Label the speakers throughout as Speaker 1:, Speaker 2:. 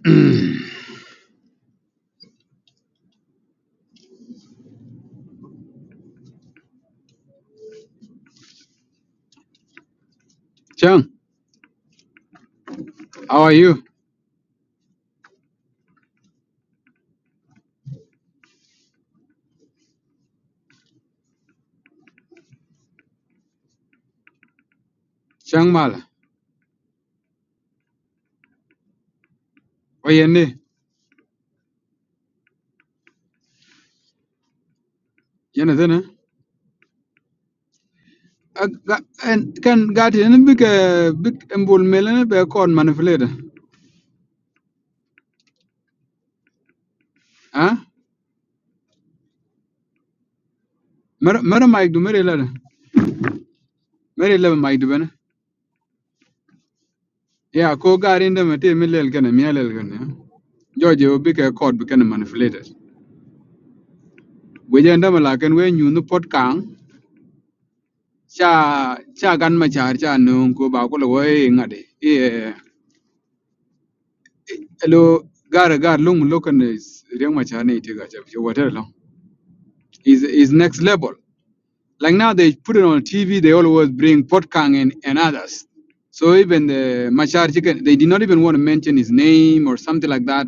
Speaker 1: Chang, how are you? Chang Mala. Why you ne? You know then? can got ni big uh, big embol melene be kon manipulate. Huh? Mer mer mic do mer lada. Mer lada mic do bana. Yeah, ko gari inde mate milel kana mialel kana. George will be a court become manipulated. We end up like and when you no pot kang cha cha gan ma char cha no ko ba ko lo we ngade. Yeah. Hello, Gar Gar Lung Lokan is Riang Machane whatever. long. Is is next level. Like now they put it on TV, they always bring Potkang and, and others. So even the Machar chicken, they did not even want to mention his name or something like that,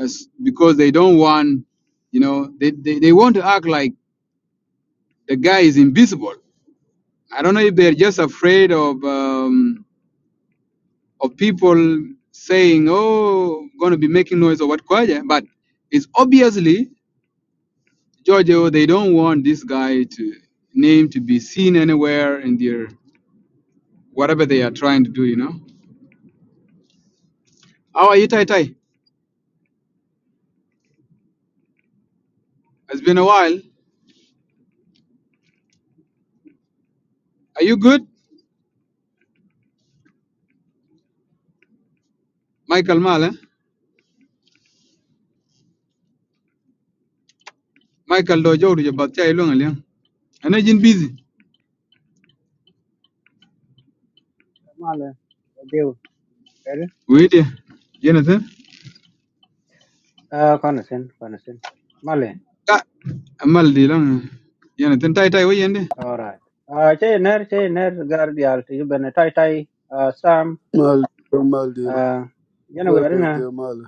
Speaker 1: as, because they don't want, you know, they, they, they want to act like the guy is invisible. I don't know if they're just afraid of um, of people saying, "Oh, going to be making noise" or what, kwaja, but it's obviously Giorgio, they don't want this guy to name to be seen anywhere in their whatever they are trying to do, you know. How are you, Tai Tai? It's been a while. Are you good? Michael Mala. Michael Dojo to Batia Long. Liang. And I been busy.
Speaker 2: Male, Diu, Eri,
Speaker 1: Wait yeah. Jonathan?
Speaker 2: uh, Coniston, Coniston, Male,
Speaker 1: Ah Mal de Long. Jonathan Tai Tai, wait and
Speaker 2: all right. Uh, Che Ner, Che Ner, Guardial, to you, Ben, Tai Tai, uh, Sam,
Speaker 3: Mal, mal, deal.
Speaker 2: uh, you know, we are in
Speaker 3: Cuervo,
Speaker 2: a,
Speaker 3: deal, mal.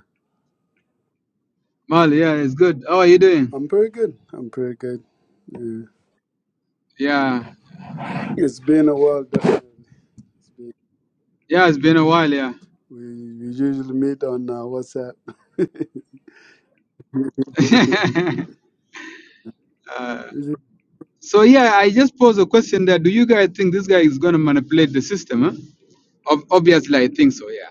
Speaker 1: Mal, yeah, it's good. How are you doing?
Speaker 3: I'm pretty good. I'm pretty good. Yeah.
Speaker 1: Yeah.
Speaker 3: It's been a while. Definitely. It's been,
Speaker 1: Yeah, it's been a while, yeah.
Speaker 3: we, we usually meet on uh, WhatsApp.
Speaker 1: uh, So yeah, I just pose a question there. Do you guys think this guy is gonna manipulate the system? Huh? Ob- obviously, I think so. Yeah.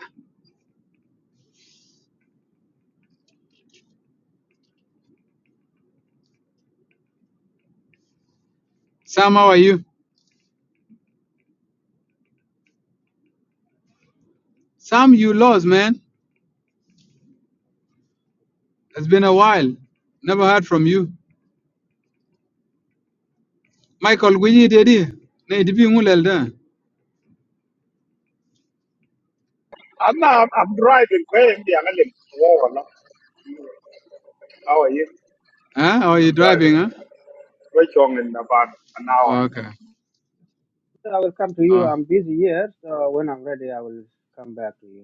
Speaker 1: Sam, how are you? Sam, you lost, man. It's been a while. Never heard from you. Michael, we need it. Nay, did you ngulel da?
Speaker 4: I'm not, I'm, driving. Where am I? going? Wow, no. How are you?
Speaker 1: Huh? Or are you
Speaker 4: I'm driving.
Speaker 1: driving? Huh?
Speaker 4: We're going in about an hour.
Speaker 1: Oh, okay.
Speaker 2: I will come to you.
Speaker 1: Oh,
Speaker 2: I'm busy here, so when I'm ready, I will come back to you.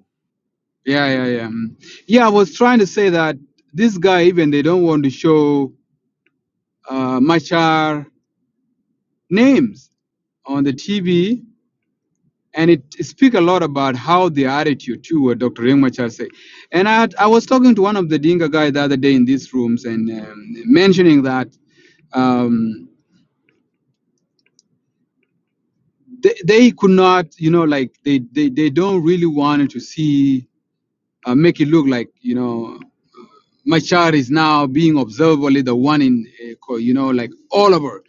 Speaker 1: yeah, yeah, yeah. Mm. Yeah, I was trying to say that this guy, even they don't want to show uh, Machar names on the TV and it speaks a lot about how the attitude too what dr Riek Machar say and I, had, I was talking to one of the dinka guy the other day in these rooms and um, mentioning that um, they, they could not you know like they, they, they don't really want to see uh, make it look like you know Machar is now being observably the one in uh, co- you know like all over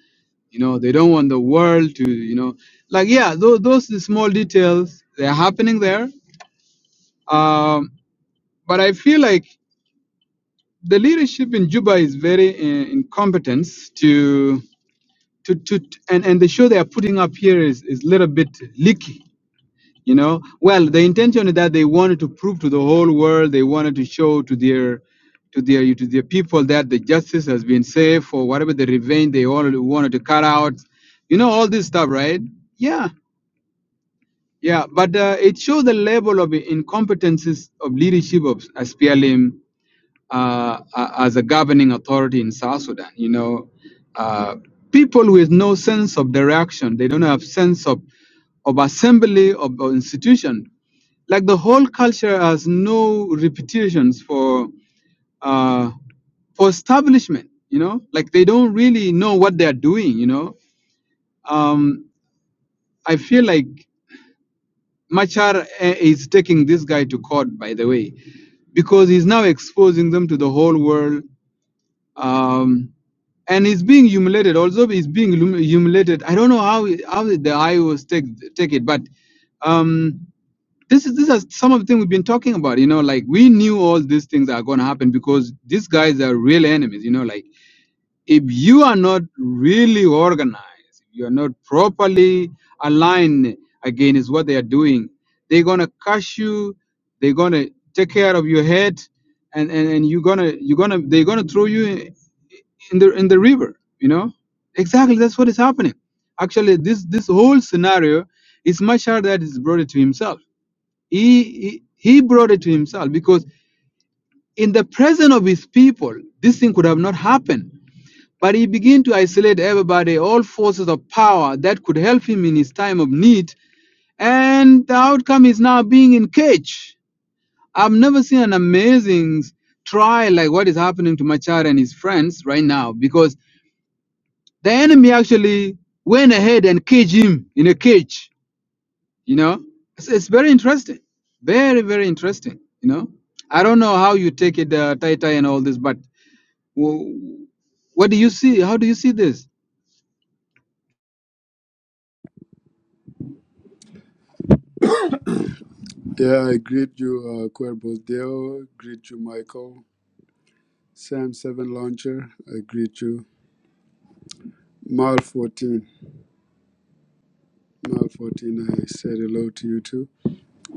Speaker 1: you know they don't want the world to you know like yeah those, those small details they're happening there um, but i feel like the leadership in Juba is very uh, incompetent to to to and and the show they are putting up here is is little bit leaky. You know, well, the intention is that they wanted to prove to the whole world, they wanted to show to their to their to their people that the justice has been safe or whatever the revenge they all wanted to cut out. You know all this stuff, right? Yeah, yeah. But uh, it shows the level of incompetences of leadership of SPLM uh, as a governing authority in South Sudan. You know, uh, people with no sense of direction, they don't have sense of, of assembly of, of institution. Like the whole culture has no repetitions for uh, for establishment. You know, like they don't really know what they are doing. You know, um, I feel like Machar eh, is taking this guy to court. By the way, because he's now exposing them to the whole world um, and he's being humiliated. Also, he's being hum- humiliated. I don't know how how the Iowas take take it, but um, this is this is some of the things we've been talking about. You know, like we knew all these things are going to happen because these guys are real enemies. You know, like if you are not really organized, if you are not properly aligned against what they are doing, they're going to crush you. They're going to take care of your head, and and, and you're gonna you're gonna they're gonna throw you in the in the river you know exactly that's what is happening actually this this whole scenario is Mashar that is brought it to himself he, he he brought it to himself because in the presence of his people this thing could have not happened but he began to isolate everybody all forces of power that could help him in his time of need and the outcome is now being in cage i've never seen an amazing trial like what is happening to machar and his friends right now because The enemy actually went ahead and caged him in a cage. You know, it's, it's very interesting, very very interesting. You know, I don't know how you take it, uh, Tai Tai and all this, but w- what do you see? How do you see this?
Speaker 3: yeah, I greet you, uh, Cuervo Deo. Greet you, Michael. Sam Seven Launcher. I greet you. Mal fourteen. Mal fourteen. I said hello to you too.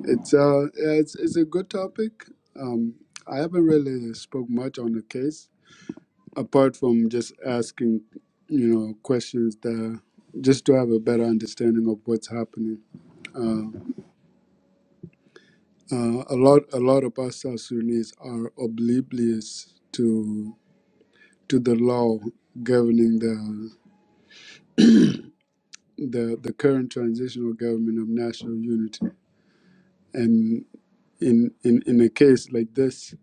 Speaker 3: It's uh, yeah, it's it's a good topic. Um, I haven't really spoke much on the case apart from just asking, you know, questions that just to have a better understanding of what's happening. Uh, uh, a lot, a lot of us South Sudanese are oblivious to to the law governing the the the current transitional government of national unity. And in in in a case like this,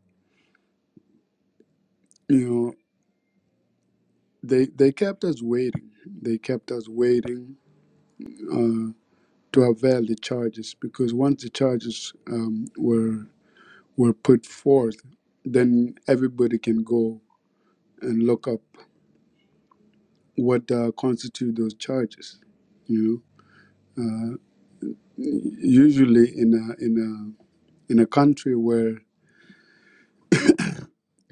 Speaker 3: you know, they they kept us waiting. They kept us waiting. Uh, to avail the charges because once the charges um, were were put forth, then everybody can go and look up what uh, constitute those charges. You know, uh, usually in a in a in a country where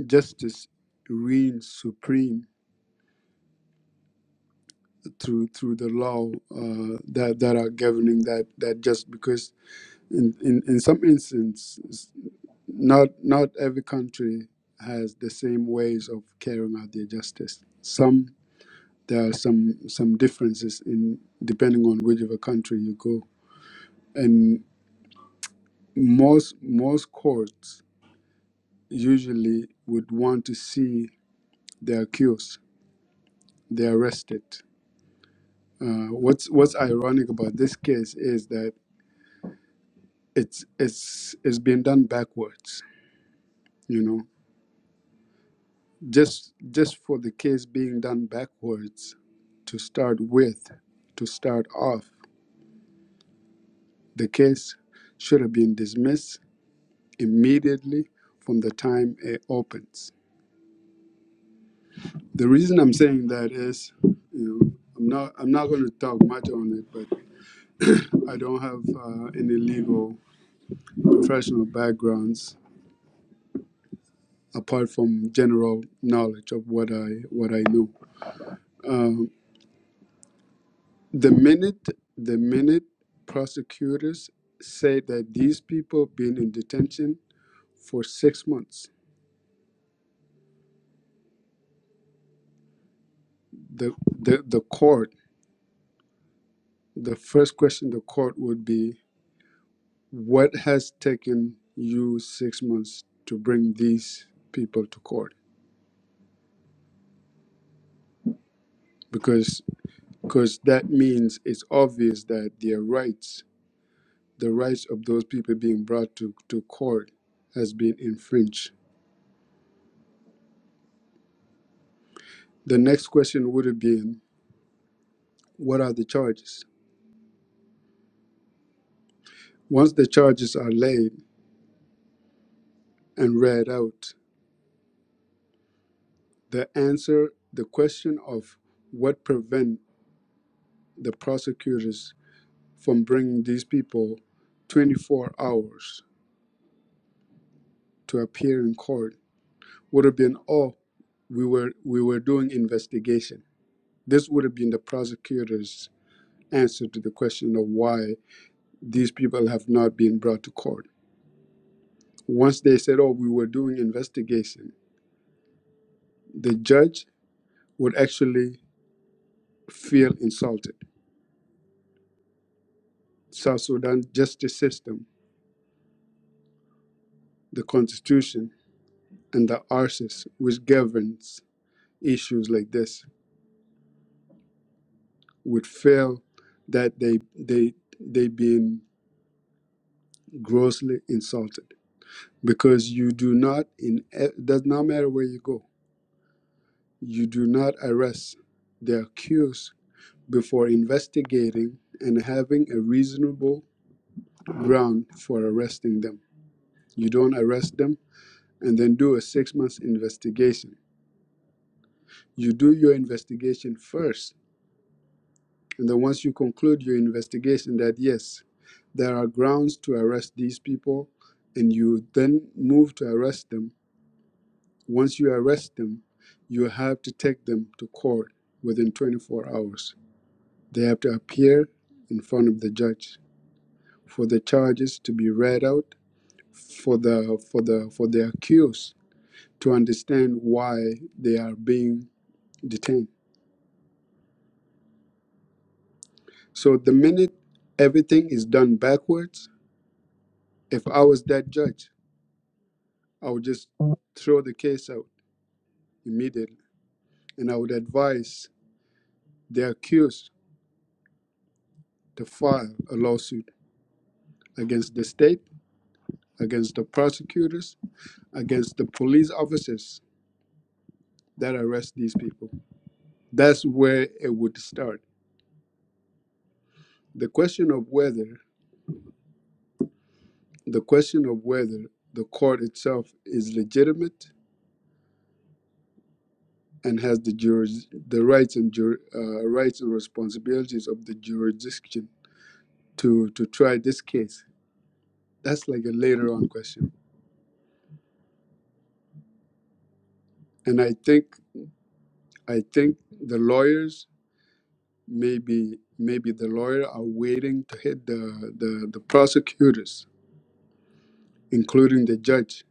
Speaker 3: justice reigns supreme through through the law uh, that that are governing that that just because in, in in some instances not not every country has the same ways of carrying out their justice. Some there are some some differences in depending on which of a country you go and most most courts usually would want to see the accused the arrested uh, what's what's ironic about this case is that it's it's it's been done backwards you know just just for the case being done backwards to start with to start off the case should have been dismissed immediately from the time it opens. The reason I'm saying that is, you know, I'm not I'm not going to talk much on it, but I don't have uh, any legal professional backgrounds apart from general knowledge of what I what I know. Um, the minute the minute prosecutors say that these people have been in detention for six months, the the, the court the first question the court would be What has taken you six months to bring these people to court? Because because that means it's obvious that their rights, the rights of those people being brought to, to court, has been infringed. The next question would have been, what are the charges? Once the charges are laid and read out, the answer, the question of what prevent the prosecutors from bringing these people 24 hours to appear in court would have been, oh, we were we were doing investigation. This would have been the prosecutor's answer to the question of why these people have not been brought to court. Once they said, oh, we were doing investigation, the judge would actually feel insulted. South Sudan justice system, the constitution, and the arsis which governs issues like this would fail that they they they being grossly insulted. because you do not in it does not matter where you go you do not arrest the accused before investigating and having a reasonable ground for arresting them you don't arrest them and then do a six months investigation you do your investigation first and then once you conclude your investigation that yes there are grounds to arrest these people and you then move to arrest them Once you arrest them, you have to take them to court within 24 hours. They have to appear in front of the judge for the charges to be read out for the for the for the accused to understand why they are being detained. So the minute everything is done backwards, if I was that judge, I would just throw the case out immediately and I would advise the accused to file a lawsuit against the state against the prosecutors, against the police officers that arrest these people. That's where it would start. The question of whether the question of whether the court itself is legitimate and has the juris, the rights and jur, uh, rights and responsibilities of the jurisdiction to to try this case. That's like a later on question. And I think I think the lawyers maybe maybe the lawyer are waiting to hit the the, the prosecutors including the judge,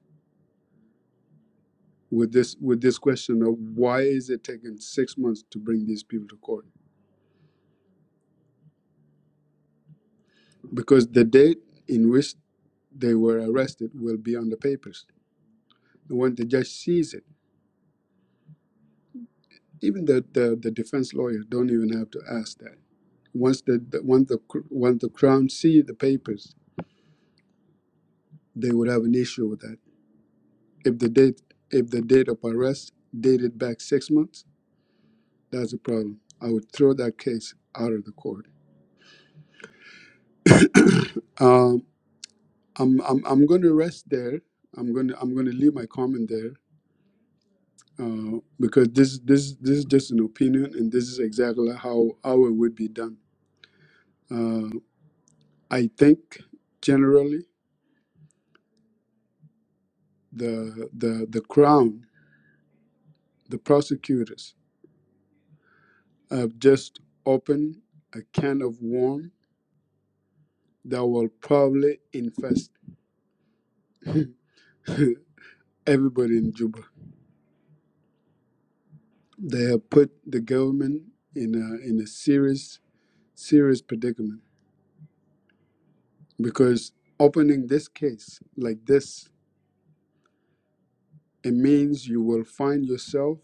Speaker 3: with this with this question of why is it taking six months to bring these people to court? Because the date in which they were arrested will be on the papers. And when the judge sees it, even the, the, the defense lawyer don't even have to ask that. Once the, the once the once the crown see the papers, they would have an issue with that. If the date if the date of arrest dated back six months, that's a problem. I would throw that case out of the court. Um, I'm I'm I'm going to rest there. I'm going to I'm going to leave my comment there uh, because this this this is just an opinion, and this is exactly how how it would be done. Uh, I think generally the the the crown, the prosecutors have just opened a can of worm that will probably infest everybody in Juba. They have put the government in a in a serious serious predicament because opening this case like this it means you will find yourself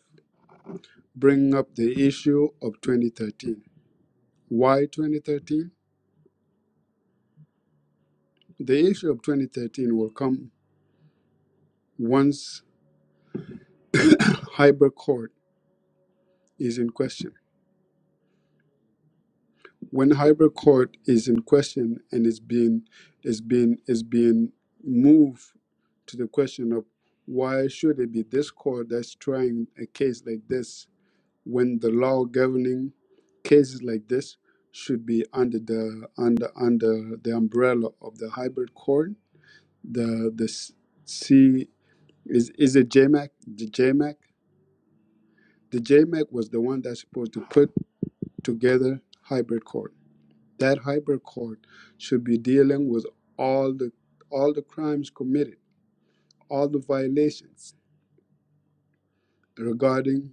Speaker 3: bringing up the issue of 2013 why 2013 the issue of 2013 will come once hybrid court is in question when hybrid court is in question and is being is being is being moved to the question of why should it be this court that's trying a case like this when the law governing cases like this should be under the under under the umbrella of the hybrid court. The the s- C is is it JMAC? The JMAC? The JMAC was the one that's supposed to put together hybrid court. That hybrid court should be dealing with all the all the crimes committed, all the violations regarding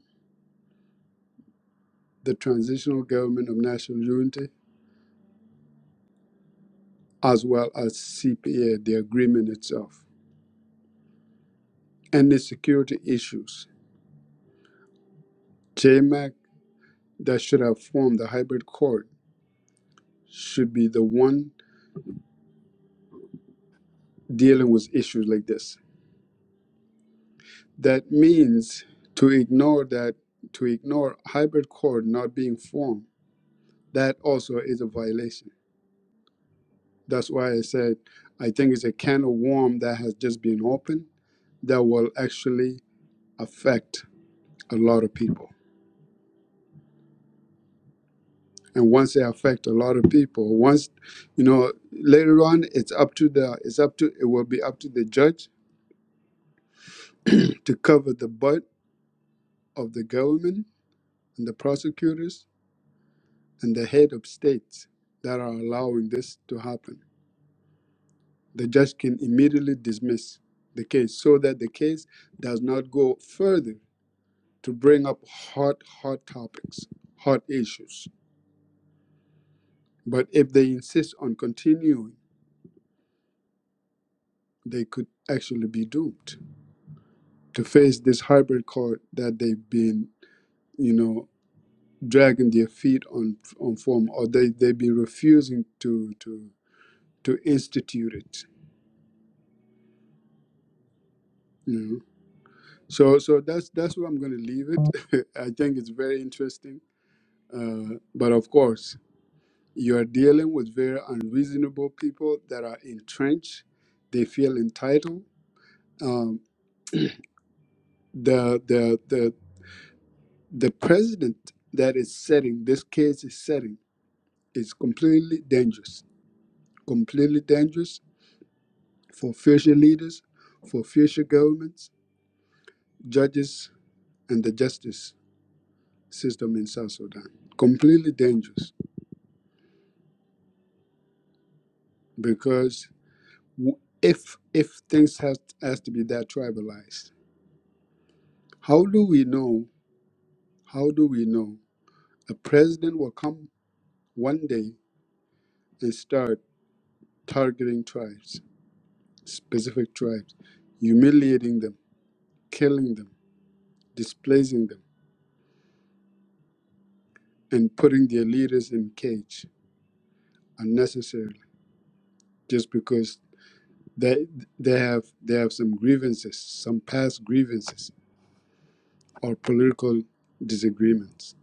Speaker 3: the transitional government of national unity, as well as CPA, the agreement itself And Any security issues, JMAC that should have formed the hybrid court should be the one dealing with issues like this. That means to ignore that, to ignore hybrid court not being formed, that also is a violation. That's why I said I think it's a can of worms that has just been opened that will actually affect a lot of people. and once they affect a lot of people once you know later on it's up to the it's up to it will be up to the judge to cover the butt of the government and the prosecutors and the head of states that are allowing this to happen the judge can immediately dismiss the case so that the case does not go further to bring up hot hot topics hot issues but if they insist on continuing they could actually be doomed to face this hybrid court that they've been, you know, dragging their feet on on form, or they they've been refusing to to to institute it. You know, so so that's that's where I'm going to leave it. I think it's very interesting, uh, but of course, you are dealing with very unreasonable people that are entrenched. They feel entitled. Um, the the the the president that is setting this case is setting is completely dangerous completely dangerous for future leaders, for future governments, judges, and the justice system in South Sudan. Completely dangerous because w- if if things has has to be that tribalized, how do we know? How do we know a president will come one day and start targeting tribes, specific tribes, humiliating them, killing them, displacing them, and putting their leaders in cage unnecessarily? just because they they have they have some grievances, some past grievances or political disagreements.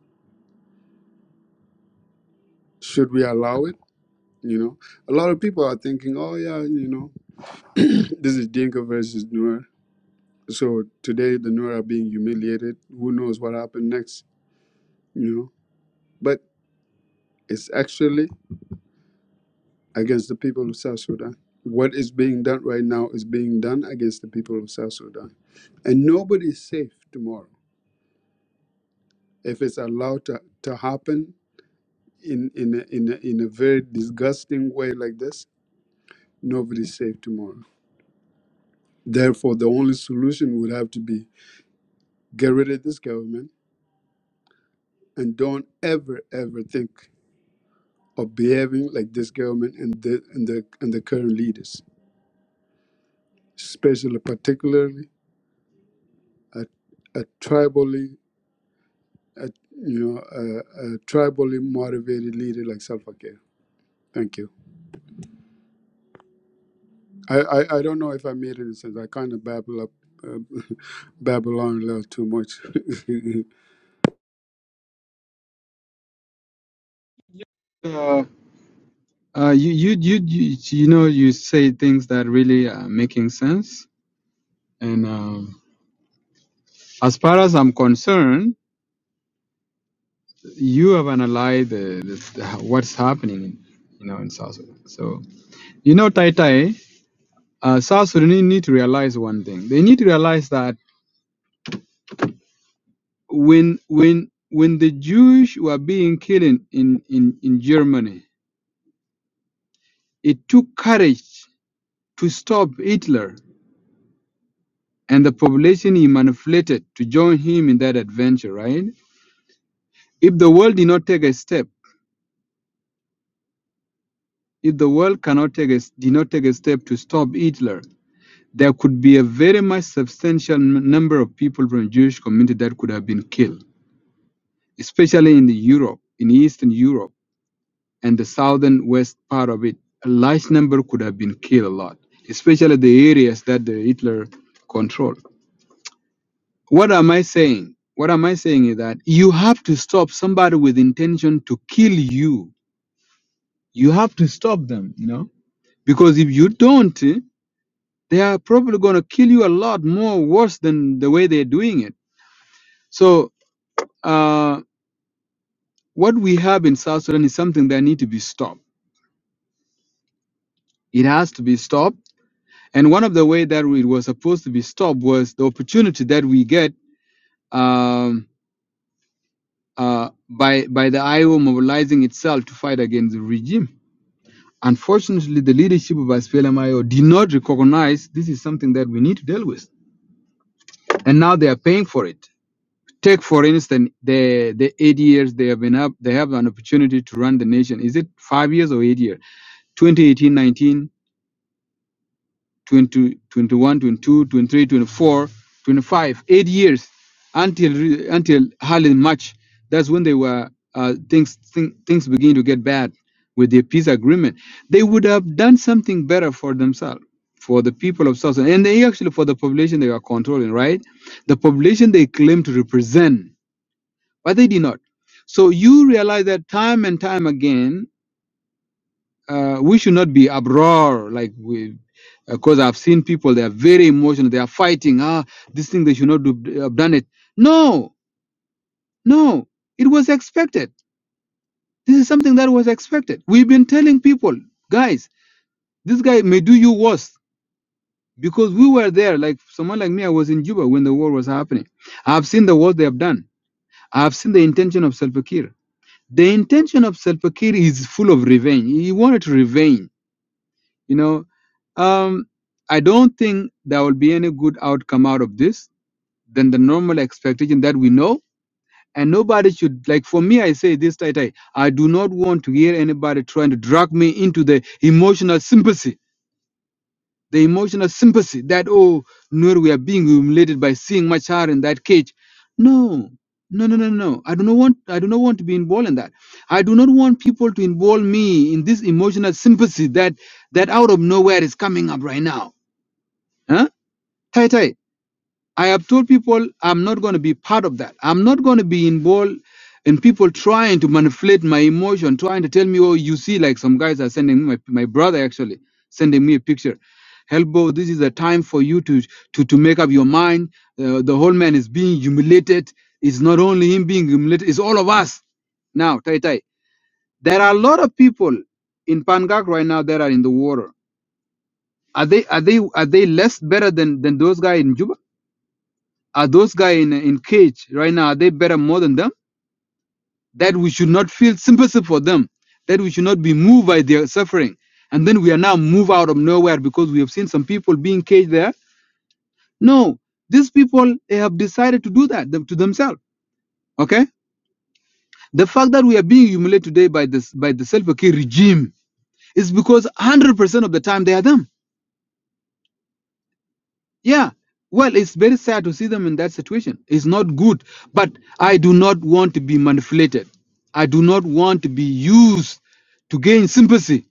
Speaker 3: Should we allow it? You know, a lot of people are thinking, oh yeah, you know, this is Dinka versus Nuer. So today the Nuer are being humiliated. Who knows what happened next? You know, but it's actually against the people of South Sudan. What is being done right now is being done against the people of South Sudan, and nobody is safe tomorrow if it's allowed to, to happen in in a, in, a, in a very disgusting way like this, nobody's safe tomorrow. Therefore, the only solution would have to be get rid of this government and don't ever ever think of behaving like this government and the and the and the current leaders, especially particularly a, a tribally a, you know a, a tribally motivated leader like Salva Kiir. Thank you. I, I, I don't know if I made any sense. I kind of babble up, uh, babble on a little too much.
Speaker 1: Uh, uh, you, you you you you know you say things that really are making sense, and um, as far as I'm concerned, you have analyzed the, the, the, what's happening, you know, in South Sudan. So you know, Tai Tai. uh, South Sudanese need to realize one thing. They need to realize that when when when the Jews were being killed in, in, in, in Germany, it took courage to stop Hitler and the population he manipulated to join him in that adventure, right? If the world did not take a step, if the world cannot take a, did not take a step to stop Hitler, there could be a very much substantial n- number of people from Jewish community that could have been killed, especially in the Europe, in Eastern Europe and the southern west part of it, a large number could have been killed a lot, especially the areas that the Hitler controlled. What am I saying? What am I saying is that you have to stop somebody with intention to kill you. You have to stop them, you know, because if you don't, eh, they are probably going to kill you a lot more worse than the way they're doing it. So, uh, what we have in South Sudan is something that need to be stopped. It has to be stopped And one of the way that it was supposed to be stopped was the opportunity that we get um, uh, by by the IO mobilizing itself to fight against the regime. Unfortunately, the leadership of splm did not recognize this is something that we need to deal with, and now they are paying for it. Take for instance the the eight years they have been up, they have an opportunity to run the nation. Is it five years or eight years? 2018, 20, 21, 22, 23, 24, 25, eight years until until hardly March. That's when they were uh, things thing, things begin to get bad with the peace agreement. They would have done something better for themselves, for the people of South Sudan, and they actually for the population they are controlling, right? The population they claim to represent, but they did not. So you realize that time and time again uh, we should not be uproar like we because I've seen people they are very emotional they are fighting ah this thing they should not do, have done it no no it was expected this is something that was expected we've been telling people guys this guy may do you worse because we were there like someone like me I was in Juba when the war was happening I've seen the work they have done I've seen the intention of Salva Kiir the intention of Salva Kiir is full of revenge he wanted revenge You know, um, I don't think there will be any good outcome out of this than the normal expectation that we know. And nobody should like for me. I say this, Tai Tai. I do not want to hear anybody trying to drag me into the emotional sympathy, the emotional sympathy that oh, no, we are being humiliated by seeing Machar in that cage. No, no, no, no, no. I do not want. I do not want to be involved in that. I do not want people to involve me in this emotional sympathy that that out of nowhere is coming up right now Huh? Tai Tai, I have told people I'm not going to be part of that. I'm not going to be involved in people trying to manipulate my emotion, trying to tell me, oh, you see, like some guys are sending me, my, my brother actually sending me a picture. Helbo, this is a time for you to to, to make up your mind. Uh, the whole man is being humiliated. It's not only him being humiliated, it's all of us. Now, Tai Tai, there are a lot of people in Pangak right now that are in the water. Are they are they are they less better than than those guys in Juba? Are those guys in in cage right now? Are they better more than them? That we should not feel sympathy for them. That we should not be moved by their suffering. And then we are now moved out of nowhere because we have seen some people being caged there. No, these people they have decided to do that them- to themselves. Okay, the fact that we are being humiliated today by this by the self-care regime is because 100% of the time they are them. Yeah. Well, it's very sad to see them in that situation. It's not good. But I do not want to be manipulated. I do not want to be used to gain sympathy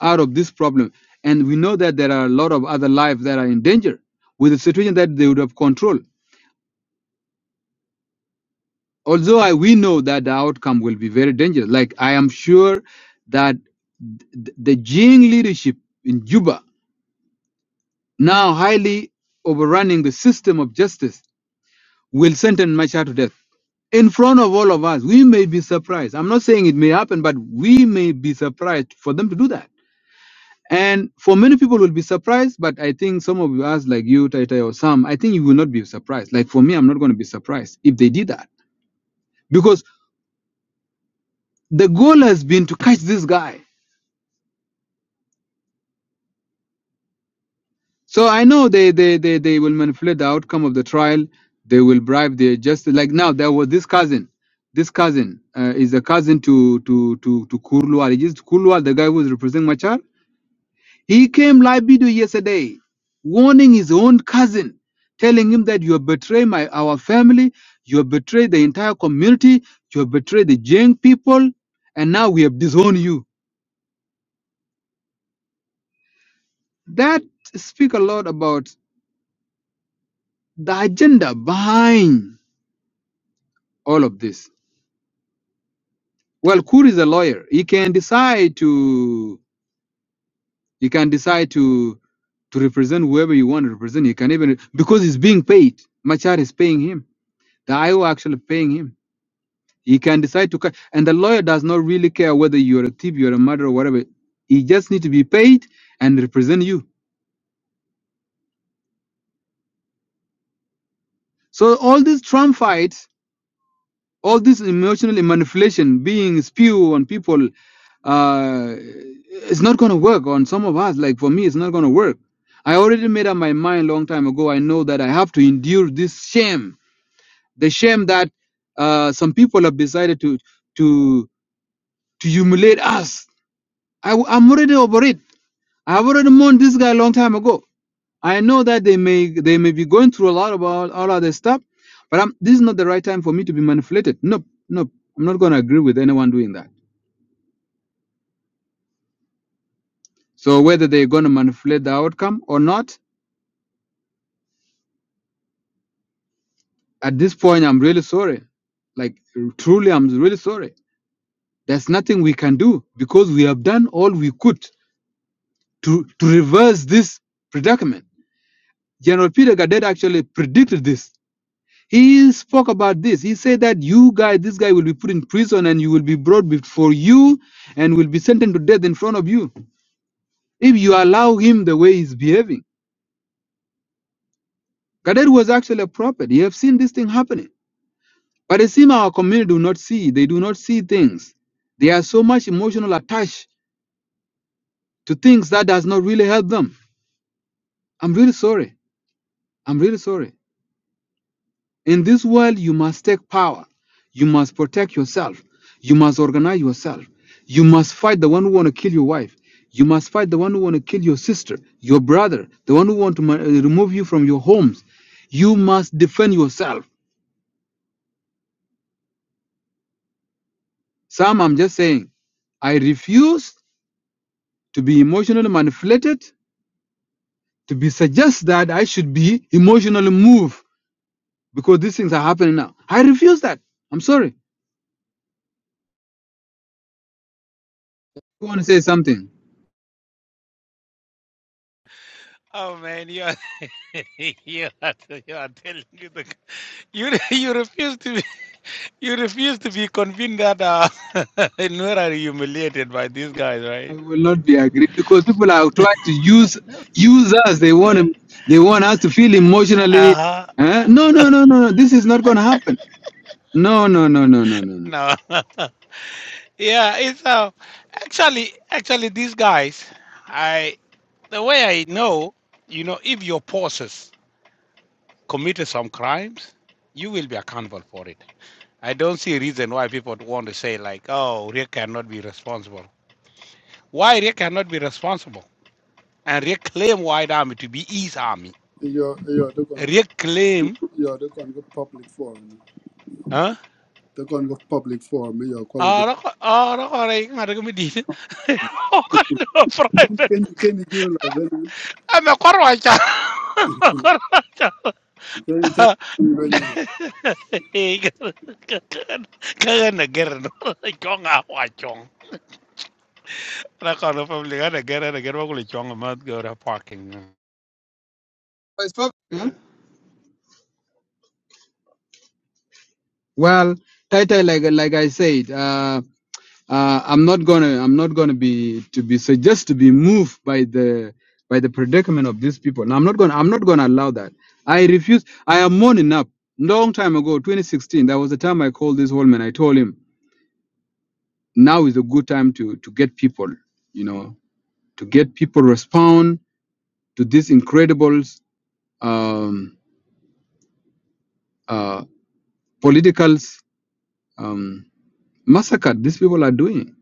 Speaker 1: out of this problem. And we know that there are a lot of other lives that are in danger with a situation that they would have control. Although I, we know that the outcome will be very dangerous. Like I am sure that th- the Jing leadership in Juba now highly overrunning the system of justice will sentence Machar to death in front of all of us. We may be surprised. I'm not saying it may happen, but we may be surprised for them to do that. And for many people will be surprised, but I think some of us, like you, Taitai, or some, I think you will not be surprised. Like for me, I'm not going to be surprised if they did that because the goal has been to catch this guy. So I know they, they, they, they will manipulate the outcome of the trial. They will bribe the just like now there was this cousin. This cousin uh, is a cousin to to to to Kurlual. He is Kurlual, the guy who is representing Machar. He came live video yesterday, warning his own cousin, telling him that you have betrayed my our family, you have betrayed the entire community, you have betrayed the Jeng people, and now we have disowned you. That speak a lot about the agenda behind all of this Well, Kur is a lawyer. He can decide to he can decide to to represent whoever you want to represent. He can even because he's being paid. Machar is paying him. The IO actually paying him. He can decide to cut, and the lawyer does not really care whether you're a thief, you're a murderer, or whatever. He just need to be paid and represent you. So all these Trump fights all this emotional manipulation being spewed on people uh it's not gonna work on some of us like for me it's not gonna work i already made up my mind long time ago i know that i have to endure this shame the shame that uh some people have decided to to to humiliate us I, am already over it i've already mourned this guy a long time ago I know that they may they may be going through a lot about all other stuff, but I'm, this is not the right time for me to be manipulated. Nope, nope. I'm not going to agree with anyone doing that. So whether they're going to manipulate the outcome or not, at this point, I'm really sorry. Like truly, I'm really sorry. There's nothing we can do because we have done all we could to to reverse this predicament. General Peter Gadet actually predicted this He spoke about this. He said that you guys, this guy will be put in prison and you will be brought before you and will be sentenced to death in front of you if you allow him the way he's behaving. Gadet was actually a prophet. You have seen this thing happening. But it seems our community do not see. They do not see things. They are so much emotional attached to things that does not really help them. I'm really sorry. I'm really sorry. In this world, you must take power. You must protect yourself. You must organize yourself. You must fight the one who want to kill your wife. You must fight the one who want to kill your sister, your brother, the one who want to ma- uh, remove you from your homes. You must defend yourself. Some, I'm just saying, I refuse to be emotionally manipulated, to be suggest that I should be emotionally moved because these things are happening now. I refuse that. I'm sorry. You want to say something?
Speaker 4: Oh man, you are you are, you are telling you the you you refuse to be you refuse to be convinced that uh Nur are humiliated by these guys,
Speaker 1: I
Speaker 4: right?
Speaker 1: will not be agree because people are trying to use use us. They want to, they want us to feel
Speaker 4: Uh
Speaker 1: emotionally.
Speaker 4: huh.
Speaker 1: eh? No, no, no, no, no. This is not going to happen. No, no, no, no, no, no, no.
Speaker 4: No. yeah, it's uh actually actually these guys I the way I know, you know, if your pauses. committed some crimes, you will be accountable for it. I don't see a reason why people want to say like, oh, Rick cannot be responsible. Why Rick cannot be responsible? And Rick claim White Army to be his army.
Speaker 3: you're you're the con
Speaker 4: Rick claim,
Speaker 3: you're the con public forum.
Speaker 4: huh?
Speaker 3: The con public forum. You're called.
Speaker 4: Ah, rock- ah, rock- ah, right, ngada ko medit. Oh, no, private.
Speaker 3: Can can you do it?
Speaker 4: I'm a corwacha. Corwacha.
Speaker 3: Can you take it?
Speaker 4: Kagan na Chong ah, wachong. And I called the family. I get it. I get what we chong about go to parking.
Speaker 1: It's prob- eh? Well, Taita, like like I said, uh, uh, I'm not gonna I'm not gonna be to be suggest to be moved by the by the predicament of these people. Now, I'm not gonna I'm not gonna allow that. I refuse. I am mourning up. Long time ago, 2016, that was the time I called this Holman. I told him. now is a good time to to get people you know to get people respond to this incredible um uh political um massacre these people are doing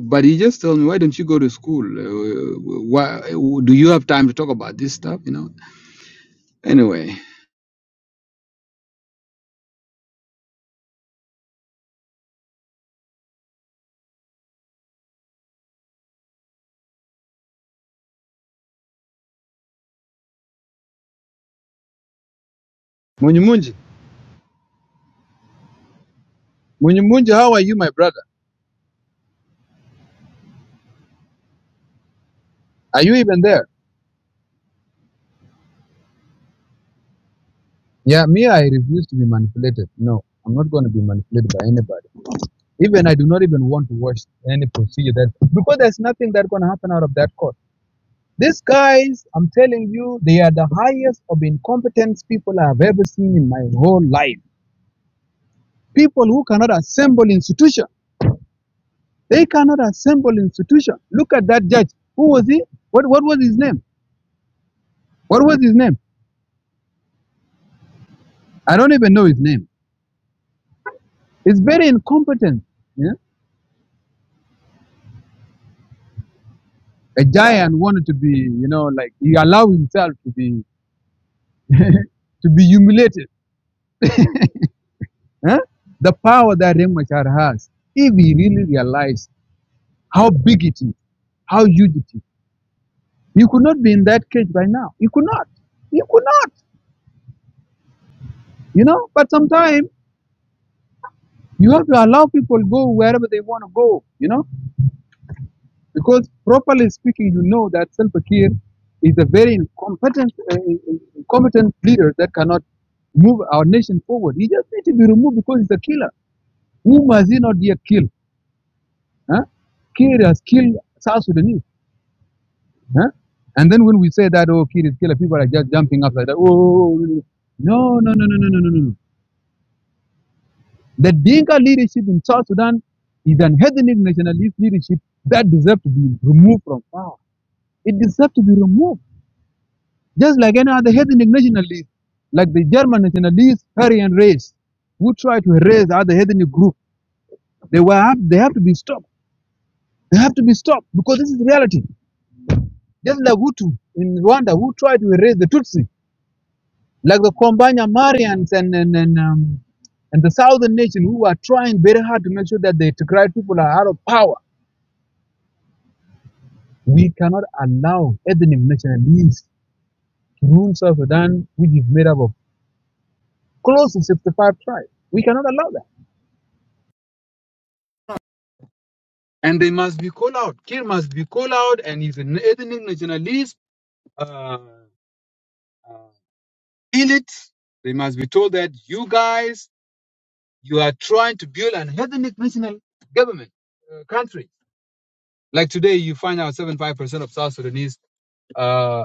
Speaker 1: but he just told me why don't you go to school uh, why do you have time to talk about this stuff you know anyway Munji, Munji, Munji, how are you, my brother? Are you even there? Yeah, me, I refuse to be manipulated. No, I'm not going to be manipulated by anybody. Even I do not even want to watch any procedure that because there's nothing that's gonna happen out of that court. These guys, I'm telling you, they are the highest of incompetent people I have ever seen in my whole life. People who cannot assemble institution. They cannot assemble institution. Look at that judge. Who was he? What what was his name? What was his name? I don't even know his name. It's very incompetent. Yeah? A giant wanted to be, you know, like he allowed himself to be to be humiliated eh, the power that Riek Machar has, if he really realized how big it is, how huge it is, you could not be in that cage by now. You could not. You could not. You know, but sometimes you have to allow people go wherever they want to go, you know, because properly speaking, you know that Salva Kiir is a very incompetent, uh, incompetent leader that cannot move our nation forward. He just needs to be removed because he's a killer. Whom has he not yet killed? Huh? Kiir has killed South Sudanese. Huh? And then when we say that, oh, kid is killer, people are just jumping up like that. Oh, oh, oh, really? no, no, no, no, no, no, no, no. no. The Dinka leadership in South Sudan is an ethnic nationalist leadership that deserves to be removed from power. It deserves to be removed, just like any other ethnic nationalist, like the German nationalists, Aryan race, who try to erase other ethnic group. They were have, they have to be stopped. They have to be stopped because this is reality. Just like Hutu in Rwanda, who try to erase the Tutsi like the Kombanya Marians and and and, um, and the southern nation who are trying very hard to make sure that the Tigray people are out of power. We cannot allow ethnic nationalists to rule South Sudan, which is made up of close to 65 tribes. We cannot allow that. And they must be called out. Kir must be called out, and if an ethnic nationalist. Uh, uh, elite, they must be told that you guys, you are trying to build an ethnic national government, uh, country Like today, you find out 75% of South Sudanese uh,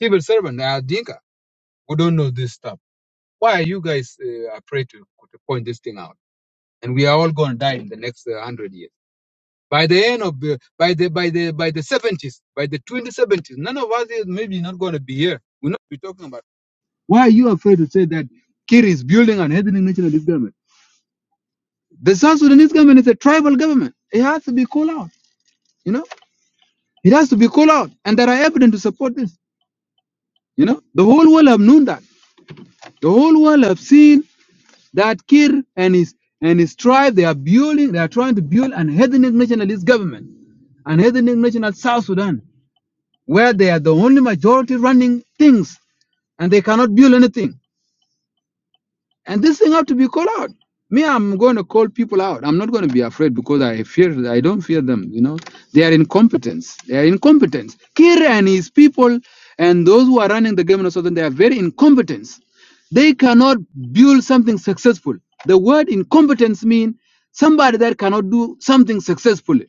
Speaker 1: civil servant are Dinka who don't know this stuff. Why are you guys uh, afraid to, to point this thing out? And we are all going to die in the next uh, 100 years. By the end of the, by the, by the, by the 70s, by the 2070s, none of us is maybe not going to be here. We're not be talking about. Why are you afraid to say that Kir is building an ethnic nationalist government? The South Sudanese government is a tribal government. It has to be called out, you know? It has to be called out. And there are evidence to support this. You know, the whole world have known that. The whole world have seen that Kir and his and his tribe they are building, they are trying to build an ethnic nationalist government, an ethnic national South Sudan, where they are the only majority running things and they cannot build anything. And this thing have to be called out. Me, I'm going to call people out. I'm not going to be afraid because I fear. I don't fear them. You know, they are incompetence. They are incompetence. Kira and his people, and those who are running the government of Southern, they are very incompetent. They cannot build something successful. The word incompetence means somebody that cannot do something successfully.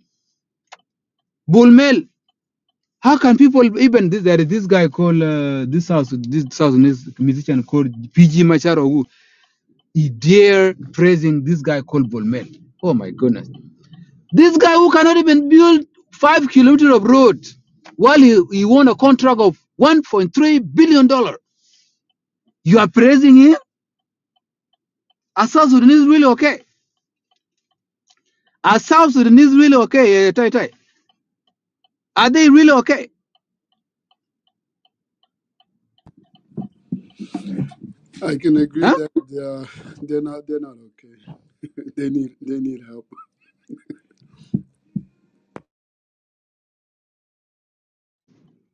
Speaker 1: Bulmel. How can people even this? There is this guy called uh, this house. This South Sudanese musician called PG Machar Ogu. He dare praising this guy called Bolmel. Oh my goodness. This guy who cannot even build five kilometers of road while he, he won a contract of $1.3 billion. dollars. You are praising him? Are South Sudanese really okay? Are South Sudanese really okay? Eh, Tai Tai? Are they really okay?
Speaker 3: I can agree
Speaker 1: Huh?
Speaker 3: that they are they're not they're not okay. they need they need help.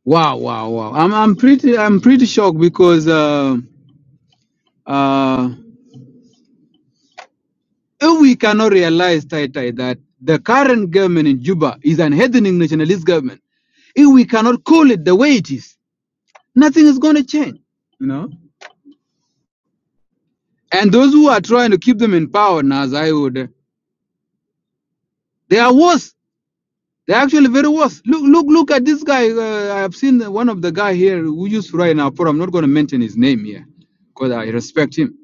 Speaker 1: Wow, wow, wow. I'm, I'm pretty I'm pretty shocked because uh, uh, if we cannot realize Tai Tai that the current government in Juba is an ethnic nationalist government If we cannot call it the way it is, nothing is going to change, you know. And those who are trying to keep them in power now, as I would, uh, they are worse. They're actually very worse. Look, look, look at this guy. Uh, I have seen one of the guy here who used to write in our forum. I'm not going to mention his name here because I respect him.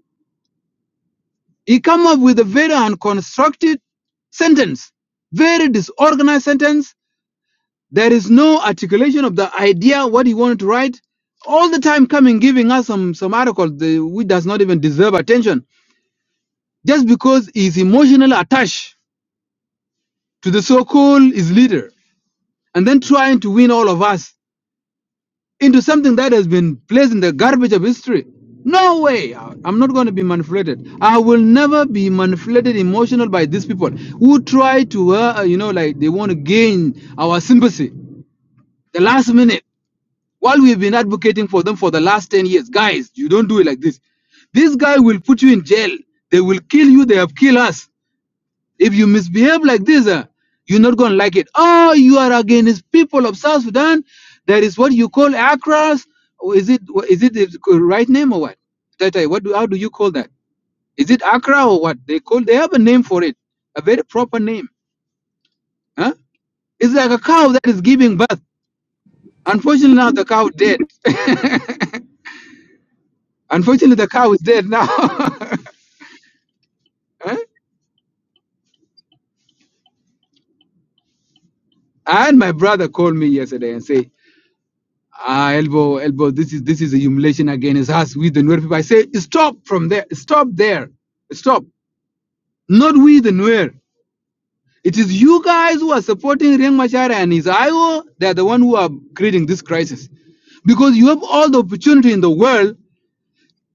Speaker 1: He come up with a very unconstructed sentence, very disorganized sentence There is no articulation of the idea what he wanted to write. All the time coming giving us some some article the, which does not even deserve attention just because he's emotionally attached to the so-called his leader and then trying to win all of us into something that has been placed in the garbage of history. No way. I- I'm not going to be manipulated. I will never be manipulated emotional by these people who try to, uh, you know, like they want to gain our sympathy. The last minute. While we've been advocating for them for the last 10 years, guys, you don't do it like this. This guy will put you in jail. They will kill you. They have killed us. If you misbehave like this, uh, you're not going to like it. Oh, you are against people of South Sudan. That is what you call ACRAS. Or Is it is it the right name or what? Tata, what do, how do you call that? Is it Accra or what? They call they have a name for it, a very proper name. Huh? It's like a cow that is giving birth. Unfortunately, now the cow dead. Unfortunately, the cow is dead now. Huh? and my brother called me yesterday and say, "Ah, elbow, elbow, this is this is a humiliation against us. We the Nuer people." I say, "Stop from there. Stop there. Stop. Not we the Nuer. It is you guys who are supporting Riek Machar and his IO. They are the one who are creating this crisis, because you have all the opportunity in the world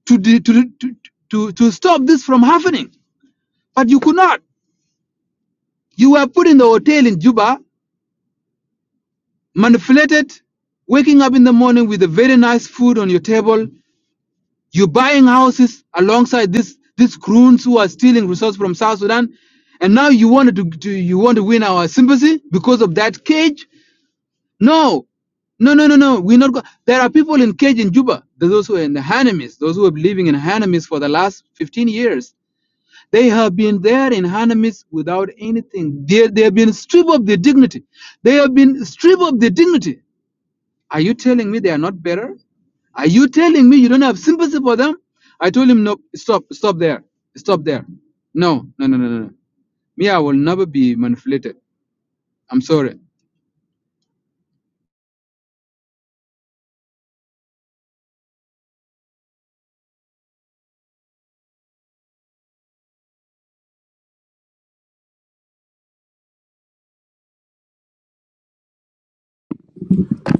Speaker 1: to de- to to to, to stop this from happening, but you could not. You were put in the hotel in Juba. manipulated, waking up in the morning with a very nice food on your table. You're buying houses alongside this these croons who are stealing resources from South Sudan, and now you wanted to, to you want to win our sympathy because of that cage? No, no, no, no, no. We're not. Go- there are people in cage in Juba. There's those who are in the Hanamis, those who have been living in Hanamis for the last 15 years. They have been there in Hanamis without anything. They, they have been stripped of their dignity. They have been stripped of their dignity are you telling me they are not better? Are you telling me you don't have sympathy for them? I told him, no, stop, stop there, stop there. No, no, no, no, no. no. Me, I will never be manipulated. I'm sorry.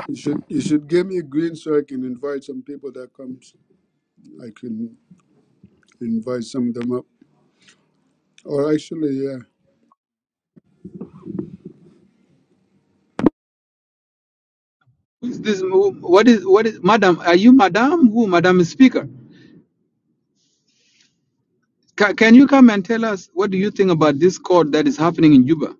Speaker 3: You should you should give me a green so I can invite some people that comes. I can invite some of them up. Or actually, yeah.
Speaker 1: Who's This, who- what is, what is, madam? Are you madam? Who, madam is speaker? Ca can you come and tell us what do you think about this court that is happening in Juba?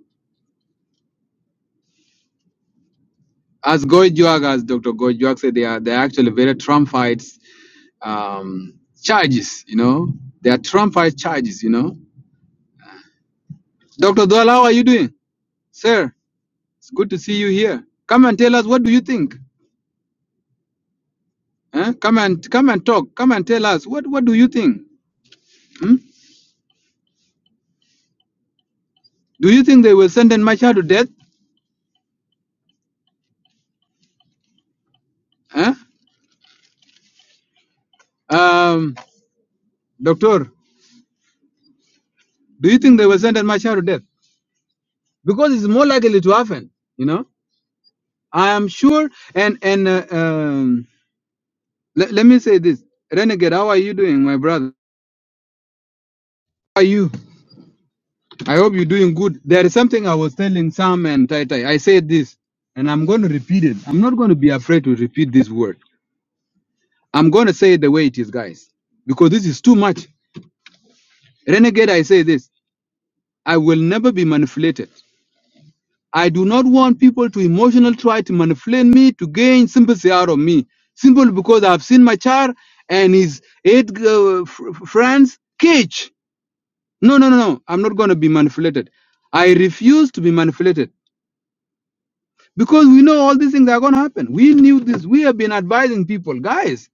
Speaker 1: As Goy Juag, as Dr. Goy Juag said, they are they are actually very Trumpites um, charges. You know, they are Trumpite charges. You know, Dr. Dola, how are you doing? Sir, it's good to see you here. Come and tell us what do you think? Huh? Come and come and talk. Come and tell us what what do you think? Hmm? Do you think they will sentence Machar to death? Huh? Um, doctor, do you think they will sentence Machar to death? Because it's more likely to happen. You know, I am sure. And and uh, um, let, let me say this, Renegade, how are you doing, my brother? How are you? I hope you're doing good. There is something I was telling Sam and Tai Tai. I said this, and I'm going to repeat it. I'm not going to be afraid to repeat this word. I'm going to say it the way it is, guys, because this is too much. Renegade, I say this I will never be manipulated. I do not want people to emotionally try to manipulate me to gain sympathy out of me, simply because I've seen my child and his eight uh, f- f- friends cage. No, no, no, no. I'm not going to be manipulated. I refuse to be manipulated. because we know all these things are going to happen. We knew this. We have been advising people, guys,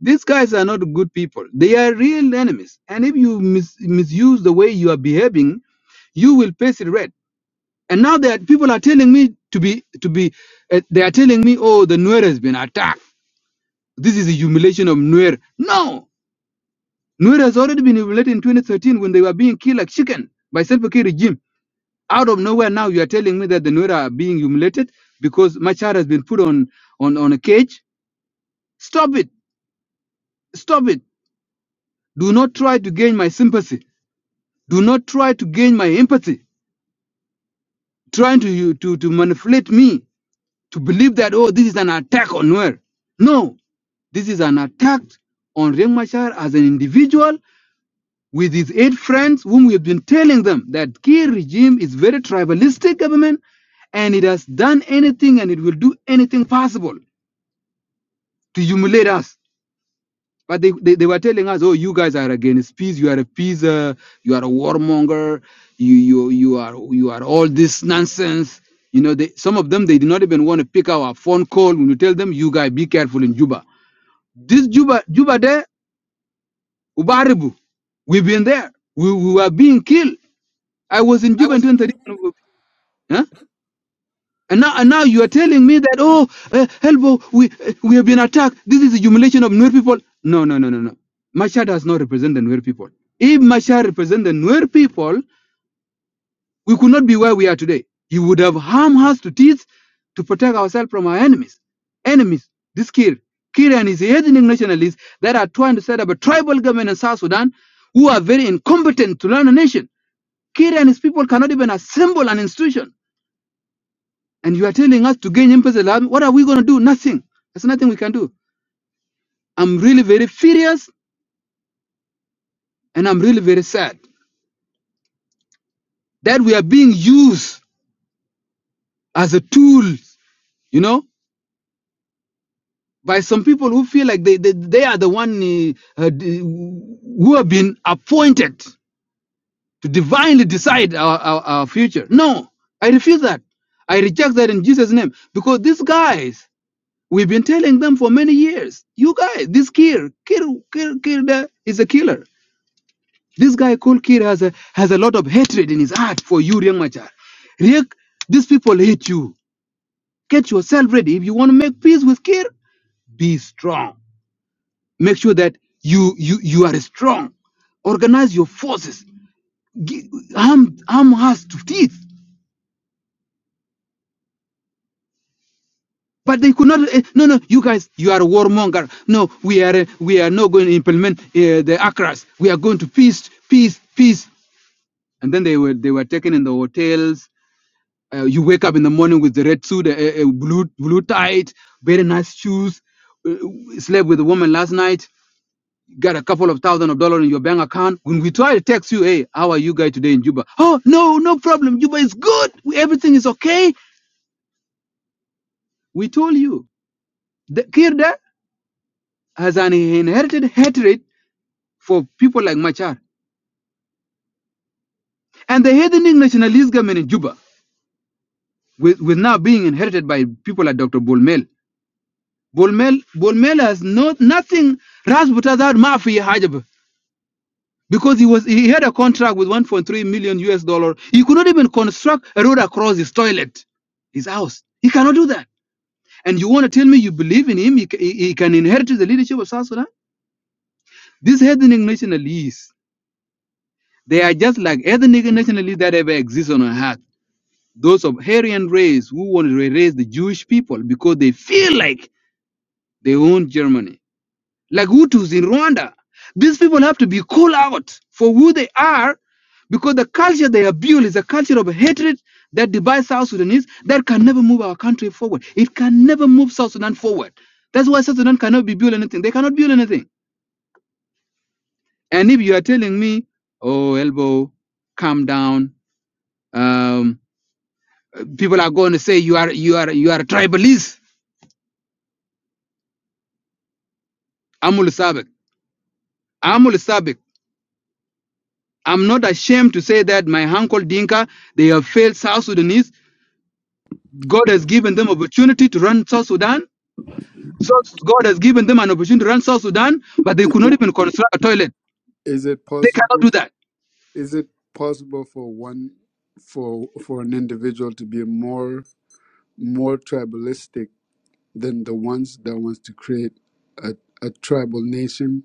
Speaker 1: these guys are not good people. They are real enemies. And if you mis- misuse the way you are behaving, you will face it red. And now that people are telling me to be, to be, uh, they are telling me, oh, the Nuer has been attacked. This is a humiliation of Nuer. No, Nuer has already been humiliated in 2013 when they were being killed like chicken by Self-Care regime out of nowhere now you are telling me that the Nuer are being humiliated because Machar has been put on, on, on a cage. Stop it. Stop it. Do not try to gain my sympathy. Do not try to gain my empathy. Trying to, to, to manipulate me to believe that, oh, this is an attack on Nuer. No, this is an attack on Riek Machar as an individual with his eight friends whom we have been telling them that Kir regime is very tribalistic government and it has done anything and it will do anything possible to humiliate us. But they, they, they were telling us, oh, you guys are against peace. You are a peace. Uh, you are a warmonger. You you you are you are all this nonsense. You know, they, some of them they did not even want to pick our phone call when you tell them, you guys be careful in Juba. This Juba Juba there, Ubaribu, we've been there. We, we were being killed. I was in Juba in 2013. Huh? And now, and now you are telling me that, oh, uh, Helbo, we, uh, we have been attacked. This is a humiliation of Nuer people. No, no, no, no, no. Machar does not represent the Nuer people. If Machar represents the Nuer people, we could not be where we are today. He would have harmed us to teeth to protect ourselves from our enemies. Enemies, this Kir. Kir and his ethnic nationalists that are trying to set up a tribal government in South Sudan who are very incompetent to run a nation. Kir and his people cannot even assemble an institution. And you are telling us to gain M-Pesa Laami. What are we going to do? Nothing. There's nothing we can do. I'm really very furious and I'm really very sad that we are being used as a tool, you know, by some people who feel like they, they, they are the one uh, uh, d- who have been appointed to divinely decide our, our, our future. No, I refuse that. I reject that in Jesus' name because these guys, we've been telling them for many years, you guys, this Kir Kir kid, kid is a killer. This guy called Kir has a has a lot of hatred in his heart for you, Riek Machar. Riek, these people hate you. Get yourself ready. If you want to make peace with Kir, be strong. Make sure that you you you are strong. Organize your forces. Gi- Arm arm us to teeth. But they could not. eh, No, no, you guys, you are a warmonger. No, we are eh, we are not going to implement uh, the ACRAS. We are going to peace, peace, peace. And then they were they were taken in the hotels Uh, you wake up in the morning with the red suit, a, a a blue blue tie, very nice shoes. Uh, slept with a woman last night. Got a couple of thousand of dollars in your bank account. When we try to text you, hey, how are you guys today in Juba? Oh no, no problem. Juba is good. We- Everything is okay. We told you. The Kirda has an inherited hatred for people like Machar. And the heathenic nationalism in Juba, with, with now being inherited by people like Dr. Bulmel Bolmel Bolmel has no nothing Rasbuta that Mafi Hajab because he was he had a contract with 1.3 million US dollar. He could not even construct a road across his toilet, his house. He cannot do that. And you want to tell me you believe in him? He, ca- he, he can inherit the leadership of South Sudan? These ethnic nationalists, they are just like ethnic nationalists that ever exist on earth. Those of Aryan race who want to erase the Jewish people because they feel like they own Germany like Hutus in Rwanda. These people have to be called out for who they are because the culture they have built is a culture of hatred that divides South Sudanese that can never move our country forward. It can never move South Sudan forward. That's why South Sudan cannot be built anything. They cannot build anything. And if you are telling me, oh, elbow, calm down, um, people are going to say you are you are you are a tribalist. I'm Ulu Sabek. I'm Ulu Sabek. I'm not ashamed to say that my uncle Dinka, they have failed South Sudanese God has given them opportunity to run South Sudan. So God has given them an opportunity to run South Sudan, but they
Speaker 3: Is
Speaker 1: could not
Speaker 3: it,
Speaker 1: even construct a toilet.
Speaker 3: is it
Speaker 1: They cannot
Speaker 3: possible?
Speaker 1: do that.
Speaker 3: is it possible for one for for an individual to be more more tribalistic than the ones that wants to create a, a tribal nation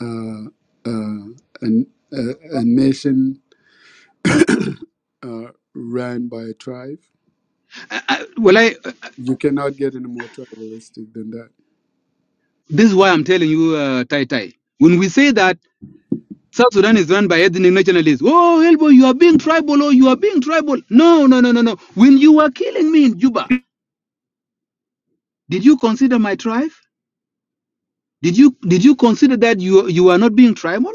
Speaker 3: uh, uh, an, a, a nation uh, ran by a tribe
Speaker 1: I, I, well, I,
Speaker 3: you cannot get any more tribalistic than that
Speaker 1: this is why I'm telling you, uh, Tai Tai. When we say that South Sudan is run by ethnic nationalists, oh, Elbo, you are being tribal, oh, you are being tribal. No, no, no, no, no. When you were killing me in Juba, did you consider my tribe? Did you did you consider that you you are not being tribal?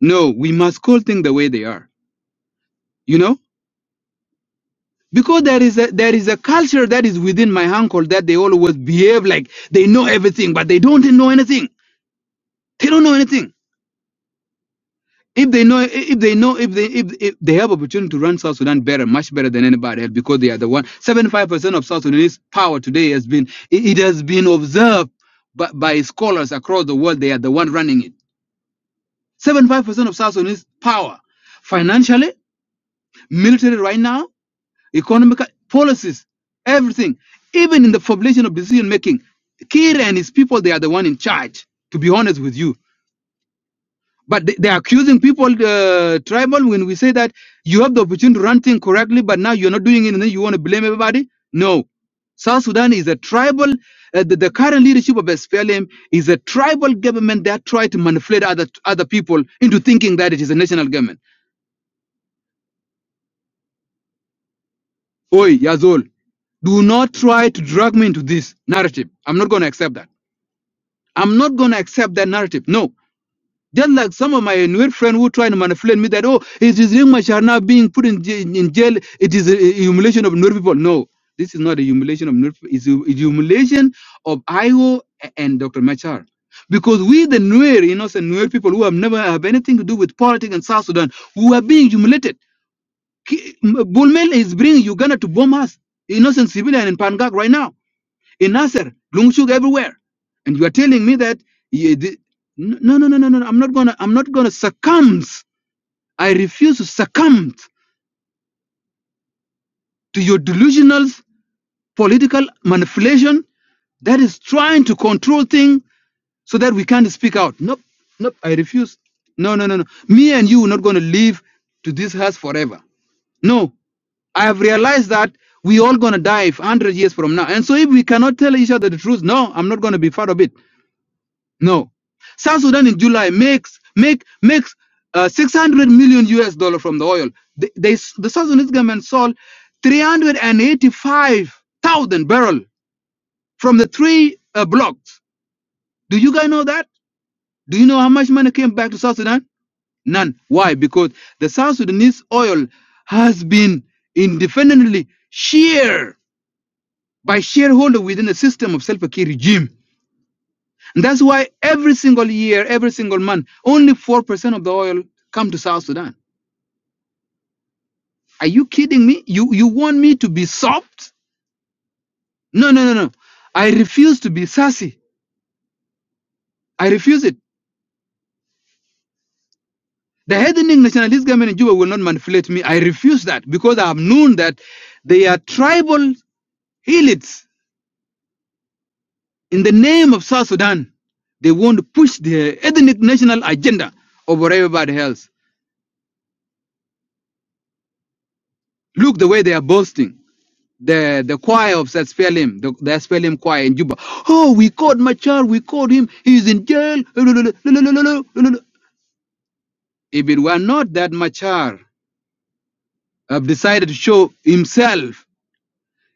Speaker 1: No, we must call things the way they are. You know because there is a there is a culture that is within my uncle that they always behave like they know everything but they don't know anything they don't know anything if they know if they know if they if, if they have opportunity to run south sudan better much better than anybody else because they are the one 75% of south sudanese power today has been it, it has been observed by, by scholars across the world they are the one running it 75% of south sudanese power financially military right now economic policies, everything, even in the formulation of decision making. Kiir and his people, they are the one in charge, to be honest with you. But they, they are accusing people, uh, tribal, when we say that you have the opportunity to run things correctly, but now you're not doing it and then you want to blame everybody. No. South Sudan is a tribal, uh, the, the current leadership of SPLM is a tribal government that try to manipulate other, other people into thinking that it is a national government. Oi, Yazol, do not try to drag me into this narrative. I'm not going to accept that. I'm not going to accept that narrative. No. Just like some of my Nuer friends who try to manipulate me that, oh, it is Ring Machar now being put in, j- in jail. It is a, a humiliation of Nuer people. No, this is not a humiliation of Nuer. people. It's a, a humiliation of IO and Dr. Machar. Because we, the Nuer, innocent Nuer people who have never have anything to do with politics in South Sudan, who are being humiliated. Ki- M- Bulmel is bringing Uganda to bomb us, innocent civilian in Pangak right now, in Nasser, Lungshuk, everywhere. And you are telling me that you, the, no, no, no, no, no. I'm not gonna, I'm not gonna succumb. I refuse to succumb to your delusional political manipulation that is trying to control things so that we can't speak out. Nope, nope. I refuse. No, no, no, no. Me and you are not gonna live to this house forever. No, I have realized that we all gonna die if 100 years from now. And so if we cannot tell each other the truth, no, I'm not gonna be part of it. No. South Sudan in July makes make makes uh, 600 million US dollar from the oil. The, they, the South Sudanese government sold 385,000 barrel from the three uh, blocks. Do you guys know that? Do you know how much money came back to South Sudan? None. Why? Because the South Sudanese oil has been independently shared by shareholder within a system of Salva Kiir regime. And that's why every single year, every single month, only 4% of the oil come to South Sudan. Are you kidding me? You, you want me to be soft? No, no, no, no. I refuse to be sassy. I refuse it. The heading nationalist government in Juba will not manipulate me. I refuse that because I have known that they are tribal elites in the name of South Sudan. They want to push their ethnic national agenda over everybody else. Look the way they are boasting. the the choir of SPLM, the, the SPLM choir in Juba. Oh, we caught Machar, we caught him, he's in jail. If it were not that Machar have decided to show himself,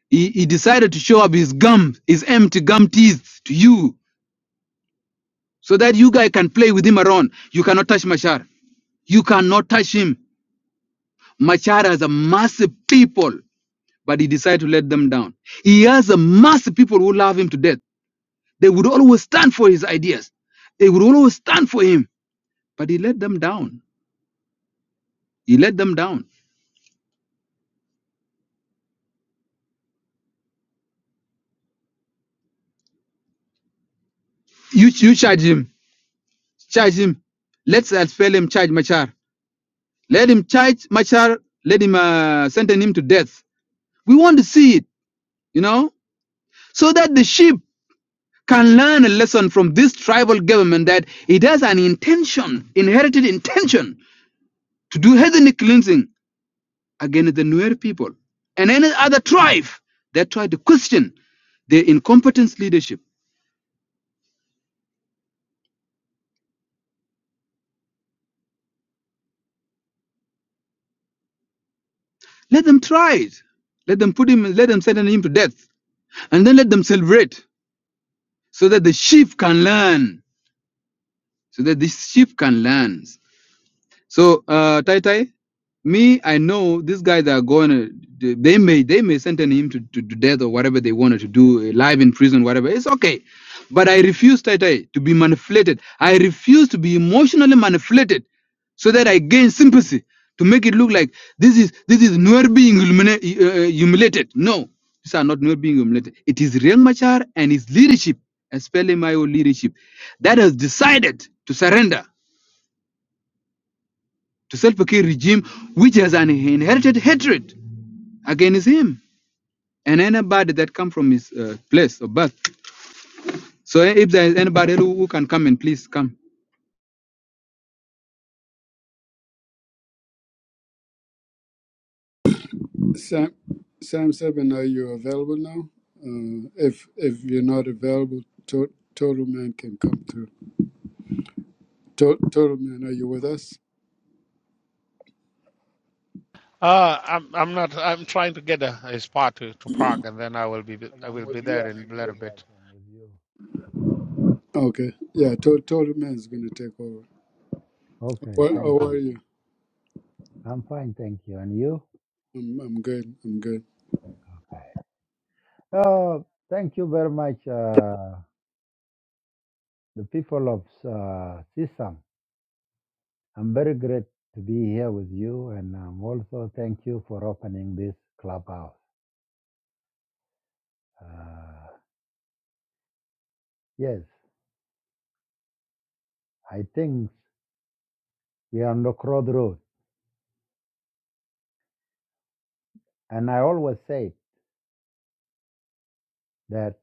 Speaker 1: he, he decided to show up his gum, his empty gum teeth to you, so that you guys can play with him around. You cannot touch Machar. You cannot touch him. Machar has a massive people, but he decided to let them down. He has a massive people who love him to death They would always stand for his ideas. They would always stand for him. But he let them down. He let them down. You, you charge him. Charge him. Let's expel him, charge Machar. Let him charge Machar. Let him uh, sentence him to death. We want to see it, you know, so that the sheep can learn a lesson from this tribal government that it has an intention, inherited intention, to do ethnic cleansing against the Nuer people and any other tribe that try to question their incompetence leadership. Let them try it. Let them put him, let them sentence him to death. And then let them celebrate so that the sheep can learn. So that the sheep can learn. So uh, Tai Tai, me, I know these guys are going to. They may they may sentence him to, to, to death or whatever they wanted to do, uh, live in prison, whatever. It's okay, but I refuse, Tai Tai, to be manipulated. I refuse to be emotionally manipulated, so that I gain sympathy to make it look like this is this is Nuer being humili- uh, uh, humiliated. No, these are not Nuer being humiliated. It is Riek Machar and his leadership, especially my own leadership, that has decided to surrender to Salva Kiir regime, which has an inherited hatred against him and anybody that come from his uh, place of birth. So if there is anybody who who can come and please come.
Speaker 3: sam sam seven are you available now uh, if if you're not available to, total man can come through to, total man are you with us
Speaker 4: Uh, I'm I'm not. I'm trying to get a, a spot to, to park, and then I will be
Speaker 5: Yes,
Speaker 4: I
Speaker 5: I'm
Speaker 4: will
Speaker 5: with
Speaker 4: be
Speaker 5: you.
Speaker 4: there
Speaker 5: I'm
Speaker 4: in a little
Speaker 5: with you
Speaker 4: bit.
Speaker 5: guys. I'm with you.
Speaker 3: Okay. Yeah, to- Total Man's gonna take over.
Speaker 5: Okay,
Speaker 3: Where,
Speaker 5: thank
Speaker 3: how
Speaker 5: you.
Speaker 3: are you?
Speaker 5: I'm fine, thank you. And you?
Speaker 3: I'm, I'm good. I'm good.
Speaker 5: Oh, thank you very much, uh, the people of uh, CISAM. I'm very great to be here with you, and um, also thank you for opening this clubhouse. Uh, yes, I think we are on the crossroad, and I always say that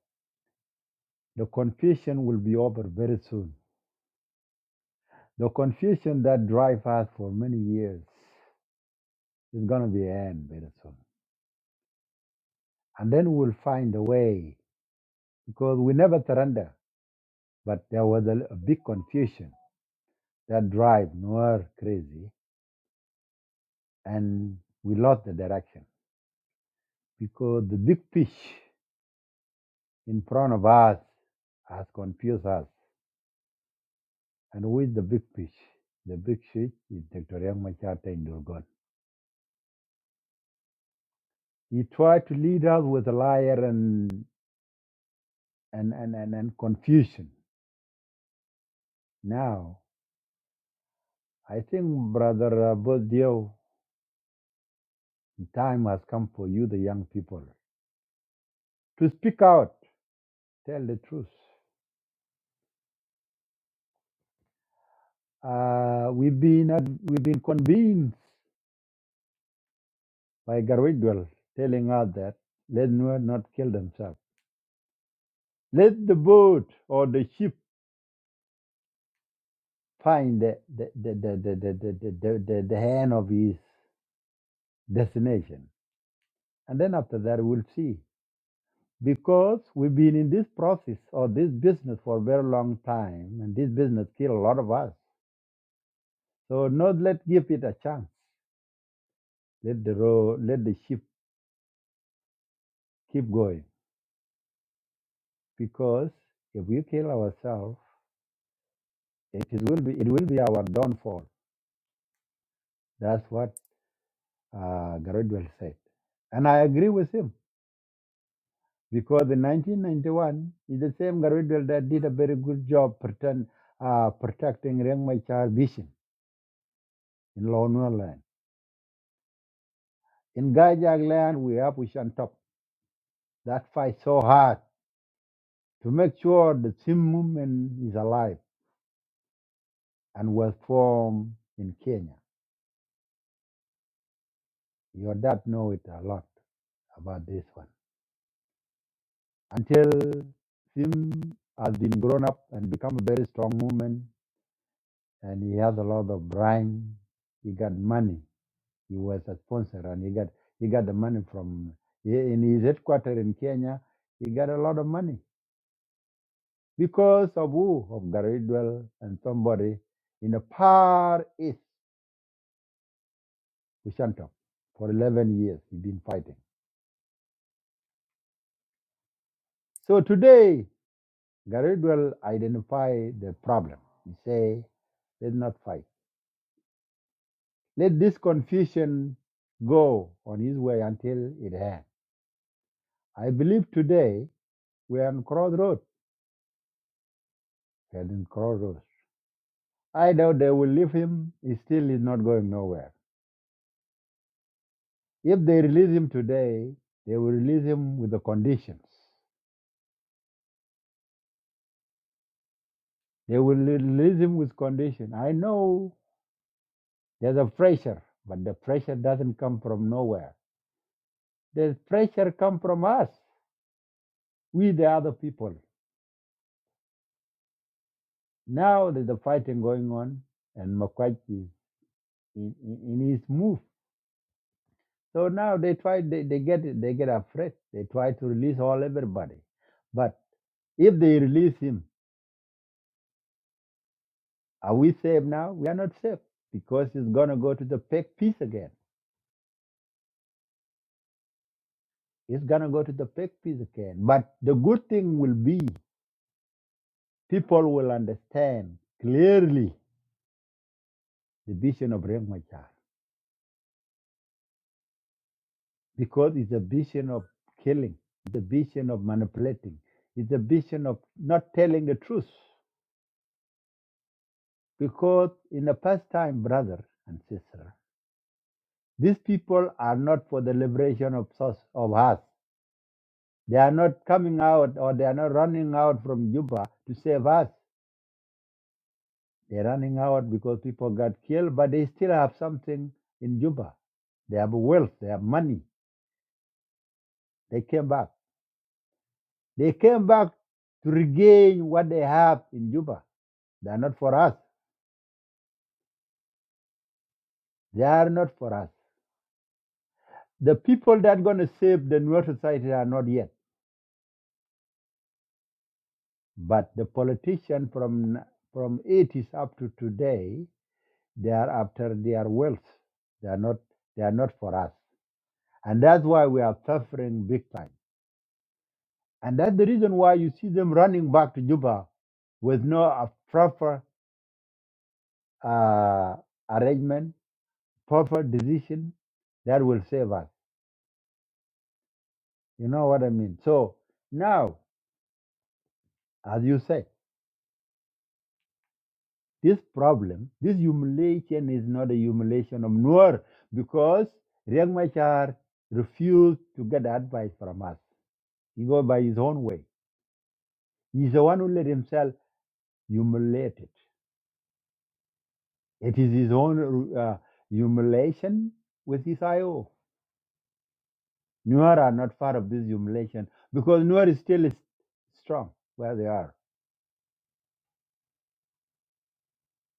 Speaker 5: the confusion will be over very soon. The confusion that drive us for many years. It's going to be end very soon. And then we'll find a way because we never surrender. But there was a, a big confusion that drive Noir crazy and we lost the direction because the big fish in front of us has confused us. And who is the big fish? The big fish is Dr. Yang Machata in Durgon. He tried to lead us with a liar and, and, and, and, and confusion. Now, I think Brother uh, Bodio The time has come for you, the young people, to speak out, tell the truth. Uh, we've been ad- we've been convinced by Garwidwell telling us that let Nuer not kill themselves. Let the boat or the ship find the the, the, the, the, the, the, the, the, the hand of his destination. And then after that we'll see. Because we've been in this process or this business for a very long time and this business killed a lot of us. So not let give it a chance. Let the road, let the ship keep going. Because if we kill ourselves, it is- will be it will be our downfall. That's what uh, Garadwell said, and I agree with him because in 1991 is the same Garadwell that did a very good job pretend, uh, protecting Reng Machar vision in Lower land. In Gajag land, we have Ushan Top that fight so hard to make sure the Sim movement is alive and was formed in Kenya. Your dad know it a lot about this one. Until Sim has been grown up and become a very strong woman, and he has a lot of brain. He got money. He was a sponsor, and he got he got the money from in his headquarters in Kenya. He got a lot of money because of who of Garidwell and somebody in the far east, Ushanto, for 11 years. He's been fighting. So today. Garrett will identify the problem. He say, let's not fight. Let this confusion go on his way until it ends. I believe today we are on crossroads, Helen crossroads. I doubt they will leave him. He still is not going nowhere. If they release him today, they will release him with the conditions. They will release him with condition. I know there's a pressure, but the pressure doesn't come from nowhere. The pressure come from us. We, the other people, now there's a fighting going on, and Makwachi in, in, in his move. So now they try, they, they get they get afraid. They try to release all everybody, but if they release him, are we safe now? We are not safe because it's gonna go to the peg piece again. It's gonna go to the peg piece again. But the good thing will be people will understand clearly the vision of Rengmachar. because it's a vision of killing, it's a vision of manipulating, it's a vision of not telling the truth. Because in the past time, brother and sister, these people are not for the liberation of, us- of us. They are not coming out or they are not running out from Juba to save us. They're running out because people got killed, but they still have something in Juba. They have wealth, they have money. They came back. They came back to regain what they have in Juba They are not for us. They are not for us. The people that are going to save the Nuer society are not yet. But the politicians from from 80s up to today, they are after their wealth. They are not. They are not for us. And that's why we are suffering big time. And that's the reason why you see them running back to Juba with no uh, proper uh, arrangement, proper decision that will save us. You know what I mean? So now, as you say. This problem, this humiliation is not a humiliation of Noor because Riek Machar refused to get advice from us. He goes by his own way. He's the one who let himself humiliated. It is his own uh, humiliation with his IO. Nuer are not part of this humiliation because Nuer is still is strong where they are.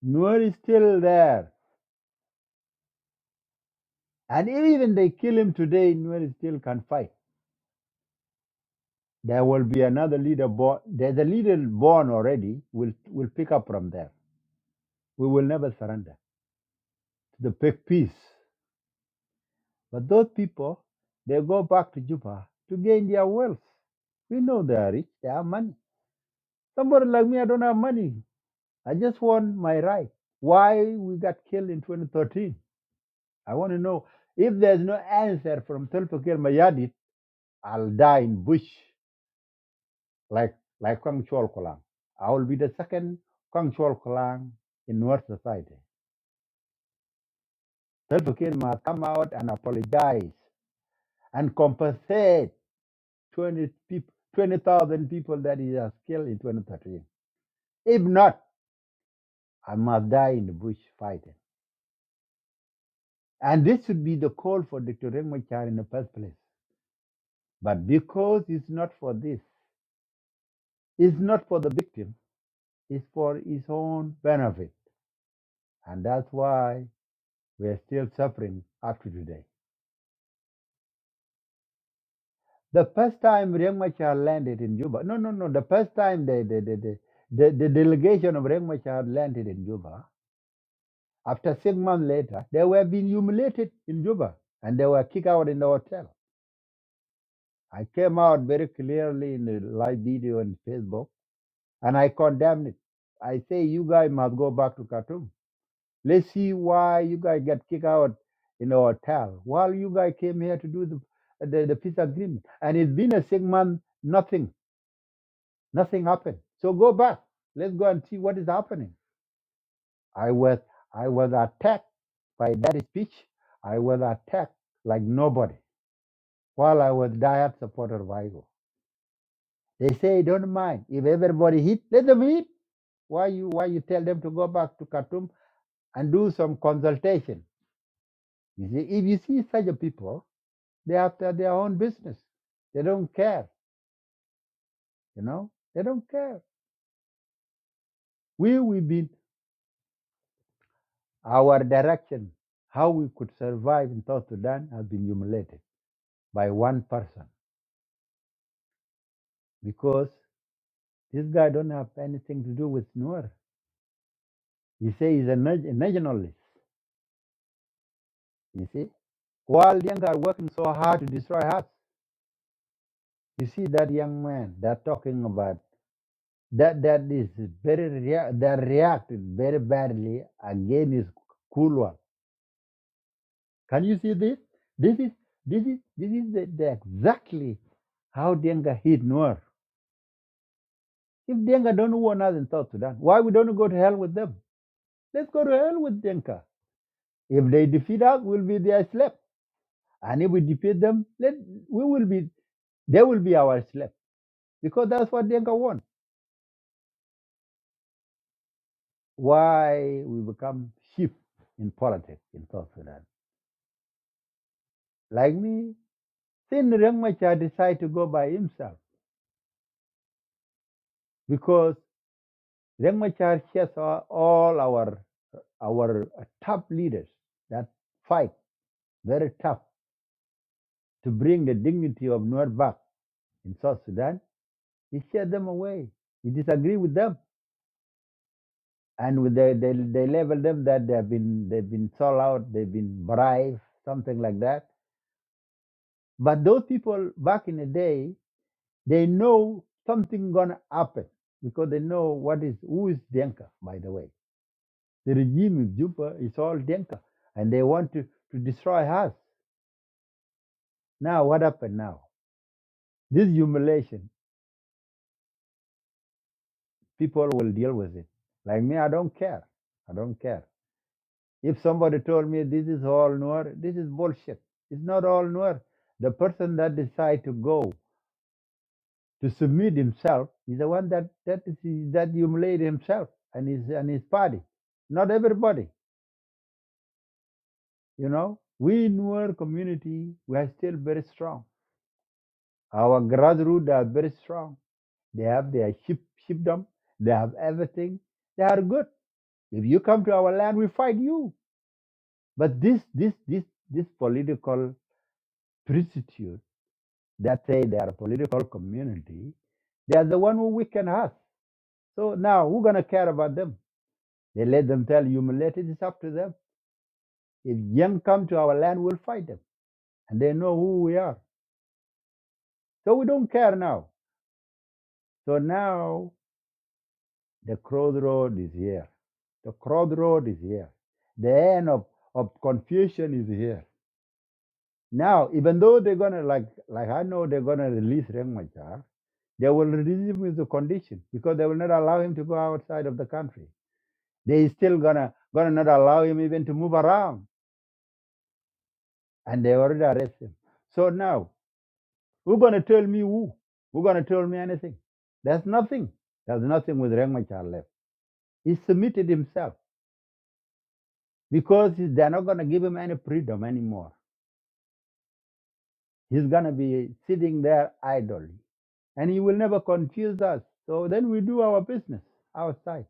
Speaker 5: Nuer is still there. And even they kill him today, Nuer is still can fight. There will be another leader born. There's a leader born already. Will will pick up from there. We will never surrender to the big peace. But those people, they go back to Juba to gain their wealth. We know they are rich. They have money. Somebody like me, I don't have money. I just want my right. Why we got killed in 2013? I want to know if there's no answer from Tulpakir Mayadit, I'll die in bush. like like Kwang Chol Kolang. I will be the second Kwang Chol Kolang in North Society. Self-Care must come out and apologize and compensate 20 people, 20,000 people that he has killed in 2013. If not, I must die in the bush fighting. And this should be the call for Dr. Rengmachar in the first place. But because it's not for this, it's not for the victim, it's for his own benefit. And that's why we're still suffering up to today. The first time Riek Machar landed in Juba, no, no, no, the first time the, the, the, the, the, the delegation of Riek Machar landed in Juba, after six months later, they were being humiliated in Juba and they were kicked out in the hotel. I came out very clearly in the live video on Facebook and I condemned it. I say, you guys must go back to Khartoum. Let's see why you guys get kicked out in the hotel while you guys came here to do the, the, the peace agreement. And it's been a six month nothing Nothing happened. So go back. Let's go and see what is happening. I was I was attacked by that speech. I was attacked like nobody while I was diet supporter of IGO. They say don't mind. If everybody hit, let them hit. Why you why you tell them to go back to Khartoum and do some consultation? You see, if you see such a people, they after their own business. They don't care, you know? They don't care. We we've been Our direction, how we could survive in South Sudan, has been humiliated by one person because this guy don't have anything to do with Nuer. He say he's a na- a nationalist. You see, while the young are working so hard to destroy us, you see that young man they're talking about that that is very rea- that reacted very badly against his cool one. Can you see this? This is this is this is the, the exactly how Denga hit Noor. If Denga don't want us in South Sudan, why we don't go to hell with them? Let's go to hell with Denka. If they defeat us, we'll be their slave. And if we defeat them, let we will be they will be our slave. Because that's what Denka want. Why we become sheep in politics in South Sudan. Like me, then Reng Machar decided to go by himself because Reng Machar shares all all our our uh, top leaders that fight very tough to bring the dignity of Nuer back in South Sudan, he shut them away. He disagreed with them, and with they they they labeled them that they have been they've been sold out, they've been bribed, something like that. But those people back in the day, they know something gonna happen because they know what is who is Denka. By the way, the regime of Juba is all Denka, and they want to to destroy us. Now what happened now? This humiliation, people will deal with it. Like me, I don't care. I don't care. If somebody told me this is all Nuer, this is bullshit. It's not all Nuer. The person that decide to go to submit himself is the one that that is that humiliate himself and his and his party. Not everybody, you know. We in our community we are still very strong. Our grassroots are very strong. They have their sheep sheepdom. They have everything. They are good. If you come to our land, we fight you. But this this this this political priesthood that say they are a political community, they are the one who weaken us. So now who's gonna care about them? They let them tell humiliated, it's up to them. If young come to our land, we'll fight them. And they know who we are. So we don't care now. So now the crossroad is here. The crossroad is here. The end of, of confusion is here. Now, even though they're gonna like like I know they're gonna release Rengmachar, they will release him with the condition because they will not allow him to go outside of the country They still gonna gonna not allow him even to move around, and they already arrest him. So now, who gonna tell me who? Who gonna tell me anything? There's nothing. There's nothing with Riek Machar left. He submitted himself because he- they're not gonna give him any freedom anymore. He's gonna be sitting there idly, and he will never confuse us. So then we do our business outside.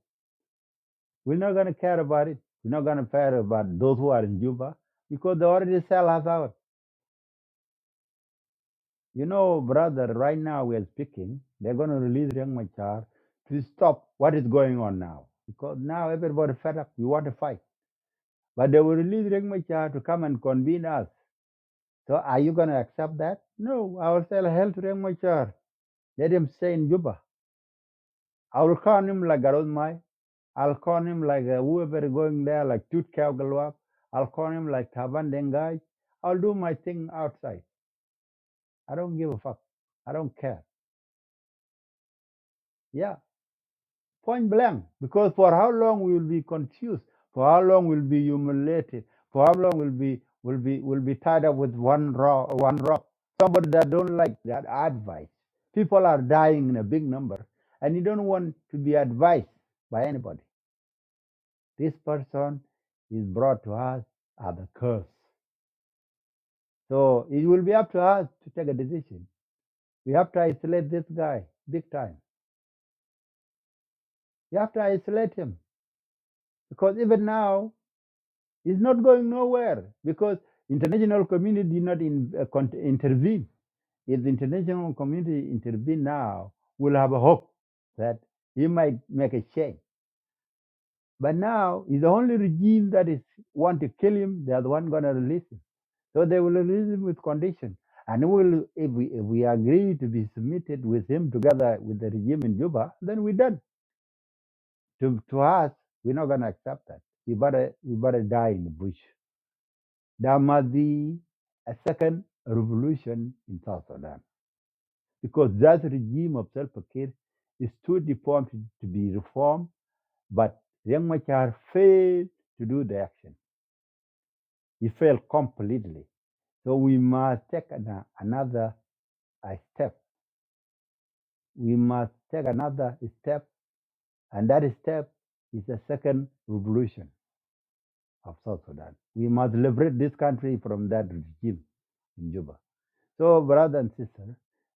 Speaker 5: We're not gonna care about it. We're not gonna care about those who are in Juba because they already sell us out. You know, brother, right now we are speaking, they're going to release Riek Machar to stop what is going on now. Because now everybody fed up. We want to fight. But they will release Riek Machar to come and convene us. So are you going to accept that? No, I will say hell to Riek Machar. Let him stay in Juba. I will call him like Mai. I'll call him like uh, whoever going there, like Tut Galwap. I'll call him like Taban Dengai. I'll do my thing outside. I don't give a fuck. I don't care. Yeah, point blank. Because for how long we will be confused? For how long we'll be humiliated? For how long we'll be will be will be tied up with one rock, one rock? Somebody that don't like that advice. People are dying in a big number, and you don't want to be advised by anybody. This person is brought to us as a curse. So it will be up to us to take a decision. We have to isolate this guy big time. We have to isolate him because even now It's not going nowhere because international community did not in, uh, con- intervene. If the international community intervene now, we'll have a hope that he might make a change. But now it's the only regime that is want to kill him. They are the one going to release him. So they will release him with condition. And we'll, if, we, if we agree to be submitted with him together with the regime in Juba, then we're done. To, to us, we're not going to accept that. We better, we better die in the bush. There must be a second revolution in South Sudan because that regime of Salva Kiir is too deformed to be reformed, but Riek Machar failed to do the action. He failed completely. So we must take an- another uh, step. We must take another step, and that step is a second revolution of South Sudan. We must liberate this country from that regime in Juba. So, brother and sister,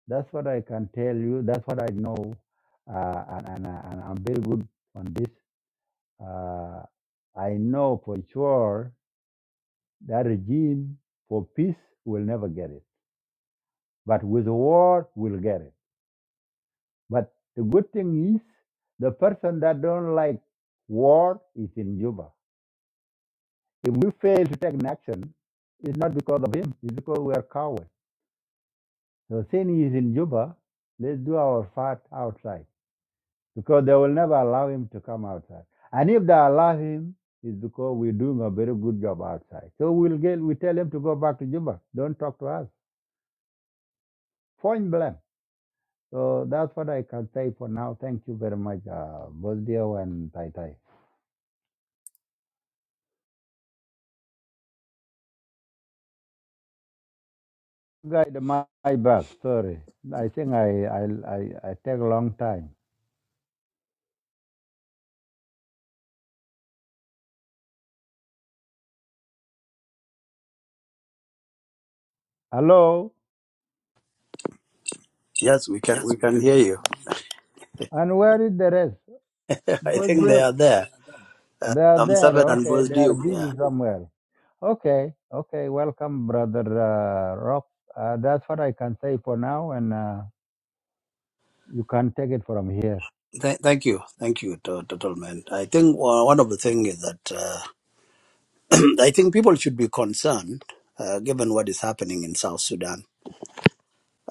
Speaker 5: that's what I can tell you. That's what I know, uh, and, and, I- and I'm very good on this. Uh, I know for sure that regime for peace will never get it, but with war we'll get it. But the good thing is, the person that don't like war is in Juba. If we fail to take an action, it's not because of him; it's because we are cowards. So, since he is in Juba, let's do our part outside because they will never allow him to come outside. And if they allow him, it's because we're doing a very good job outside. So we'll get we tell him to go back to Juba. Don't talk to us. Point blank. So that's what I can say for now. Thank you very much, uh, both Dio and Tai Tai. Guide, my back. Sorry, I think I I I, I take a long time. Hello,
Speaker 6: Yes, we can we can hear you.
Speaker 5: and where is the rest?
Speaker 6: I
Speaker 5: Both
Speaker 6: think they are
Speaker 5: Dio,
Speaker 6: there. Uh,
Speaker 5: they are
Speaker 6: I'm
Speaker 5: there.
Speaker 6: seven and
Speaker 5: Okay,
Speaker 6: was
Speaker 5: they are
Speaker 6: due. Yeah.
Speaker 5: busy somewhere. Okay, okay. Welcome, brother uh, Rob. Uh, that's what I can say for now, and uh, you can take it from here.
Speaker 6: Th- thank you, thank you, to- total man. I think uh, one of the things is that uh, I think people should be concerned, uh, given what is happening in South Sudan,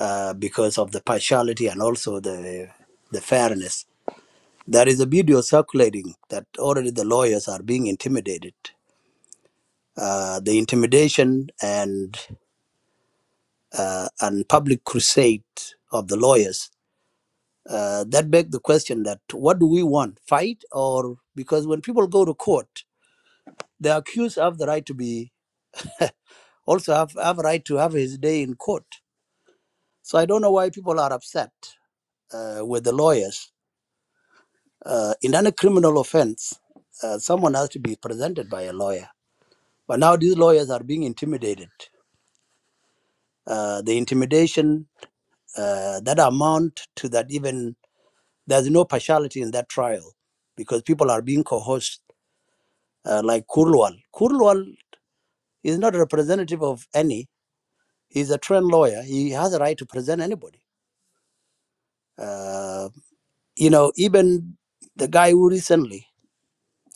Speaker 6: uh, because of the partiality and also the the fairness. There is a video circulating that already the lawyers are being intimidated. Uh, the intimidation and uh, and public crusade of the lawyers Uh, that begs the question that what do we want, fight or because when people go to court, the accused have the right to be also have, have a right to have his day in court. So I don't know why people are upset uh, with the lawyers. Uh, in any criminal offense, uh, someone has to be presented by a lawyer. But now these lawyers are being intimidated. Uh, the intimidation uh, that amount to that even there's no partiality in that trial because people are being coerced uh, like Kurlwal. Kurlwal He's not a representative of any. He's a trained lawyer. He has a right to present anybody. Uh, you know, even the guy who recently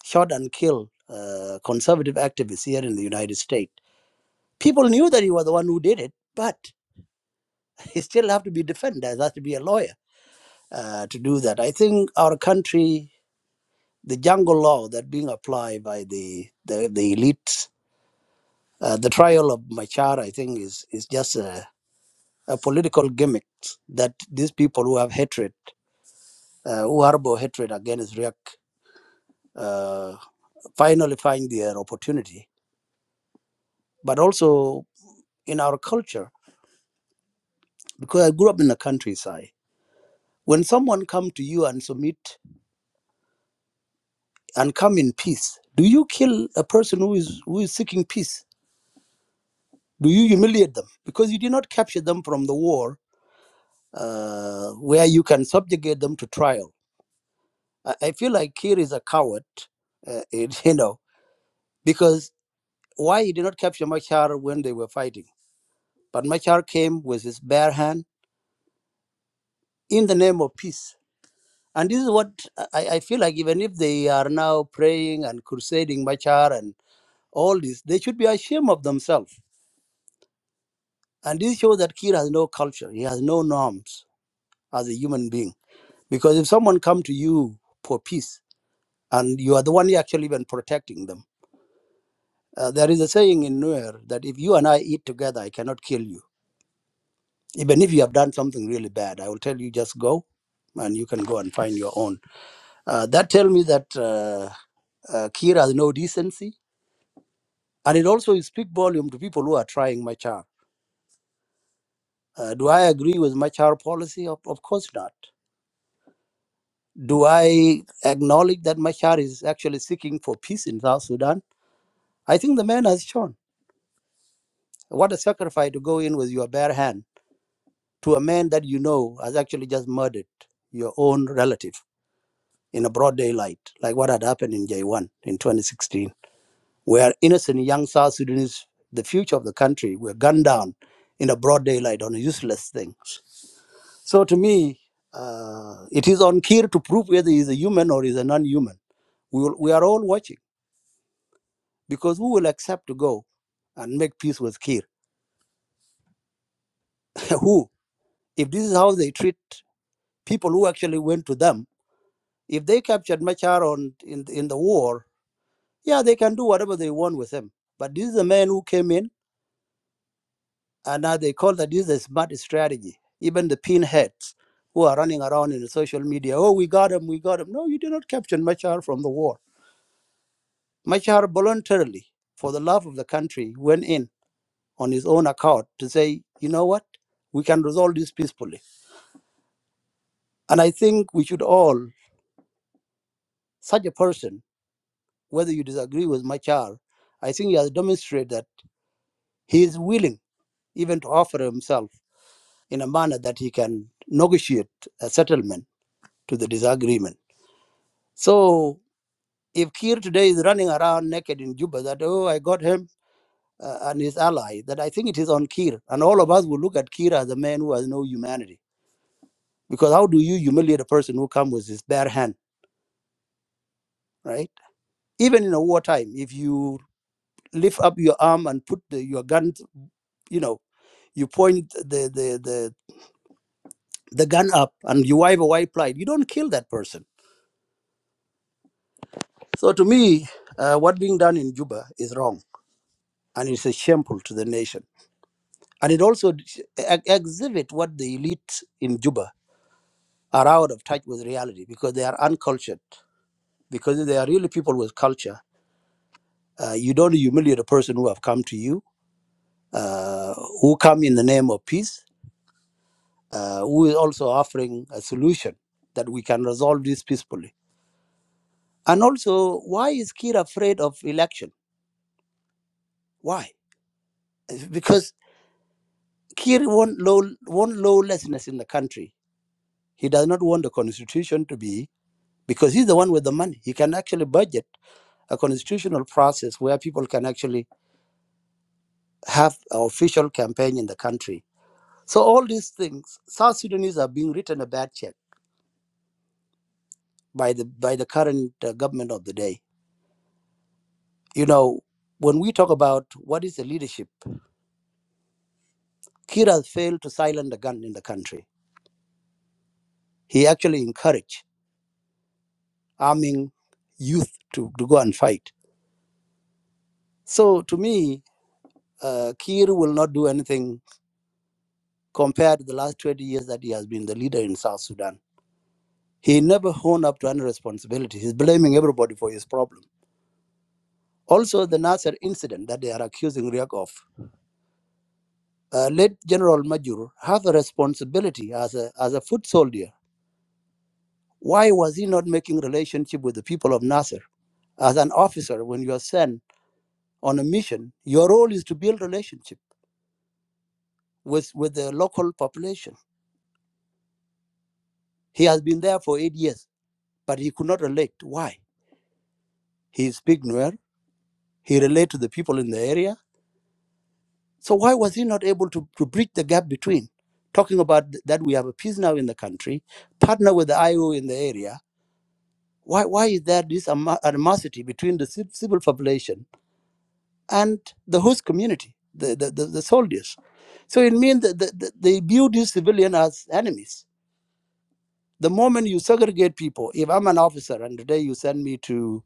Speaker 6: shot and killed uh, conservative activists here in the United States, people knew that he was the one who did it, but he still have to be defended. There has to be a lawyer uh, to do that. I think our country, the jungle law that being applied by the the, the elites, uh, the trial of Machar, I think, is is just a uh, political gimmicks that these people who have hatred, uh, who harbor hatred against Riek, uh, finally find their opportunity. But also in our culture, because I grew up in the countryside, when someone come to you and submit and come in peace, do you kill a person who is who is seeking peace? Do you humiliate them because you did not capture them from the war, uh, where you can subjugate them to trial? I, I feel like Kir is a coward, uh, it, you know, because Why he did not capture Machar when they were fighting? But Machar came with his bare hand in the name of peace. And this is what I, I feel like even if they are now praying and crusading Machar and all this, they should be ashamed of themselves. And this shows that Kir has no culture. He has no norms as a human being. Because if someone come to you for peace and you are the one actually even protecting them, uh, there is a saying in Nuer that if you and I eat together, I cannot kill you. even if you have done something really bad i will tell you just go and you can go and find your own uh, that tell me that uh, uh, kira has no decency and it also speak volume to people who are trying machar uh, do i agree with machar policy of, of course not do i acknowledge that machar is actually seeking for peace in south sudan i think the man has shown what a sacrifice to go in with your bare hand to a man that you know has actually just murdered your own relative in a broad daylight, like what had happened in J1 in 2016, where innocent young South Sudanese, the future of the country, were gunned down in a broad daylight on useless things. So to me, uh, it is on Kir to prove whether he's a human or he's a non-human. We, will, we are all watching because who will accept to go and make peace with Kir? who? If this is how they treat people who actually went to them, if they captured Machar on, in, in the war Yeah, they can do whatever they want with him. But this is a man who came in, and now they call that this is a smart strategy. Even the pinheads who are running around in the social media, oh, we got him, we got him. No, you did not capture Machar from the war. Machar voluntarily, for the love of the country, went in on his own account to say, you know what, we can resolve this peacefully. And I think we should all, such a person, whether you disagree with Machar, I think he has demonstrated that he is willing even to offer himself in a manner that he can negotiate a settlement to the disagreement. So if Kir today is running around naked in Juba that, oh, I got him uh, and his ally, that I think it is on Kir. And all of us will look at Kir as a man who has no humanity. Because how do you humiliate a person who comes with his bare hand, right? Even in a wartime, if you lift up your arm and put the, your gun, you know, you point the, the, the, the gun up and you wave a white flag, you don't kill that person So to me, uh, what being done in Juba is wrong, and it's a shameful to the nation. And it also ex- exhibit what the elite in Juba are out of touch with reality because they are uncultured. Because if they are really people with culture, uh, you don't humiliate a person who have come to you, uh, who come in the name of peace, uh, who is also offering a solution that we can resolve this peacefully. And also, why is Kir afraid of election? Why? Because. Kir want law want lawlessness in the country. He does not want the constitution to be because he's the one with the money. He can actually budget a constitutional process where people can actually have an official campaign in the country. So all these things, South Sudanese are being written a bad check by the by the current uh, government of the day. You know, when we talk about what is the leadership, Kir has failed to silence the gun in the country. He actually encouraged arming youth to, to go and fight. So to me, uh, Kiir will not do anything compared to the last 20 years that he has been the leader in South Sudan. He never honed up to any responsibility. He's blaming everybody for his problem. Also, the Nasser incident that they are accusing Riek of. Uh, late General Majur have a responsibility as a, as a foot soldier. Why was he not making relationship with the people of Nasser? As an officer, when you are sent on a mission, your role is to build relationship with, with the local population. He has been there for eight years, but he could not relate. Why? He speaks Nuer. He relates to the people in the area. So why was he not able to, to bridge the gap between talking about th- that we have a peace now in the country, partner with the IO in the area? Why, why is there this ama- animosity between the civ- civil population and the host community, the, the, the, the soldiers? So it means that the, the, they view these civilians as enemies. The moment you segregate people, if I'm an officer and today you send me to,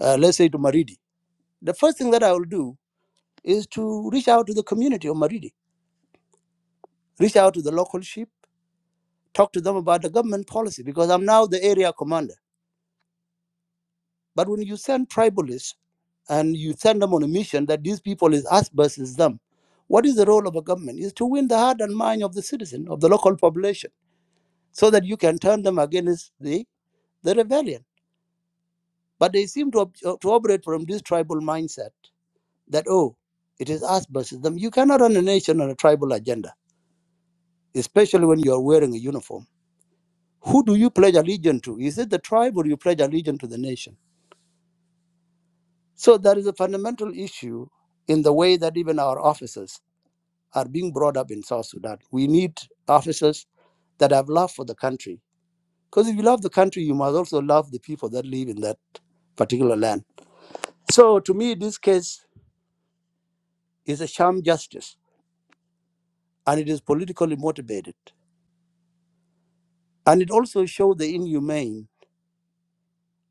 Speaker 6: uh, let's say, to Maridi, the first thing that I will do is to reach out to the community of Maridi reach out to the local chief, talk to them about the government policy because I'm now the area commander. But when you send tribalists and you send them on a mission that these people is us versus them, what is the role of a government? Is to win the heart and mind of the citizen, of the local population, so that you can turn them against the, the rebellion. But they seem to, to operate from this tribal mindset that, oh, it is us versus them. You cannot run a nation on a tribal agenda, especially when you are wearing a uniform. Who do you pledge allegiance to? Is it the tribe or you pledge allegiance to the nation? So that is a fundamental issue in the way that even our officers are being brought up in South Sudan. We need officers that have love for the country. Because if you love the country, you must also love the people that live in that particular land. So to me, this case is a sham justice and it is politically motivated. And it also shows the inhumane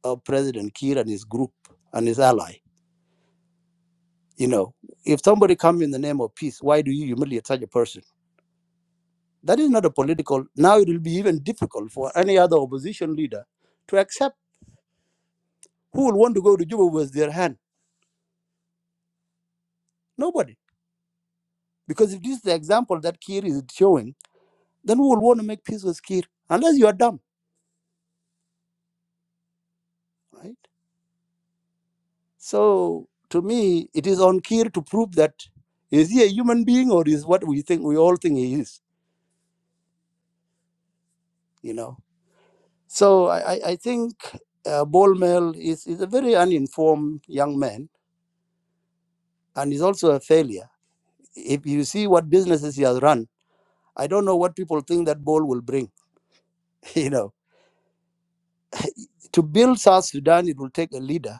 Speaker 6: of President Kiir and his group and his ally. You know, if somebody comes in the name of peace, why do you humiliate such a person? That is not a political. Now it will be even difficult for any other opposition leader to accept who will want to go to Juba with their hand. Nobody. Because if this is the example that Kir is showing, then who will want to make peace with Kir? Unless you are dumb, right? So to me, it is on Kir to prove that is he a human being or is what we think we all think he is, you know? So I, I think uh, Ball Mel is, is a very uninformed young man and is also a failure. If you see what businesses he has run, I don't know what people think that ball will bring. You know, to build South Sudan, it will take a leader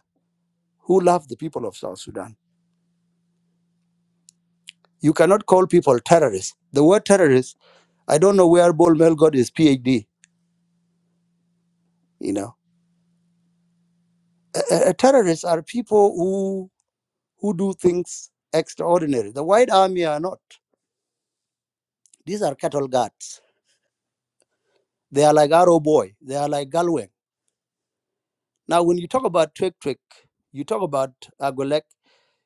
Speaker 6: who loves the people of South Sudan. You cannot call people terrorists. The word terrorist, I don't know where Bol Mel got his PhD. You know, a, a- a terrorists are people who who do things extraordinary. The White Army are not. These are cattle guards. They are like Arrow Boy. They are like Galway. Now, when you talk about Twig Twig, you talk about Agolek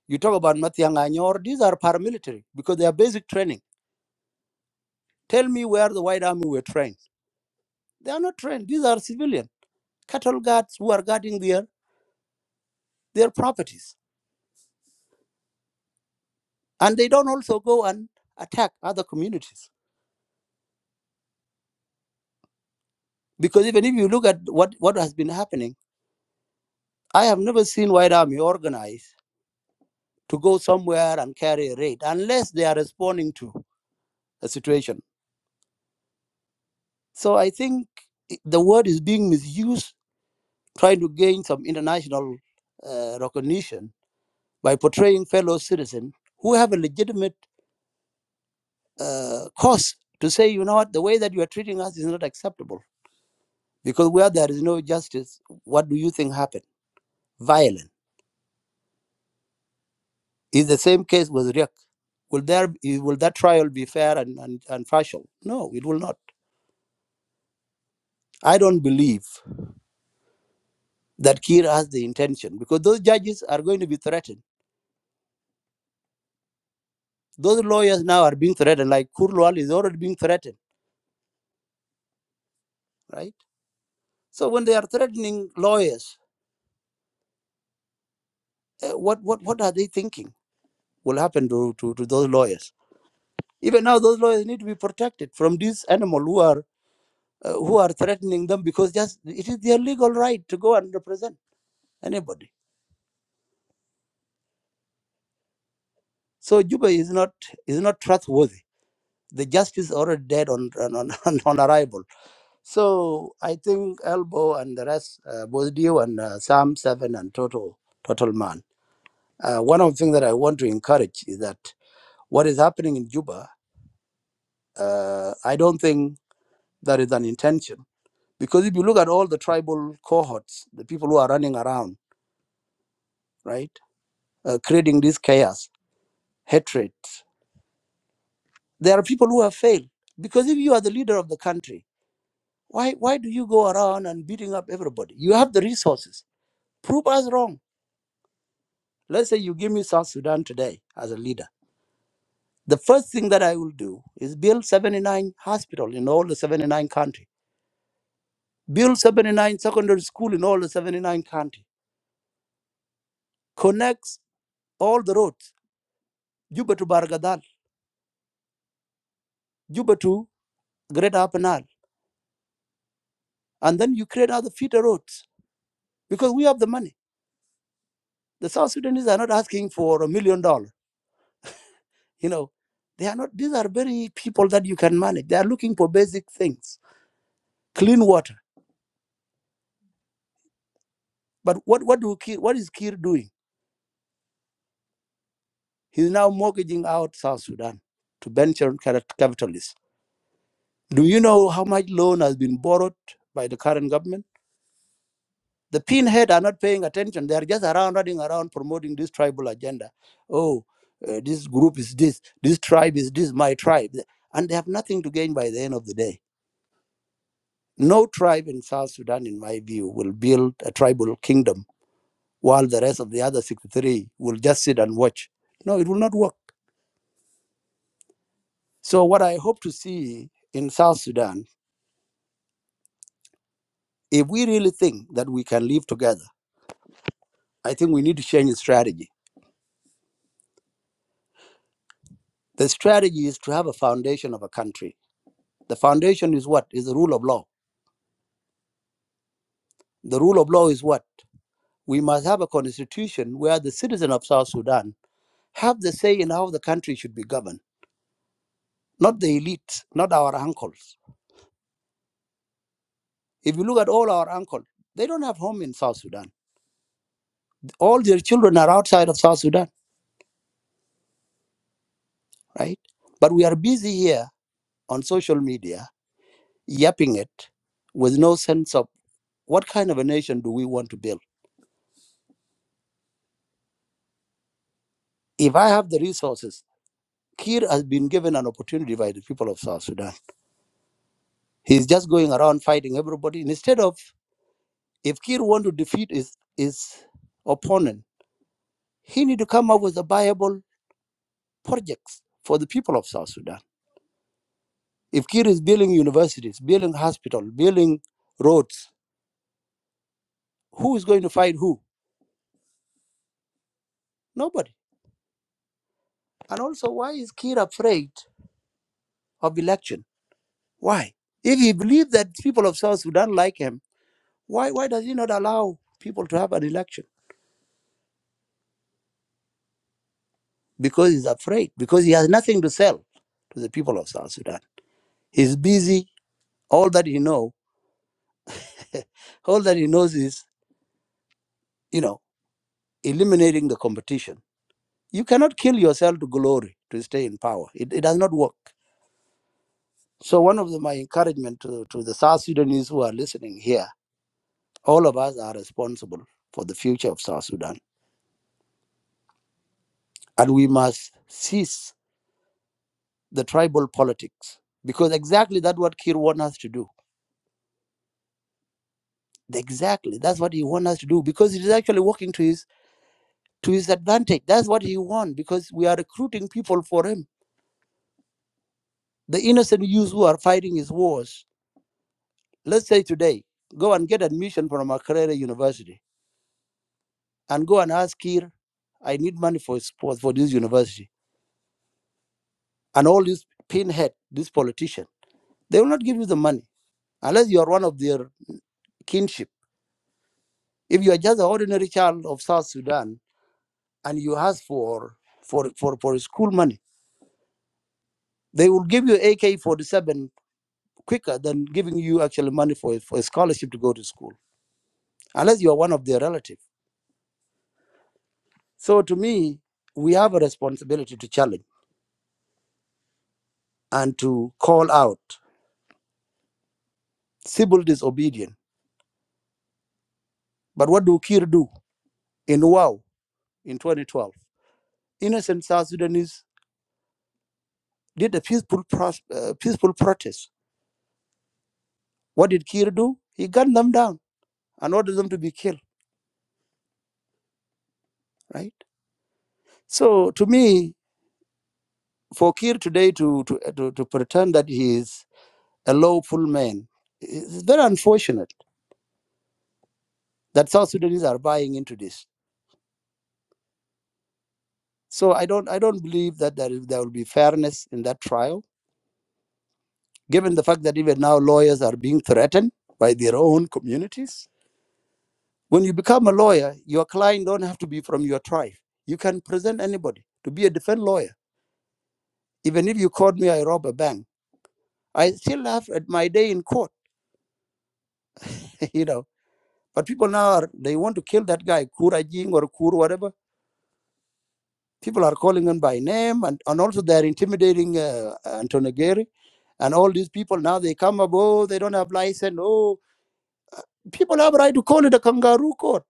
Speaker 6: You talk about Matiang Anyor, these are paramilitary because they are basic training. Tell me where the White Army were trained. They are not trained. These are civilian cattle guards who are guarding their, their properties. And they don't also go and attack other communities. Because even if you look at what, what has been happening, I have never seen White Army organized to go somewhere and carry a raid unless they are responding to a situation. So I think the word is being misused, trying to gain some international uh, recognition by portraying fellow citizens who have a legitimate uh, cause to say, you know what, the way that you are treating us is not acceptable because where there is no justice, what do you think happened? Violent. Is the same case with Riek. Will there will that trial be fair and, and, and partial? No, it will not. I don't believe that Kiir has the intention because those judges are going to be threatened. Those lawyers now are being threatened, like Kurlwal is already being threatened, right? So when they are threatening lawyers, uh, what, what, what are they thinking? will happen to, to, to those lawyers. Even now, those lawyers need to be protected from these animal who are uh, who are threatening them because just it is their legal right to go and represent anybody. So Juba is not is not trustworthy. The justice is already dead on on, on, on arrival. So I think Elbow and the rest, uh, both you and uh, Sam Seven and Total Total Man. Uh, one of the things that I want to encourage is that what is happening in Juba, uh, I don't think that is an intention Because if you look at all the tribal cohorts, the people who are running around, right, uh, creating this chaos, hatred, there are people who have failed. Because if you are the leader of the country, why, why do you go around and beating up everybody? You have the resources. Prove us wrong. Let's say you give me South Sudan today as a leader. The first thing that I will do is build 79 hospitals in all the 79 country. Build 79 secondary school in all the 79 country. Connects all the roads. Juba to Bargadal. Juba to great Apenal, and all. And then you create other feeder roads because we have the money. The South Sudanese are not asking for a million dollars. You know, they are not. These are very people that you can manage. They are looking for basic things, clean water. But what what do Kir, what is Kir doing? He's now mortgaging out South Sudan to venture capital- capitalists. Do you know how much loan has been borrowed by the current government? The pinhead are not paying attention. They are just around running around promoting this tribal agenda. Oh, uh, this group is this, this tribe is this, my tribe. And they have nothing to gain by the end of the day. No tribe in South Sudan, in my view, will build a tribal kingdom while the rest of the other 63 will just sit and watch. No, it will not work. So, what I hope to see in South Sudan, if we really think that we can live together, I think we need to change the strategy. The strategy is to have a foundation of a country The foundation is what? Is the rule of law. The rule of law is what? We must have a constitution where the citizen of South Sudan have the say in how the country should be governed, not the elite, not our uncles. If you look at all our uncles, they don't have home in South Sudan. All their children are outside of South Sudan, right? But we are busy here on social media, yapping it with no sense of what kind of a nation do we want to build. If I have the resources, Kir has been given an opportunity by the people of South Sudan He's just going around fighting everybody. Instead of if Kir want to defeat his, his opponent, he need to come up with a viable projects for the people of South Sudan. If Kir is building universities, building hospital, building roads, who is going to fight who? Nobody. And also, why is Kir afraid of election? Why? If he believes that people of South Sudan like him, why why does he not allow people to have an election? Because he's afraid. Because he has nothing to sell to the people of South Sudan. He's busy. All that he know, all that he knows is, you know, eliminating the competition. You cannot kill yourself to glory to stay in power. It, it does not work. So one of the, my encouragement to, to the South Sudanese who are listening here, all of us are responsible for the future of South Sudan, and we must cease the tribal politics because exactly that's what Kir wants us to do. Exactly, that's what he wants us to do because it is actually working to his to his advantage. That's what he wants because we are recruiting people for him The innocent youths who are fighting his wars, let's say today, go and get admission from Makerere University and go and ask Kir, I need money for sports for this university. And all these pinhead, this politician, they will not give you the money unless you are one of their kinship. If you are just an ordinary child of South Sudan and you ask for for for, for school money, they will give you AK forty seven quicker than giving you actually money for, for a scholarship to go to school. Unless you are one of their relatives. So to me, we have a responsibility to challenge and to call out civil disobedience. But what do Kir do in Wow in 2012? Innocent South Sudanese did a peaceful, pros- uh, peaceful protest. What did Kir do? He gunned them down and ordered them to be killed, right? So to me, for Kir today to, to, uh, to, to pretend that he is a lawful man, it's very unfortunate that South Sudanese are buying into this So I don't I don't believe that there, is- there will be fairness in that trial, given the fact that even now lawyers are being threatened by their own communities. When you become a lawyer, your client don't have to be from your tribe. You can present anybody to be a defense lawyer. Even if you caught me, I rob a bank. I still have at my day in court, you know. But people now are, they want to kill that guy, Kura Jing or Kur, whatever. People are calling him by name, and, and also they're intimidating uh, Antonio Gary. And all these people now they come up, oh, they don't have license. Oh, people have right to call it a kangaroo court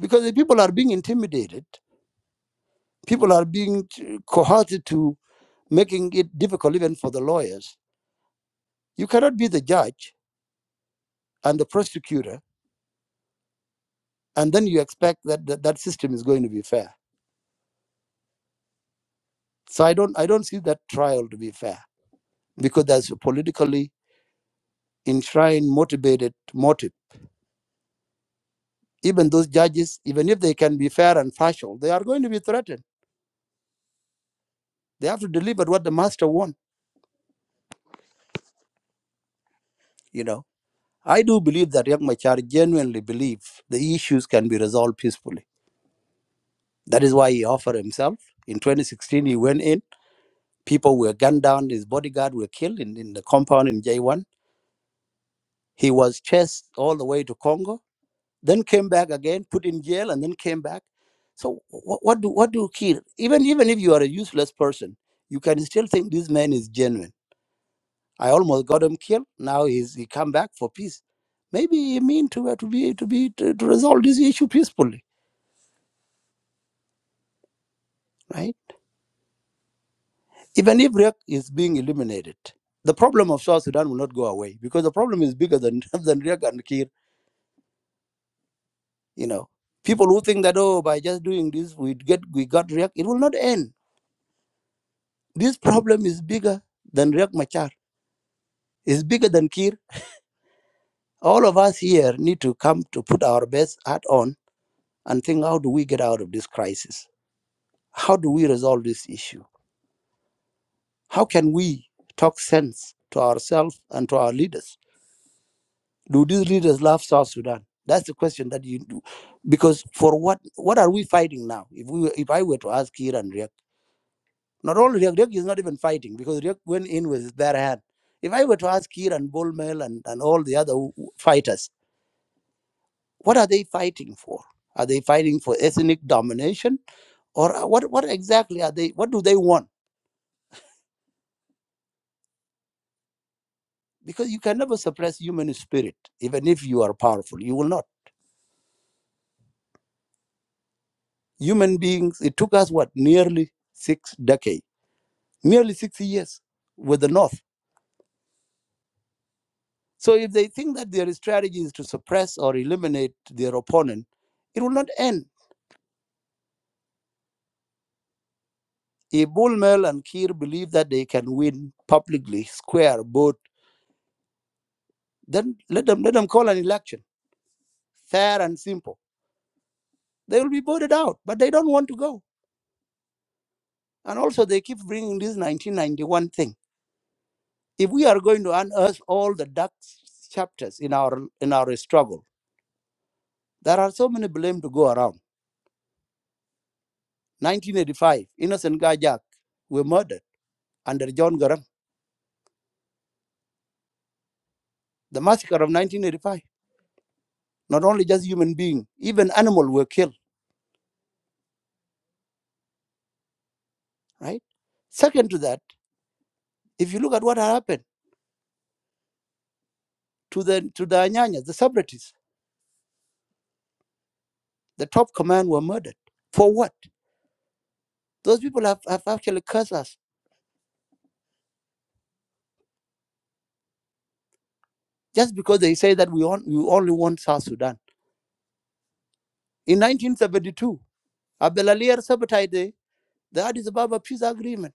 Speaker 6: because the people are being intimidated. People are being t- coerced to making it difficult even for the lawyers. You cannot be the judge and the prosecutor, and then you expect that that, that system is going to be fair. So I don't I don't see that trial to be fair because there's a politically enshrined, motivated motive. Even those judges, even if they can be fair and partial, they are going to be threatened. They have to deliver what the master wants You know, I do believe that Riek Machar genuinely believe the issues can be resolved peacefully. That is why he offered himself. In 2016, he went in. People were gunned down. His bodyguard were killed in, in the compound in J1. He was chased all the way to Congo, then came back again, put in jail, and then came back. So what, what do what do you kill? Even even if you are a useless person, you can still think this man is genuine I almost got him killed. Now he's, he come back for peace. Maybe he mean to uh, to be to be to, to resolve this issue peacefully, right? Even if Riek is being eliminated, the problem of South Sudan will not go away because the problem is bigger than than Riek and Kir. You know, people who think that oh, by just doing this we get we got Riek, it will not end. This problem is bigger than Riek Machar. It's bigger than Kir. All of us here need to come to put our best hat on and think how do we get out of this crisis How do we resolve this issue? How can we talk sense to ourselves and to our leaders? Do these leaders love South Sudan? That's the question that you do. Because for what what are we fighting now? If we were- if I were to ask Kir and Riek, not only Riek, Riek is not even fighting because Riek went in with his bare hand. If I were to ask Kir and Bullmel and, and all the other w- w- fighters, what are they fighting for? Are they fighting for ethnic domination? Or uh, what what exactly are they what do they want? because you can never suppress human spirit even if you are powerful you will not human beings it took us what nearly six decades nearly 60 years with the north so if they think that their strategy is to suppress or eliminate their opponent it will not end if bullmel and kir believe that they can win publicly square vote then let them let them call an election fair and simple they will be voted out but they don't want to go and also they keep bringing this 1991 thing If we are going to unearth all the dark chapters in our in our struggle, there are so many blame to go around. 1985, innocent Gajak, were murdered under John Garang. The massacre of 1985. Not only just human being, even animal were killed. Right. Second to that, if you look at what happened to the to the Anyanyas, the separatists, the top command were murdered. For what? Those people have, have actually cursed us just because they say that we, on, we only want South Sudan. In 1972, Abdel Alier sabotaged the, the Addis Ababa peace agreement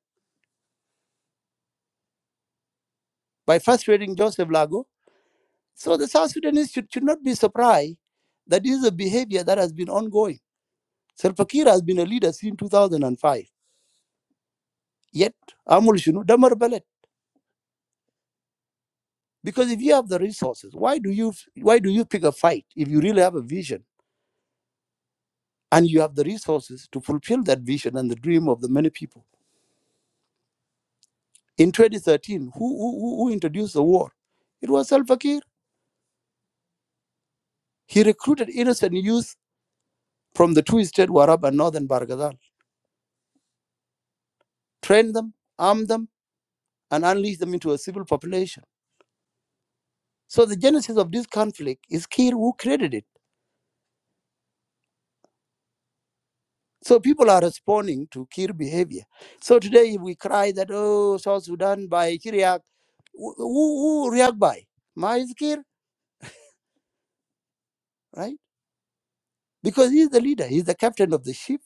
Speaker 6: by frustrating Joseph Lago. So the South Sudanese should, should not be surprised that this is a behavior that has been ongoing. Salva Kiir has been a leader since 2005. Yet, Amul Shinu, Damar Ballet. Because if you have the resources, why do you why do you pick a fight if you really have a vision and you have the resources to fulfill that vision and the dream of the many people? In 2013, who, who who introduced the war? It was Salva Kiir. He recruited innocent youth from the two states, Warab and Northern Barghazal. Train them, arm them, and unleash them into a civil population. So the genesis of this conflict is Kir who created it. So people are responding to Kir behavior. So today we cry that, oh, South Sudan by Kiriak. Who, who who react by? Mais Kir, right? Because he's the leader, he's the captain of the ship.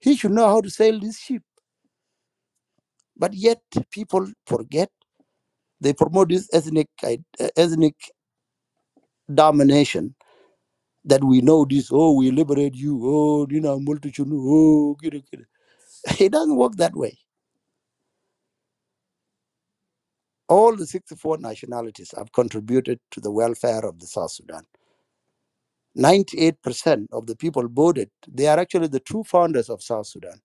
Speaker 6: He should know how to sail this ship. But yet people forget. They promote this ethnic, i- ethnic domination that we know this, oh, we liberate you, oh, you know, multitude, oh, kida, kida. It doesn't work that way. All the 64 nationalities have contributed to the welfare of the South Sudan. 98% of the people voted, they are actually the true founders of South Sudan,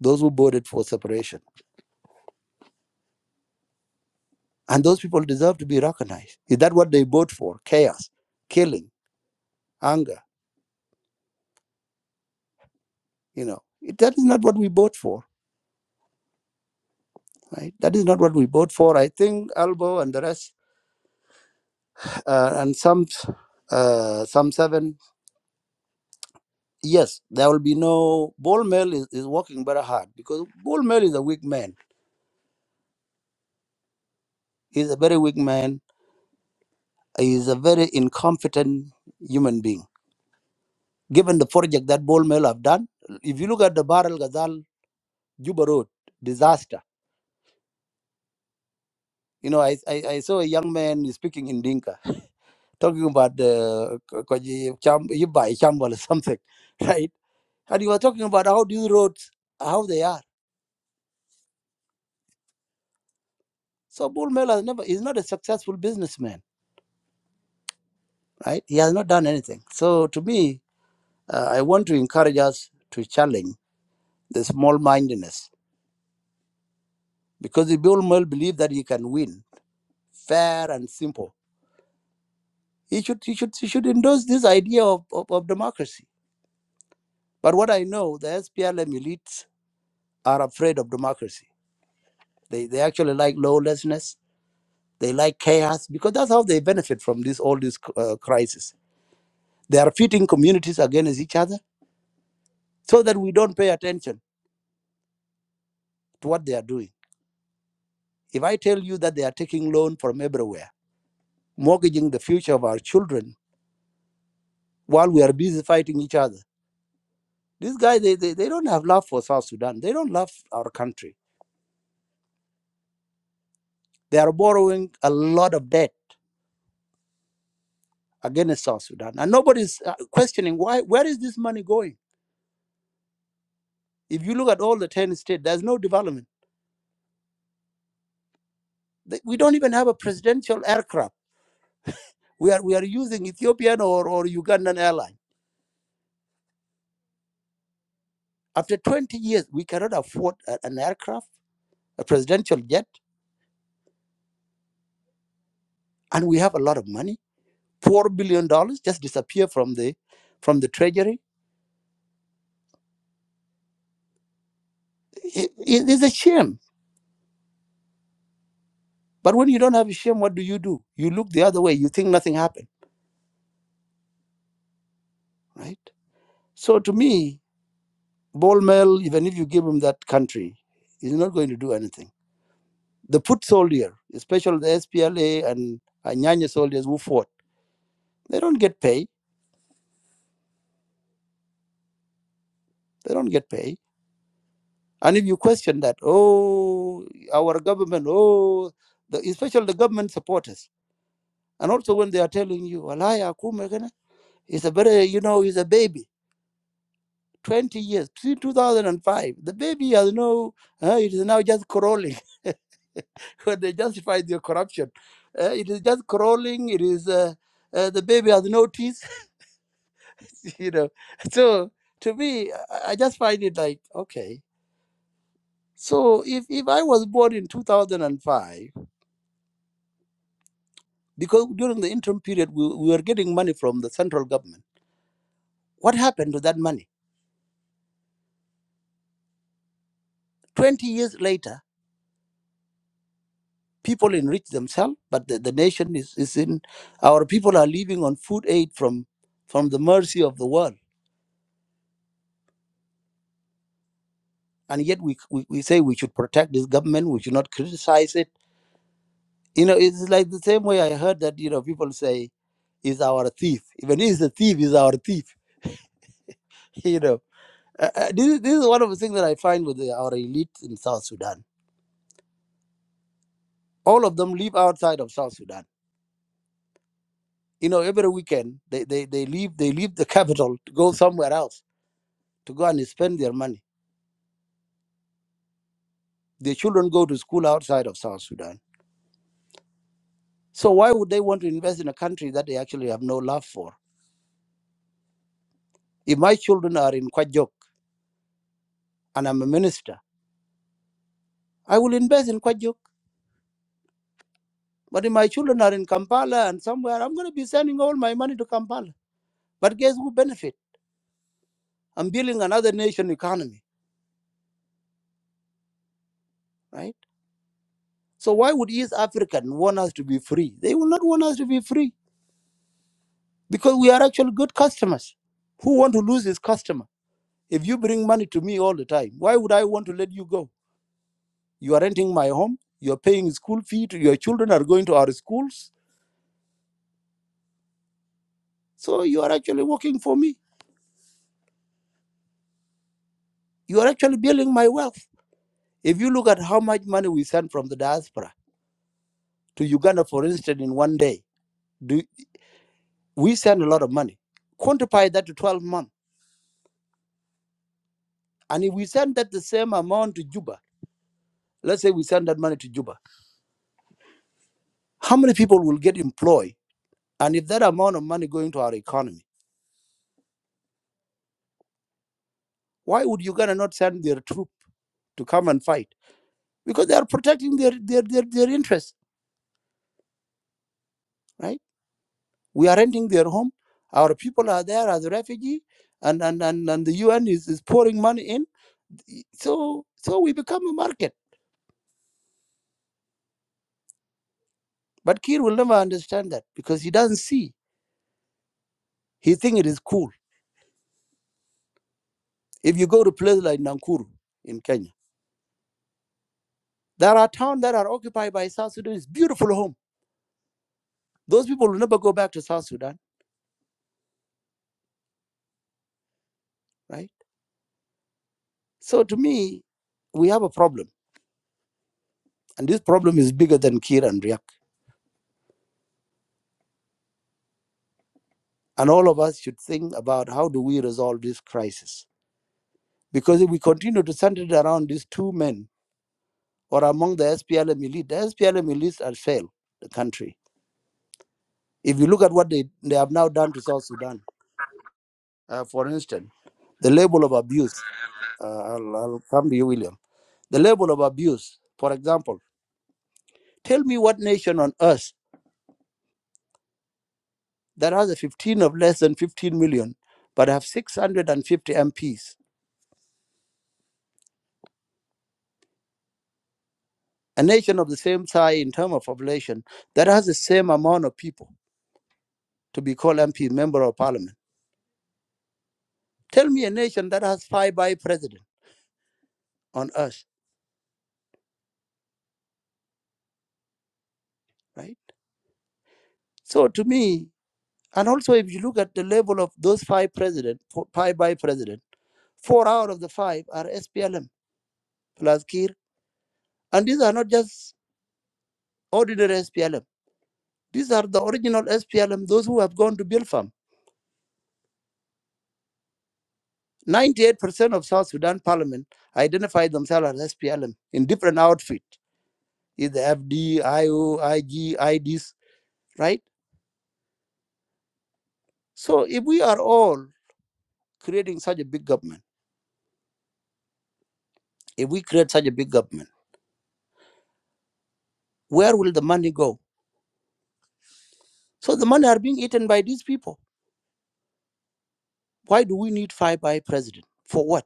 Speaker 6: those who voted for separation. And those people deserve to be recognized. Is that what they vote for? Chaos, killing, anger, you know. That is not what we vote for, right? That is not what we vote for. I think Albo and the rest uh, and some uh, some seven. Yes, there will be no. Ball mill is, is working very hard because Ball mill is a weak man. He's a very weak man. He's a very incompetent human being. Given the project that Ball mill have done, if you look at the Barrel Ghazal Juba Road disaster, you know I, I, I saw a young man speaking in Dinka talking about the Kwaji Cham- Yibai Chambal or something, right? And he was talking about how these roads how they are. So Bull Mel has never, he's not a successful businessman, right? He has not done anything. So to me, uh, I want to encourage us to challenge the small mindedness because if Bull Mel believes that he can win fair and simple, he should, he should, he should endorse this idea of, of, of democracy. But what I know, the SPLM elites are afraid of democracy. They, they actually like lawlessness. They like chaos because that's how they benefit from this all this uh, crisis. They are pitting communities against each other so that we don't pay attention to what they are doing. If I tell you that they are taking loan from everywhere, mortgaging the future of our children while we are busy fighting each other, these guys, they, they, they don't have love for South Sudan. They don't love our country. They are borrowing a lot of debt against South Sudan. And nobody's uh, questioning why. where is this money going? If you look at all the 10 states, there's no development. We don't even have a presidential aircraft. We are, we are using Ethiopian or, or Ugandan airline. After 20 years, we cannot afford a- an aircraft, a presidential jet and we have a lot of money. Four billion dollars just disappear from the from the treasury. It, it is a shame. But when you don't have a shame, what do you do? You look the other way. You think nothing happened, right? So to me, Bolmel, even if you give him that country, he's not going to do anything. The foot soldier, especially the SPLA and Anyanya soldiers who fought, they don't get pay. They don't get pay. And if you question that, oh, our government, oh, the, especially the government supporters, And also when they are telling you, Alaya Akume kana," is a very, you know, he's a baby, 20 years, see, 2005. The baby has no, uh, it is now just crawling. when they justify their corruption, uh, it is just crawling. It is uh, uh, the baby has no teeth, you know. So to me, I, I just find it like okay. So if, if I was born in 2005, because during the interim period we, we were getting money from the central government, what happened to that money? 20 years later, people enrich themselves, but the, the nation is, is in our people are living on food aid from from the mercy of the world. And yet we, we, we say we should protect this government, we should not criticize it. You know, it's like the same way I heard that, you know, people say is our thief. Even he's a thief, is our thief. You know, uh, uh, this, is- this is one of the things that I find with the, our elite in South Sudan. All of them live outside of South Sudan. You know, every weekend they, they, they leave they leave the capital to go somewhere else to go and spend their money Their children go to school outside of South Sudan. So why would they want to invest in a country that they actually have no love for? If my children are in Kwajok and I'm a minister, I will invest in Kwajok. But if my children are in Kampala and somewhere, I'm going to be sending all my money to Kampala. But guess who benefit? I'm building another nation economy, right? So why would East African want us to be free? They will not want us to be free because we are actually good customers. Who want to lose his customer? If you bring money to me all the time, why would I want to let you go? You are renting my home. You are paying school fee. To, your children are going to our schools. So you are actually working for me. You are actually building my wealth. If you look at how much money we send from the diaspora to Uganda, for instance, in one day, do we send a lot of money? Quantify that to 12 months. And if we send that the same amount to Juba, let's say we send that money to Juba, how many people will get employed? And if that amount of money going to our economy, why would Uganda not send their troop to come and fight? Because they are protecting their their their, their interests right? We are renting their home. Our people are there as refugee, and and and, and the UN is, is pouring money in. So so we become a market. But Kir will never understand that because he doesn't see. He thinks it is cool. If you go to places like Nakuru in Kenya, there are towns that are occupied by South Sudan. It's beautiful home. Those people will never go back to South Sudan, right? So to me, we have a problem. And this problem is bigger than Kir and Riak. And all of us should think about how do we resolve this crisis Because if we continue to center it around these two men or among the SPLM elite, the SPLM elite has failed the country. If you look at what they, they have now done to South Sudan, uh, for instance, the level of abuse, uh, I'll, I'll come to you, William. The level of abuse, for example, tell me what nation on earth that has a 15 of less than 15 million but have 650 MPs, a nation of the same size in terms of population that has the same amount of people to be called MP, member of parliament Tell me a nation that has five vice presidents on earth, right? So to me, and also if you look at the level of those five president, five vice president, four out of the five are SPLM plus Kir, and these are not just ordinary SPLM. These are the original SPLM, those who have gone to Bilfam. 98% of South Sudan parliament identify themselves as SPLM in different outfit, either FD, IO, IG, IDs, right? So if we are all creating such a big government. If we create such a big government, where will the money go? So the money are being eaten by these people. Why do we need five by president? For what?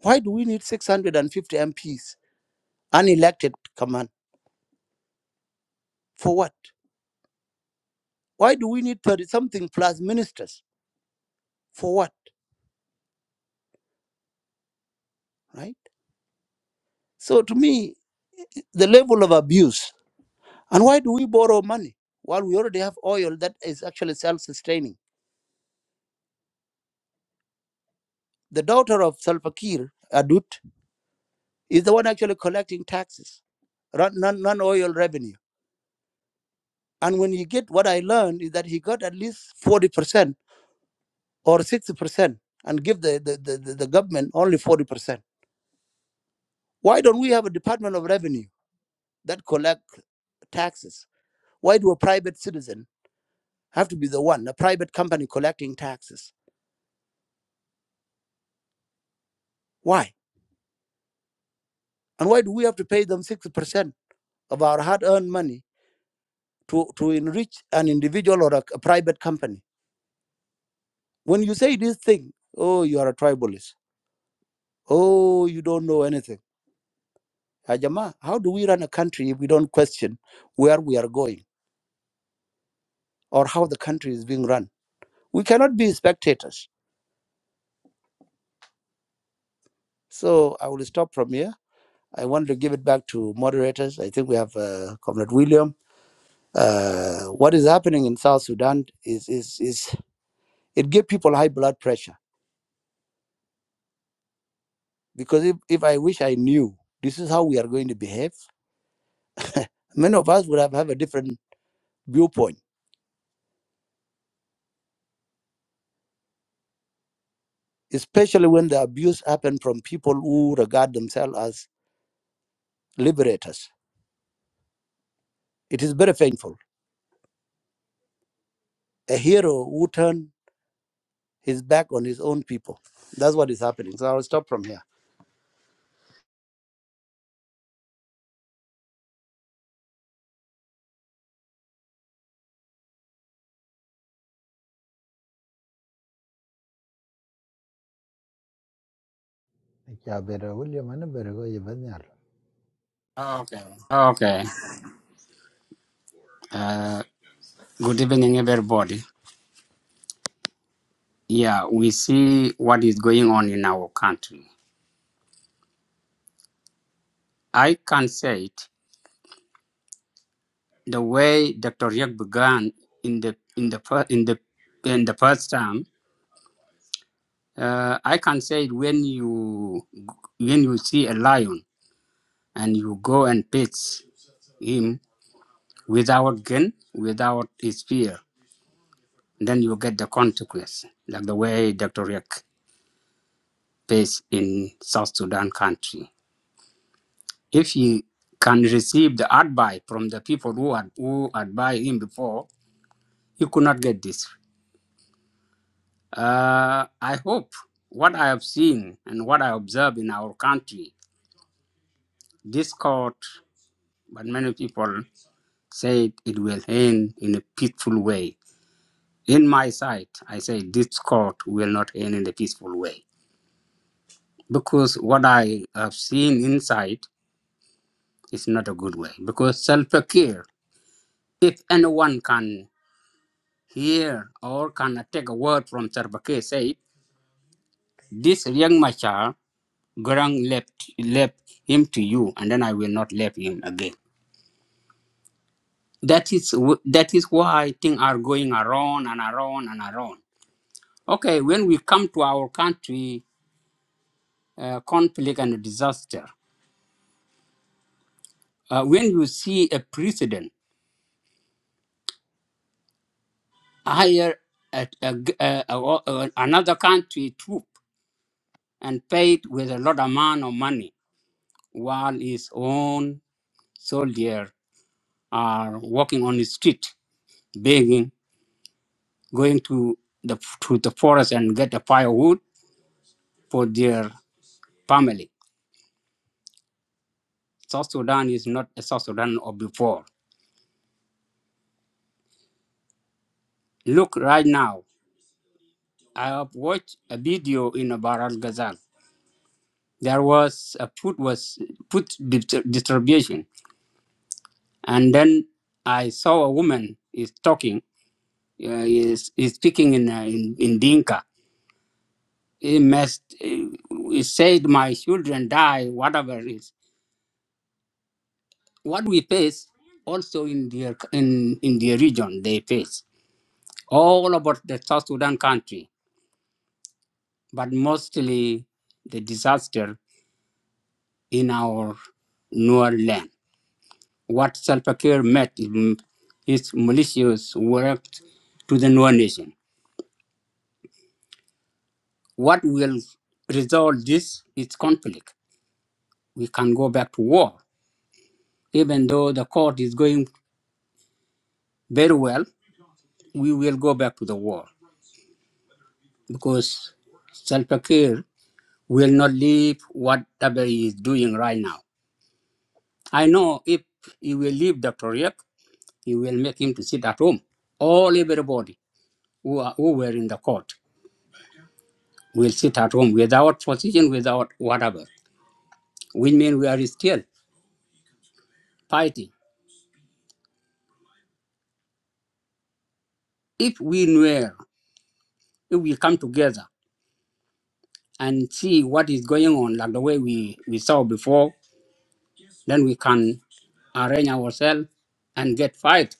Speaker 6: Why do we need 650 MPs, unelected command? For what? Why do we need 30 something plus ministers? For what? Right? So to me, the level of abuse. And why do we borrow money while we already have oil that is actually self sustaining? The daughter of Salva Kiir, Adut, is the one actually collecting taxes, non oil revenue. And when you get what I learned is that he got at least 40% or 60% and give the, the, the, the government only 40%. Why don't we have a Department of Revenue that collect taxes? Why do a private citizen have to be the one, a private company collecting taxes? Why? And why do we have to pay them 60% of our hard earned money to, to enrich an individual or a, a private company? When you say this thing, oh, you are a tribalist. Oh, you don't know anything Ajama, how do we run a country if we don't question where we are going or how the country is being run? We cannot be spectators. So I will stop from here. I wanted to give it back to moderators. I think we have uh, Comrade William. Uh, what is happening in South Sudan is, is, is it gives people high blood pressure because if, if I wish I knew this is how we are going to behave, many of us would have, have a different viewpoint, especially when the abuse happen from people who regard themselves as liberators It is very painful. A hero who turned his back on his own people. That's what is happening. So I'll stop from here.
Speaker 5: Yeah, brother William and better go you been
Speaker 7: Okay. Uh, good evening, everybody. Yeah, we see what is going on in our country. I can say it the way Dr. Yek began in the in the fir- in the in the first time. Uh, I can say it when you when you see a lion and you go and pitch him without gun, without his fear, then you get the consequence, like the way Dr. Yek faced in South Sudan country. if he can receive the advice from the people who had who advised him before, he could not get this. Uh, I hope what I have seen and what I observe in our country, this court, but many people said it will end in a peaceful way. In my sight, I say this court will not end in a peaceful way because what I have seen inside is not a good way because self-care. If anyone can Here, or can I take a word from Sarbake said, This young Machar, Garang left, left him to you, and then I will not leave him again. That is, wh- that is why things are going around and around and around. Okay, when we come to our country, uh, conflict and disaster, uh, when you see a president hire a, a g- a- a- a- another country troop and paid with a lot amount of money, while his own soldier are walking on the street, begging, going to the to the forest and get a firewood for their family. South Sudan is not a South Sudan of before. Look right now. I have watched a video in Baral Ghazal. There was a food was food distribution, and then I saw a woman is talking, uh, is, is speaking in, uh, in in Dinka. It must. It said my children die. Whatever is what we face also in their in, in their region they face all about the South Sudan country, but mostly the disaster in our newer land. What Salva Kiir met in his militias worked to the newer nation. What will resolve this is conflict. We can go back to war. Even though the court is going very well, we will go back to the war because Salva Kiir will not leave whatever he is doing right now. I know if he will leave Dr. Riek, he will make him to sit at home. All everybody who, are, who were in the court will sit at home without position, without whatever. We mean we are still fighting. If we were, if we come together and see what is going on, like the way we, we saw before, then we can arrange ourselves and get fight.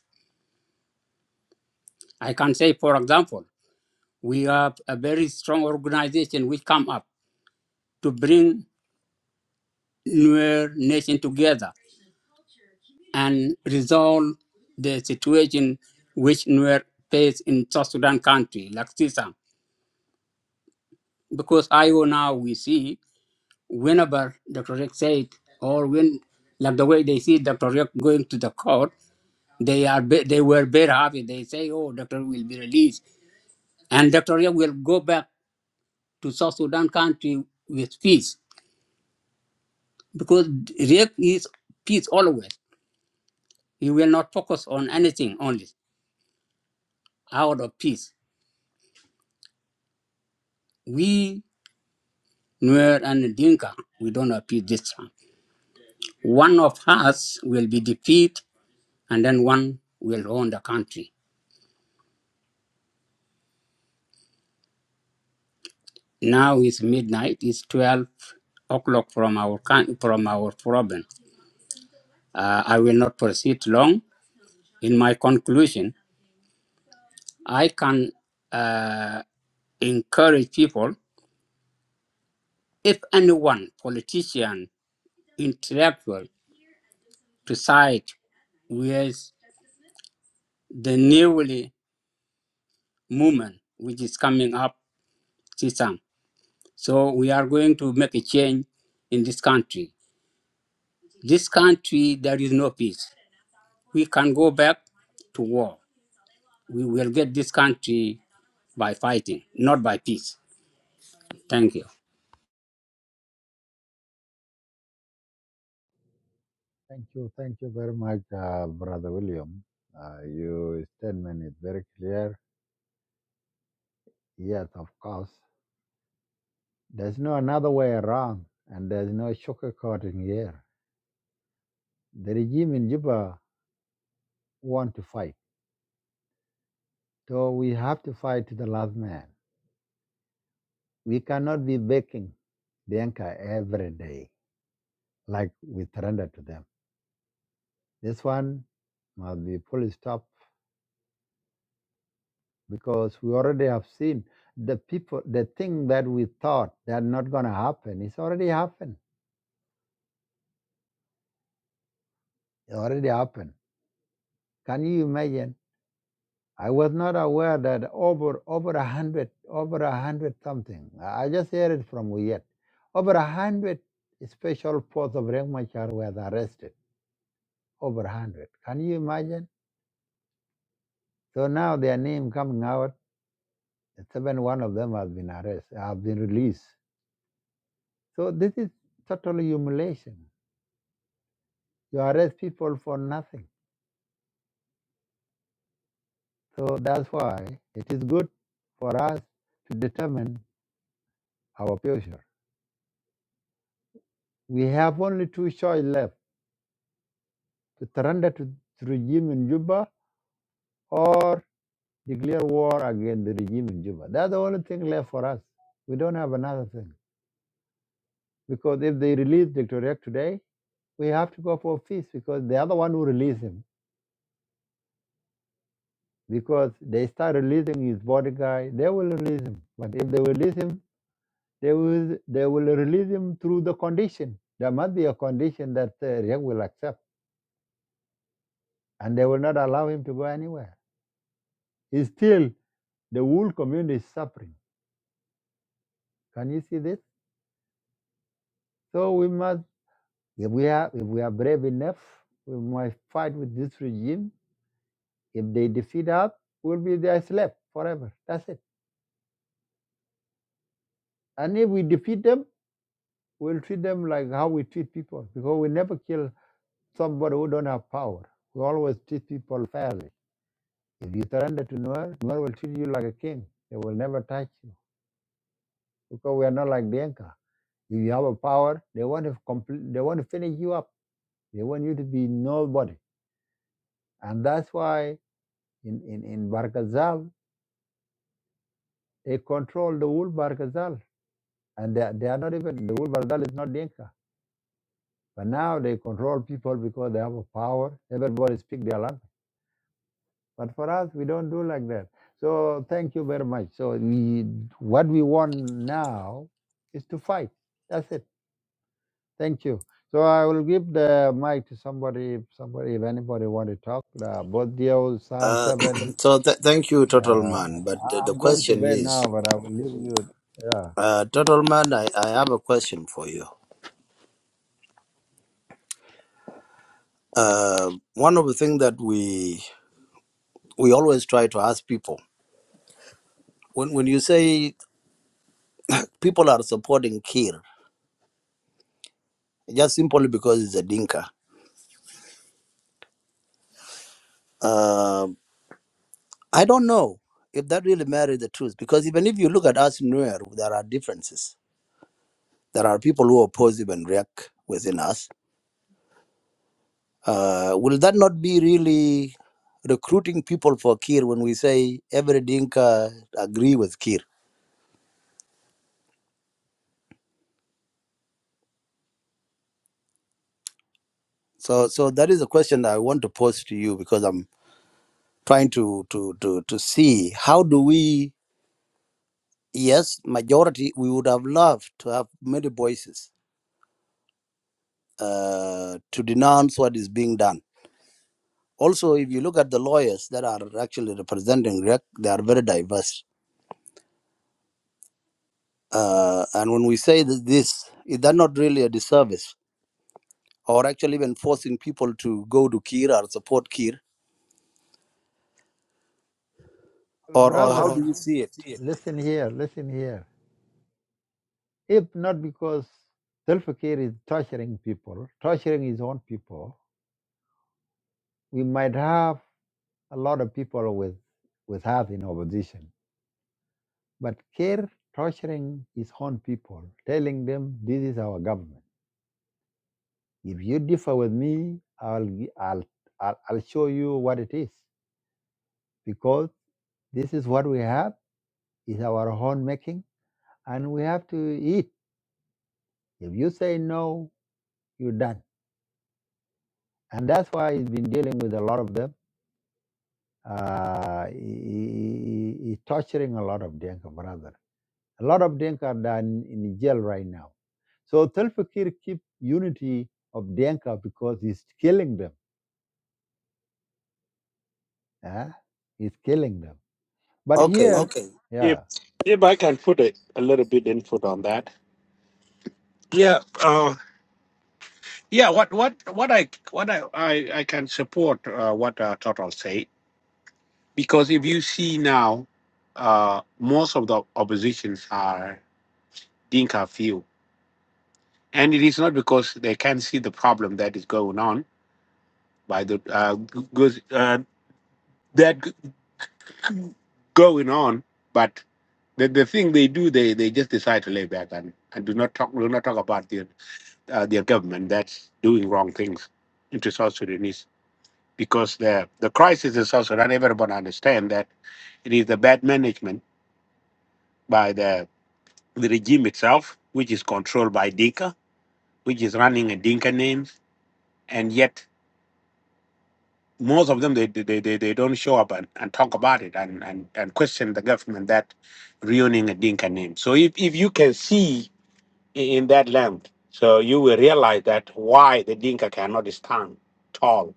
Speaker 7: I can say, for example, we have a very strong organization which come up to bring Nuer nation together and resolve the situation which Nuer face in South Sudan country, like CISAM. Because IO now we see whenever Dr. Rick said or when like the way they see Dr. Rick going to the court, they are ve- they were very happy. They say, "Oh, Dr. will be released, and Dr. Rick will go back to South Sudan country with peace because Riek is peace always. He will not focus on anything only. out of peace. We, Nuer and Dinka, we don't appeal this time. One of us will be defeated, and then one will own the country. Now it's midnight. It's twelve o'clock from our coun- from our province. Uh, I will not proceed long. In my conclusion, I can uh, encourage people, if anyone, politician, intellectual, to side with the newly movement which is coming up this time. So we are going to make a change in this country. This country, there is no peace. We can go back to war. We will get this country by fighting, not by peace. Thank you.
Speaker 5: Thank you, thank you very much, uh, brother William. Uh, your statement is very clear. Yes, of course. There's no another way around, and there's no sugarcoating here. The regime in Juba want to fight, so we have to fight to the last man. We cannot be baking Denka every day. like we surrender to them. This one must be fully stopped because we already have seen the people, the thing that we thought that not going to happen, it's already happened. It already happened. Can you imagine? I was not aware that over over a hundred, over a hundred something. I just heard it from Wiyet. Over a hundred special force of Rengmachar were arrested. Over a hundred. Can you imagine? So now their name coming out Seven one of them has been arrested, have been released. So this is total humiliation. You arrest people for nothing. So that's why it is good for us to determine our future. We have only two choices left to surrender to the regime in Juba or declare war against the regime in Juba. That's the only thing left for us. We don't have another thing. Because if they release Dr. Riek today, we have to go for peace because the other one who released him because they start releasing his bodyguard, they will release him. But if they release him, they will they will release him through the condition. There must be a condition that uh, Riek will accept, and they will not allow him to go anywhere. It's still the whole community is suffering. Can you see this? So we must, if we are if we are brave enough, we must fight with this regime. If they defeat us, we'll be their slave forever. That's it. And if we defeat them, we'll treat them like how we treat people because we never kill somebody who don't have power. We always treat people fairly. If you surrender to Nuer, Nuer will treat you like a king. They will never touch you because we are not like Bianca. If you have a power, they want to complete, they want to finish you up. They want you to be nobody, and that's why in in in Barkazal they control the whole Barkazal, and they, they are not even the whole Barkazal is not Dinka. But now they control people because they have a power. Everybody speak their language But for us, we don't do like that. So thank you very much. So we, what we want now is to fight. That's it. Thank you. So I will give the mic to somebody. If somebody, if anybody want to talk, uh, both Dio, Sam Uh, Seven.
Speaker 6: So th- thank you, Total
Speaker 5: Uh,
Speaker 6: Man. But uh,
Speaker 5: I-
Speaker 6: the
Speaker 5: I'm going to
Speaker 6: question
Speaker 5: bed
Speaker 6: is,
Speaker 5: now, but I will leave you. Yeah,
Speaker 6: uh, Total Man, I, I have a question for you. Uh, one of the things that we we always try to ask people when when you say people are supporting Kir, just simply because it's a Dinka. Uh, I don't know if that really matters the truth because even if you look at us Nuer, there are differences. There are people who oppose even react within us. Uh, will that not be really recruiting people for Kir when we say every Dinka agree with Kir? So, so that is a question that I want to pose to you because I'm trying to to to to see how do we? Yes, majority. We would have loved to have many voices uh, to denounce what is being done. Also, if you look at the lawyers that are actually representing Riek, they are very diverse Uh, and when we say that this, is that not really a disservice, or actually even forcing people to go to Kir or support Kir,
Speaker 5: Well, or,
Speaker 6: or or
Speaker 5: brother,
Speaker 6: how do you see it?
Speaker 5: it? listen here, listen here. If not because Self-Care is torturing people, torturing his own people, we might have a lot of people with with us in opposition. But Kerr torturing his own people, telling them this is our government. If you differ with me, I'll gi- I'll I'll, I'll show you what it is because this is what we have is our own making, and we have to eat. If you say no, you're done. And that's why he's been dealing with a lot of them. Uh, he, he- he- he's torturing a lot of Denka brothers A lot of Denka are down in jail right now. So Telfakir keep unity of Denka because he's killing them. eh? He's killing them. But here,
Speaker 6: Okay,
Speaker 4: If
Speaker 5: yeah,
Speaker 4: if I can put a, a little bit input on that. Yeah. Uh, yeah. What what what I what I I, I can support uh, what uh, Total said because if you see now, uh, most of the oppositions are Dinka few, and it is not because they can see the problem that is going on. by the uh, g- goes uh, that g- g- going on, but the, the thing they do, they, they just decide to lay back and, and do not talk do not talk about their uh, their government that's doing wrong things into South Sudanese because the the crisis in South Sudan everyone understand that it is the bad management by the the regime itself, which is controlled by Dinka, which is running a Dinka names, and yet most of them they they, they, they don't show up and, and talk about it and, and, and question the government that ruining a Dinka name. So if, if you can see i- in that land, so you will realize that why the Dinka cannot stand tall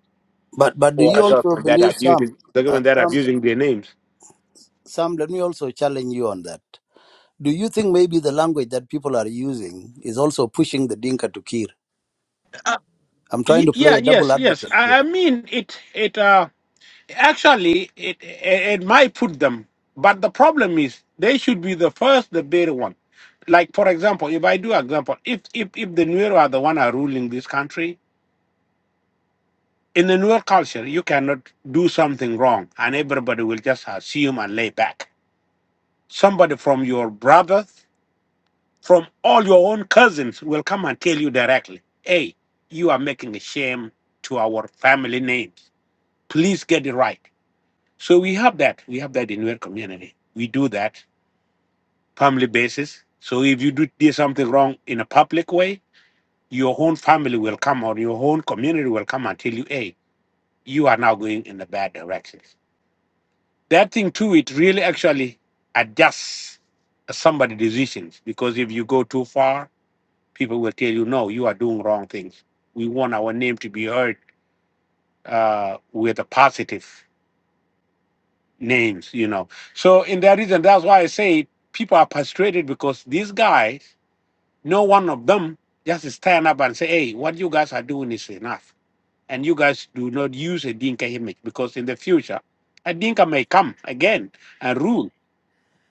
Speaker 6: but but do
Speaker 4: for
Speaker 6: you
Speaker 4: a
Speaker 6: also
Speaker 4: government that
Speaker 6: believe
Speaker 4: abusing
Speaker 6: some
Speaker 4: the
Speaker 6: uh,
Speaker 4: government that
Speaker 6: some
Speaker 4: abusing their names.
Speaker 6: some? Let me also challenge you on that. Do you think maybe the language that people are using is also pushing the Dinka to Kir? I'm trying
Speaker 4: Y-
Speaker 6: to play
Speaker 4: yeah,
Speaker 6: a double
Speaker 4: yes, yes.
Speaker 6: advocate
Speaker 4: I, I
Speaker 6: here.
Speaker 4: mean it it uh Actually, it, it it might put them, but the problem is they should be the first, the better one. Like for example, if I do example, if if if the Nuer are the one are ruling this country in the Nuer culture, you cannot do something wrong, and everybody will just assume and lay back. Somebody from your brothers, from all your own cousins, will come and tell you directly, "Hey, you are making a shame to our family names. Please get it right." So we have that. We have that in our community. We do that family basis. So if you do, do something wrong in a public way, your own family will come or your own community will come and tell you, hey, you are now going in the bad direction. That thing too, it really actually adjusts somebody's decisions because if you go too far, people will tell you, no, you are doing wrong things. We want our name to be heard uh, with a positive. names, you know. So in that reason, that's why I say people are frustrated because these guys, no one of them just stand up and say, hey, what you guys are doing is enough. And you guys do not use a Dinka image because in the future, a Dinka may come again and rule.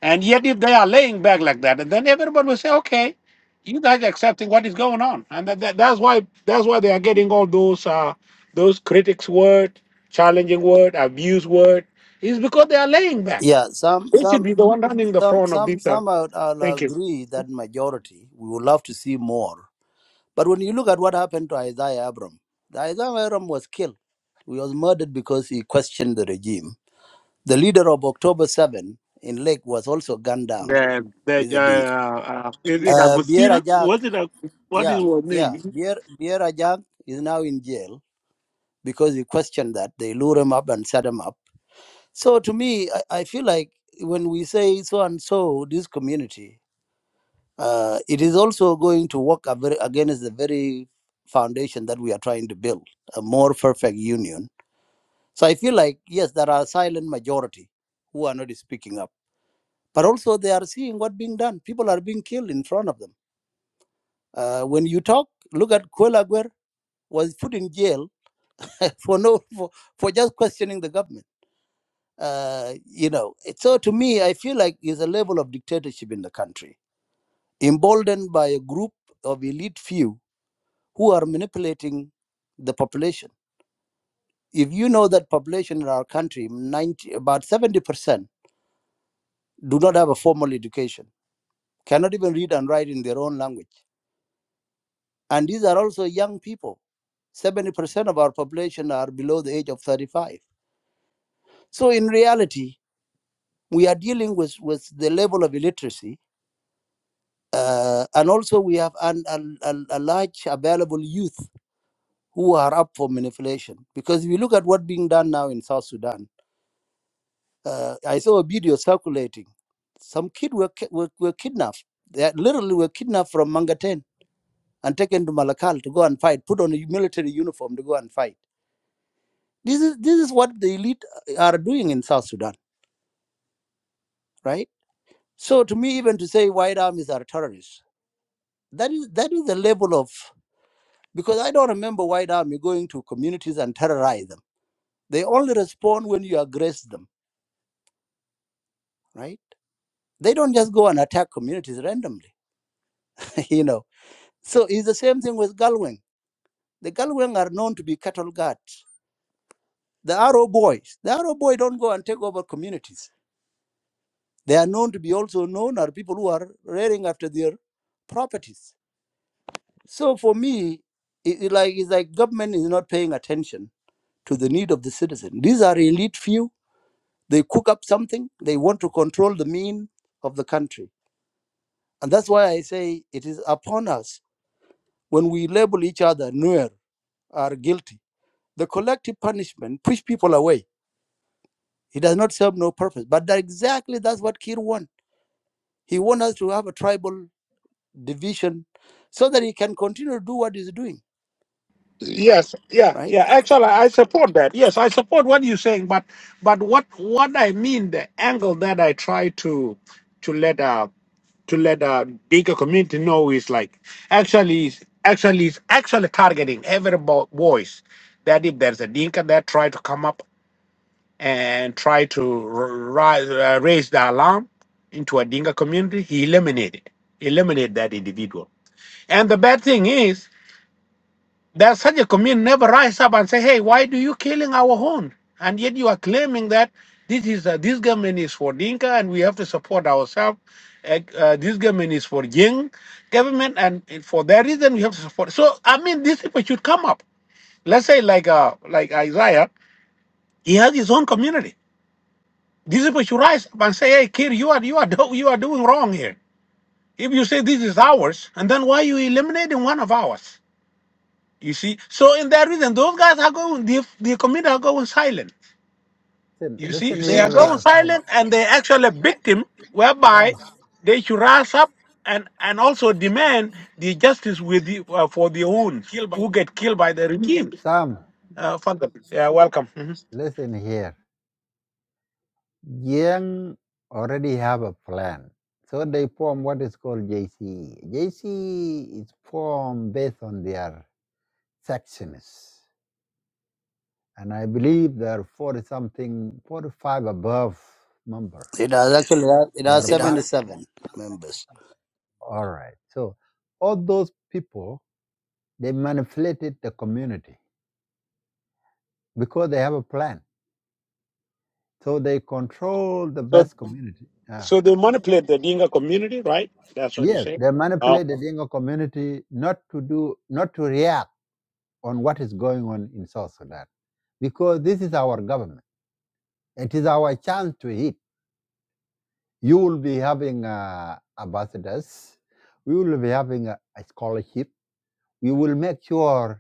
Speaker 4: And yet if they are laying back like that, and then everybody will say, okay, you guys are accepting what is going on. And that, that, that's why that's why they are getting all those uh, those critics word, challenging word, abuse word, is because they are laying back
Speaker 6: Yeah, some
Speaker 4: they should
Speaker 6: some
Speaker 4: be the one running the
Speaker 6: some
Speaker 4: phone of
Speaker 6: some
Speaker 4: this. Uh,
Speaker 6: some I would, I'll
Speaker 4: thank you.
Speaker 6: agree that majority we would love to see more But when you look at what happened to Isaiah Abram, the Isaiah Abram was killed. He was murdered because he questioned the regime. The leader of October 7 in Lake was also gunned down.
Speaker 4: The the
Speaker 6: He's
Speaker 4: uh,
Speaker 6: a dink.
Speaker 4: uh, is it
Speaker 6: Uh, Bier
Speaker 4: Agustina?
Speaker 6: Ajak,
Speaker 4: Was it a, what is
Speaker 6: yeah,
Speaker 4: her
Speaker 6: yeah.
Speaker 4: name?
Speaker 6: Bier, Bier Ajak is now in jail because he questioned that. They lure him up and set him up. So to me, I, I feel like when we say so and so, this community, Uh, it is also going to work a very, against the very foundation that we are trying to build a more perfect union. So I feel like, yes, there are a silent majority who are not speaking up, but also they are seeing what being done. People are being killed in front of them. Uh, when you talk, look at Kuelaguer was put in jail for no for, for just questioning the government. Uh, you know, it- so to me, I feel like there's a level of dictatorship in the country, emboldened by a group of elite few who are manipulating the population. If you know that population in our country, 90, about 70% do not have a formal education, cannot even read and write in their own language. And these are also young people. 70% of our population are below the age of 35. So in reality, we are dealing with, with the level of illiteracy. Uh, and also we have an, a, a large available youth who are up for manipulation. Because if you look at what's being done now in South Sudan, uh, I saw a video circulating. Some kid were, ki- were, were kidnapped. They had- literally were kidnapped from Mangaten and taken to Malakal to go and fight, put on a military uniform to go and fight. This is this is what the elite uh, are doing in South Sudan, right? So to me, even to say white armies are terrorists, that is that is the level of because I don't remember white army going to communities and terrorize them. They only respond when you aggress them, right? They don't just go and attack communities randomly, you know. So it's the same thing with Galwing The Galwang are known to be cattle guards. The Arrow boys, the Arrow boy don't go and take over communities. They are known to be also known are people who are raring after their properties. So for me, it, it like it's like government is not paying attention to the need of the citizen. These are elite few. They cook up something. They want to control the mean of the country, and that's why I say it is upon us when we label each other Nuer are guilty. The collective punishment push people away It does not serve no purpose. But that exactly that's what Kir wants. He wants us to have a tribal division so that he can continue to do what he's doing,
Speaker 4: Yes, yeah,
Speaker 6: right?
Speaker 4: yeah. Actually, I support that. Yes, I support what you're saying. But but what what I mean, the angle that I try to to let uh to let uh bigger community know is like actually is actually is actually targeting every bo- voice that if there's a dinka that try to come up and try to rise, uh, raise the alarm into a Dinka community, he eliminated eliminate that individual. And the bad thing is that such a community never rise up and say, "Hey, why do you killing our own?" And yet you are claiming that this is uh, this government is for Dinka and we have to support ourselves. Uh, uh, this government is for Jing government, and for that reason we have to support. So I mean, these people should come up. Let's say like uh, like Isaiah, he has his own community These people should rise up and say, "Hey, kid, you are you are do- you are doing wrong here. If you say this is ours, and then why are you eliminating one of ours? You see. So in that reason, those guys are going. The the community are going silent.
Speaker 5: listen,
Speaker 4: You see,
Speaker 5: listen
Speaker 4: they
Speaker 5: here,
Speaker 4: are going
Speaker 5: uh, Denka,
Speaker 4: silent, and they actually a victim
Speaker 5: Sam,
Speaker 4: whereby
Speaker 5: Sam,
Speaker 4: they should rise up and and also demand the justice with the, uh, for the ones who get killed by the regime.
Speaker 5: Sam,
Speaker 4: Uh, Father, yeah, welcome. Mhm.
Speaker 5: listen here. Yang already have a plan. So they form what is called JCE. JCE is formed based on their sections. And I believe there are 40 something, 45 above members.
Speaker 6: It has actually it
Speaker 5: They are
Speaker 6: has
Speaker 5: part.
Speaker 6: 77 members.
Speaker 5: All right. So all those people, they manipulated the community because they have a plan. So they control the
Speaker 4: So
Speaker 5: best community. Ah.
Speaker 4: so they manipulate the Dinka community, right? That's what you
Speaker 5: Yes,
Speaker 4: say.
Speaker 5: they manipulate the Dingo community not to do, not to react on what is going on in South Sudan, because this is our government. It is our chance to hit. You will be having uh, ambassadors. We will be having a, a scholarship. We will make sure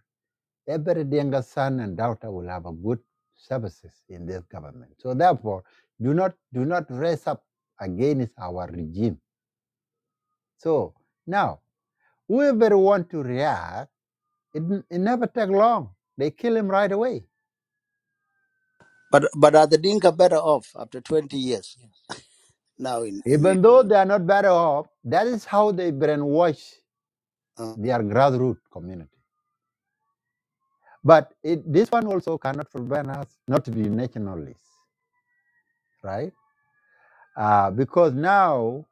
Speaker 5: every younger son and daughter will have a good services in this government. So therefore, do not do not raise up against our regime. So now, whoever want to react, it, it never take long. They kill him right away.
Speaker 6: But but are the Dinka better off after 20 years now in in it?
Speaker 5: Even though they are not better off, that is how they brainwash
Speaker 6: Uh,
Speaker 5: their grassroots community. But it, this one also cannot prevent us not to be nationalists, right? Uh, because now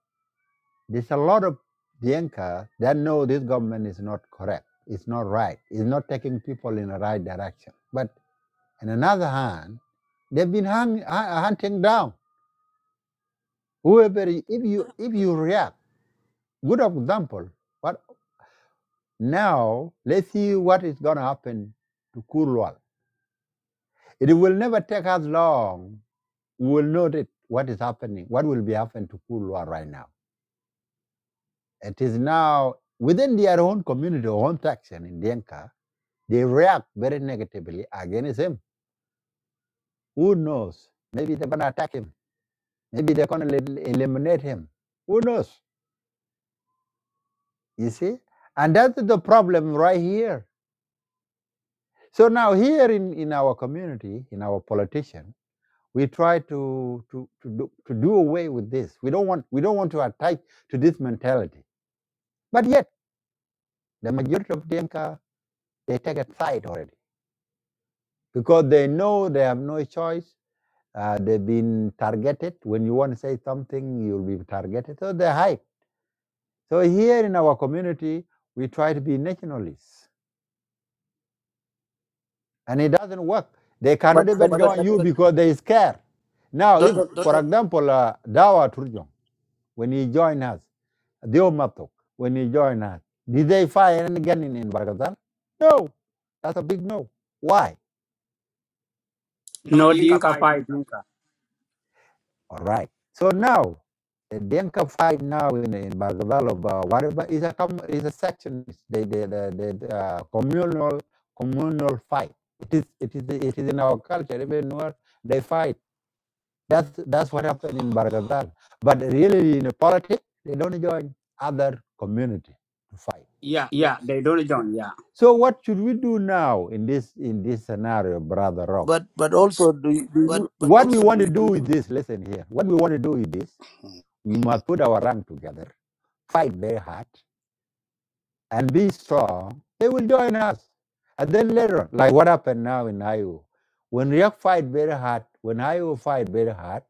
Speaker 5: There's a lot of Dinka that know this government is not correct. It's not right. It's not taking people in the right direction. But on another hand, they've been hung, hu- hunting down whoever. If you if you react, good example. But now let's see what is going to happen to Kurwal. It will never take us long. We will know that what is happening, what will be happening to Kurwal right now. It is now within their own community, own section in Denka They react very negatively against him. Who knows? Maybe they're going to attack him. Maybe they're going to eliminate him. Who knows? You see? And that's the problem right here. So now, here in, in our community, in our politician, we try to, to, to, do, to do away with this. We don't, want, we don't want to attach to this mentality. But yet, the majority of Denka, they take a side already because they know they have no choice Uh, they've been targeted. When you want to say something, you'll be targeted. So they're hype. So here in our community, we try to be nationalists, and it doesn't work. They cannot
Speaker 6: but
Speaker 5: even
Speaker 6: but but
Speaker 5: join you because they scared. Now, if,
Speaker 6: Dr.
Speaker 5: for example, uh, Dawa Turjong, when he joined us, Diomatok, when he joined us, did they fire any gun in, in Barghazal? No, that's a big no. Why?
Speaker 7: No Dinka fight Dinka.
Speaker 5: All right. So now the Denka fight now in in Bargazal of uh, whatever is a com- is a section the the the, the uh, communal communal fight. It is it is it is in our culture even where they fight. That's that's what happened in Bargadal. But really in politics they don't join other community to fight.
Speaker 7: Yeah, they don't join. Yeah.
Speaker 5: So what should we do now in this in this scenario, Brother Rock?
Speaker 6: but but also do you, do you
Speaker 5: What we want to do with this, listen here. What we want to do with this,
Speaker 6: hmm.
Speaker 5: we must put our rank together fight very hard and be strong, they will join us. And then later, like what happened now in Iowa, when React fight very hard, when Iowa fight very hard,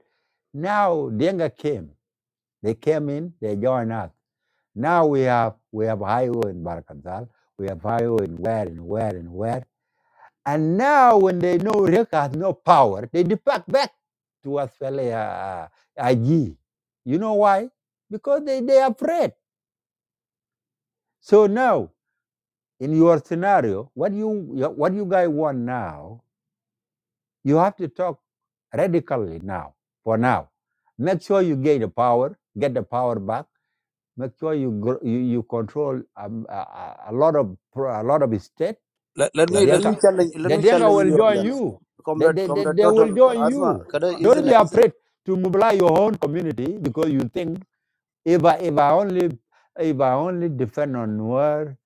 Speaker 5: now Denga came. They came in, they joined us. Now we have we have Iowa in Barkazal, we have Iowa in where and where and where. And now when they know React has no power, they depart back to Australia uh, IG. You know why? Because they, they are afraid. So now in your scenario, what you what you guys want now, you have to talk radically now. For now, make sure you get the power, get the power back. Make sure you gr- you, you control um, a, a a lot of pro- a lot of state.
Speaker 6: let, let
Speaker 5: The
Speaker 6: me let
Speaker 5: Denka,
Speaker 6: me
Speaker 5: me
Speaker 6: challenge let
Speaker 5: the
Speaker 6: me
Speaker 5: Denka
Speaker 6: challenge
Speaker 5: will
Speaker 6: you on
Speaker 5: join
Speaker 6: that,
Speaker 5: you. They,
Speaker 6: comrade
Speaker 5: they, they,
Speaker 6: comrade
Speaker 5: they will
Speaker 6: Total
Speaker 5: join
Speaker 6: Asma,
Speaker 5: you.
Speaker 6: kada,
Speaker 5: Don't
Speaker 6: isn't
Speaker 5: be
Speaker 6: it?
Speaker 5: afraid to mobilize your own community because you think if I, if I only if I only depend on war,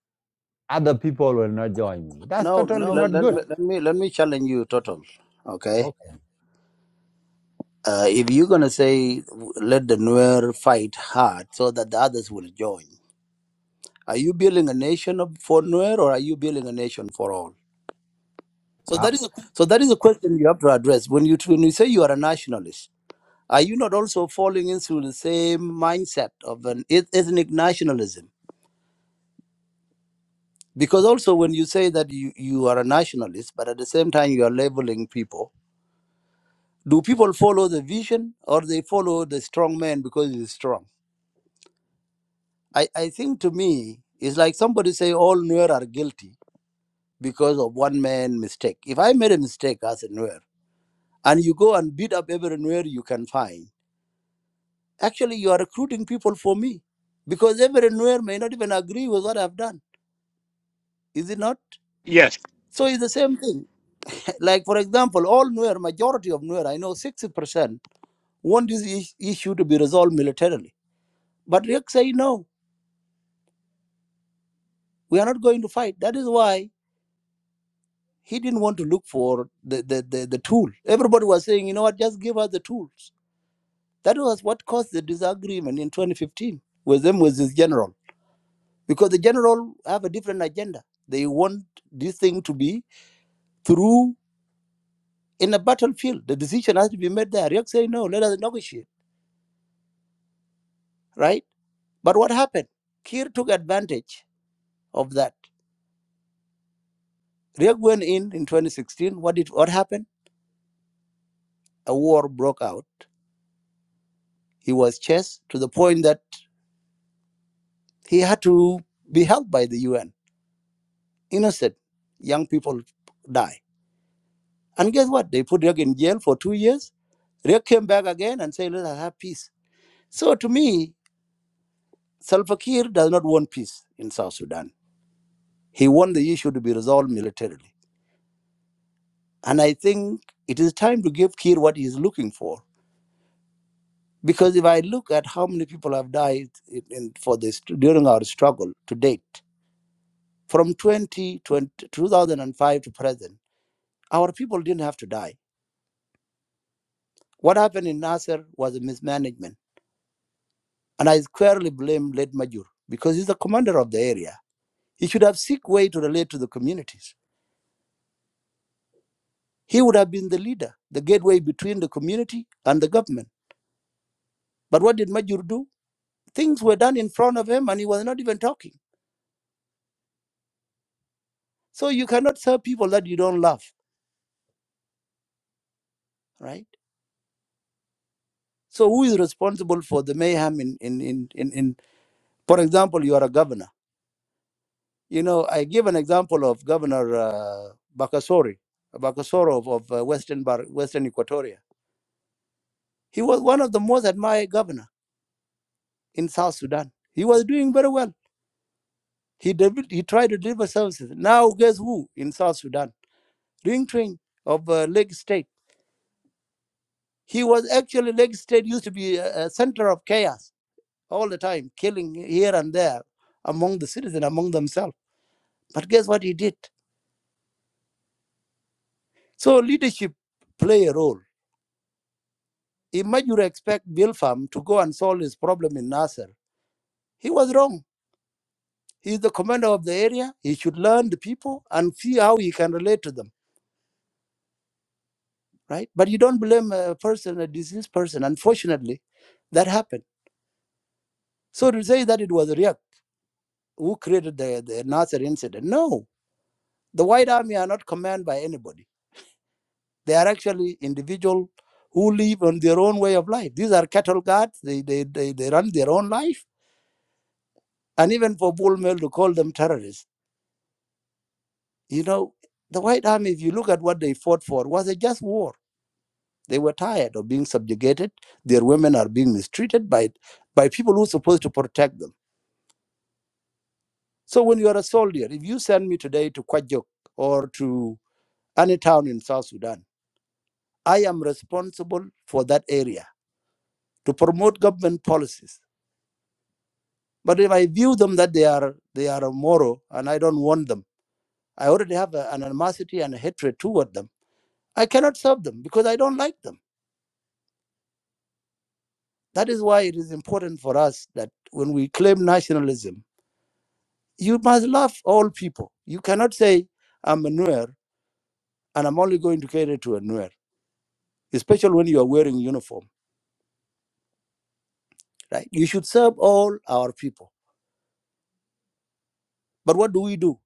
Speaker 5: other people will not join me. That's
Speaker 6: No,
Speaker 5: totally
Speaker 6: let,
Speaker 5: not
Speaker 6: let me
Speaker 5: good.
Speaker 6: let me let me challenge you, Total. Okay
Speaker 5: Okay.
Speaker 6: Uh, if you're going to say, let the Nuer fight hard so that the others will join, are you building a nation of- for Nuer or are you building a nation for all?
Speaker 5: Uh,
Speaker 6: So that is a question you have to address. When you, when you say you are a nationalist, are you not also falling into the same mindset of an eth- ethnic nationalism? Because also when you say that you, you are a nationalist, but at the same time you are labeling people, do people follow the vision or they follow the strong man because he's strong? I, I think to me, it's like somebody say all Nuer are guilty because of one man mistake. If I made a mistake as a Nuer and you go and beat up every Nuer you can find, actually you are recruiting people for me because every Nuer may not even agree with what I've done. Is it not? So it's the same thing. Like, for example, all Nuer, majority of Nuer, I know 60% want this is- issue to be resolved militarily. But Riek say, no, we are not going to fight. That is why He didn't want to look for the, the, the, the tool. Everybody was saying, you know what, just give us the tools. That was what caused the disagreement in 2015 with them, with this general. Because the general have a different agenda. They want this thing to be through in a battlefield. The decision has to be made there. Riek say, no, let us negotiate, right? But what happened? Kir took advantage of that. Riek went in in 2016. What did what happened? A war broke out. He was chased to the point that he had to be helped by the UN Innocent young people die. And guess what? They put Riek in jail for two years. Riek came back again and said, let us have peace. So to me, Salva Kiir does not want peace in South Sudan. He wants the issue to be resolved militarily. And I think it is time to give Kiir what he is looking for. Because if I look at how many people have died in, in, for this during our struggle to date, from 20, twenty, two thousand five to present, our people didn't have to die. What happened in Nasser was a mismanagement And I squarely blame late Major because he's the commander of the area. He should have seek way to relate to the communities. He would have been the leader, the gateway between the community and the government. But what did Major do? Things were done in front of him and he was not even talking. So you cannot serve people that you don't love, right? So who is responsible for the mayhem in, in, in, in, in for example, you are a governor. You know, I give an example of Governor uh, Bakasori, Bakasoro of, of uh, Western, Bar- Western Equatoria He was one of the most admired governor in South Sudan. He was doing very well. He devel- he tried to deliver services. Now guess who in South Sudan? Ring Train of uh, Lake State. He was actually Lake State used to be a, a center of chaos all the time, killing here and there among the citizens, among themselves. But guess what he did? So leadership play a role. Imagine you expect Bill Farm to go and solve his problem in Nasser. He was wrong He's the commander of the area. He should learn the people and see how he can relate to them, right? But you don't blame a person, a diseased person. Unfortunately, that happened. So to say that it was Riek who created the, the Nasser incident, no. The White Army are not commanded by anybody. They are actually individuals who live on their own way of life. These are cattle guards. They, they, they, they run their own life. And even for Bull Mill to call them terrorists, you know, the White Army, if you look at what they fought for, was a just war They were tired of being subjugated. Their women are being mistreated by, by people who are supposed to protect them. So when you are a soldier, if you send me today to Kwajok or to any town in South Sudan, I am responsible for that area to promote government policies. But if I view them that they are they are immoral and I don't want them, I already have a- an animosity and a hatred toward them. I cannot serve them because I don't like them. That is why it is important for us that when we claim nationalism you must love all people. You cannot say, I'm a Nuer and I'm only going to cater to a Nuer, especially when you are wearing uniform, right? You should serve all our people. But what do we do?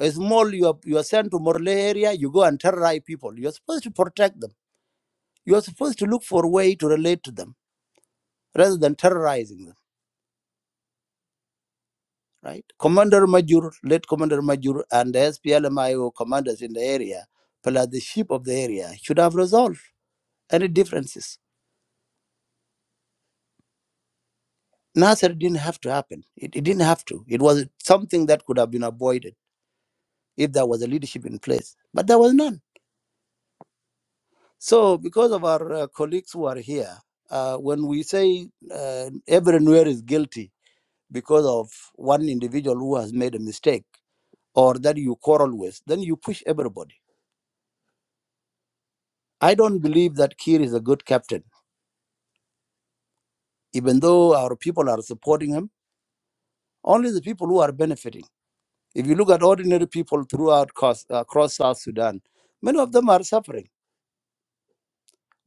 Speaker 6: A small, you are, you are sent to Morle area, you go and terrorize people. You're supposed to protect them. You're supposed to look for a way to relate to them rather than terrorizing them, right? Commander Major, late Commander Major, and the SPLMIO commanders in the area, plus the chief of the area, should have resolved any differences Nasser didn't have to happen. It, it didn't have to. It was something that could have been avoided if there was a leadership in place, but there was none. So, because of our uh, colleagues who are here, uh, when we say uh, everywhere is guilty because of one individual who has made a mistake or that you quarrel with, then you push everybody. I don't believe that Kiir is a good captain, even though our people are supporting him. Only the people who are benefiting. If you look at ordinary people throughout across, across South Sudan, many of them are suffering.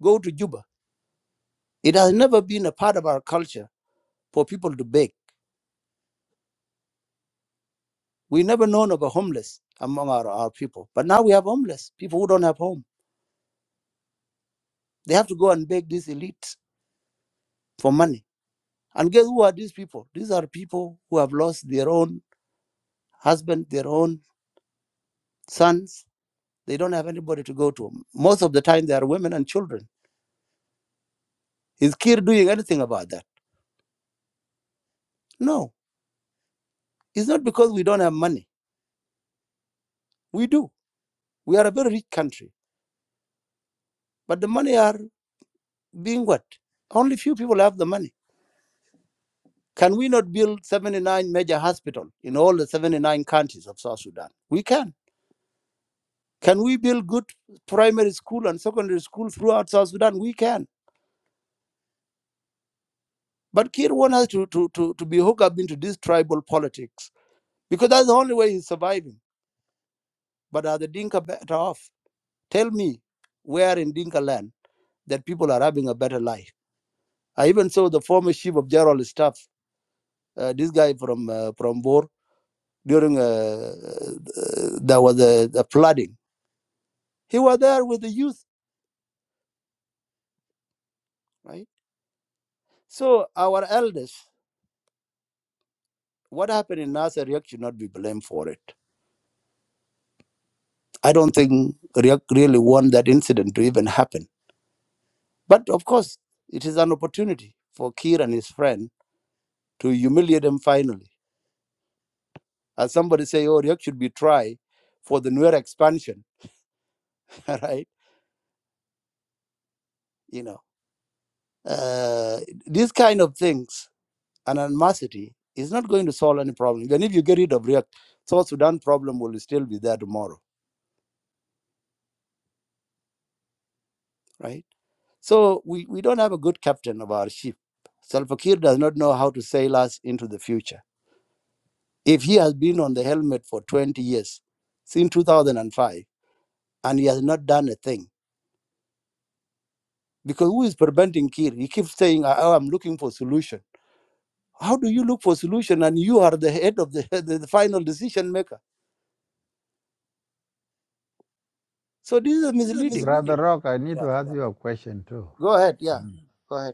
Speaker 6: Go to Juba. It has never been a part of our culture for people to beg. We never known of a homeless among our, our people. But now we have homeless, people who don't have home. They have to go and beg these elites for money. And guess who are these people? These are people who have lost their own husband, their own sons. They don't have anybody to go to. Most of the time, they are women and children. Is Kir doing anything about that? No. It's not because we don't have money. We do We are a very rich country, but the money are being what? Only few people have the money. Can we not build 79 major hospitals in all the 79 counties of South Sudan? We can. Can we build good primary school and secondary school throughout South Sudan? We can. But Kir wants us to, to, to, to be hooked up into this tribal politics because that's the only way he's surviving. But are the Dinka better off? Tell me where in Dinka land that people are having a better life. I even saw the former chief of general staff uh, this guy from uh, from Bor during uh, uh, there was a, a flooding. He was there with the youth, right? So our elders, what happened in Nasser, Riek should not be blamed for it. I don't think Riek really want that incident to even happen. But of course, it is an opportunity for Kir and his friend to humiliate him finally. As somebody say, oh, Riek should be tried for the Nuer expansion, right? You know, uh, these kind of things and animosity is not going to solve any problem. Even if you get rid of React, South Sudan problem will still be there tomorrow, right? So we, we don't have a good captain of our ship. Salva Kiir does not know how to sail us into the future. If he has been on the helmet for 20 years, since 2005, and he has not done a thing, because who is preventing Kiir? He keeps saying, oh, I'm looking for solution. How do you look for solution and you are the head of the, the final decision maker? So this is misleading.
Speaker 5: Brother real. Rock, I need
Speaker 6: Yeah.
Speaker 5: to ask Yeah. you a question too.
Speaker 6: Go ahead. Yeah.
Speaker 5: Mm.
Speaker 6: Go ahead.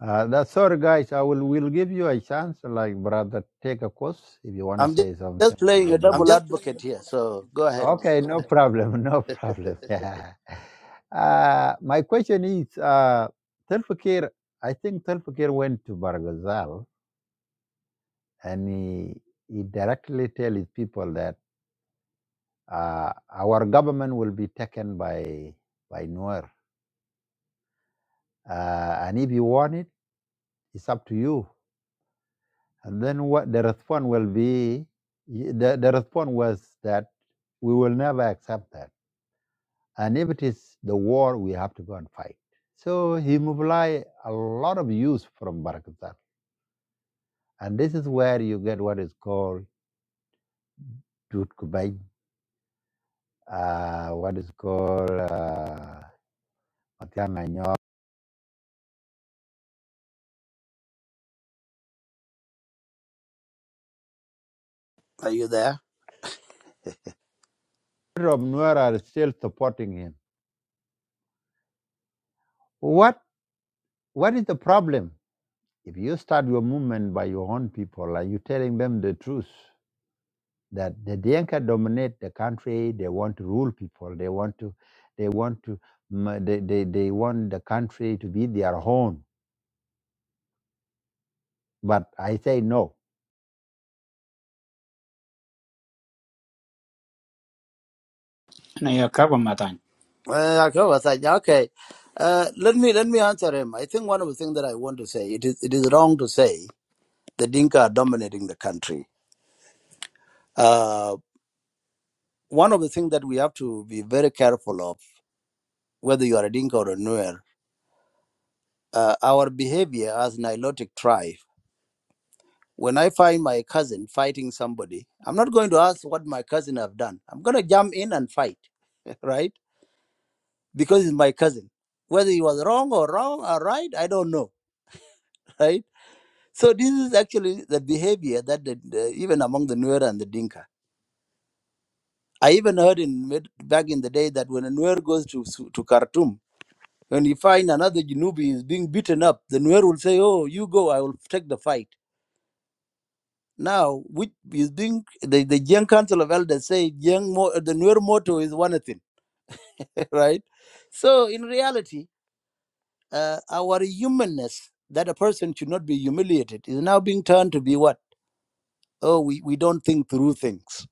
Speaker 5: Uh, that's sorry, guys. I will will give you a chance, like brother, take a course if you want to
Speaker 6: I'm just,
Speaker 5: say something.
Speaker 6: just
Speaker 5: We'll
Speaker 6: playing a
Speaker 5: let you.
Speaker 6: double advocate here. So go
Speaker 5: here.
Speaker 6: ahead.
Speaker 5: Okay, no ahead. problem, no problem. Yeah. Uh, my question is, uh, Telfakir, I think Telfakir went to Barghazal and he, he directly tell his people that uh, our government will be taken by by Nuer. Uh, and if you want it, it's up to you. And then what the response will be, the, the response was that we will never accept that. And if it is the war, we have to go and fight. So he mobilized a lot of youth from Barakatan. And this is where you get what is called Dut Kubay, uh, what is called Matiang uh, Matiang'a Nyor.
Speaker 6: Are you there?
Speaker 5: Rob Nuer are still supporting him. What What is the problem? If you start your movement by your own people, are you telling them the truth that the Dinka dominate the country? They want to rule people. They want to, they want to, ma- they, they, they want the country to be their own. But I say no.
Speaker 7: No, you cover Matany.
Speaker 6: Uh, okay. well, thank you. Okay. Uh, let me let me answer him. I think one of the things that I want to say it is it is wrong to say the Dinka are dominating the country. Uh, one of the things that we have to be very careful of, whether you are a Dinka or a Nuer, uh, our behavior as Nilotic tribe. When I find my cousin fighting somebody, I'm not going to ask what my cousin have done. I'm going to jump in and fight, right? because he's my cousin. Whether he was wrong or wrong or right, I don't know, right? So this is actually the behavior that the, the, even among the Nuer and the Dinka. I even heard in mid- back in the day that when a Nuer goes to Su- to Khartoum, when you find another Janubi is being beaten up, the Nuer will say, "Oh, you go, I will take the fight." Now, which is being the the Jiang Council of Elders say, Jiang Mo, the Nuer motto is one thing, right? So in reality, uh, our humanness that a person should not be humiliated is now being turned to be what oh we, we don't think through things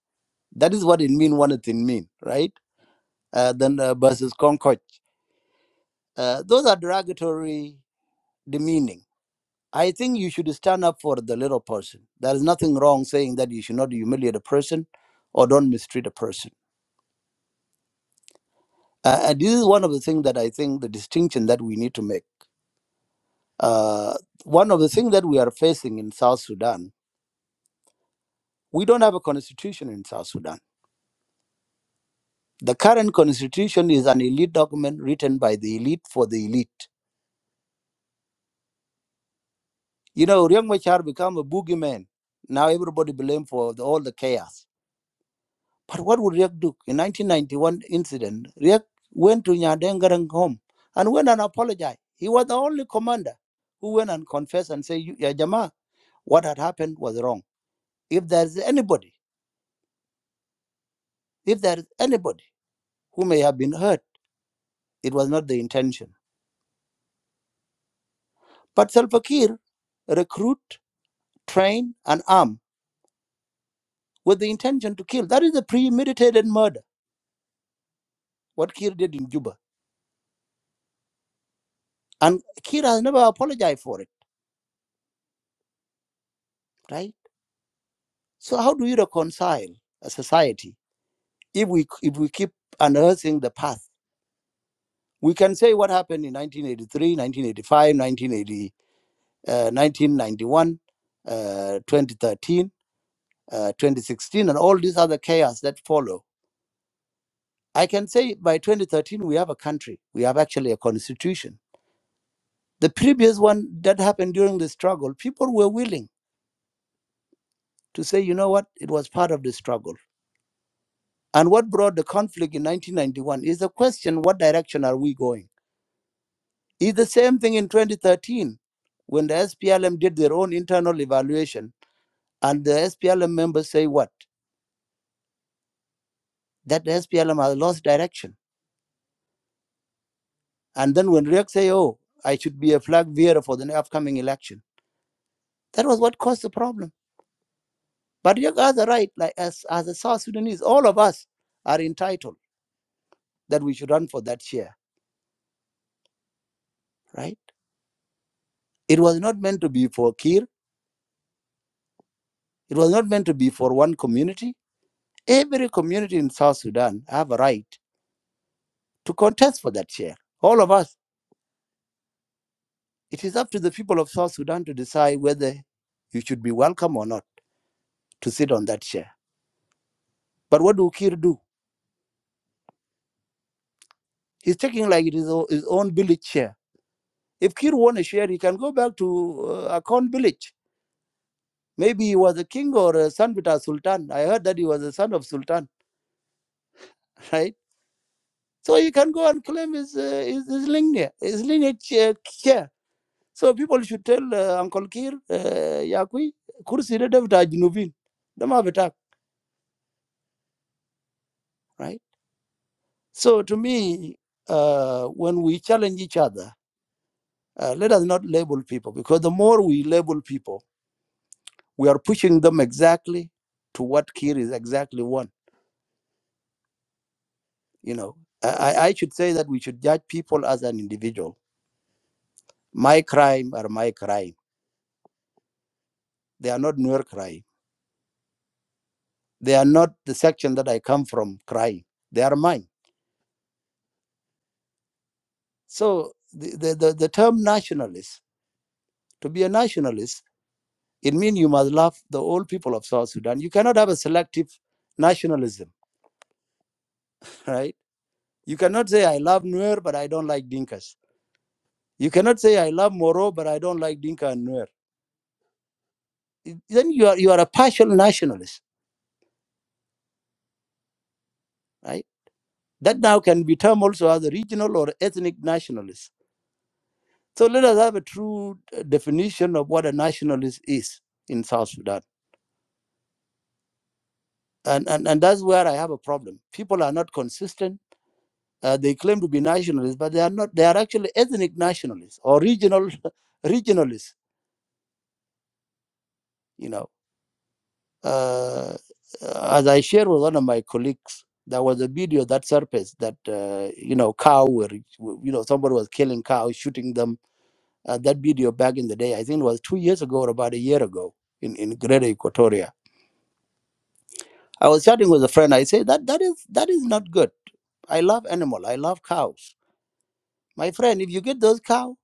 Speaker 6: that is what it mean what it mean right uh, then uh, versus concord uh, those are derogatory demeaning i think you should stand up for the little person there is nothing wrong saying that you should not humiliate a person or don't mistreat a person uh, and this is one of the things that i think the distinction that we need to make uh, one of the things that we are facing in south sudan We don't have a constitution in South Sudan. The current constitution is an elite document written by the elite for the elite. You know, Riek Machar became a boogeyman. Now everybody blame for the, all the chaos. But what would Riek do? In 1991 incident, Riek went to Nyadengarang home and went and apologized. He was the only commander who went and confessed and said, "Ya Jama, what had happened was wrong. If there's anybody, if there's anybody who may have been hurt, it was not the intention." But Salva Kiir recruit, train, and arm with the intention to kill. That is a premeditated murder, what Kiir did in Juba. And Kiir has never apologized for it, right? So how do you reconcile a society if we if we keep unearthing the past? We can say what happened in 1983, 1985, 1980, uh, 1991, uh, 2013, uh, 2016, and all these other chaos that follow. I can say by 2013 we have a country, we have actually a constitution The previous one that happened during the struggle, people were willing to say, you know what, it was part of the struggle. And what brought the conflict in 1991 is the question what direction are we going? Is the same thing in 2013 when the SPLM did their own internal evaluation and the SPLM members say what? That the SPLM has lost direction. And then when Riek say, oh, I should be a flag bearer for the upcoming election. That was what caused the problem. But Riek has a right, like as, as a South Sudanese, all of us are entitled that we should run for that chair, right? It was not meant to be for Kir. It was not meant to be for one community. Every community in South Sudan have a right to contest for that chair. All of us. It is up to the people of South Sudan to decide whether you should be welcome or not to sit on that chair. But what do Kir do? He's taking like it is o- his own village chair. If Kir won a share, he can go back to uh, Akon village. Maybe he was a king or a son with a sultan. I heard that he was a son of sultan, right? So you can go and claim his uh, his, his lineage, his lineage uh, share. So people should tell uh, Uncle Kir, uh, Yakui, Kursi de Devita Junubin, Dama Betak, right? So to me, uh, when we challenge each other, uh, let us not label people because the more we label people, we are pushing them exactly to what Kir is exactly one. You know, I, I I should say that we should judge people as an individual. My crime are my crime. They are not your crime They are not the section that I come from crying. They are mine. So the, the, the, the term nationalist, to be a nationalist, it means you must love the old people of South Sudan. You cannot have a selective nationalism, right? You cannot say I love Nuer but I don't like Dinkas. You cannot say I love Moro but I don't like Dinka and Nuer. Then you are you are a partial nationalist, right? That now can be termed also as a regional or ethnic nationalist So let us have a true uh, definition of what a nationalist is in South Sudan. And, and, and that's where I have a problem. People are not consistent. Uh, they claim to be nationalists, but they are not. They are actually ethnic nationalists or regional regionalists. You know, uh, as I shared with one of my colleagues, there was a video that surfaced that uh, you know cow were you know somebody was killing cows, shooting them. Uh, that video back in the day, I think it was two years ago or about a year ago in in Greater Equatoria I was chatting with a friend. I say that that is that is not good. I love animal. I love cows. My friend, if you get those cow,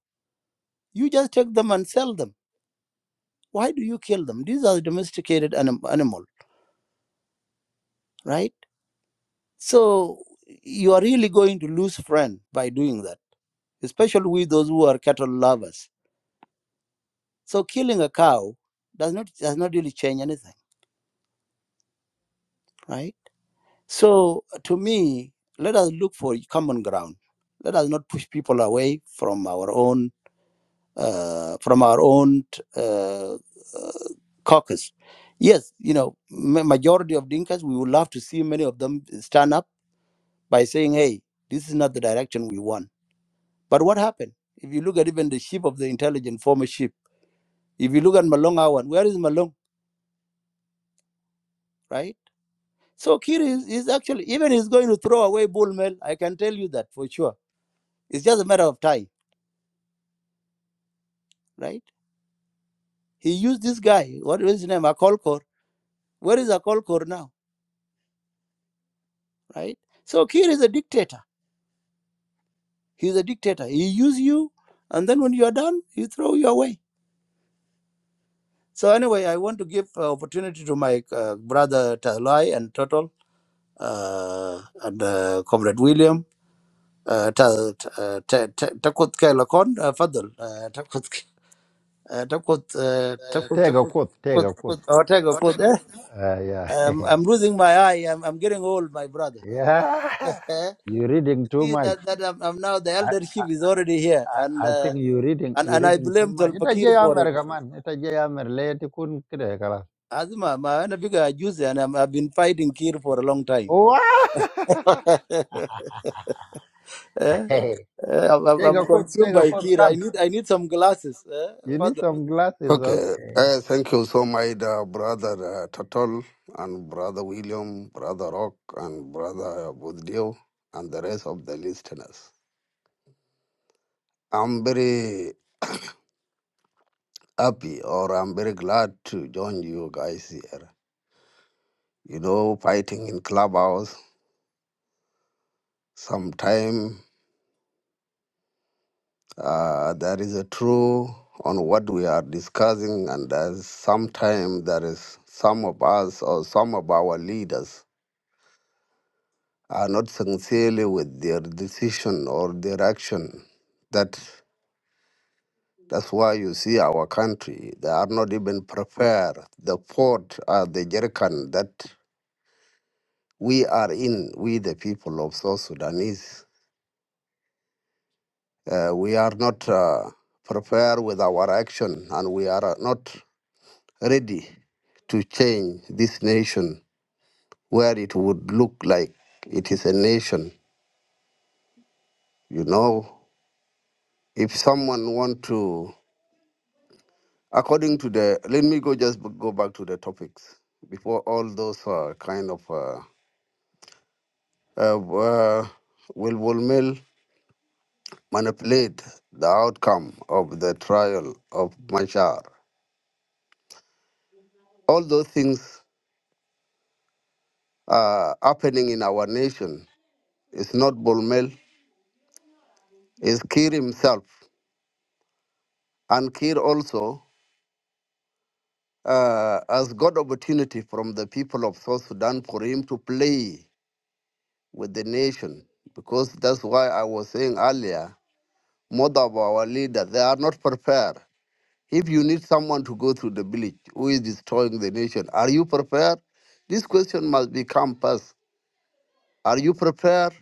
Speaker 6: you just take them and sell them. Why do you kill them? These are domesticated anim- animal, right? So you are really going to lose friend by doing that, especially with those who are cattle lovers. So killing a cow does not does not really change anything, right? So to me, let us look for common ground. Let us not push people away from our own uh, from our own uh, uh, caucus. Yes, you know, ma- majority of Dinkas, we would love to see many of them stand up by saying, "Hey, this is not the direction we want." But what happened? If you look at even the chief of the intelligence, former chief, if you look at Malong Awan, where is Malong, right? So Kiri is, is actually even he's going to throw away Bull Mel. I can tell you that for sure. It's just a matter of time, right? He used this guy. What is his name? Akolkor. Where is Akolkor now, right? So Kiri is a dictator He's a dictator. He use you, and then when you are done, he throw you away. So anyway, I want to give uh, opportunity to my uh, brother Talai and Total uh, and uh, Comrade William. Uh, ta, ta, ta, ta, takut ke lakon uh, fadal uh, takut uh, takut uh, takut
Speaker 5: Take a quote. Take
Speaker 6: kut
Speaker 5: a quote.
Speaker 6: oh, tego kut eh?
Speaker 5: Uh, yeah,
Speaker 6: um, I'm losing my eye I'm, I'm getting old my brother you
Speaker 5: yeah. You're reading too
Speaker 6: see
Speaker 5: much.
Speaker 6: that that I'm, I'm now the
Speaker 5: I,
Speaker 6: eldership is already here and
Speaker 5: I think
Speaker 6: uh,
Speaker 5: you're reading.
Speaker 6: and
Speaker 5: You're
Speaker 6: and I
Speaker 5: reading too
Speaker 6: blame
Speaker 5: much. Ita jay
Speaker 6: Tolpakir for it
Speaker 5: America man. Ita jay America. Let it kun kide kala.
Speaker 6: Azma, ma ana biga juzi and I'm, I've been fighting Kir for a long time.
Speaker 5: Wow.
Speaker 6: Eh?
Speaker 5: Take
Speaker 6: Eh, I'm, I'm I'm
Speaker 5: a quote.
Speaker 6: consumed
Speaker 5: Take a
Speaker 6: by
Speaker 5: quote.
Speaker 6: Kir.
Speaker 5: Come.
Speaker 6: I need I need some glasses. Eh?
Speaker 5: You need
Speaker 6: Father.
Speaker 5: some glasses,
Speaker 8: Okay.
Speaker 5: okay?
Speaker 8: Uh, thank you so much, uh, brother uh, Tatol and brother William, brother Rock and brother Buddio and the rest of the listeners. I'm very happy or I'm very glad to join you guys here. You know, fighting in clubhouse, sometime uh, there is a true on what we are discussing and there's sometime there is some of us or some of our leaders are not sincerely with their decision or their action. That that's why you see our country. They are not even prepared. The port are the jerkin that we are in. We the people of South Sudanese, uh, we are not uh, prepared with our action, and we are not ready to change this nation where it would look like it is a nation. You know, if someone want to According to the, let me go just b- go back to the topics before all those uh, kind of uh, uh, uh, will will mill manipulate the outcome of the trial of Machar. All those things are happening in our nation. It's not Bulmel, it's Kir himself. And Kir also uh, has got opportunity from the people of South Sudan for him to play with the nation. Because that's why I was saying earlier most of our leaders, they are not prepared. If you need someone to go through the village who is destroying the nation, are you prepared? This question must become first. Are you prepared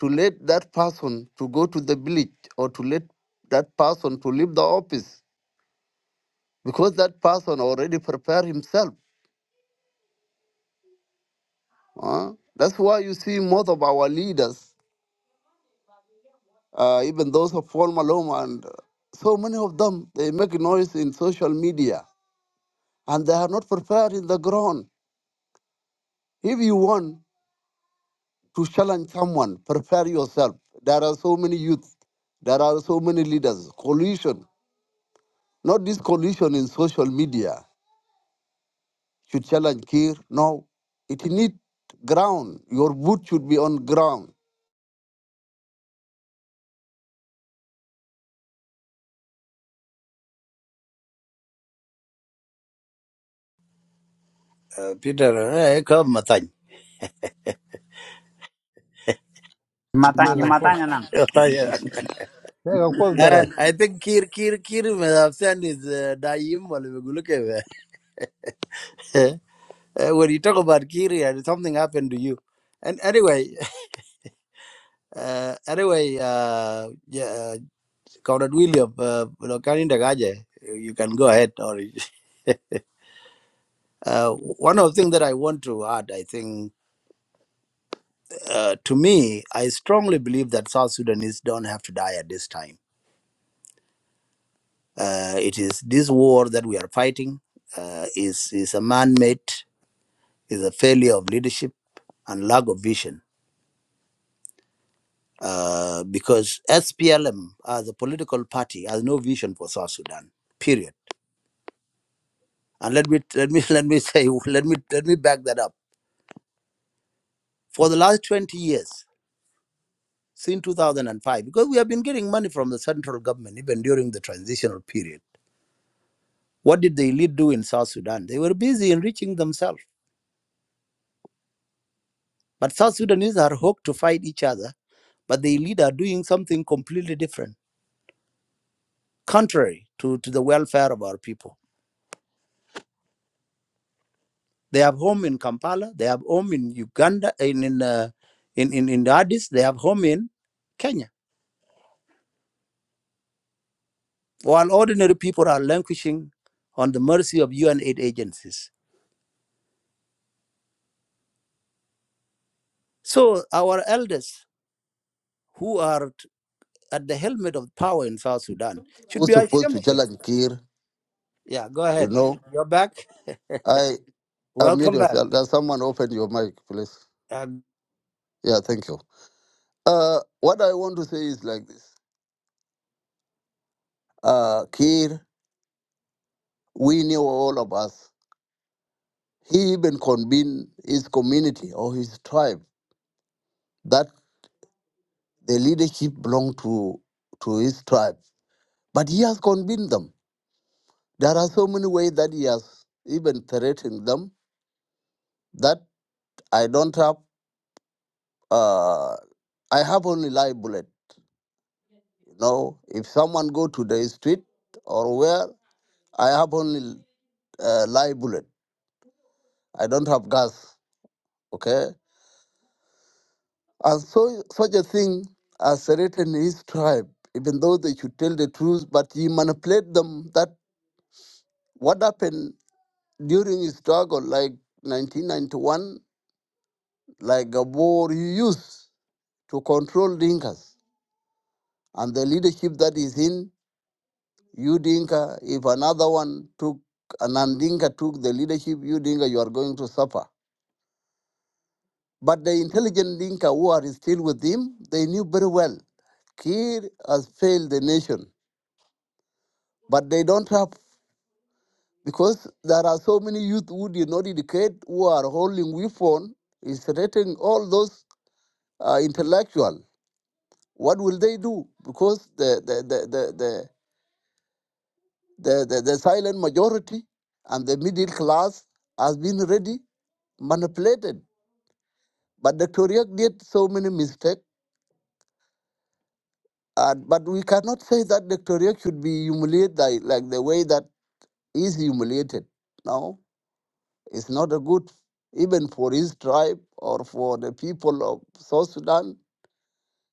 Speaker 8: to let that person to go to the village or to let that person to leave the office? Because that person already prepared himself. huh? That's why you see most of our leaders, uh, even those of Paul Maloma and uh, so many of them, they make noise in social media and they are not prepared in the ground. If you want to challenge someone, prepare yourself. There are so many youth, there are so many leaders. Coalition, not this coalition in social media, should challenge Kir. No, it needs ground. Your boot should be on ground.
Speaker 6: Uh, Peter, eh, come, Matany.
Speaker 7: Matany,
Speaker 5: There's a course. na
Speaker 6: Matany, eh.
Speaker 7: Matany,
Speaker 5: There's course better.
Speaker 6: Eh, I think Kir, Kir, Kir may have sent his uh, daim while we go look away. Eh, eh, When you talk about Kir, yeah, something happened to you. And anyway, uh, anyway, uh, yeah, Comrade William, uh, you know, Karinda Gaje, you can go ahead. Or uh, one of the things that I want to add, I think, uh, to me, I strongly believe that South Sudanese don't have to die at this time. Uh, it is this war that we are fighting uh, is is a man-made, is a failure of leadership and lack of vision. Uh, because SPLM as a political party has no vision for South Sudan. Period. And let me let me let me say let me let me back that up for the last 20 years since 2005 because we have been getting money from the central government even during the transitional period what did the elite do in south sudan they were busy enriching themselves but south sudanese are hooked to fight each other but the elite are doing something completely different contrary to, to the welfare of our people they have home in kampala they have home in uganda in in uh, in, in, in addis they have home in kenya while ordinary people are languishing on the mercy of un aid agencies So our elders who are at the helmet of power in South Sudan should
Speaker 8: Who's
Speaker 6: be
Speaker 8: supposed
Speaker 6: ashamed
Speaker 8: to
Speaker 6: of themselves.
Speaker 8: challenge Kir?
Speaker 6: Yeah, go
Speaker 8: You
Speaker 6: ahead.
Speaker 8: know,
Speaker 6: You're back.
Speaker 8: I unmute
Speaker 6: Welcome back.
Speaker 8: yourself. Does someone open your mic, please?
Speaker 6: Uh,
Speaker 8: Yeah, thank you. Uh, what I want to say is like this. Uh, Kir, we knew all of us He even convened his community or his tribe that the leadership belonged to, to his tribe. But he has convened them. There are so many ways that he has even threatened them that I don't have, uh, I have only live bullet. You know, if someone go to the street or where, I have only uh, live bullet. I don't have gas. Okay, And so, such a thing as Satan in his tribe, even though they should tell the truth, but he manipulated them that what happened during his struggle, like 1991, like a war he used to control Dinkas. And the leadership that is in, you Dinka, if another one took, an Andinka took the leadership, you Dinka, you are going to suffer. But the intelligent Dinka who are still with him, they knew very well Kir has failed the nation but they don't have because there are so many youth who did not educate who are holding weapon is threatening all those uh, intellectual what will they do because the the the the, the the, the, the silent majority and the middle class has been ready manipulated. But Dr. Riak did so many mistakes. And, but we cannot say that Dr. Riak should be humiliated like, like the way that he's humiliated. No, It's not a good even for his tribe or for the people of South Sudan.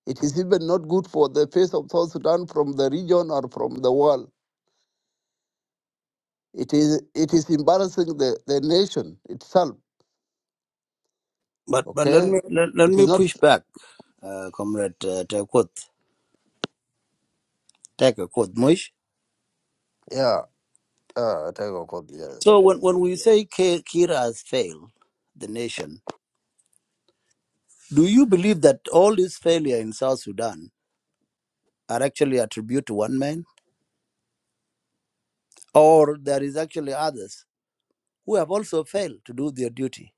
Speaker 8: It is even not good for the face of South Sudan from the region or from the world. It is it is embarrassing the, the nation itself.
Speaker 6: but but let
Speaker 8: Okay?
Speaker 6: me let, let
Speaker 8: It
Speaker 6: me
Speaker 8: is not
Speaker 6: push back, uh, comrade uh, Tekut. Tekut Mush.
Speaker 8: yeah, uh take a call, yeah.
Speaker 6: So when when we say Ki- Kira has failed the nation, do you believe that all this failure in South Sudan are actually attributed to one man, or there is actually others who have also failed to do their duty?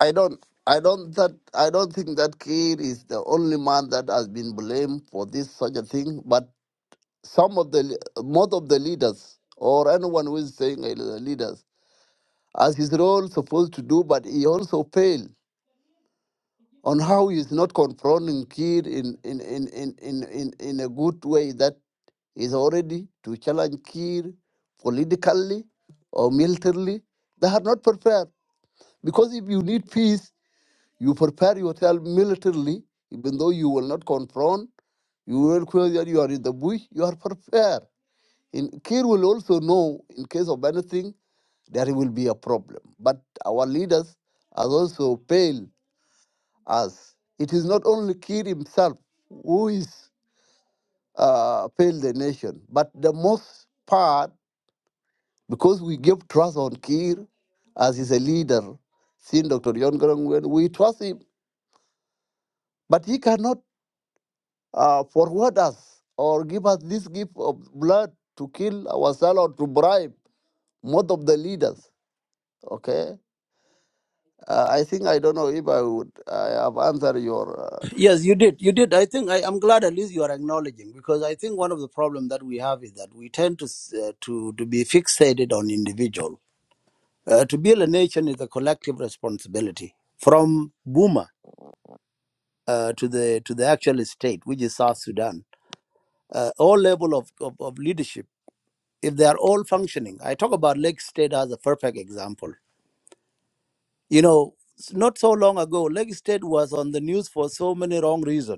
Speaker 8: I don't I don't that I don't think that Kiir is the only man that has been blamed for this such a thing, but some of the le- most of the leaders or anyone who is saying they are the leaders as his role supposed to do, but he also failed on how he is not confronting Kir in, in, in, in, in, in, in a good way that is already to challenge Kir politically or militarily. They are not prepared. Because if you need peace, you prepare yourself militarily, even though you will not confront, you will feel that you are in the bush, you are prepared. And Kir will also know in case of anything there will be a problem. But our leaders have also failed us. It is not only Kir himself who is uh, failed the nation, but the most part because we give trust on Kir as is a leader. Seeing Dr. John Garangwen, we trust him, but he cannot uh, forward us or give us this gift of blood to kill ourselves or to bribe most of the leaders. Okay, uh, I think I don't know if I would I have answered your uh,
Speaker 6: Yes, you did. You did. I think I, I'm glad at least you are acknowledging because I think one of the problem that we have is that we tend to s- uh, to to be fixated on individual. Uh, to build a nation is a collective responsibility. From Buma uh, to the to the actual state, which is South Sudan, uh, all level of, of of leadership, if they are all functioning, I talk about Lake State as a perfect example. You know, s- not so long ago, Lake State was on the news for so many wrong reasons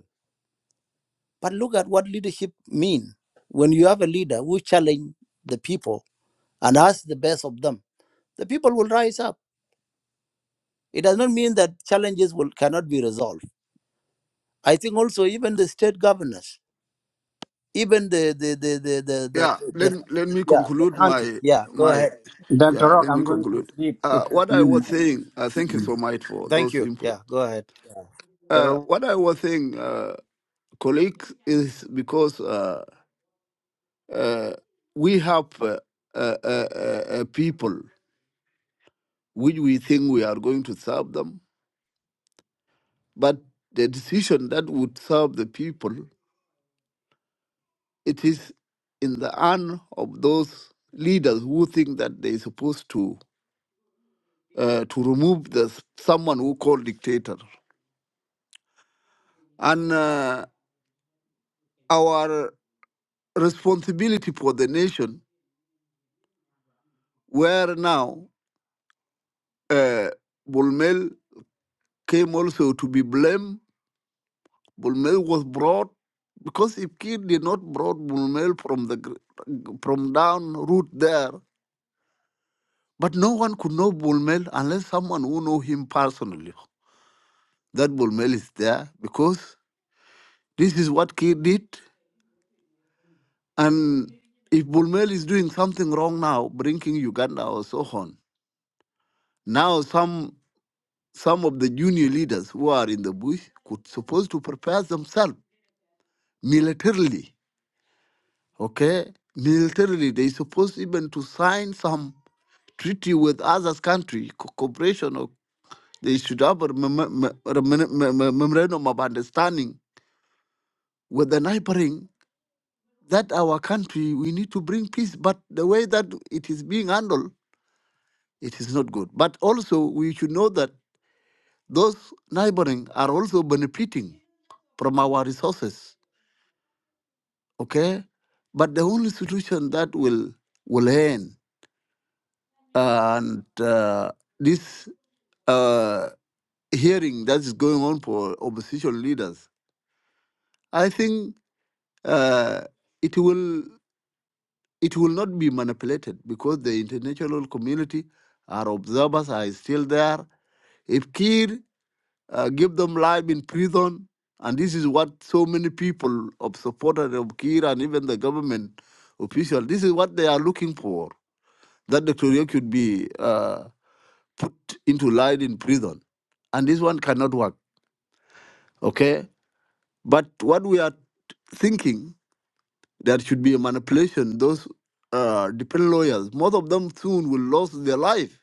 Speaker 6: But look at what leadership mean. When you have a leader who challenge the people and ask the best of them, the people will rise up. It does not mean that challenges will cannot be resolved. I think also even the state governors, even the the the the the, the,
Speaker 8: yeah let
Speaker 6: the
Speaker 8: let me
Speaker 6: yeah the
Speaker 8: conclude
Speaker 6: countries.
Speaker 8: my
Speaker 6: Yeah, go
Speaker 8: my
Speaker 6: ahead.
Speaker 7: Dr.
Speaker 8: yeah
Speaker 7: Rock,
Speaker 8: let me
Speaker 7: I'm going to
Speaker 8: conclude
Speaker 7: sleep.
Speaker 8: uh
Speaker 7: It's
Speaker 8: what i was
Speaker 7: midnight.
Speaker 8: saying uh, thank you so much for
Speaker 6: Thank
Speaker 8: those
Speaker 6: you.
Speaker 8: input
Speaker 6: Yeah, go ahead. Yeah.
Speaker 8: uh
Speaker 6: Gerald,
Speaker 8: what i was saying uh colleague is because uh uh we have uh, uh, uh, uh, uh, people which we think we are going to serve them but the decision that would serve the people it is in the hand of those leaders who think that they're supposed to uh, to remove the someone who called dictator. And uh, our responsibility for the nation, where now Bulmel came also to be blamed. Bulmel was brought because if Kir did not brought Bulmel from the gr- from down route there, but no one could know Bulmel unless someone who know him personally. That Bulmel is there because this is what Kir did. And if Bulmel is doing something wrong now, bringing Uganda or so on, now some some of the junior leaders who are in the bush could supposed to prepare themselves militarily. Okay, militarily they supposed even to sign some treaty with others country co- cooperation or they should have a mem- mem- mem- memorandum of understanding with the neighboring that our country we need to bring peace but the way that it is being handled It is not good. But also, we should know that those neighboring are also benefiting from our resources. Okay, but the only solution that will will end and uh, this uh, hearing that is going on for opposition leaders, I think uh, it will it will not be manipulated because the international community, our observers are still there. If Kir uh, give them life in prison. And this is what so many people of supporters of Kira and even the government official, this is what they are looking for, that Dr. Yeo could be uh, put into life in prison. And this one cannot work, okay? But what we are thinking, there should be a manipulation. Those uh, dependent lawyers, most of them soon will lose their life.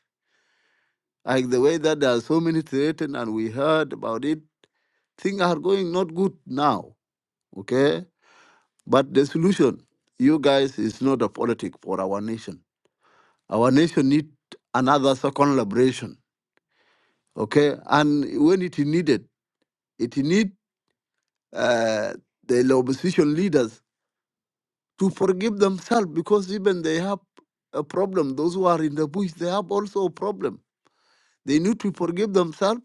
Speaker 8: Like the way that there are so many threatened and we heard about it, things are going not good now, okay? But the solution, you guys, is not a politic for our nation. Our nation need another second liberation, okay? And when it is needed, it need uh, the opposition leaders to forgive themselves because even they have a problem. Those who are in the bush, they have also a problem. They need to forgive themselves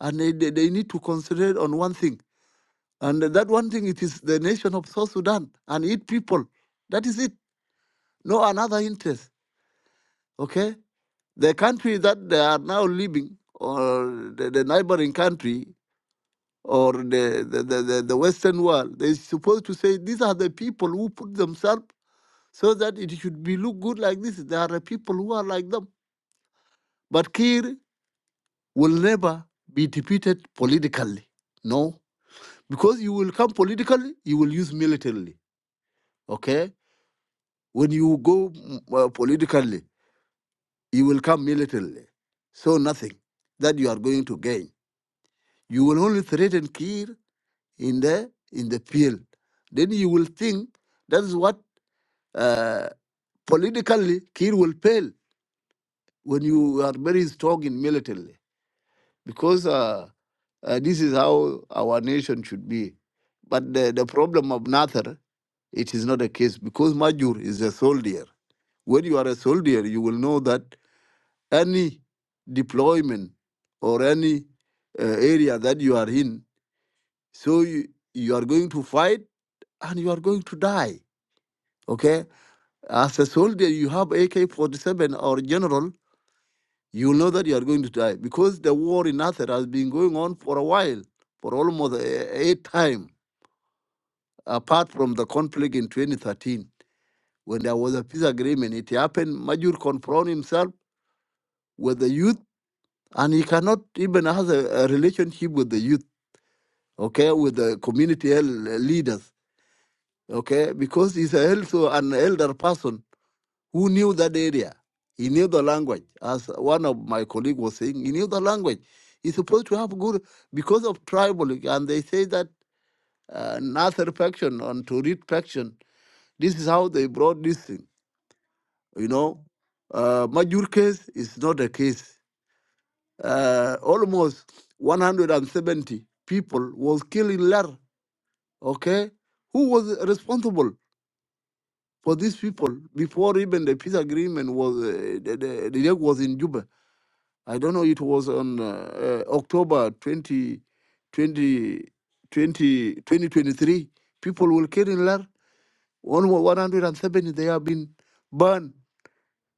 Speaker 8: and they, they, they need to concentrate on one thing. And that one thing, it is the nation of South Sudan and its people. That is it. No another interest, okay? The country that they are now living, or the, the neighboring country, or the, the, the, the Western world, they're supposed to say these are the people who put themselves so that it should be look good like this. There are people who are like them. But Kir will never be defeated politically. No. Because you will come politically, you will use militarily. Okay? When you go mm, uh, politically, you will come militarily. So nothing that you are going to gain. You will only threaten Kir in the in the field. Then you will think that is what uh, politically Kir will fail when you are very strong in militarily because uh, uh, this is how our nation should be. But the, the problem of Nather, it is not a case because Majur is a soldier. When you are a soldier, you will know that any deployment or any uh, area that you are in, so you, you are going to fight and you are going to die Okay? As a soldier, you have AK 47 or general, you know that you are going to die because the war in Nasser has been going on for a while, for almost a eight time, apart from the conflict in 2013 when there was a peace agreement. It happened, Majur confront himself with the youth, and he cannot even have a, a relationship with the youth, okay, with the community el- leaders, okay, because he's also an elder person who knew that area. He knew the language. As one of my colleague was saying, he knew the language. He's supposed to have good because of tribal, and they say that uh, another faction and to read faction. This is how they brought this thing. You know, uh, Majur case is not a case. Uh, almost 170 people was killed in Lar. Okay, who was responsible for these people before even the peace agreement was uh, the, the, the was in Juba? I don't know, it was on uh, uh, October twentieth, 20, 20, twenty twenty-three, People will kill in Lar. One 170 they have been burned.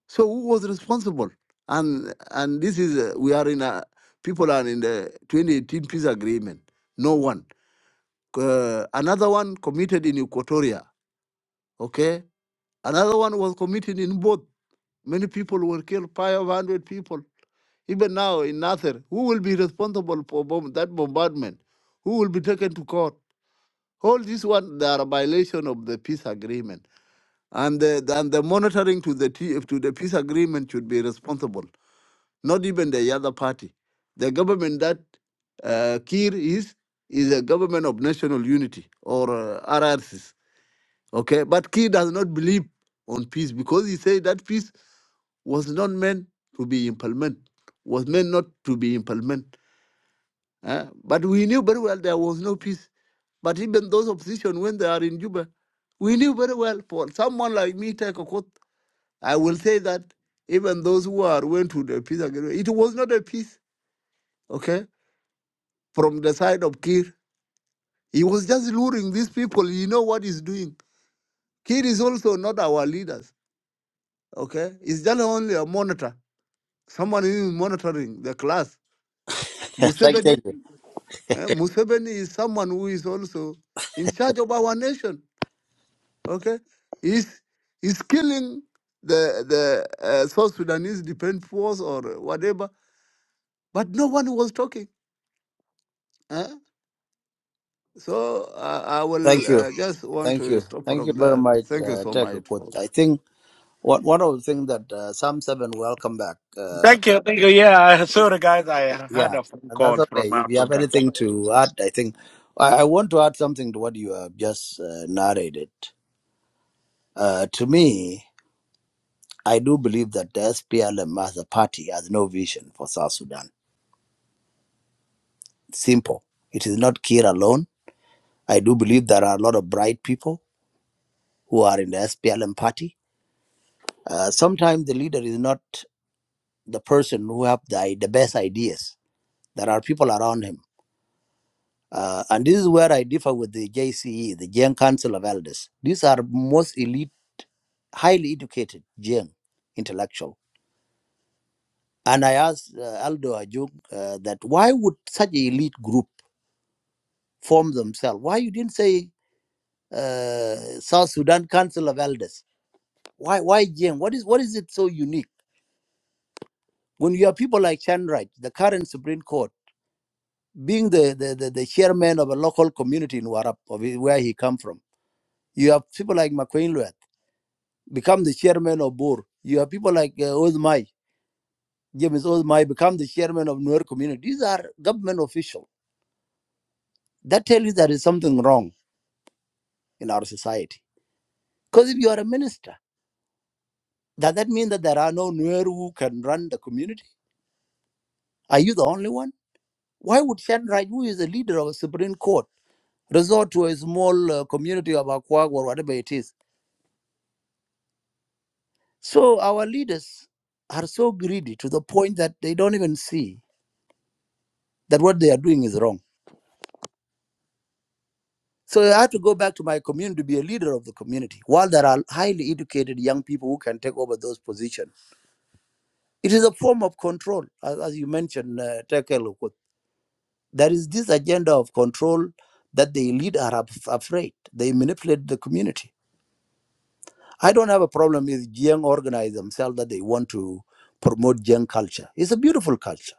Speaker 8: So who was responsible? And and this is uh, we are in a people are in the 2018 peace agreement. No one. Uh, another one committed in Equatoria. Okay. Another one was committed in both. Many people were killed. 500 people. Even now in Nasser, who will be responsible for bomb, that bombardment? Who will be taken to court? All these one, they are a violation of the peace agreement, and the and the monitoring to the T- to the peace agreement should be responsible, not even the other party. The government that uh, Kir is is a government of national unity or uh, RRCs. Okay, but Kir does not believe on peace because he said that peace was not meant to be implemented, was meant not to be implemented. Uh, but we knew very well there was no peace. But even those opposition, when they are in Juba, we knew very well for someone like me, take a quote, I will say that even those who are went to the peace agreement, it was not a peace, okay, from the side of Kir. He was just luring these people. You know what he's doing. Kir is also not our leaders, okay? He's just only a monitor, someone who is monitoring the class.
Speaker 6: thank,
Speaker 8: Museveni,
Speaker 6: thank you.
Speaker 8: eh, Museveni is someone who is also in charge of our nation. Okay, is is killing the the uh, South Sudanese defense force or whatever, but no one was talking. Huh? So uh, I will
Speaker 6: Thank you.
Speaker 8: uh, just want
Speaker 6: Thank
Speaker 8: to
Speaker 6: you.
Speaker 8: stop
Speaker 6: Thank you
Speaker 8: from
Speaker 6: very
Speaker 8: there.
Speaker 6: much,
Speaker 8: Thank you
Speaker 6: uh,
Speaker 8: so
Speaker 6: Tech
Speaker 8: much
Speaker 6: Report.
Speaker 8: for.
Speaker 6: I think one, one of the things that uh, Sam Seven, welcome back. Uh,
Speaker 4: Thank you, thank you. Yeah, sorry guys, I had
Speaker 6: Yeah,
Speaker 4: a phone
Speaker 6: and that's
Speaker 4: call from
Speaker 6: okay. If you have
Speaker 4: Africa.
Speaker 6: anything to add, I think I, I want to add something to what you have just uh, narrated. Uh, to me, I do believe that the SPLM as a party has no vision for South Sudan. Simple. It is not Kir alone. I do believe there are a lot of bright people who are in the SPLM party. Uh, sometimes the leader is not the person who have the, the best ideas. There are people around him Uh, and this is where I differ with the JCE, the Jiang Council of Elders. These are most elite, highly educated Jiang intellectual. And I asked uh, Aldo Ajung uh, that why would such an elite group form themselves? Why you didn't say uh, South Sudan Council of Elders? Why why Jiang? What is what is it so unique? When you have people like Chan Wright, the current Supreme Court, being the, the, the, the chairman of a local community in Warap, of his- where he come from, you have people like McQueen become the chairman of Bor. You have people like uh, Ozmai, James Ozmai, become the chairman of Nuer community. These are government officials. That tell you there is something wrong in our society. Because if you are a minister, does that mean that there are no Nuer who can run the community? Are you the only one? Why would Shan Raj, who is the leader of a Supreme Court, resort to a small uh, community of Akwag or whatever it is? So our leaders are so greedy to the point that they don't even see that what they are doing is wrong So I had to go back to my community to be a leader of the community, while there are highly educated young people who can take over those positions. It is a form of control, as, as you mentioned, uh, Tekel. There is this agenda of control that the elite are af- afraid. They manipulate the community. I don't have a problem if young organize themselves that they want to promote young culture. It's a beautiful culture,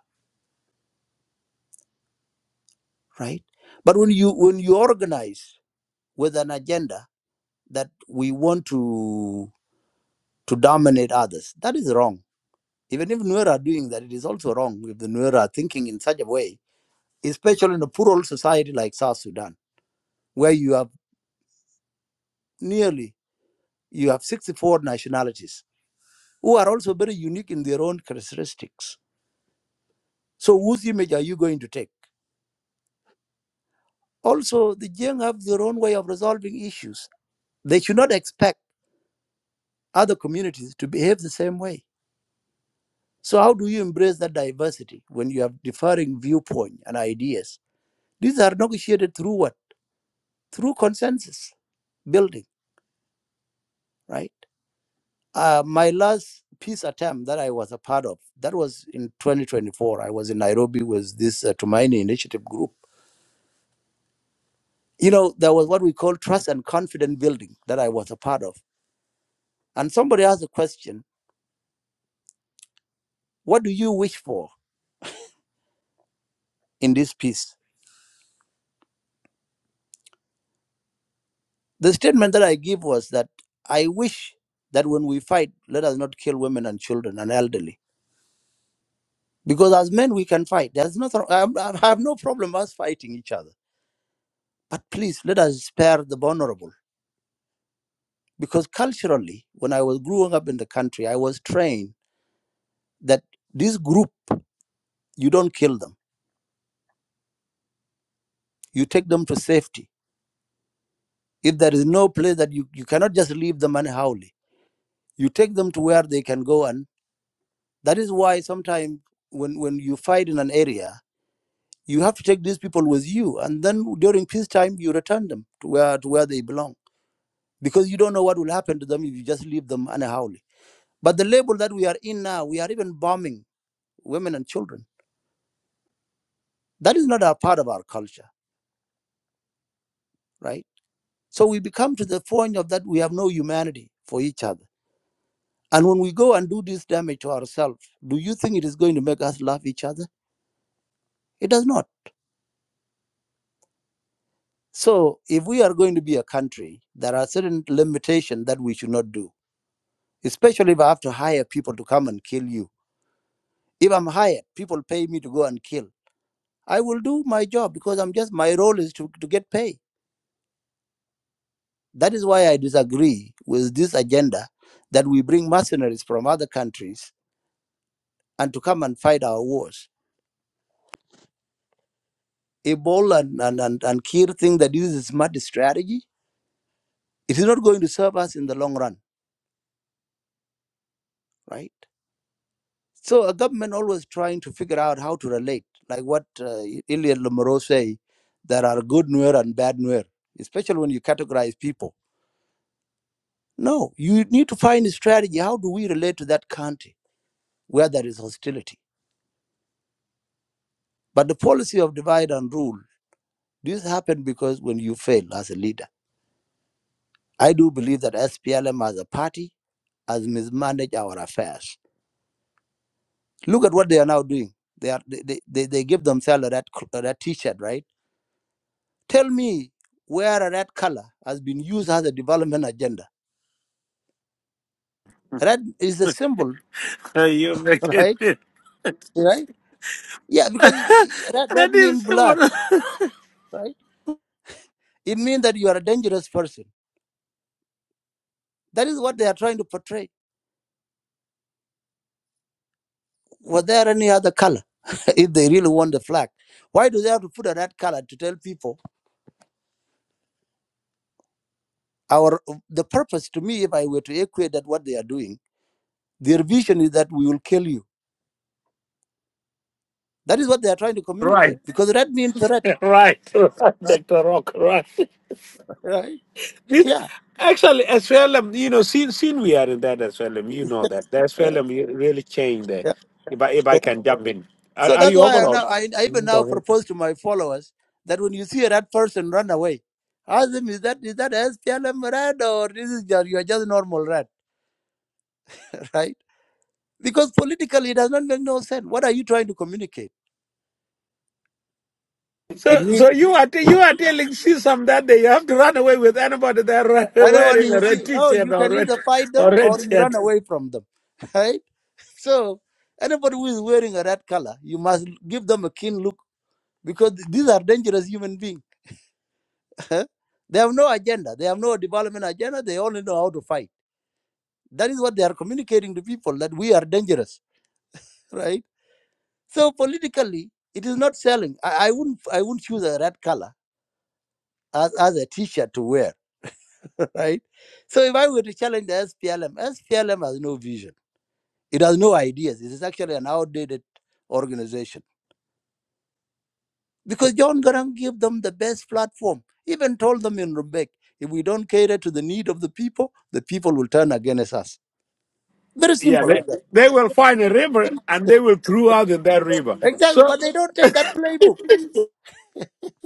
Speaker 6: right? But when you when you organize with an agenda that we want to to dominate others, that is wrong Even if Nuer are doing that, it is also wrong if the Nuer are thinking in such a way, especially in a plural society like South Sudan, where you have nearly you have 64 nationalities who are also very unique in their own characteristics. So whose image are you going to take? Also, the Jiang have their own way of resolving issues. They should not expect other communities to behave the same way. So how do you embrace that diversity when you have differing viewpoint and ideas? These are negotiated through what? Through consensus building right? Uh, my last peace attempt that I was a part of, that was in 2024. I was in Nairobi with this uh, Tumaini Initiative group. You know, there was what we call trust and confidence building that I was a part of. And somebody asked a question, what do you wish for in this peace? The statement that I give was that I wish that when we fight, let us not kill women and children and elderly. Because as men, we can fight. There's nothing, I I have no problem us fighting each other. But please, let us spare the vulnerable because culturally when i was growing up in the country i was trained that this group you don't kill them you take them to safety if there is no place that you, you cannot just leave them unhowly you take them to where they can go and that is why sometimes when, when you fight in an area you have to take these people with you and then during peacetime you return them to where to where they belong because you don't know what will happen to them if you just leave them unhowly but the label that we are in now we are even bombing women and children That is not a part of our culture, right? So we become to the point of that we have no humanity for each other. And when we go and do this damage to ourselves, do you think it is going to make us love each other? It does not. So if we are going to be a country, there are certain limitations that we should not do, especially if I have to hire people to come and kill you. If I'm hired, people pay me to go and kill. I will do my job because I'm just my role is to, to get paid. That is why I disagree with this agenda that we bring mercenaries from other countries and to come and fight our wars. If Bol and, and, and, and Kir think that this is a smart strategy, it is not going to serve us in the long run, right? So a government always trying to figure out how to relate, like what uh, Ilya Lomoro say, there are good Nuer and bad Nuer, especially when you categorize people. No, you need to find a strategy. How do we relate to that country where there is hostility? But the policy of divide and rule, this happened because when you fail as a leader. I do believe that SPLM as a party has mismanaged our affairs. Look at what they are now doing. They are they, they, they they give themselves a red, c- a red t-shirt, right? Tell me where a red color has been used as a development agenda. Red is a symbol,
Speaker 4: You make it.
Speaker 6: right? Right? Yeah, because it, it- red, red
Speaker 4: That
Speaker 6: means
Speaker 4: is
Speaker 6: blood, right? It means that you are a dangerous person. That is what they are trying to portray. Was there any other color? if they really want the flag, why do they have to put a red color to tell people our the purpose? To me, if I were to equate that what they are doing Their vision is that we will kill you. That is what they are trying to communicate because red means threat,
Speaker 4: right, right, Doctor Rock. Right.
Speaker 6: right?
Speaker 4: This
Speaker 6: Yeah,
Speaker 4: actually SLM. You know, since since we are in that SLM, you know that the
Speaker 6: yeah,
Speaker 4: SLM really changed. The,
Speaker 6: yeah.
Speaker 4: if I if I can jump in, are,
Speaker 6: So
Speaker 4: are
Speaker 6: that's
Speaker 4: you
Speaker 6: why
Speaker 4: over
Speaker 6: I
Speaker 4: or?
Speaker 6: now I, I even
Speaker 4: Go
Speaker 6: now
Speaker 4: ahead.
Speaker 6: propose to my followers that when you see a red person run away, ask them is that is that SPLM red or this is just you are just normal red, right? Because politically it does not make no sense. What are you trying to communicate? It
Speaker 4: So,
Speaker 6: means
Speaker 4: so you are t- you are telling Sisam that day you have to run away with anybody that ra-
Speaker 6: anyone
Speaker 4: wearing a
Speaker 6: you see
Speaker 4: red
Speaker 6: no,
Speaker 4: t-shirt
Speaker 6: you
Speaker 4: or
Speaker 6: can either
Speaker 4: red
Speaker 6: fight
Speaker 4: or
Speaker 6: them or
Speaker 4: red
Speaker 6: you
Speaker 4: shirt.
Speaker 6: run away from them. Right? So anybody who is wearing a red color, you must give them a keen look because these are dangerous human beings. they have no agenda. They have no development agenda. They only know how to fight. That is what they are communicating to people that we are dangerous, right? So politically, it is not selling. I, I wouldn't. I wouldn't choose a red color as, as a T-shirt to wear, right? So if I were to challenge the SPLM, SPLM has no vision. It has no ideas. It is actually an outdated organization because John Garang gave them the best platform. Even told them in Rebek, if we don't cater to the need of the people, the people will turn against us. Very
Speaker 4: Yeah,
Speaker 6: simple
Speaker 4: they,
Speaker 6: like that.
Speaker 4: they will find a river and they will throw out in that river.
Speaker 6: Exactly,
Speaker 4: So,
Speaker 6: but they don't take that playbook.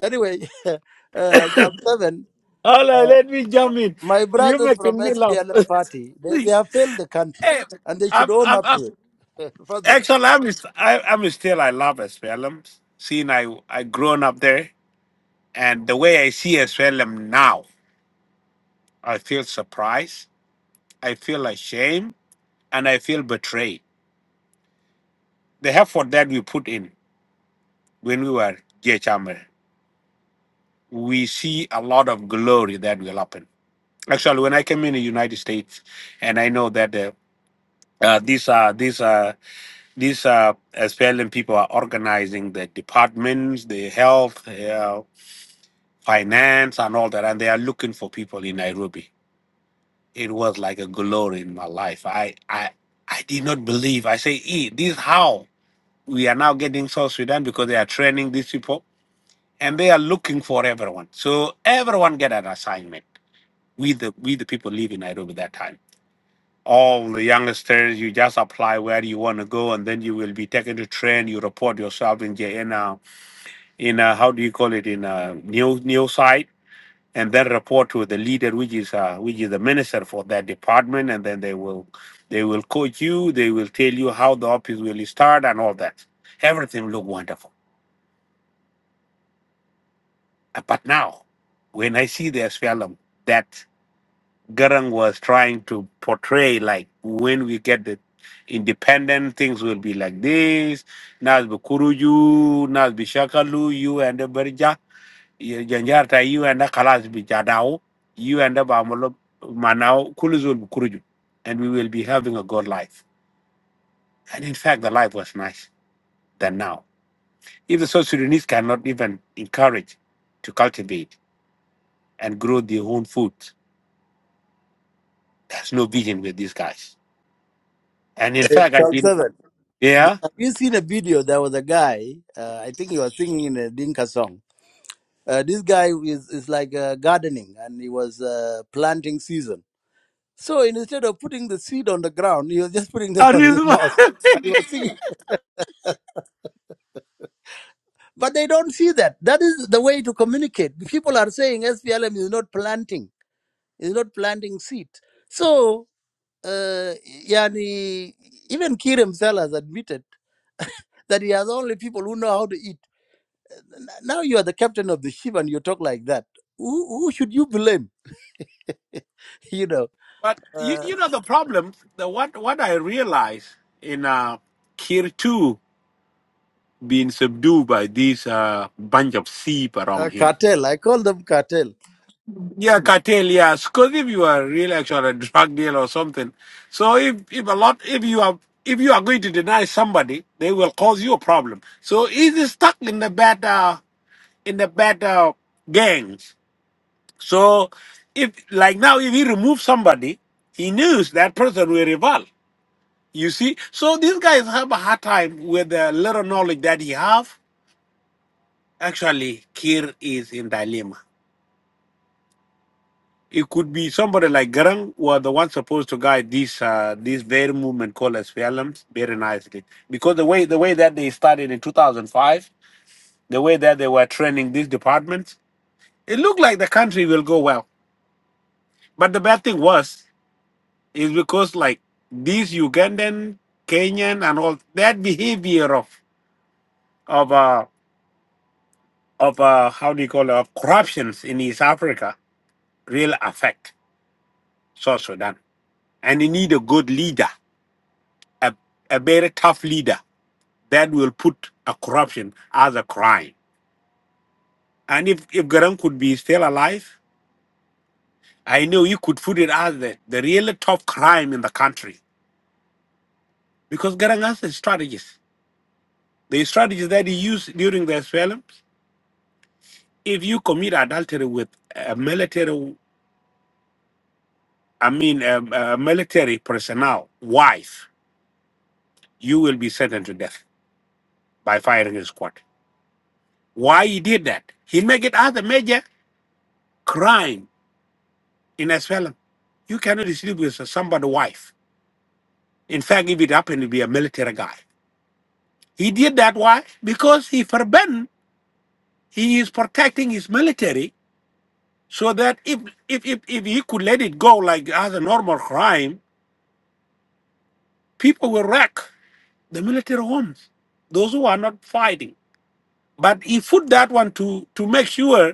Speaker 6: Anyway, uh, Psalm 7,
Speaker 4: Allah,
Speaker 6: uh,
Speaker 4: let me jump in.
Speaker 6: my
Speaker 4: You
Speaker 6: brothers from
Speaker 4: making me laugh.
Speaker 6: SPLM party, they,
Speaker 4: hey,
Speaker 6: they have failed the country and they
Speaker 4: I'm,
Speaker 6: should own
Speaker 4: I'm,
Speaker 6: up
Speaker 4: I'm
Speaker 6: to it. Further,
Speaker 4: actually, I'm, is- I, I'm still, I love Espelum. Seeing I, I grown up there and the way I see Espelum now, I feel surprised. I feel ashamed and I feel betrayed. The effort that we put in when we were J. H Amer, we see a lot of glory that will happen Actually, when I came in the United States, and I know that the, uh, these are these are these are SPLM people are organizing the departments, the health, uh, finance, and all that, and they are looking for people in Nairobi. It was like a glory in my life. I I I did not believe. I say, e, this how we are now getting South Sudan because they are training these people and they are looking for everyone. So everyone get an assignment. We the we the people live in Nairobi that time. all the youngsters, you just apply where you want to go, and then you will be taken to train. You report yourself in J- in a, in a, how do you call it in a new new site, and then report to the leader, which is uh, which is the minister for that department, and then they will they will coach you. They will tell you how the office will start and all that. Everything look wonderful, Uh, but now when I see the SPLM, that Garang was trying to portray like when we get the independent things will be like this. Nas Bukuruju, Nas Bishakalu, you and the Berja, you- Janjarta, you and the Kalas Bijadao, you and the Bamolo Manao, Kuluzul Bukuruju. And we will be having a good life. And in fact, the life was nice than now. If the South Sudanese cannot even encourage to cultivate and grow their own food, there's no vision with these guys. And
Speaker 6: uh,
Speaker 4: in fact, I've
Speaker 6: Psalm
Speaker 4: been,
Speaker 6: 7.
Speaker 4: yeah.
Speaker 6: Have you seen a video? There was a guy, uh, I think he was singing in a Dinka song Uh, this guy is, is like uh, gardening and he was uh, planting season. So instead of putting the seed on the ground, he was just putting them on his mouth.
Speaker 4: I
Speaker 6: And he
Speaker 4: just
Speaker 6: was singing. But they don't see that. That is the way to communicate. People are saying SPLM is not planting, is not planting seed. So, uh, yani, even Kir himself has admitted that he has only people who know how to eat. N- Now you are the captain of the ship and you talk like that. Who, who should you blame? you know.
Speaker 4: But you,
Speaker 6: Uh,
Speaker 4: you know the problem. The what what I realized in uh, Kir too being subdued by this uh, bunch of sheep around
Speaker 6: Uh,
Speaker 4: him.
Speaker 6: cartel. I call them cartel.
Speaker 4: Yeah, cartel. Yeah, because if you are really actually a drug dealer or something, so if if a lot if you are if you are going to deny somebody, they will cause you a problem. So he's stuck in the bad uh, in the bad uh, gangs. So if like now if he removes somebody, he knows that person will revolt. You see, so these guys have a hard time with the little knowledge that he have. Actually, Kir is in dilemma. It could be somebody like Garang were the one supposed to guide this uh, this very movement called as Fialams very nicely. Because the way the way that they started in 2005, the way that they were training these departments, it looked like the country will go well. But the bad thing was is because like these Ugandan, Kenyan, and all that behavior of of uh, of uh, how do you call it, of corruptions in East Africa really affect South Sudan. And you need a good leader, a, a very tough leader that will put a corruption as a crime. And if, if Garang could be still alive, I know you could put it as the, the really tough crime in the country. Because Garang has a strategist. The strategies that he used during the asylums, if you commit adultery with a military, I mean, a, a military personnel, wife, you will be sentenced to death by firing a squad. Why he did that? He make it as a major crime in Venezuela. You cannot sleep with somebody's wife. In fact, if it happened to be a military guy, he did that. Why? Because he forbidden. He is protecting his military so that if if if, if he could let it go like as a normal crime, people will wreck the military homes. Those who are not fighting. But he put that one to to make sure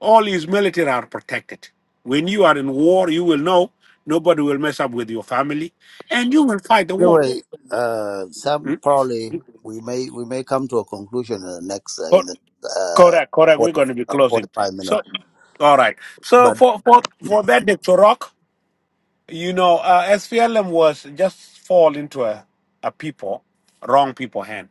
Speaker 4: All his military are protected. When you are in war, you will know nobody will mess up with your family, and you will fight the war.
Speaker 6: Anyway, uh, some
Speaker 4: Mm?
Speaker 6: probably we may we may come to a conclusion in the next uh, in
Speaker 4: Cor-
Speaker 6: the uh,
Speaker 4: Correct, correct. We're
Speaker 6: 40,
Speaker 4: going to be
Speaker 6: uh,
Speaker 4: closing.
Speaker 6: forty-five
Speaker 4: So,
Speaker 6: minutes.
Speaker 4: all right. So
Speaker 6: But
Speaker 4: for for for that, Dr. Rock, you know, uh, SPLM was just fall into a a people wrong people hand.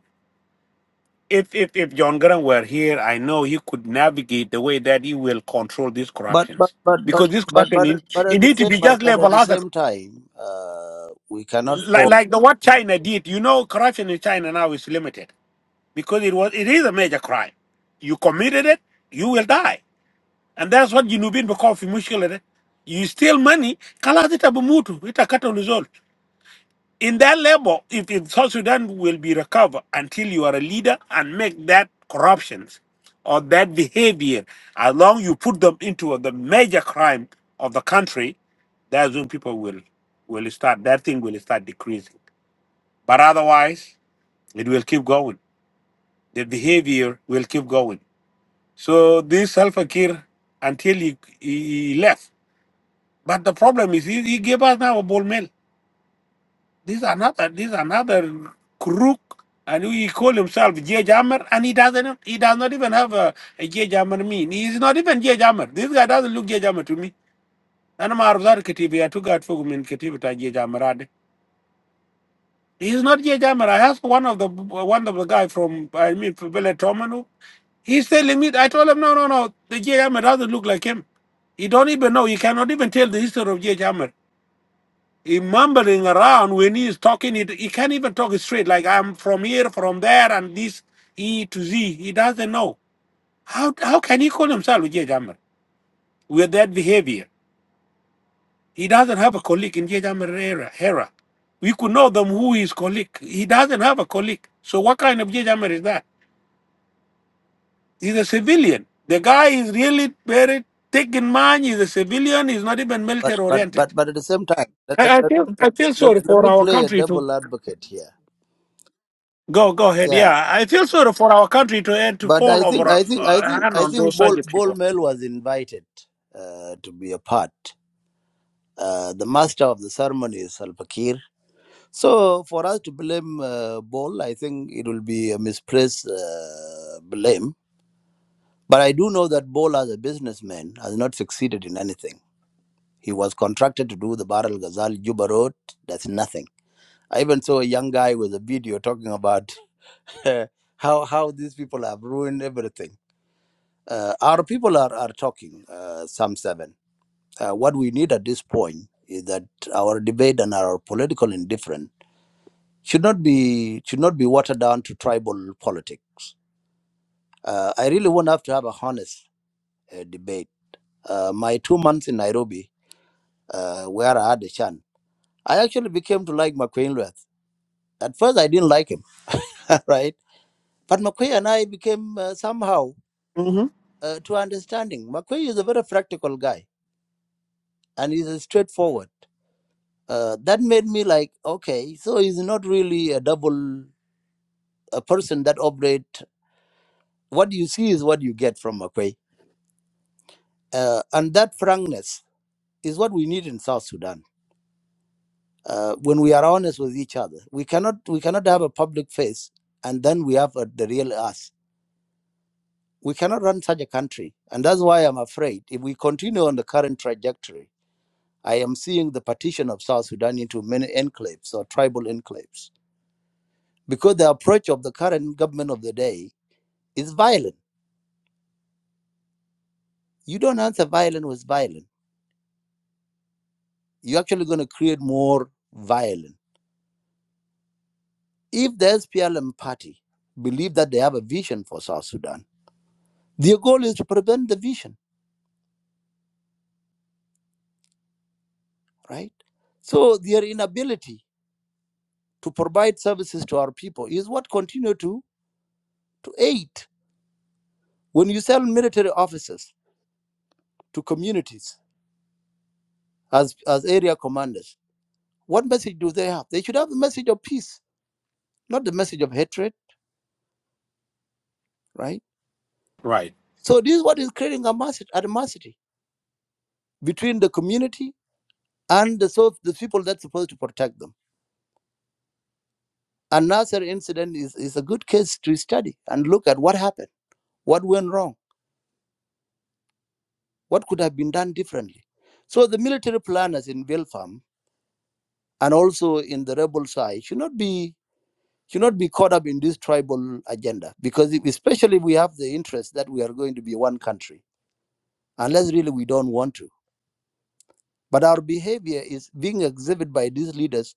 Speaker 4: If if if John Grant were here, I know he could navigate the way that he will control these
Speaker 6: but but
Speaker 4: corruptions
Speaker 6: but
Speaker 4: because
Speaker 6: but
Speaker 4: this
Speaker 6: but
Speaker 4: corruption
Speaker 6: but
Speaker 4: in,
Speaker 6: at- but
Speaker 4: it
Speaker 6: at the
Speaker 4: need to be
Speaker 6: same but,
Speaker 4: just
Speaker 6: but at
Speaker 4: leveled
Speaker 6: the
Speaker 4: out
Speaker 6: same time, uh, we cannot.
Speaker 4: like
Speaker 6: For,
Speaker 4: like the what China did. You know, corruption in China now is limited because it was it is a major crime. You committed it, you will die, and that's what Junubin become mushkilate. You steal money, kalas ita bumutu, ita kata result. In that level, if, if South Sudan will be recovered until you are a leader and make that corruptions or that behavior, as long you put them into the major crime of the country, that's when people will will start that thing will start decreasing. But otherwise, it will keep going. The behavior will keep going. So this Alpha Kir, until he, he, he left. But the problem is he, he gave us now a ball mill. This is another this is another crook and he call himself J Jammer and he doesn't he does not even have a, a J Jammer mean. He is not even J Jammer. This guy doesn't look J Jammer to me. And I'm out of that Katibi. I took out for him in Katibi to J Jammer. He's not J Jammer. I asked one of the one of the guy from I mean Bele He said, let me, I told him, no, no, no, the J. Ahmed doesn't look like him. He don't even know. He cannot even tell the history of J. Ahmed. He mumbling around when he is talking. He, he can't even talk straight. Like I'm from here, from there, and this E to Z. He doesn't know. How how can he call himself J. Ahmed with that behavior? He doesn't have a colleague in J. Ahmed era. era. We could know them who his colleague. He doesn't have a colleague. So what kind of J. Ahmed is that? He's a civilian. The guy is really very thick in mind. He's a civilian. He's not even
Speaker 6: but
Speaker 4: military
Speaker 6: but
Speaker 4: oriented.
Speaker 6: but but at the same time, let, let,
Speaker 4: I, I
Speaker 6: let,
Speaker 4: feel I feel
Speaker 6: let,
Speaker 4: sorry
Speaker 6: let
Speaker 4: for
Speaker 6: me
Speaker 4: our
Speaker 6: play a
Speaker 4: country to
Speaker 6: double advocate here.
Speaker 4: go go ahead.
Speaker 6: Yeah.
Speaker 4: Yeah, I feel sorry for our country to end to
Speaker 6: But
Speaker 4: fall
Speaker 6: I
Speaker 4: over
Speaker 6: think
Speaker 4: a
Speaker 6: I
Speaker 4: uh,
Speaker 6: think I think
Speaker 4: hand
Speaker 6: I
Speaker 4: on
Speaker 6: think
Speaker 4: those such
Speaker 6: Bol Bol
Speaker 4: people.
Speaker 6: Mel was invited uh, to be a part. uh, the master of the ceremony is Salva Kiir. So for us to blame uh, Bol, I think it will be a misplaced uh, blame. But I do know that Bol, as a businessman, has not succeeded in anything. He was contracted to do the Bar al Ghazal Juba Road. That's nothing. I even saw a young guy with a video talking about how how these people have ruined everything. Uh, our people are are talking. Uh, Psalm seven. Uh, what we need at this point is that our debate and our political indifference should not be should not be watered down to tribal politics. Uh, I really want have to have a honest uh, debate. Uh, my two months in Nairobi, uh, where I had a chance, I actually became to like McQueen Leth. At first, I didn't like him, right? But McQueen and I became uh, somehow
Speaker 4: hmm
Speaker 6: uh, to understanding. McQueen is a very practical guy and he's uh, straightforward. Uh, that made me like, okay, so he's not really a double a person that operate. What you see is what you get from McQueen Uh, and that frankness is what we need in South Sudan. Uh, when we are honest with each other, we cannot we cannot have a public face and then we have a, the real us. We cannot run such a country, and that's why I'm afraid if we continue on the current trajectory, I am seeing the partition of South Sudan into many enclaves or tribal enclaves because the approach of the current government of the day is violent. You don't answer violent with violent. You're actually going to create more violence If the SPLM party believe that they have a vision for South Sudan, their goal is to prevent the vision, right? So their inability to provide services to our people is what continue to to aid. When you sell military officers to communities as as area commanders, what message do they have? They should have the message of peace, not the message of hatred, right?
Speaker 4: Right.
Speaker 6: So this is what is creating a animosity between the community and the, so the people that's supposed to protect them. Another incident is, is a good case to study and look at what happened, what went wrong, what could have been done differently. So the military planners in Vilfarm and also in the rebel side should not be should not be caught up in this tribal agenda because if, especially if we have the interest that we are going to be one country unless really we don't want to but our behavior is being exhibited by these leaders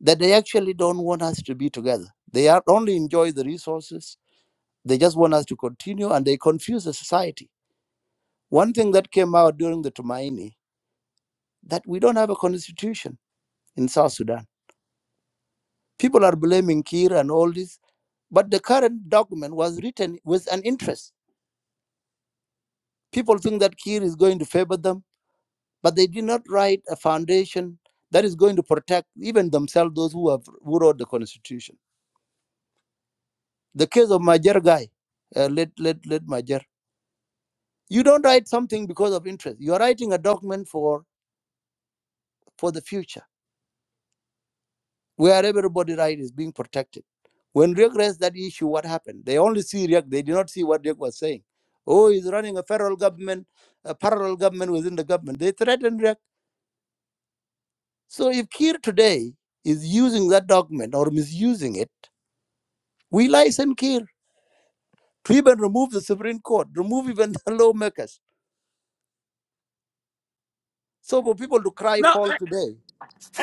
Speaker 6: that they actually don't want us to be together they are only enjoy the resources they just want us to continue and they confuse the society One thing that came out during the Tumaini that we don't have a constitution in South Sudan. People are blaming Kir and all this, but the current document was written with an interest. People think that Kir is going to favor them, but they did not write a foundation that is going to protect even themselves, those who have who wrote the constitution. The case of Majer guy, uh, let let let Majer. You don't write something because of interest. You are writing a document for for the future where everybody's right is being protected. When Riek raised that issue, what happened? They only see Riek, they did not see what Riek was saying. Oh, he's running a federal government, a parallel government within the government. They threatened Riek. So if Kir today is using that document or misusing it, we license Kir to even remove the Supreme Court, remove even the lawmakers. So for people to cry
Speaker 4: No,
Speaker 6: foul
Speaker 4: a-
Speaker 6: today,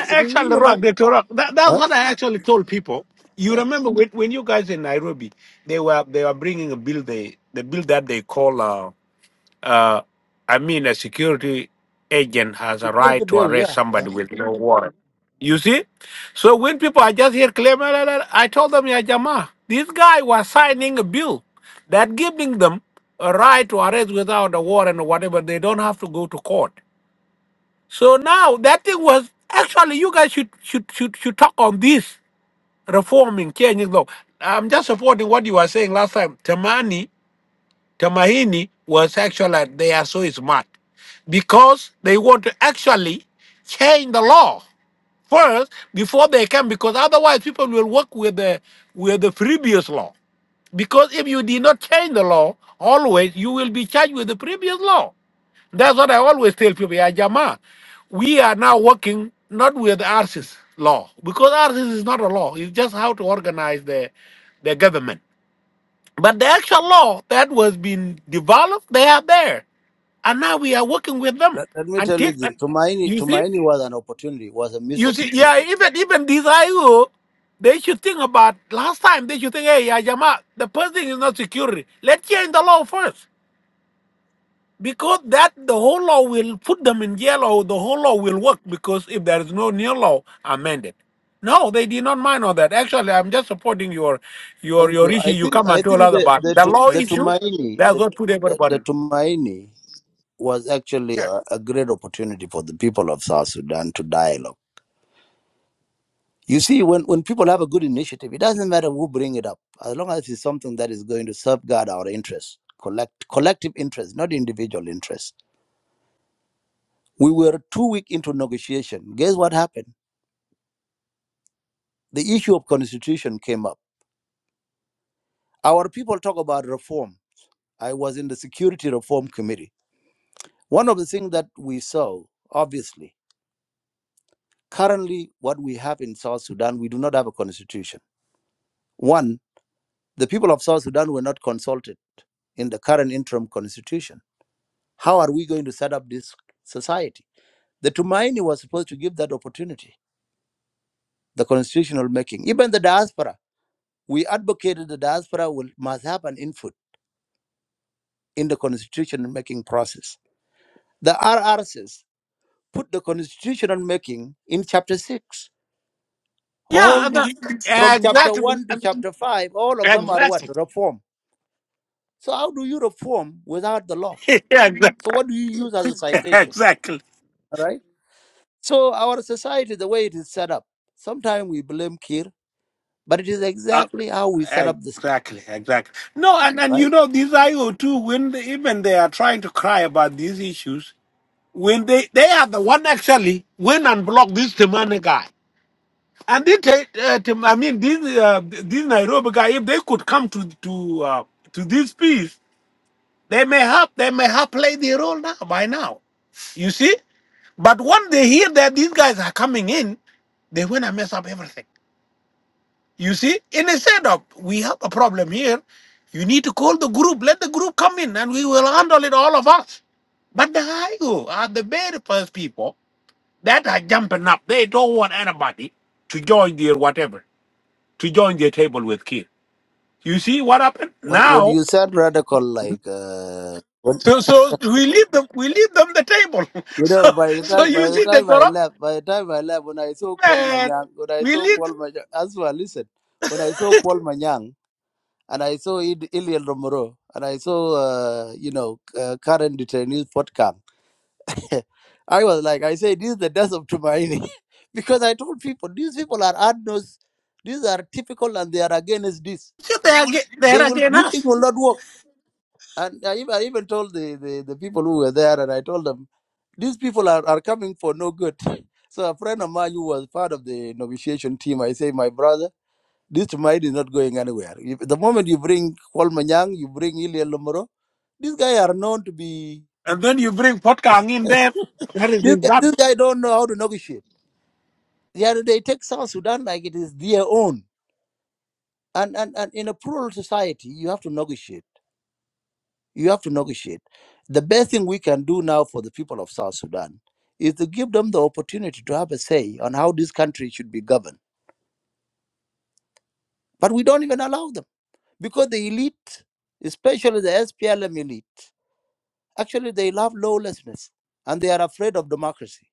Speaker 4: a-
Speaker 6: is
Speaker 4: actually,
Speaker 6: really
Speaker 4: rock
Speaker 6: wrong.
Speaker 4: they tore up. That, that's
Speaker 6: Huh?
Speaker 4: what I actually told people. You
Speaker 6: Yeah,
Speaker 4: remember when, when you guys in Nairobi, they were they were bringing a bill they the bill that they call uh, Uh, I mean, a security agent has a
Speaker 6: security
Speaker 4: right to
Speaker 6: bill,
Speaker 4: arrest
Speaker 6: yeah. Uh,
Speaker 4: somebody with no warrant. You see? So when people are just here claiming, I told them, yeah, Jama, this guy was signing a bill that giving them a right to arrest without a warrant or whatever. They don't have to go to court. So now that thing was actually you guys should should should should talk on this reforming, changing law. I'm just supporting what you were saying last time. Tamani Tamahini was actually, they are so smart because they want to actually change the law first before they can, because otherwise people will work with the, with the previous law. Because if you did not change the law, always you will be charged with the previous law. That's what I always tell people, yeah, Jama, we are now working not with ARSIS law, because ARSIS is not a law, it's just how to organize the, the government. But the actual law that was being developed, they are there, and now we are working with them.
Speaker 6: Let, let me tell you
Speaker 4: Until
Speaker 6: this. Tumaini,
Speaker 4: you see,
Speaker 6: Tumaini was an opportunity, was a
Speaker 4: you
Speaker 6: misopportunity.
Speaker 4: see, yeah, even even these IO, they should think about last time. They should think, hey, yeah, Jama, the person is not security. Let's change the law first because that the whole law will put them in jail or the whole law will work because if there is no new law amended no they did not mind all that actually i'm just supporting your your
Speaker 6: Thank
Speaker 4: your
Speaker 6: you.
Speaker 4: issue
Speaker 6: I
Speaker 4: you
Speaker 6: think
Speaker 4: come
Speaker 6: I
Speaker 4: and told
Speaker 6: think
Speaker 4: us
Speaker 6: the
Speaker 4: about
Speaker 6: the
Speaker 4: the
Speaker 6: Tu-
Speaker 4: law
Speaker 6: the
Speaker 4: issue
Speaker 6: Tumaini
Speaker 4: that's
Speaker 6: the
Speaker 4: what put
Speaker 6: the,
Speaker 4: everybody
Speaker 6: the Tumaini was actually a, a great opportunity for the people of South Sudan to dialogue. You see, when, when people have a good initiative, it doesn't matter who bring it up, as long as it's something that is going to safeguard our interests, collect collective interests, not individual interests. We were two week into negotiation. Guess what happened? The issue of constitution came up. Our people talk about reform. I was in the security reform committee One of the things that we saw, obviously, currently what we have in South Sudan, we do not have a constitution. One, the people of South Sudan were not consulted in the current interim constitution. How are we going to set up this society? The Tumaini was supposed to give that opportunity, the constitutional making. Even the diaspora, we advocated the diaspora will, must have an input in the constitutional making process. The RRCs put the constitutional making in chapter six All
Speaker 4: Yeah,
Speaker 6: this from
Speaker 4: and,
Speaker 6: chapter 1
Speaker 4: uh,
Speaker 6: to chapter 5, all
Speaker 4: exactly
Speaker 6: of them are what?
Speaker 4: exactly
Speaker 6: Reform. So, how do you reform without the law? So, what do you use as a
Speaker 4: exactly
Speaker 6: citation?
Speaker 4: exactly.
Speaker 6: All right. So, our society, the way it is set up, sometimes we blame Kir, but it is
Speaker 4: Uh,
Speaker 6: exactly how we set up this,
Speaker 4: Exactly, exactly. No, and, and you
Speaker 6: right?
Speaker 4: know, these IO2, when they, even they are trying to cry about these issues, when they they are the one actually went and blocked this Temane guy. And they, ta- uh, Tem- I mean, this uh, this Nairobi guy, if they could come to to uh, to this peace, they may have they may have played their role now by now. You see, but when they hear that these guys are coming in, they want to mess up everything. You see, in a setup, we have a problem here. You need to call the group. Let the group come in, and we will handle it all of us. But the Haigu are the very first people. That are jumping up. They don't want anybody to join their whatever, to join their table with Kir. You see what happened?
Speaker 6: When, when
Speaker 4: Now
Speaker 6: you said radical, like, uh, when,
Speaker 4: so so we leave them we leave them the table.
Speaker 6: you know,
Speaker 4: So
Speaker 6: by the
Speaker 4: so
Speaker 6: time by
Speaker 4: you
Speaker 6: the
Speaker 4: see the
Speaker 6: time I
Speaker 4: corrupt
Speaker 6: left, by the time I left, when I saw Kwal
Speaker 4: man.
Speaker 6: Manyang, when I
Speaker 4: We
Speaker 6: saw
Speaker 4: leave
Speaker 6: Kwal Manyang, as well, listen, when I saw Kwal Manyang. and I saw Id- Ilian Romero, and I saw, uh, you know, uh, Karen Detainee's podcast. I was like, I say, this is the death of Tumaini. because I told people, these people are adnos, these are typical, and they are against this.
Speaker 4: so they are ag-
Speaker 6: They
Speaker 4: they're
Speaker 6: will,
Speaker 4: against
Speaker 6: these things
Speaker 4: us.
Speaker 6: will not work. And I even, I even told the, the, the people who were there, and I told them, these people are, are coming for no good. So a friend of mine who was part of the negotiation team, I say, my brother, this Tumaini is not going anywhere. If, the moment you bring Paul Manyang, you bring Ilian Romero, These guys are known to be.
Speaker 4: And then you bring Potkang in there. That is
Speaker 6: this,
Speaker 4: is
Speaker 6: guy,
Speaker 4: that
Speaker 6: this guy don't know how to negotiate. Yeah, they take South Sudan like it is their own. And, and and in a plural society, you have to negotiate. You have to negotiate. The best thing we can do now for the people of South Sudan is to give them the opportunity to have a say on how this country should be governed. But we don't even allow them because the elite, especially the SPLM elite, actually they love lawlessness and they are afraid of democracy.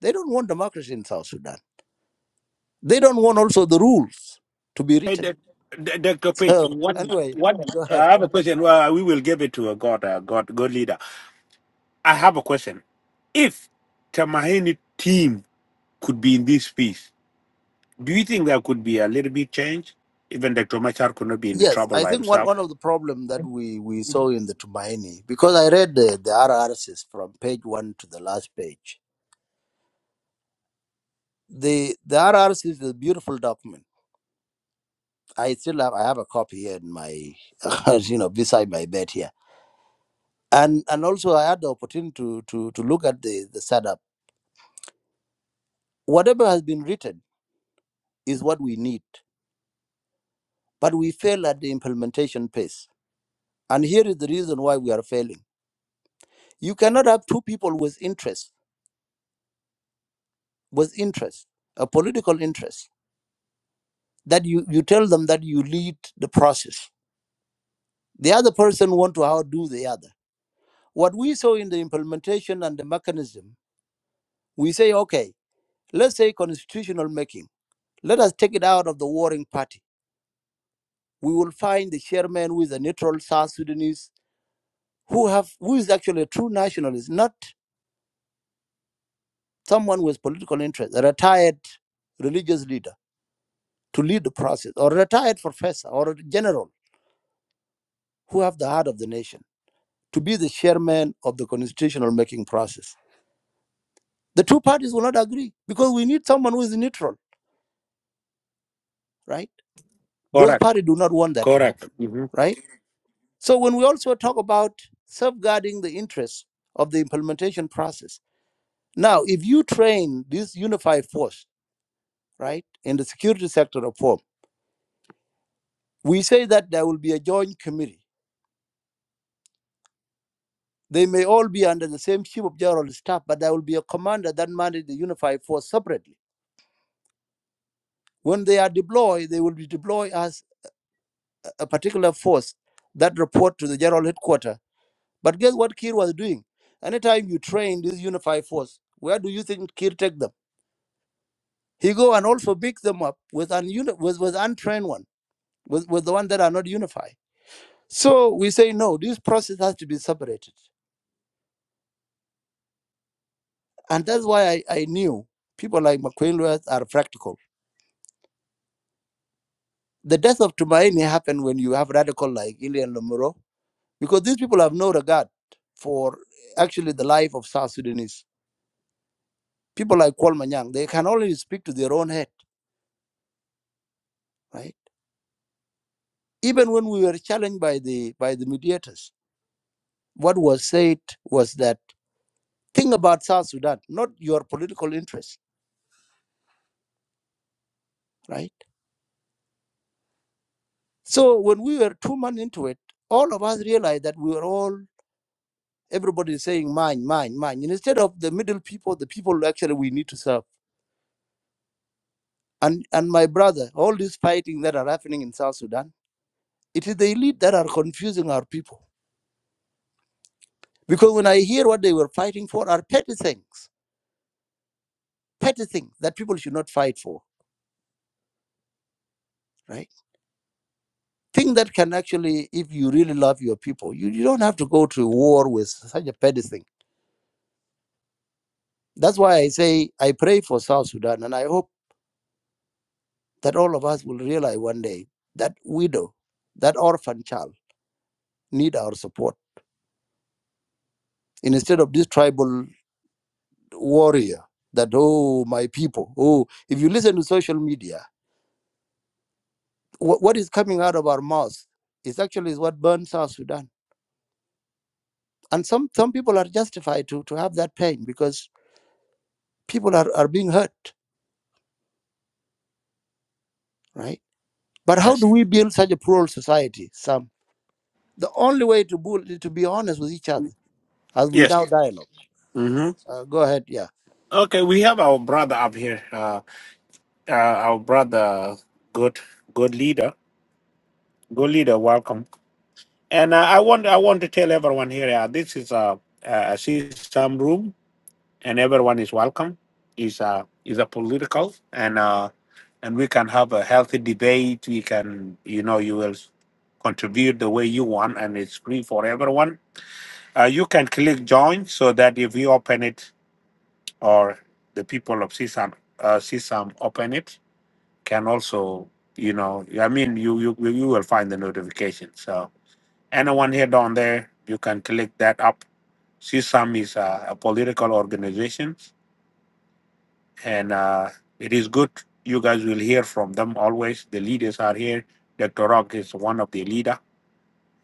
Speaker 6: They don't want democracy in South Sudan They don't want also the rules to be
Speaker 4: Hey,
Speaker 6: written.
Speaker 4: Doc- Doc- Dr. Page,
Speaker 6: So
Speaker 4: what
Speaker 6: anyway,
Speaker 4: what
Speaker 6: go ahead.
Speaker 4: I have a question. Well, we will give it to a God, a God, God leader. I have a question. If Tamahini team could be in this peace. Do you think there could be a little bit change? Even Dr. Machar could not be in the
Speaker 6: Yes,
Speaker 4: trouble
Speaker 6: I
Speaker 4: by
Speaker 6: think one,
Speaker 4: himself.
Speaker 6: one of the problem that we, we saw in the Tumaini, because I read the, the RRCs from page one to the last page. The the RRC is a beautiful document. I still have I have a copy here in my you know beside my bed here. And and also I had the opportunity to to, to look at the, the setup. Whatever has been written is what we need, but we fail at the implementation pace. And here is the reason why we are failing You cannot have two people with interest, with interest, a political interest, that you, you tell them that you lead the process. The other person want to outdo the other. What we saw in the implementation and the mechanism, we say, okay, let's say constitutional making. Let us take it out of the warring party. We will find the chairman who is a neutral South Sudanese who have who is actually a true nationalist, not someone with political interest, a retired religious leader to lead the process, or retired professor or general who have the heart of the nation to be the chairman of the constitutional making process. The two parties will not agree because we need someone who is neutral, right? Both
Speaker 4: Correct.
Speaker 6: parties do not want that to
Speaker 4: Correct.
Speaker 6: happen,
Speaker 4: hmm
Speaker 6: right? So when we also talk about safeguarding the interests of the implementation process, now if you train this unified force, right, in the security sector reform, we say that there will be a joint committee They may all be under the same chief of general staff, but there will be a commander that manages the unified force separately. When they are deployed, they will be deployed as a particular force that report to the general headquarters. But guess what Kir was doing? Anytime you train this unified force, where do you think Kir take them? He go and also mix them up with an uni- with, with untrained one, with, with the one that are not unified. So we say no, this process has to be separated. And that's why I, I knew people like McQueen Lewis are practical The death of Tumaini happened when you have radical like Ilian Lomuro, because these people have no regard for actually the life of South Sudanese. People like Kwal Manyang, they can only speak to their own head, right? Even when we were challenged by the by the mediators, what was said was that think about South Sudan, not your political interests, right? So when we were two months into it, all of us realized that we were all everybody is saying mine, mine, mine. And instead of the middle people, the people actually we need to serve. And, and my brother, all these fighting that are happening in South Sudan, it is the elite that are confusing our people. Because when I hear what they were fighting for are petty things, petty things that people should not fight for, right? Things that can actually, if you really love your people, you, you don't have to go to war with such a petty thing. That's why I say I pray for South Sudan, and I hope that all of us will realize one day that widow, that orphan child, need our support instead of this tribal warrior that oh my people oh if you listen to social media wh- what is coming out of our mouths is actually is what burns south sudan and some some people are justified to to have that pain because people are, are being hurt right but how
Speaker 4: Yes.
Speaker 6: do we build such a plural society sam the only way to build is to be honest with each other as we
Speaker 4: Yes.
Speaker 6: now dialogue
Speaker 4: hmm
Speaker 6: uh, go ahead yeah
Speaker 4: Okay, we have our brother up here. Uh, uh, our brother, good, good leader, good leader. Welcome. And uh, I want, I want to tell everyone here. Uh, this is a, a system room. and everyone is welcome. is a is a political and uh, and we can have a healthy debate. We can you know you will contribute the way you want, and it's free for everyone. Uh, you can click join so that if you open it or the people of CSAM uh, CSAM open it can also you know I mean you you you will find the notification. So anyone here down there you can click that up CSAM is a, a political organization and uh, it is good. You guys will hear from them always. The leaders are here. Dr. Rock is one of the leader,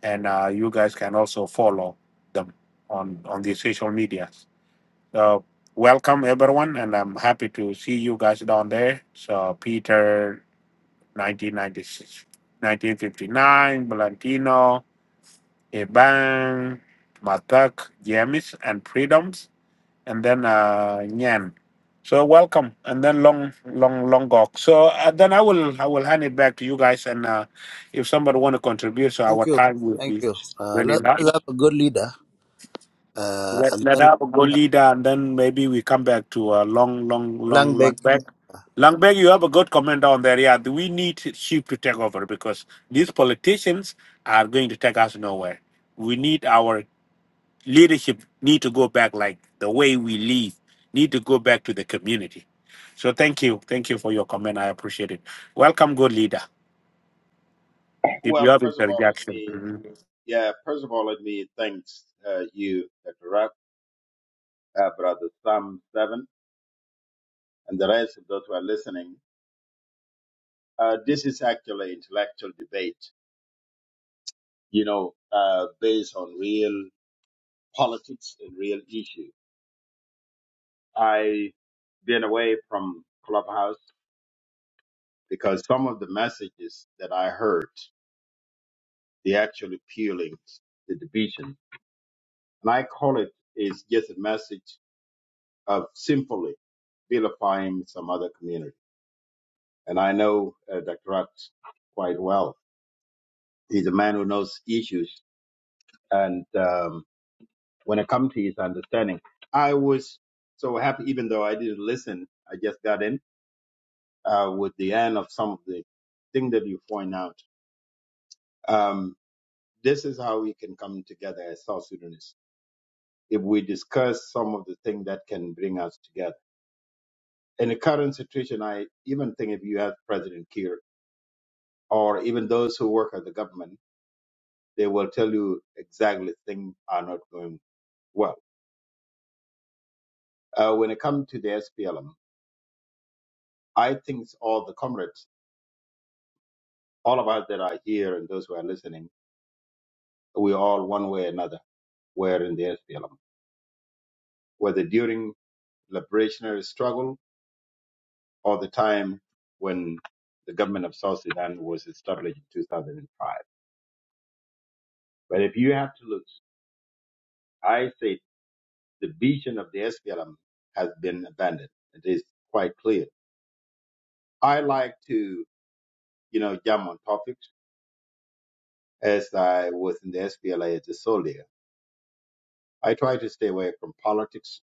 Speaker 4: and uh, you guys can also follow them on on the social medias. So welcome everyone, and I'm happy to see you guys down there. So Peter, 1996, 1959, Valentino, Eban, Matak, James, and Freedoms and then uh, Nyan. So welcome, and then Long Long Long Gok. So uh, then I will I will hand it back to you guys, and uh, if somebody want to contribute, so
Speaker 6: Thank
Speaker 4: our
Speaker 6: you.
Speaker 4: time will
Speaker 6: Thank
Speaker 4: be
Speaker 6: you. Uh,
Speaker 4: really
Speaker 6: let-
Speaker 4: not.
Speaker 6: let's have a good leader. Uh,
Speaker 4: Let
Speaker 6: and
Speaker 4: let
Speaker 6: then
Speaker 4: have a go leader, and then maybe we come back to uh, Long Long Long
Speaker 6: Langbeck.
Speaker 4: Long Back. Long Beg, you have a good comment on there. Yeah, we need sheep to take over because these politicians are going to take us nowhere. We need our leadership need to go back like the way we lead need to go back to the community so thank you thank you for your comment i appreciate it welcome good leader if you
Speaker 9: Well,
Speaker 4: have
Speaker 9: first of all, let
Speaker 4: interjection
Speaker 9: me
Speaker 4: Mhm.
Speaker 9: yeah, first of all, let me thanks uh, you, Dr. Rapp, uh, Brother Sam Seven, and the rest of those who are listening. Uh, this is actually intellectual debate, you know, uh, based on real politics and real issue. I been away from Clubhouse because some of the messages that I heard, they actually peeling the division, and I call it is just a message of simply vilifying some other community and I know uh, Dr. Rutz quite well. He's a man who knows issues, and um, when it comes to his understanding, I was so happy. Even though I didn't listen, I just got in uh, with the end of some of the thing that you point out. Um, this is how we can come together as South Sudanese if we discuss some of the things that can bring us together. In the current situation, I even think if you have President Kiir or even those who work at the government they will tell you exactly things are not going well. Uh, when it comes to the SPLM, I think all the comrades, all of us that are here and those who are listening, we all one way or another were in the SPLM, whether during liberationary struggle or the time when the government of South Sudan was established in 2005. But if you have to look, I say the vision of the SPLM has been abandoned. It is quite clear. I like to, you know, jump on topics as I was in the SPLA as a soldier. I try to stay away from politics.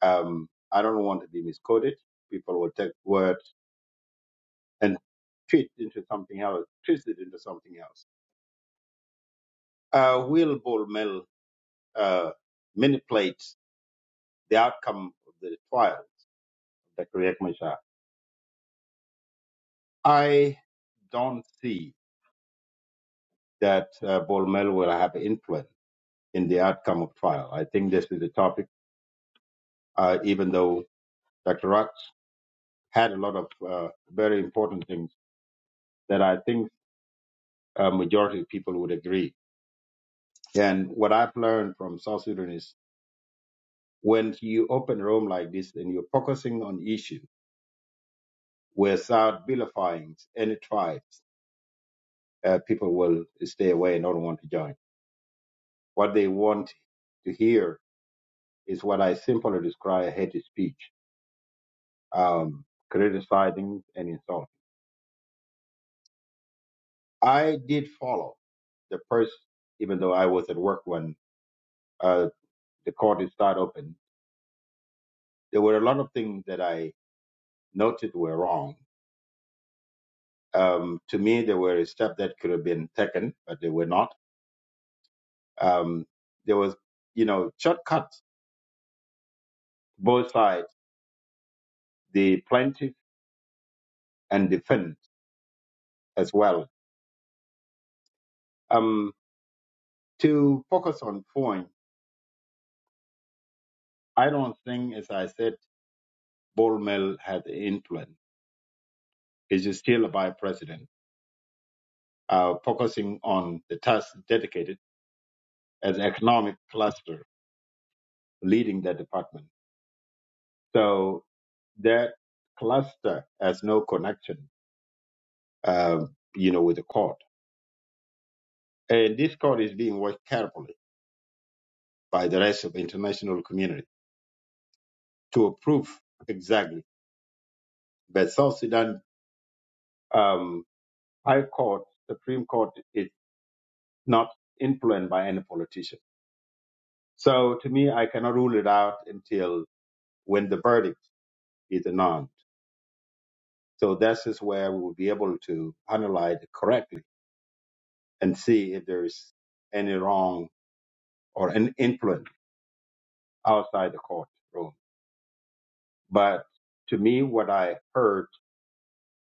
Speaker 9: Um, I don't want to be misquoted. People will take words and twist into something else, twist it into something else. Uh, will Bol Mel uh, manipulate the outcome of the trial, Dr. Riek Machar? I don't see that uh, Bull Mel will have influence in the outcome of trial. I think this is a topic, uh, even though Dr. Rock had a lot of uh, very important things that I think a majority of people would agree. And what I've learned from South Sudan is when you open a room like this and you're focusing on issue without vilifying any tribes, uh, people will stay away and don't want to join. What they want to hear is what I simply describe hate speech, um, criticizing and insulting. I did follow the first, even though I was at work when uh, the court started open. There were a lot of things that I noted were wrong. Um, to me, there were steps that could have been taken, but they were not. Um, there was, you know, shortcuts both sides, the plaintiff and defense as well. Um, to focus on point, I don't think, as I said, Bolmel had influence. He's still a vice president, uh, focusing on the task dedicated as economic cluster leading the department. So that cluster has no connection uh, you know, with the court. And this court is being watched carefully by the rest of the international community to approve exactly. But South Sudan um, High Court, Supreme Court is not influenced by any politician. So to me, I cannot rule it out until when the verdict is announced. So that is where we will be able to analyze it correctly and see if there is any wrong or an influence outside the court room. But to me, what I heard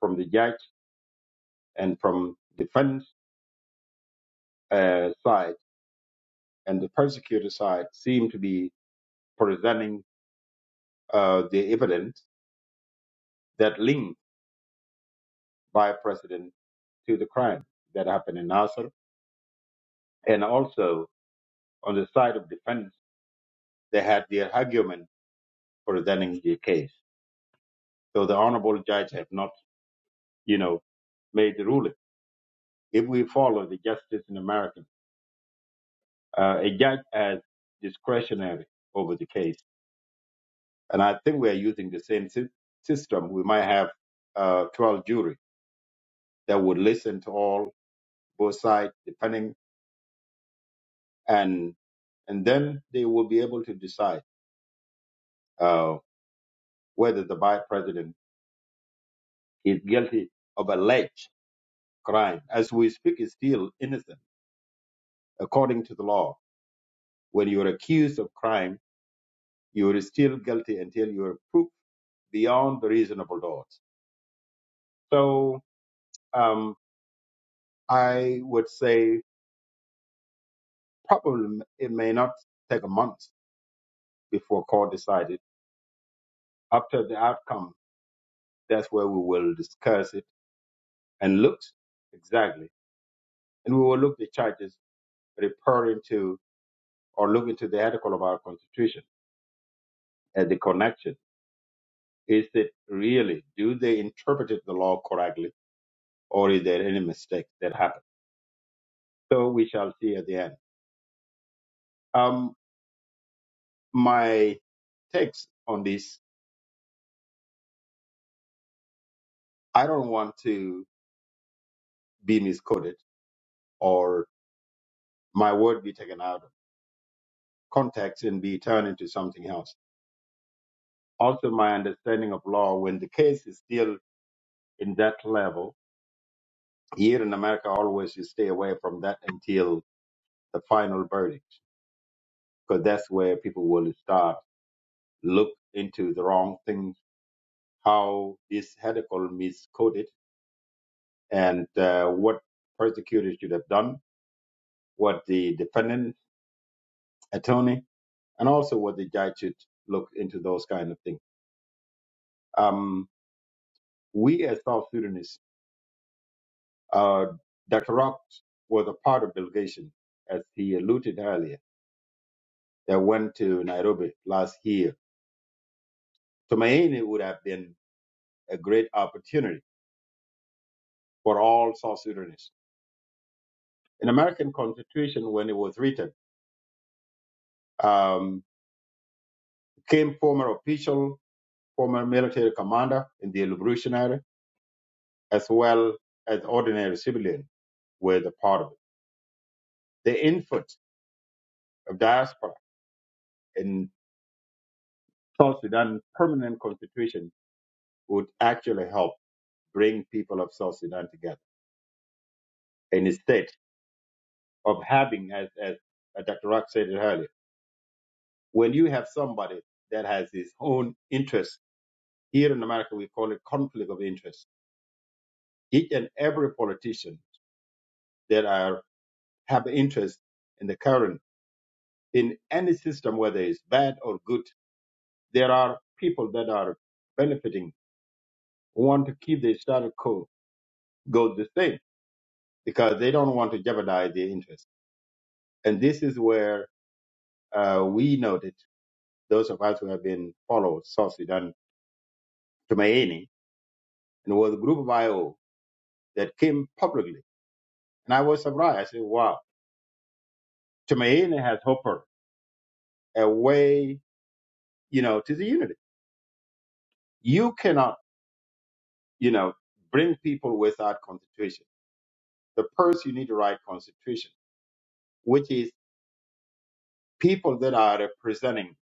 Speaker 9: from the judge and from defense uh, side and the prosecutor side seemed to be presenting uh, the evidence that linked by president to the crime that happened in Nasser. And also on the side of defense, they had their argument presenting the case. So the honorable judge have not, you know, made the ruling. If we follow the justice in America, uh, a judge has discretionary over the case And I think we are using the same sy- system. We might have uh, 12 jury that would listen to all both sides, depending, and and then they will be able to decide uh, whether the vice president is guilty of alleged crime. As we speak, is still innocent according to the law. When you are accused of crime, you are still guilty until you are proved beyond the reasonable doubt. So um, I would say probably it may not take a month before court decided. After the outcome, that's where we will discuss it and look exactly. And we will look the charges referring to or look into the article of our constitution at the connection. Is it really, do they interpret the law correctly or is there any mistake that happened? So we shall see at the end. Um, my takes on this, I don't want to be misquoted or my word be taken out of context and be turned into something else also my understanding of law when the case is still in that level here in america always you stay away from that until the final verdict because that's where people will start look into the wrong things how this article miscoded and uh, what prosecutors should have done what the defendant attorney and also what the judge should look into those kind of things um, we as south sudanese Uh, Dr. Rock was a part of delegation, as he alluded earlier, that went to Nairobi last year. Tumaini would have been a great opportunity for all South Sudanese. An American Constitution, when it was written, um, came former official, former military commander in the Revolutionary, as well as ordinary civilian were the part of it. The input of diaspora in South Sudan permanent constitution would actually help bring people of South Sudan together. And instead of having, as, as uh, Dr. Rock said it earlier, when you have somebody that has his own interest, here in America we call it conflict of interest. Each and every politician that are have interest in the current in any system, whether it's bad or good, there are people that are benefiting who want to keep the status quo go the same because they don't want to jeopardize their interest. And this is where uh, we noted. those of us who have been followed South Sudan Tumaini, and it was a group of IO that came publicly. And I was surprised. I said, wow, Tumaini has offered a way, you know, to the unity. You cannot, you know, bring people without constitution. The first you need to write constitution, which is people that are representing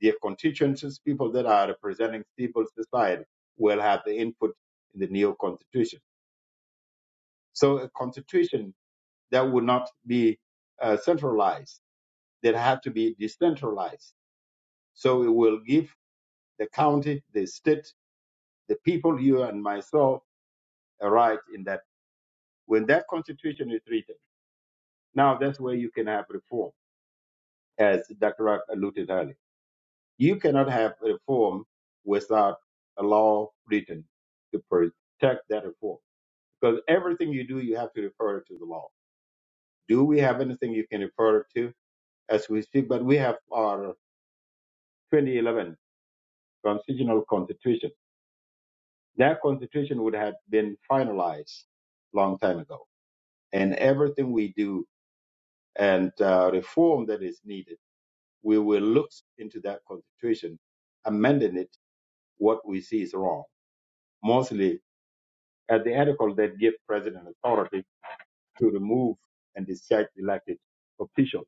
Speaker 9: their constituencies, people that are representing civil society will have the input in the new constitution. So a constitution that would not be uh, centralized. That have to be decentralized. So it will give the county, the state, the people, you and myself, a right in that. When that constitution is written, now that's where you can have reform, as Dr. Rock alluded earlier. You cannot have reform without a law written to protect that reform. Because everything you do, you have to refer to the law. Do we have anything you can refer to as we speak? But we have our 2011. constitutional constitution. That constitution would have been finalized long time ago. And everything we do and uh, reform that is needed, we will look into that constitution, amending it what we see is wrong. Mostly at the article that give president authority to remove and discharge elected officials.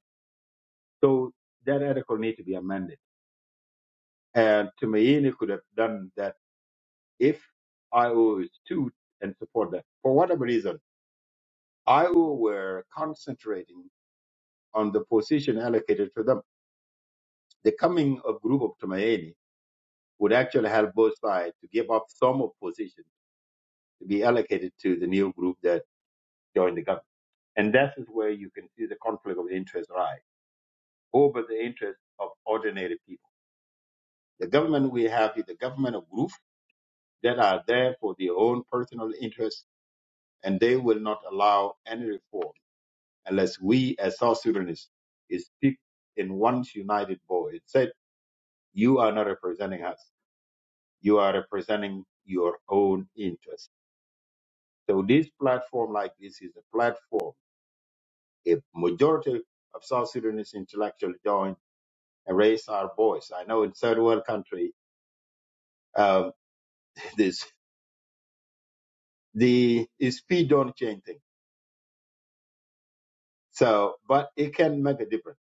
Speaker 9: So that article need to be amended. And Tumaini could have done that if I was to and support that for whatever reason Iowa were concentrating on the position allocated to them. The coming of group of Tumaini would actually help both sides to give up some of position to be allocated to the new group that joined the government. And that is where you can see the conflict of interest rise over the interest of ordinary people. The government we have is the government of groups that are there for their own personal interests, and they will not allow any reform unless we as South Sudanese speak in one united voice You are not representing us. You are representing your own interest. So this platform like this is a platform. A majority of South Sudanese intellectuals join and raise our voice. I know in third world country, um, this the speed don't change things. So, but it can make a difference.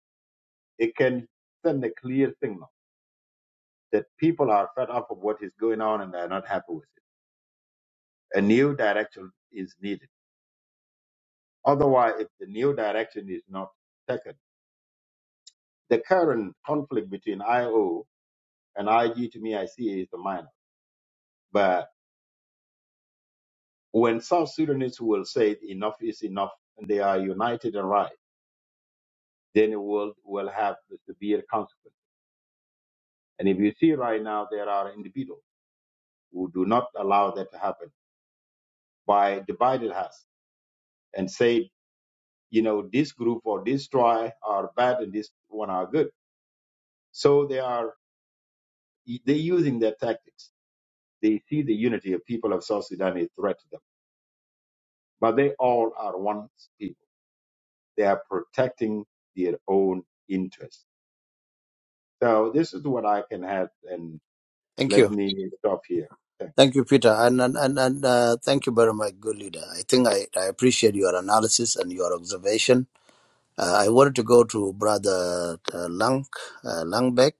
Speaker 9: It can send a clear signal that people are fed up of what is going on and they're not happy with it. A new direction is needed. Otherwise, if the new direction is not taken, the current conflict between IO and IG to me, I see is the minor. But when South Sudanese will say enough is enough and they are united and right, then it will, will have the severe consequence. And if you see right now, there are individuals who do not allow that to happen by divided us and say, you know, this group or this tribe are bad and this one are good. So they are, they're using their tactics. They see the unity of people of South Sudan is threat to them. but they all are one people. They are protecting their own interests. So this is what I can add, and
Speaker 6: Thank you.
Speaker 9: let me stop here. Thank
Speaker 6: Thank you, Peter, and and and, and uh, thank you very much, good leader. I think I, I appreciate your analysis and your observation. Uh, I wanted to go to Brother uh, Lang uh, Langbeck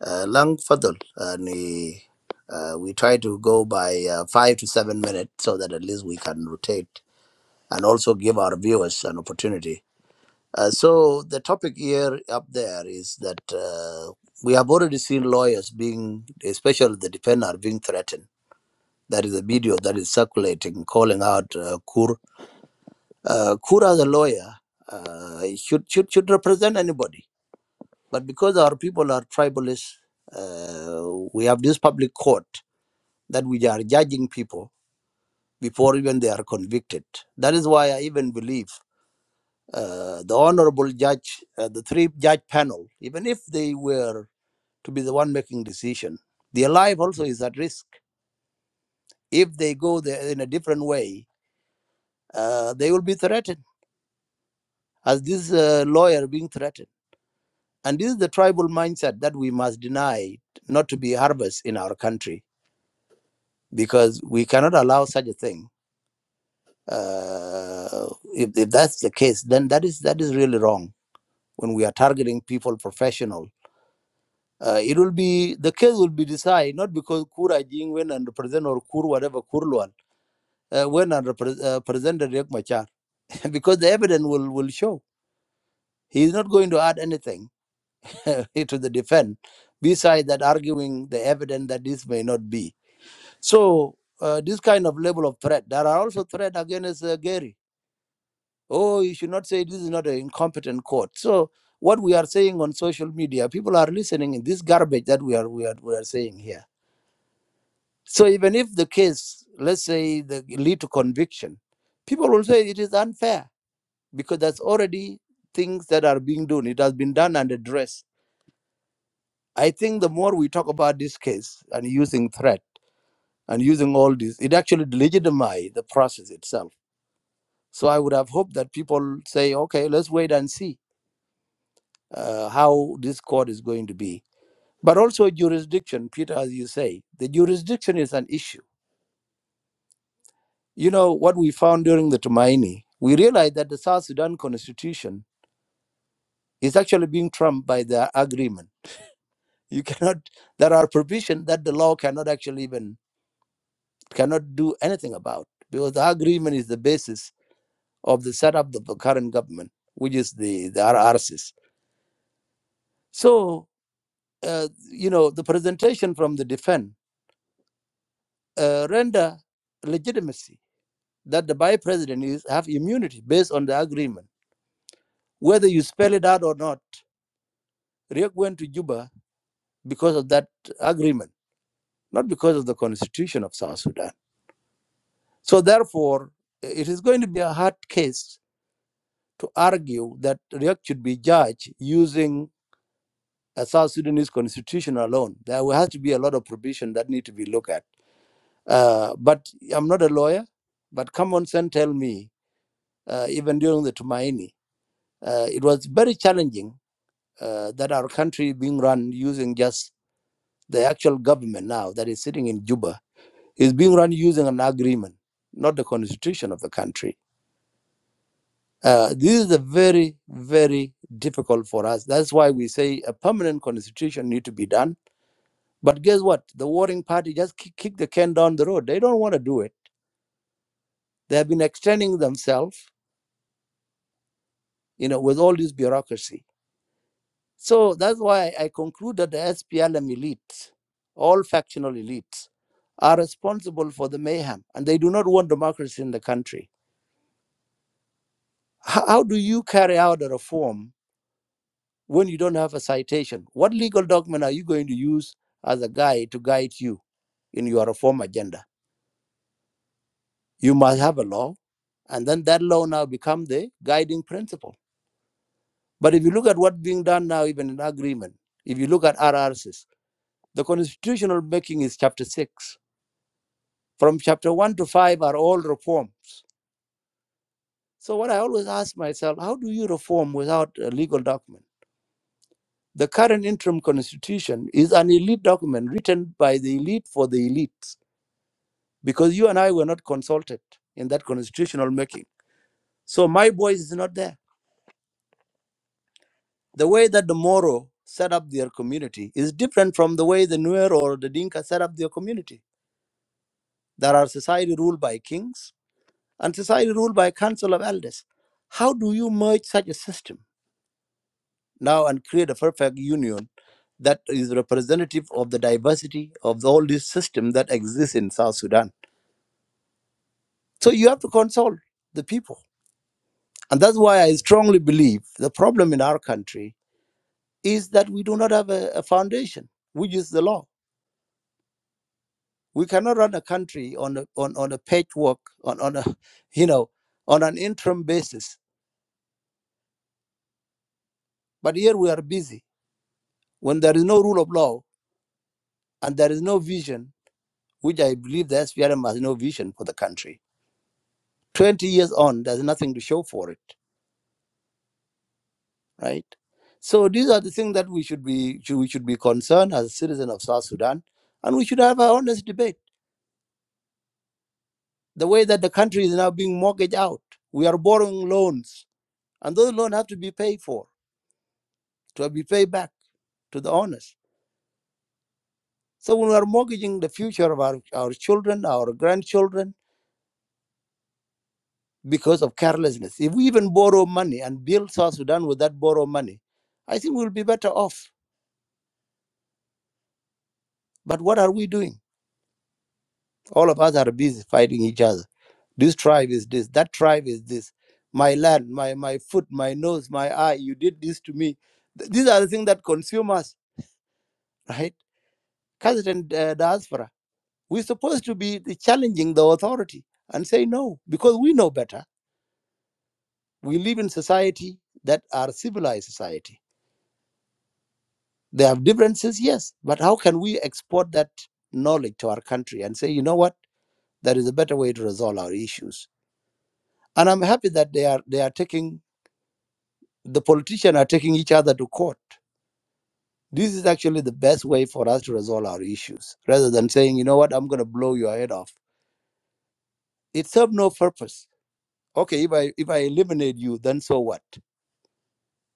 Speaker 6: uh, Lang Fadl, and he, uh, we try to go by uh, five to seven minutes so that at least we can rotate and also give our viewers an opportunity. Uh, so the topic here up there is that uh, we have already seen lawyers being, especially the defender, being threatened that is a video that is circulating, calling out uh, Kur. Uh, Kur as a lawyer uh, should, should should represent anybody, but because our people are tribalist, uh, we have this public court that we are judging people before even they are convicted. That is why I even believe uh, the honorable judge, uh, the three judge panel, even if they were to be the one making decision, their life also is at risk. If they go there in a different way, uh, they will be threatened as this uh, lawyer being threatened. And this is the tribal mindset that we must deny not to be harvest in our country because we cannot allow such a thing. Uh, if, if that's the case, then that is that is really wrong. When we are targeting people professional, uh, it will be the case will be decided not because Kura Jingwen and represent or Kur whatever Kurluan uh, when and repre- uh, presented Riek Machar because the evidence will will show he is not going to add anything to the defense, besides that arguing the evidence that this may not be. So uh, this kind of level of threat, there are also threats against uh, Gary. Oh, you should not say this is not an incompetent court. So what we are saying on social media, people are listening in this garbage that we are we are, we are saying here. So even if the case, let's say, the lead to conviction, people will say it is unfair because there's already things that are being done. It has been done and addressed I think the more we talk about this case and using threat and using all this, it actually legitimizes the process itself. So I would have hoped that people say, okay, let's wait and see uh, how this court is going to be. But also jurisdiction, Peter, as you say, the jurisdiction is an issue. You know, what we found during the Tumaini, we realized that the South Sudan constitution is actually being trumped by the agreement. You cannot, there are provisions that the law cannot actually even cannot do anything about because the agreement is the basis of the setup of the current government, which is the, the RRCs. So, uh, you know, the presentation from the defense uh, render legitimacy that the vice president is have immunity based on the agreement. Whether you spell it out or not, Riek went to Juba because of that agreement, not because of the constitution of South Sudan. So therefore, it is going to be a hard case to argue that Riek should be judged using a South Sudanese constitution alone. There will have to be a lot of provision that need to be looked at. Uh, but I'm not a lawyer, but common sense tell me, uh, even during the Tumaini, uh, it was very challenging uh, that our country being run using just the actual government now that is sitting in Juba is being run using an agreement, not the constitution of the country. Uh, this is a very, very difficult for us. That's why we say a permanent constitution need to be done But guess what? The warring party just kick, kick the can down the road. They don't want to do it. They have been extending themselves, you know, with all this bureaucracy. So that's why I conclude that the SPLM elite, all factional elites, are responsible for the mayhem and they do not want democracy in the country. How, how do you carry out a reform when you don't have a citation? What legal document are you going to use as a guide to guide you in your reform agenda? You must have a law And then that law now become the guiding principle. But if you look at what's being done now, even in agreement, if you look at RRCs, the constitutional making is chapter six. From chapter one to five are all reforms. So what I always ask myself, how do you reform without a legal document? The current interim constitution is an elite document written by the elite for the elites, because you and I were not consulted in that constitutional making. So my voice is not there. The way that the Moro set up their community is different from the way the Nuer or the Dinka set up their community. There are society ruled by kings and society ruled by council of elders. How do you merge such a system now and create a perfect union that is representative of the diversity of all this system that exists in South Sudan? So you have to consult the people. And that's why I strongly believe the problem in our country is that we do not have a, a foundation, which is the law We cannot run a country on a, on, on a patchwork, on, on a, you know, on an interim basis. But here we are busy. When there is no rule of law and there is no vision, which I believe the SPLM has no vision for the country. 20 years on, there's nothing to show for it, right? So these are the things that we should be should, we should be concerned as a citizen of South Sudan, and we should have an honest debate. The way that the country is now being mortgaged out, we are borrowing loans, and those loans have to be paid for. to be paid back to the owners. So we are mortgaging the future of our, our children, our grandchildren, because of carelessness. If we even borrow money and build South Sudan with that borrow money, I think we'll be better off. But what are we doing? All of us are busy fighting each other. This tribe is this, that tribe is this. My land, my, my foot, my nose, my eye, you did this to me. Th- These are the things that consume us, right? Cousin uh, diaspora. We're supposed to be the challenging the authority and say no, because we know better. We live in society that are civilized society. They have differences, yes, but how can we export that knowledge to our country and say, you know what, there is a better way to resolve our issues? And I'm happy that they are they are taking the politicians are taking each other to court. This is actually the best way for us to resolve our issues, rather than saying, you know what, I'm going to blow your head off. It serves no purpose. Okay, if I if I eliminate you, then so what?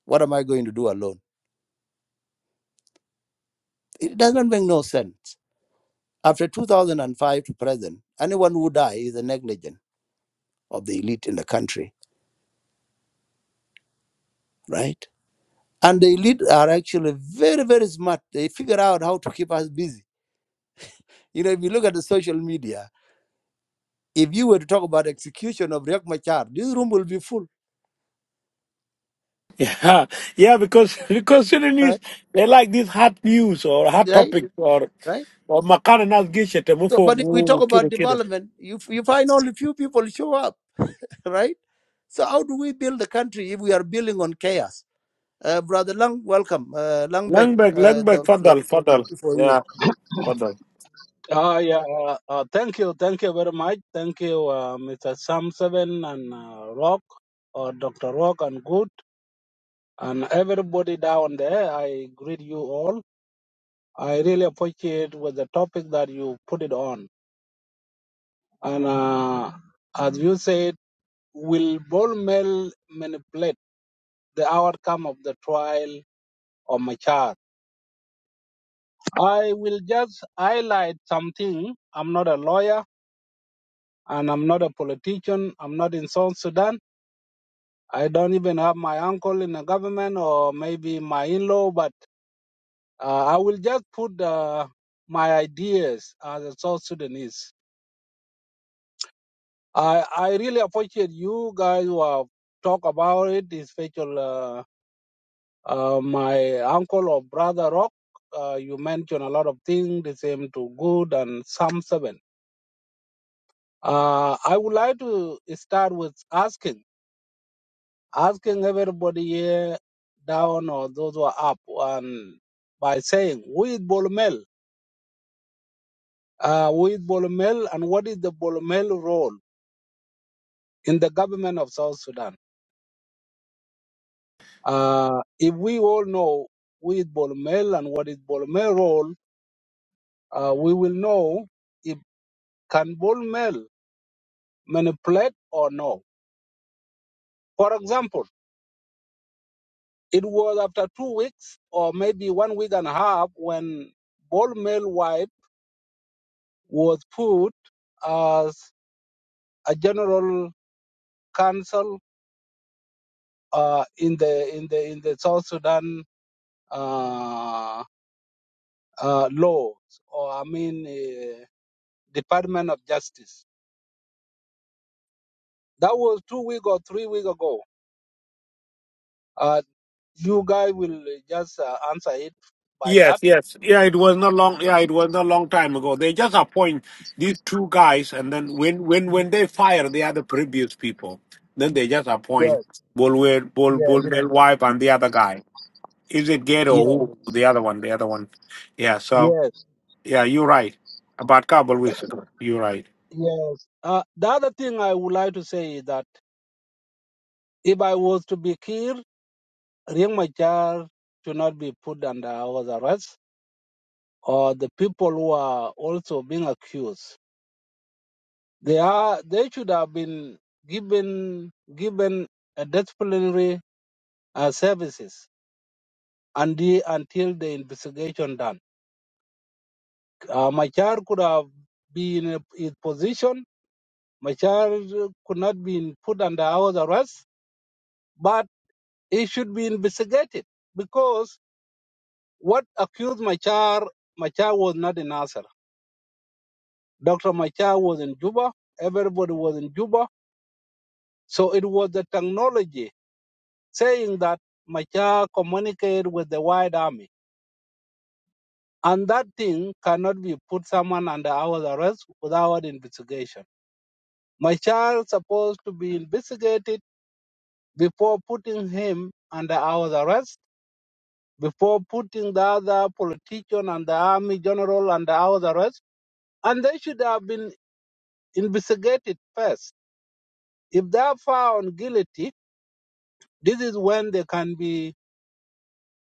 Speaker 6: What am I going to do alone? It doesn't make no sense. After 2005 to present, anyone who dies is a negligent of the elite in the country, right? And the elite are actually very, very smart. They figure out how to keep us busy. You know, if you look at the social media, if you were to talk about execution of Riek Machar, this room will be full,
Speaker 4: Yeah, yeah, because because Sudanese
Speaker 6: right?
Speaker 4: they like this hot news or hot
Speaker 6: Right?
Speaker 4: topics or
Speaker 6: Right?
Speaker 4: or makana nas gishet
Speaker 6: So, but if we talk
Speaker 4: mufogu
Speaker 6: about
Speaker 4: kida kida.
Speaker 6: development, you, you find only few people show up, right? So how do we build the country if we are building on chaos? Uh, Brother Lang, welcome. Uh, Langbeck,
Speaker 4: Langberg,
Speaker 6: uh,
Speaker 4: Langberg,
Speaker 6: the, the
Speaker 4: fadal, fadal.
Speaker 6: opportunity for you.
Speaker 4: Yeah, fadal.
Speaker 10: Uh, yeah, uh, uh, thank you. Thank you very much. Thank you, uh, Mr. Sam Seven and uh, Rock, or Dr. Rock and Good, and everybody down there. I greet you all. I really appreciate with the topic that you put it on. And uh, as you said, will ball mill manipulate the outcome of the trial of my child? I will just highlight something. I'm not a lawyer and I'm not a politician. I'm not in South Sudan I don't even have my uncle in the government or maybe my in-law, but uh, I will just put uh, my ideas as a South Sudanese. I, I really appreciate you guys who have talked about it, especially uh, uh, my uncle or brother Rock. Uh, you mentioned a lot of things, the same to good and Psalm 7. Uh, I would like to start with asking. asking everybody here down or those who are up and by saying we is Bolomel, uh, we is Bolomel, and what is the Bolomel role in the government of South Sudan? Uh, if we all know we is Bolomel and what is Bolomel role, uh, we will know if can Bolomel manipulate or no. For example, it was after two weeks or maybe one week and a half when Bolomel wife was put a general council uh, in the in the in the South Sudan uh, uh, laws, or I mean, uh, Department of Justice. That was two week or three weeks ago. Uh, you guys will just uh, answer it by
Speaker 4: Yes,
Speaker 10: that.
Speaker 4: yes. Yeah, it was not long yeah, it was not long time ago. They just appoint these two guys and then when when when they fire the other previous people, then they just appoint
Speaker 10: Yes,
Speaker 4: Bolwer Bol Bol
Speaker 10: yes,
Speaker 4: wife and the other guy. Is it Gate or
Speaker 10: yes,
Speaker 4: who the other one, the other one. Yeah, so
Speaker 10: yes,
Speaker 4: yeah, you're right. About couple weeks ago. You're right.
Speaker 10: yes. Uh, the other thing I would like to say is that if I was to be killed, Riek Machar should not be put under house arrest or the people who are also being accused, they are they should have been given given a disciplinary uh, services and the, until the investigation done. Uh, Machar could have been in his position. Machar could not be put under house arrest, but he should be investigated because what accused Machar Machar was not in Nasser. Dr. Machar was in Juba. Everybody was in Juba So it was the technology saying that Machar communicated with the white army. And that thing cannot be put someone under our arrest without investigation. Machar supposed to be investigated before putting him under our arrest, before putting the other politician and the army general under our arrest. And they should have been investigated first. If they are found guilty, this is when they can be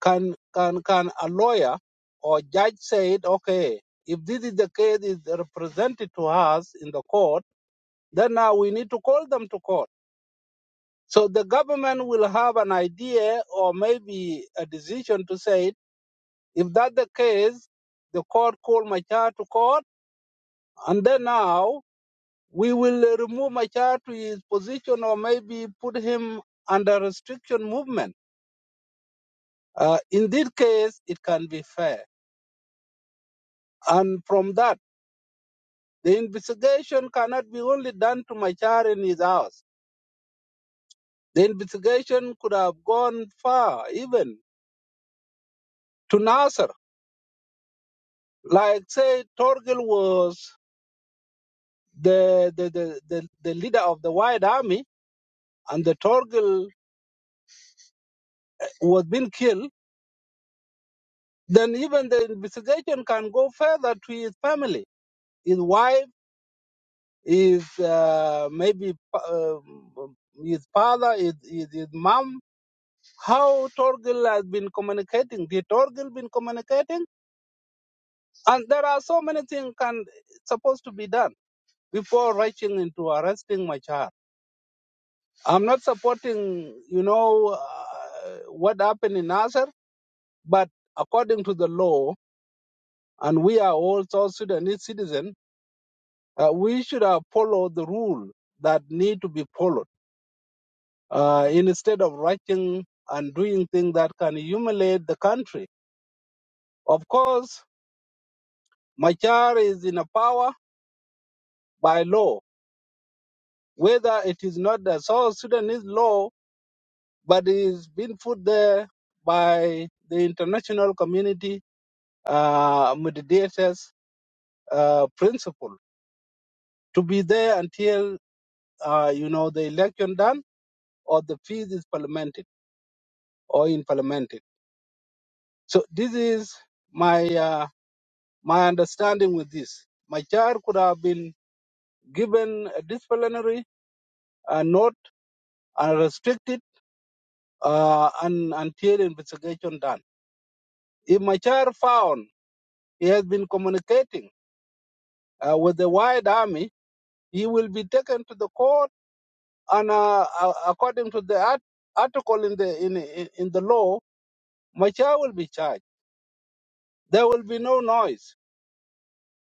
Speaker 10: Can can can a lawyer or judge say it? Okay, if this is the case is represented to us in the court, then now we need to call them to court. So the government will have an idea or maybe a decision to say if that the case, the court call my child to court, and then now we will uh, remove my child to his position or maybe put him under restriction movement. Uh, in this case, it can be fair. And from that. The investigation cannot be only done to Machar in his house. The investigation could have gone far, even to Nasser. Like, say, Torgil was the, the, the, the, the leader of the White Army and the Torgil was being killed, then even the investigation can go further to his family, his wife, his uh, maybe uh, his father, his, his, his mom, how Torgil has been communicating. Did Torgil been communicating? And there are so many things can supposed to be done before rushing into arresting my child. I'm not supporting, you know, uh, what happened in Nasser, but according to the law, and we are all South Sudanese citizens, uh, we should have followed the rule that need to be followed uh, instead of rushing and doing things that can humiliate the country. Of course, Machar is in a power by law, whether it is not the South Sudanese law but it's been put there by the international community uh, mediators uh, principle to be there until uh, you know the election done or the fees is parliamented or implemented. So this is my uh, my understanding with this. My child could have been given a disciplinary uh, note and restricted uh, and, until investigation done. If my child found he has been communicating uh, with the white army, he will be taken to the court, and uh, uh, according to the art- article in the in, in in the law, Machar will be charged. There will be no noise,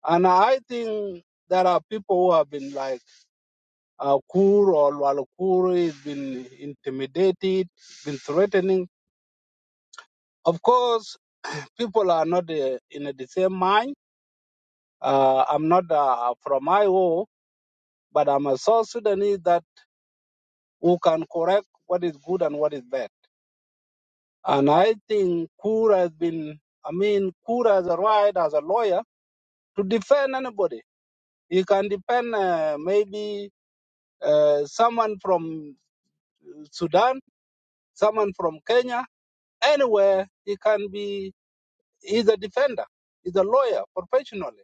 Speaker 10: and I think there are people who have been like uh, Kur or Walukuri has been intimidated, been threatening. Of course, people are not uh, in the same mind. Uh, I'm not uh, from IO, but I'm a South Sudanese that who can correct what is good and what is bad. And I think Kura has been, I mean, Kura has a right as a lawyer to defend anybody. He can defend uh, maybe uh, someone from Sudan, someone from Kenya, anywhere. He can be, he's a defender, he's a lawyer professionally.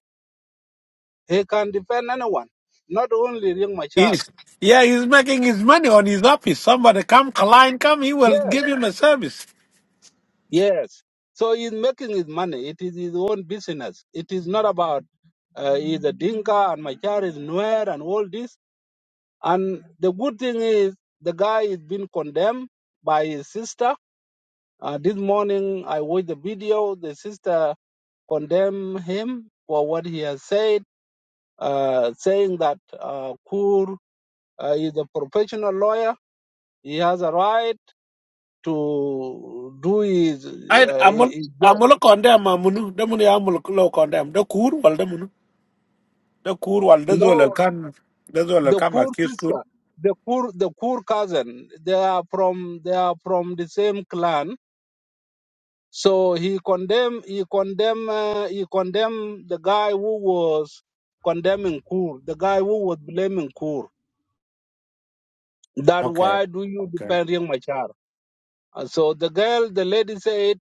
Speaker 10: He can defend anyone, not only Ring Machar.
Speaker 4: He's yeah, he's making his money on his office. Somebody come, client come, he will
Speaker 10: Yes,
Speaker 4: give him a service.
Speaker 10: yes. So he's making his money. It is his own business. It is not about uh, he's a Dinka and Machar is Nuer and all this And the good thing is, the guy is being condemned by his sister. Uh, this morning, I watched the video. The sister condemned him for what he has said, uh, saying that uh, Kur uh, is a professional lawyer. He has a right to do his,
Speaker 4: I
Speaker 10: uh,
Speaker 4: amol
Speaker 10: his job.
Speaker 4: amol condemn amunu demuni amol lo condemn the cool, wal demunu the kur wal de zol el
Speaker 10: No,
Speaker 4: kan de zol el
Speaker 10: the
Speaker 4: kan
Speaker 10: Kur
Speaker 4: accuse kun
Speaker 10: sister, the Kur, the Kur cousin, they are from they are from the same clan So he condemned he condemned uh, he condemned the guy who was condemning Kur, the guy who was blaming Kur. That
Speaker 4: okay
Speaker 10: why do you
Speaker 4: okay
Speaker 10: defend Young Machar? And so the girl, the lady said,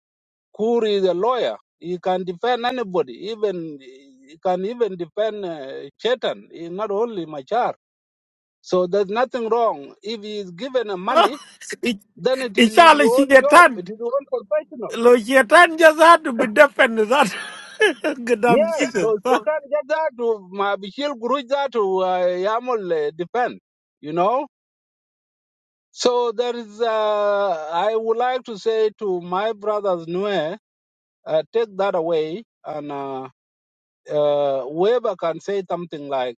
Speaker 10: Kur is a lawyer. He can defend anybody, even he can even defend uh, Chetan, He not only Machar. So there's nothing wrong. If he is given a money, then it is his
Speaker 4: inshallah
Speaker 10: own job.
Speaker 4: shaitan
Speaker 10: It is his own professional.
Speaker 4: lo shaitan jazadu be defend that goddamn
Speaker 10: Yeah,
Speaker 4: jesus
Speaker 10: no, They
Speaker 4: huh?
Speaker 10: Satan get that to my Bishil Guruj that to uh, Yamal uh, depend, you know. So there is, uh, I would like to say to my brothers, Nue, uh, take that away and uh, uh, Weber can say something like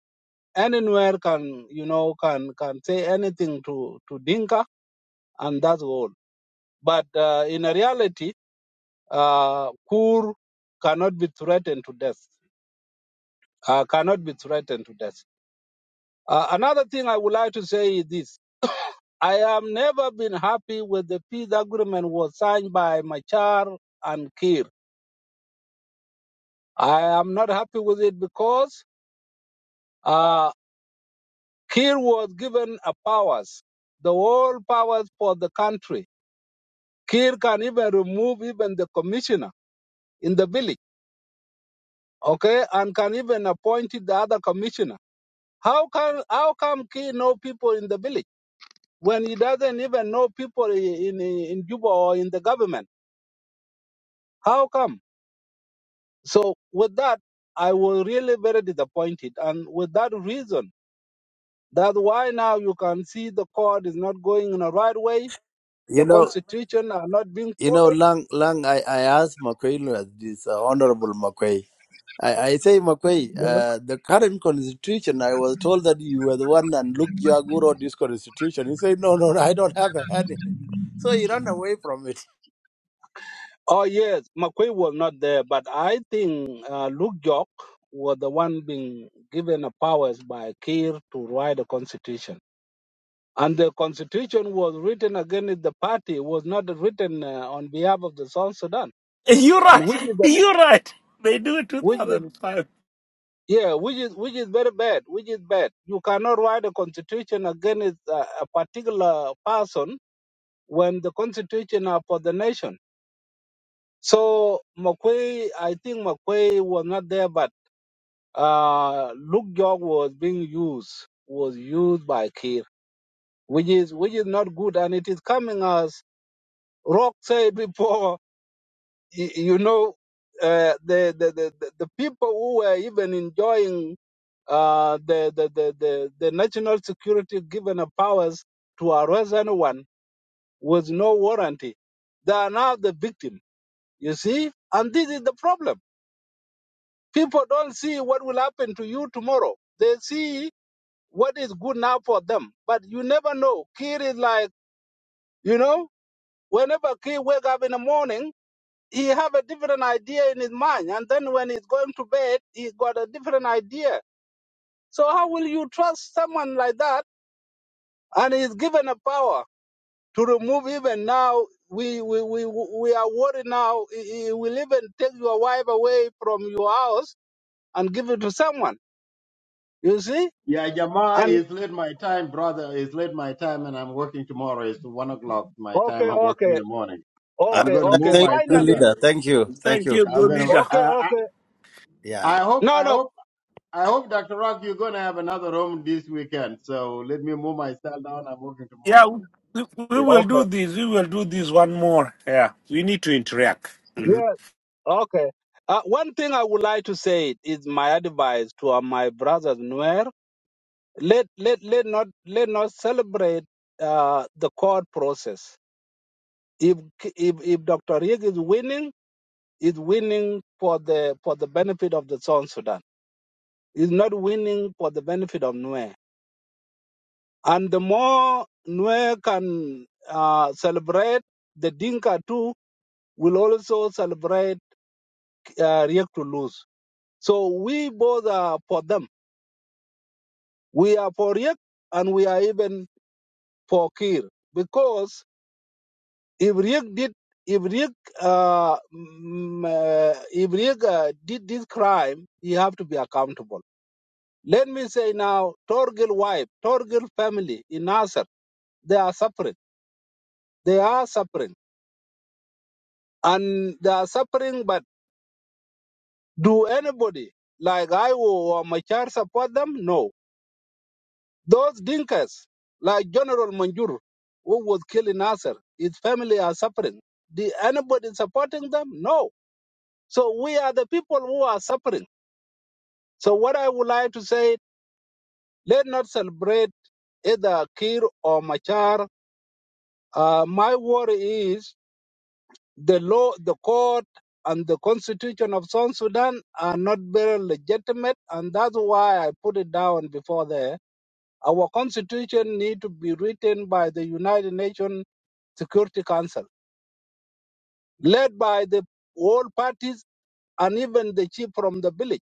Speaker 10: anywhere can, you know, can can say anything to to Dinka and that's all. But uh, in reality, uh, Kur cannot be threatened to death. Uh, cannot be threatened to death. Uh, another thing I would like to say is this. I have never been happy with the peace agreement was signed by Machar and Kir. I am not happy with it because uh, Kir was given a powers, the whole powers for the country. Kir can even remove even the commissioner in the village, okay, and can even appoint the other commissioner. How can how come Kir know people in the village when he doesn't even know people in in, in Juba or in the government? How come? So with that, I was really very disappointed. And with that reason, that's why now you can see the court is not going in the right way.
Speaker 6: You
Speaker 10: The
Speaker 6: know,
Speaker 10: constitution are not being
Speaker 6: you know,
Speaker 10: followed.
Speaker 6: Lang, Lang, I, I asked McQuay, uh, this uh, Honorable McQuay. I, I say, McQuay,
Speaker 10: Yeah.
Speaker 6: uh, the current constitution, I was told that you were the one and Luke Jagu wrote this constitution. He said, no, no, no, I don't have a hand in it. So he ran away from it.
Speaker 10: Oh yes, McQuay was not there, but I think uh, Luke York was the one being given the powers by Kiir to write the constitution. And the constitution was written against the party, was not written uh, on behalf of the South Sudan.
Speaker 4: you
Speaker 10: And
Speaker 4: right
Speaker 10: which is the,
Speaker 4: you right they do it
Speaker 10: which is
Speaker 4: 2005
Speaker 10: Yeah, which is which is very bad. Which is bad. You cannot write a constitution against a, a particular person when the constitution are for the nation. So McQuay, I think McQuay was not there, but uh, Luke York was being used was used by Kir, which is which is not good, and it is coming as Rock said before. y- You know, uh, the, the the the the people who were even enjoying uh, the, the, the, the, the national security given a powers to arrest anyone with no warranty. They are now the victim, you see? And this is the problem. People don't see what will happen to you tomorrow. They see what is good now for them. But you never know. Kid is like, you know, whenever kid wake up in the morning, he have a different idea in his mind. And then when he's going to bed, he got a different idea. So how will you trust someone like that? and he's given a power to remove even now we we, we, we are worried now he he will even take your wife away from your house and give it to someone you see
Speaker 9: Yeah, Jama
Speaker 10: and
Speaker 9: is late my time, brother. Is late my time, and I'm working tomorrow. It's one o'clock my time.
Speaker 10: okay
Speaker 9: I'm working in
Speaker 10: okay
Speaker 9: the morning.
Speaker 6: Uh,
Speaker 9: I'm
Speaker 10: okay
Speaker 9: going to
Speaker 6: th-
Speaker 10: okay
Speaker 9: move
Speaker 6: thank you,
Speaker 9: myself.
Speaker 10: finally
Speaker 9: Then.
Speaker 6: leader. Thank you. Thank
Speaker 4: thank
Speaker 6: you.
Speaker 4: you
Speaker 9: I'm
Speaker 4: good
Speaker 9: going to.
Speaker 4: leader
Speaker 10: okay
Speaker 9: I, I,
Speaker 10: okay
Speaker 6: Yeah.
Speaker 9: I hope.
Speaker 10: no
Speaker 9: I
Speaker 10: no
Speaker 9: hope. I hope, Doctor Rock, you're going to have another room this weekend. So let me move myself down. I'm working
Speaker 4: yeah
Speaker 9: tomorrow.
Speaker 4: we, we will do
Speaker 10: okay
Speaker 4: this we will do this one more yeah we need to interact
Speaker 10: yes okay uh, one thing i would like to say is my advice to uh, my brothers Nuer, let let let not let not celebrate uh, the court process if if if dr Rieg is winning is winning for the for the benefit of the South Sudan. Is not winning for the benefit of Nuer. And the more Nuer can uh, celebrate, the Dinka too will also celebrate uh, Riek to lose. So we both are for them. We are for Riek and we are even for Kir. Because if Riek did if Riek, uh, mm, uh, if Riek uh, did this crime, he have to be accountable Let me say now, Torgil wife, Torgil family in Nasser, they are suffering. They are suffering. And they are suffering, but do anybody like I or Machar support them? No. Those dinkers, like General Manjur, who was killed in Nasser, his family are suffering. Did anybody supporting them? No. So we are the people who are suffering. So what I would like to say, let not celebrate either Kir or Machar. Uh, my worry is the law, the court, and the constitution of South Sudan are not very legitimate, and that's why I put it down before there. Our constitution need to be written by the United Nations Security Council, led by the all parties and even the chief from the village,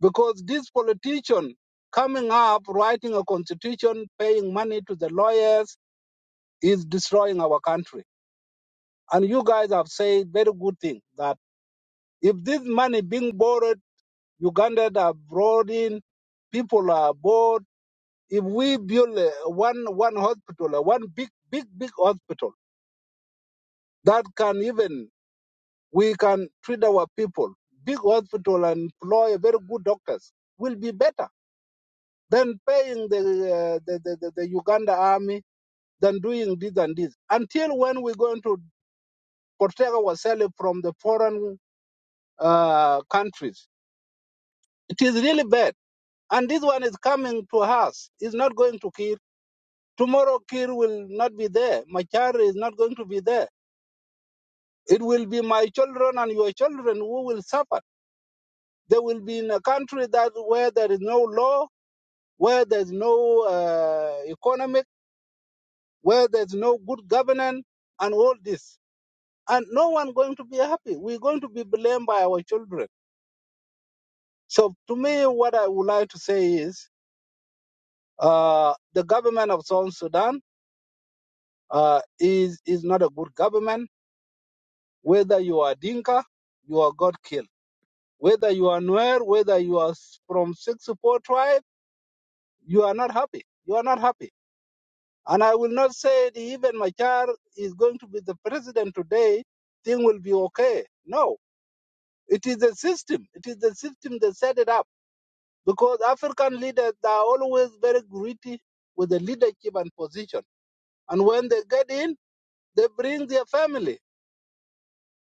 Speaker 10: because this politician coming up writing a constitution, paying money to the lawyers is destroying our country. And you guys have said very good thing that if this money being borrowed Ugandans are brought in, people are bought. If we build uh, one one hospital, uh, one big big big hospital that can even we can treat our people, big hospital and employ very good doctors will be better than paying the uh, the, the, the the Uganda army than doing this and this. Until when we're going to protect ourselves from the foreign uh, countries, it is really bad. And this one is coming to us. It's not going to kill. Tomorrow Kir will not be there. Machar is not going to be there. It will be my children and your children who will suffer. They will be in a country that where there is no law, where there's no uh, economic, where there's no good governance, and all this. And no one going to be happy. We're going to be blamed by our children. So to me, what I would like to say is, uh, the government of South Sudan uh, is is not a good government. Whether you are Dinka, you are God killed. Whether you are Nuer, whether you are s- from six to four tribe, you are not happy. You are not happy. And I will not say that even Machar is going to be the president today, thing will be okay. No, it is the system. It is the system that set it up. Because African leaders they are always very greedy with the leadership and position. And when they get in, they bring their family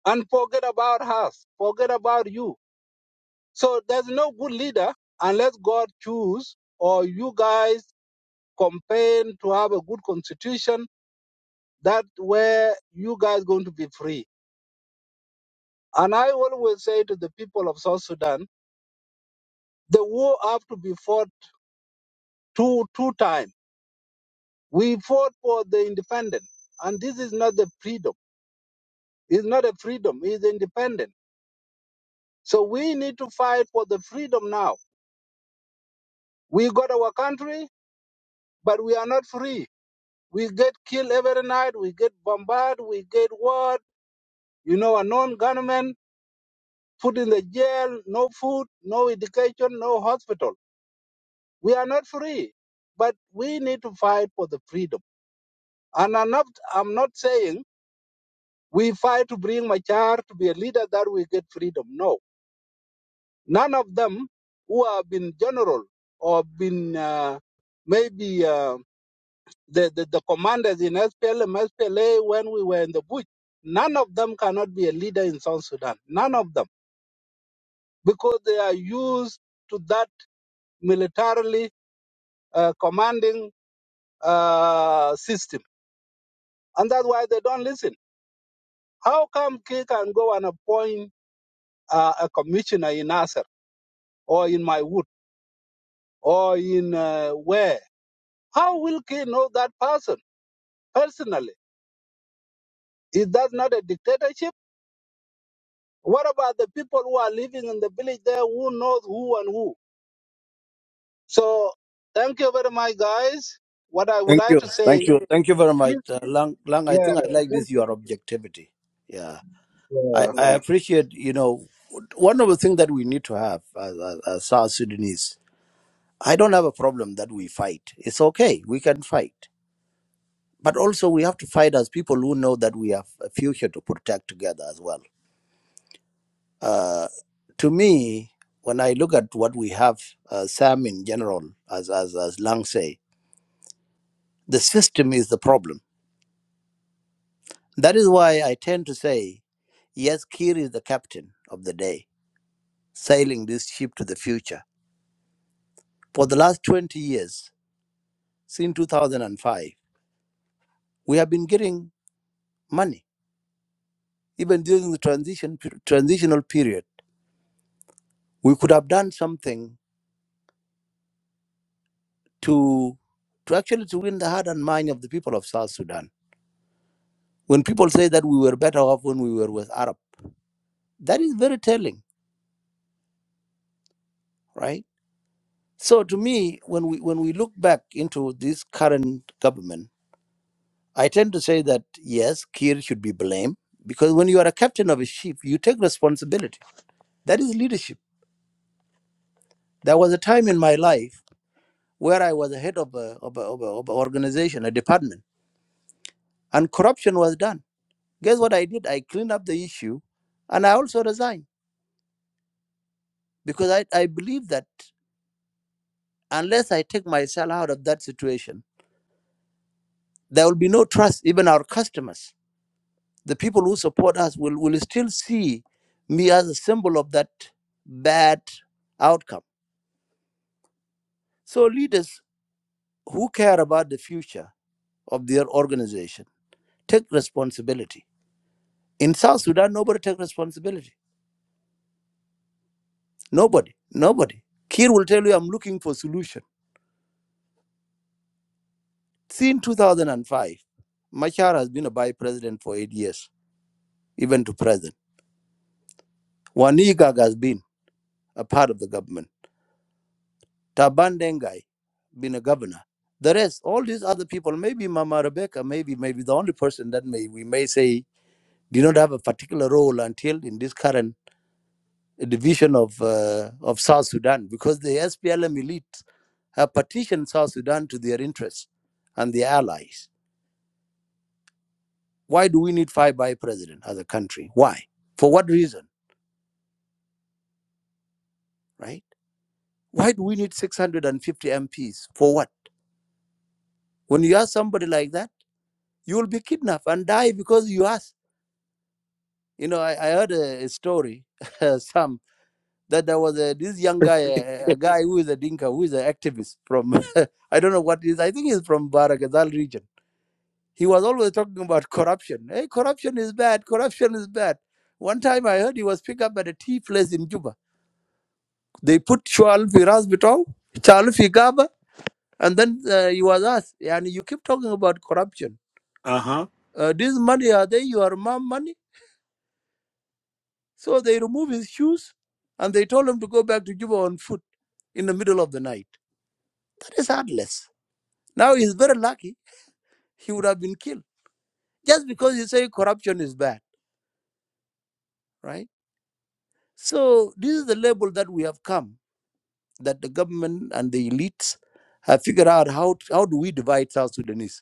Speaker 10: and forget about us, forget about you. So there's no good leader unless God choose or you guys campaign to have a good constitution that where you guys going to be free. And I always say to the people of South Sudan, the war have to be fought two two times. We fought for the independence, and this is not the freedom. It's not a freedom. It's independent. So we need to fight for the freedom now. We got our country, but we are not free. We get killed every night. We get bombarded. We get war. You know, a non-government put in the jail, no food, no education, no hospital. We are not free, but we need to fight for the freedom. And I'm not, I'm not saying we fight to bring Machar to be a leader that we get freedom. No, none of them who have been general or been uh, maybe uh, the, the, the commanders in SPLM, SPLA when we were in the bush, none of them cannot be a leader in South Sudan. None of them, because they are used to that militarily uh, commanding uh, system. And that's why they don't listen. How come Key can go and appoint uh, a commissioner in Nasser or in my wood or in uh, where? How will Key know that person personally? Is that not a dictatorship? What about the people who are living in the village there who knows who and who? So thank you very much, guys. What I would
Speaker 6: Thank
Speaker 10: like
Speaker 6: you.
Speaker 10: to say,
Speaker 6: Thank you. Thank you very much. Uh, Lang, Lang, I
Speaker 10: yeah,
Speaker 6: think I like
Speaker 10: thank
Speaker 6: this,
Speaker 10: you.
Speaker 6: your objectivity. Yeah. I,
Speaker 10: Yeah.
Speaker 6: I appreciate, you know, one of the things that we need to have as, as, as South Sudanese, I don't have a problem that we fight. It's okay, we can fight. But also, we have to fight as people who know that we have a future to protect together as well. Uh, to me, when I look at what we have, uh, Sam in general, as, as, as Lang say, the system is the problem. That is why I tend to say, yes, Kir is the captain of the day, sailing this ship to the future. For the last 20 years, since 2005. We have been getting money. Even during the transition transitional period, we could have done something to to actually to win the heart and mind of the people of South Sudan. When people say that we were better off when we were with Arab, that is very telling, right? So to me, when we when we look back into this current government, I tend to say that yes, Kir should be blamed because when you are a captain of a ship, you take responsibility. That is leadership. There was a time in my life where I was the head of a, of, a, of, a, of a organization, a department, and corruption was done. Guess what I did? I cleaned up the issue, and I also resigned because I, I believe that unless I take myself out of that situation, there will be no trust. Even our customers, the people who support us, will, will still see me as a symbol of that bad outcome. So leaders who care about the future of their organization take responsibility. In South Sudan, nobody takes responsibility Nobody, nobody. Kir will tell you, I'm looking for solution. Since 2005, Machar has been a vice president for eight years, even to present. Wanigag has been a part of the government. Taban Dengai, been a governor. The rest, all these other people, maybe Mama Rebecca, maybe maybe the only person that may we may say did not have a particular role until in this current division of uh, of South Sudan, because the SPLM elite have partitioned South Sudan to their interests and their allies. Why do we need five by president as a country? Why? For what reason? Right? Why do we need 650 MPs? For what? When you ask somebody like that, you will be kidnapped and die because you ask. You know, I, I heard a, a story, some that there was a, this young guy, a, a guy who is a dinka, who is an activist from, I don't know what he is. I think he's from Barakazal region. He was always talking about corruption. Hey, corruption is bad. Corruption is bad. One time I heard he was picked up at a tea place in Juba They put Shual Firas Bitov, Charles Figaba, and then uh, you was us. And you keep talking about corruption.
Speaker 4: Uh huh.
Speaker 6: Uh, this money, are they your mom money? So they remove his shoes and they told him to go back to Juba on foot in the middle of the night. That is heartless. Now he's very lucky he would have been killed just because you say corruption is bad, right? So this is the label that we have come that the government and the elites have figured out how how do we divide South Sudanese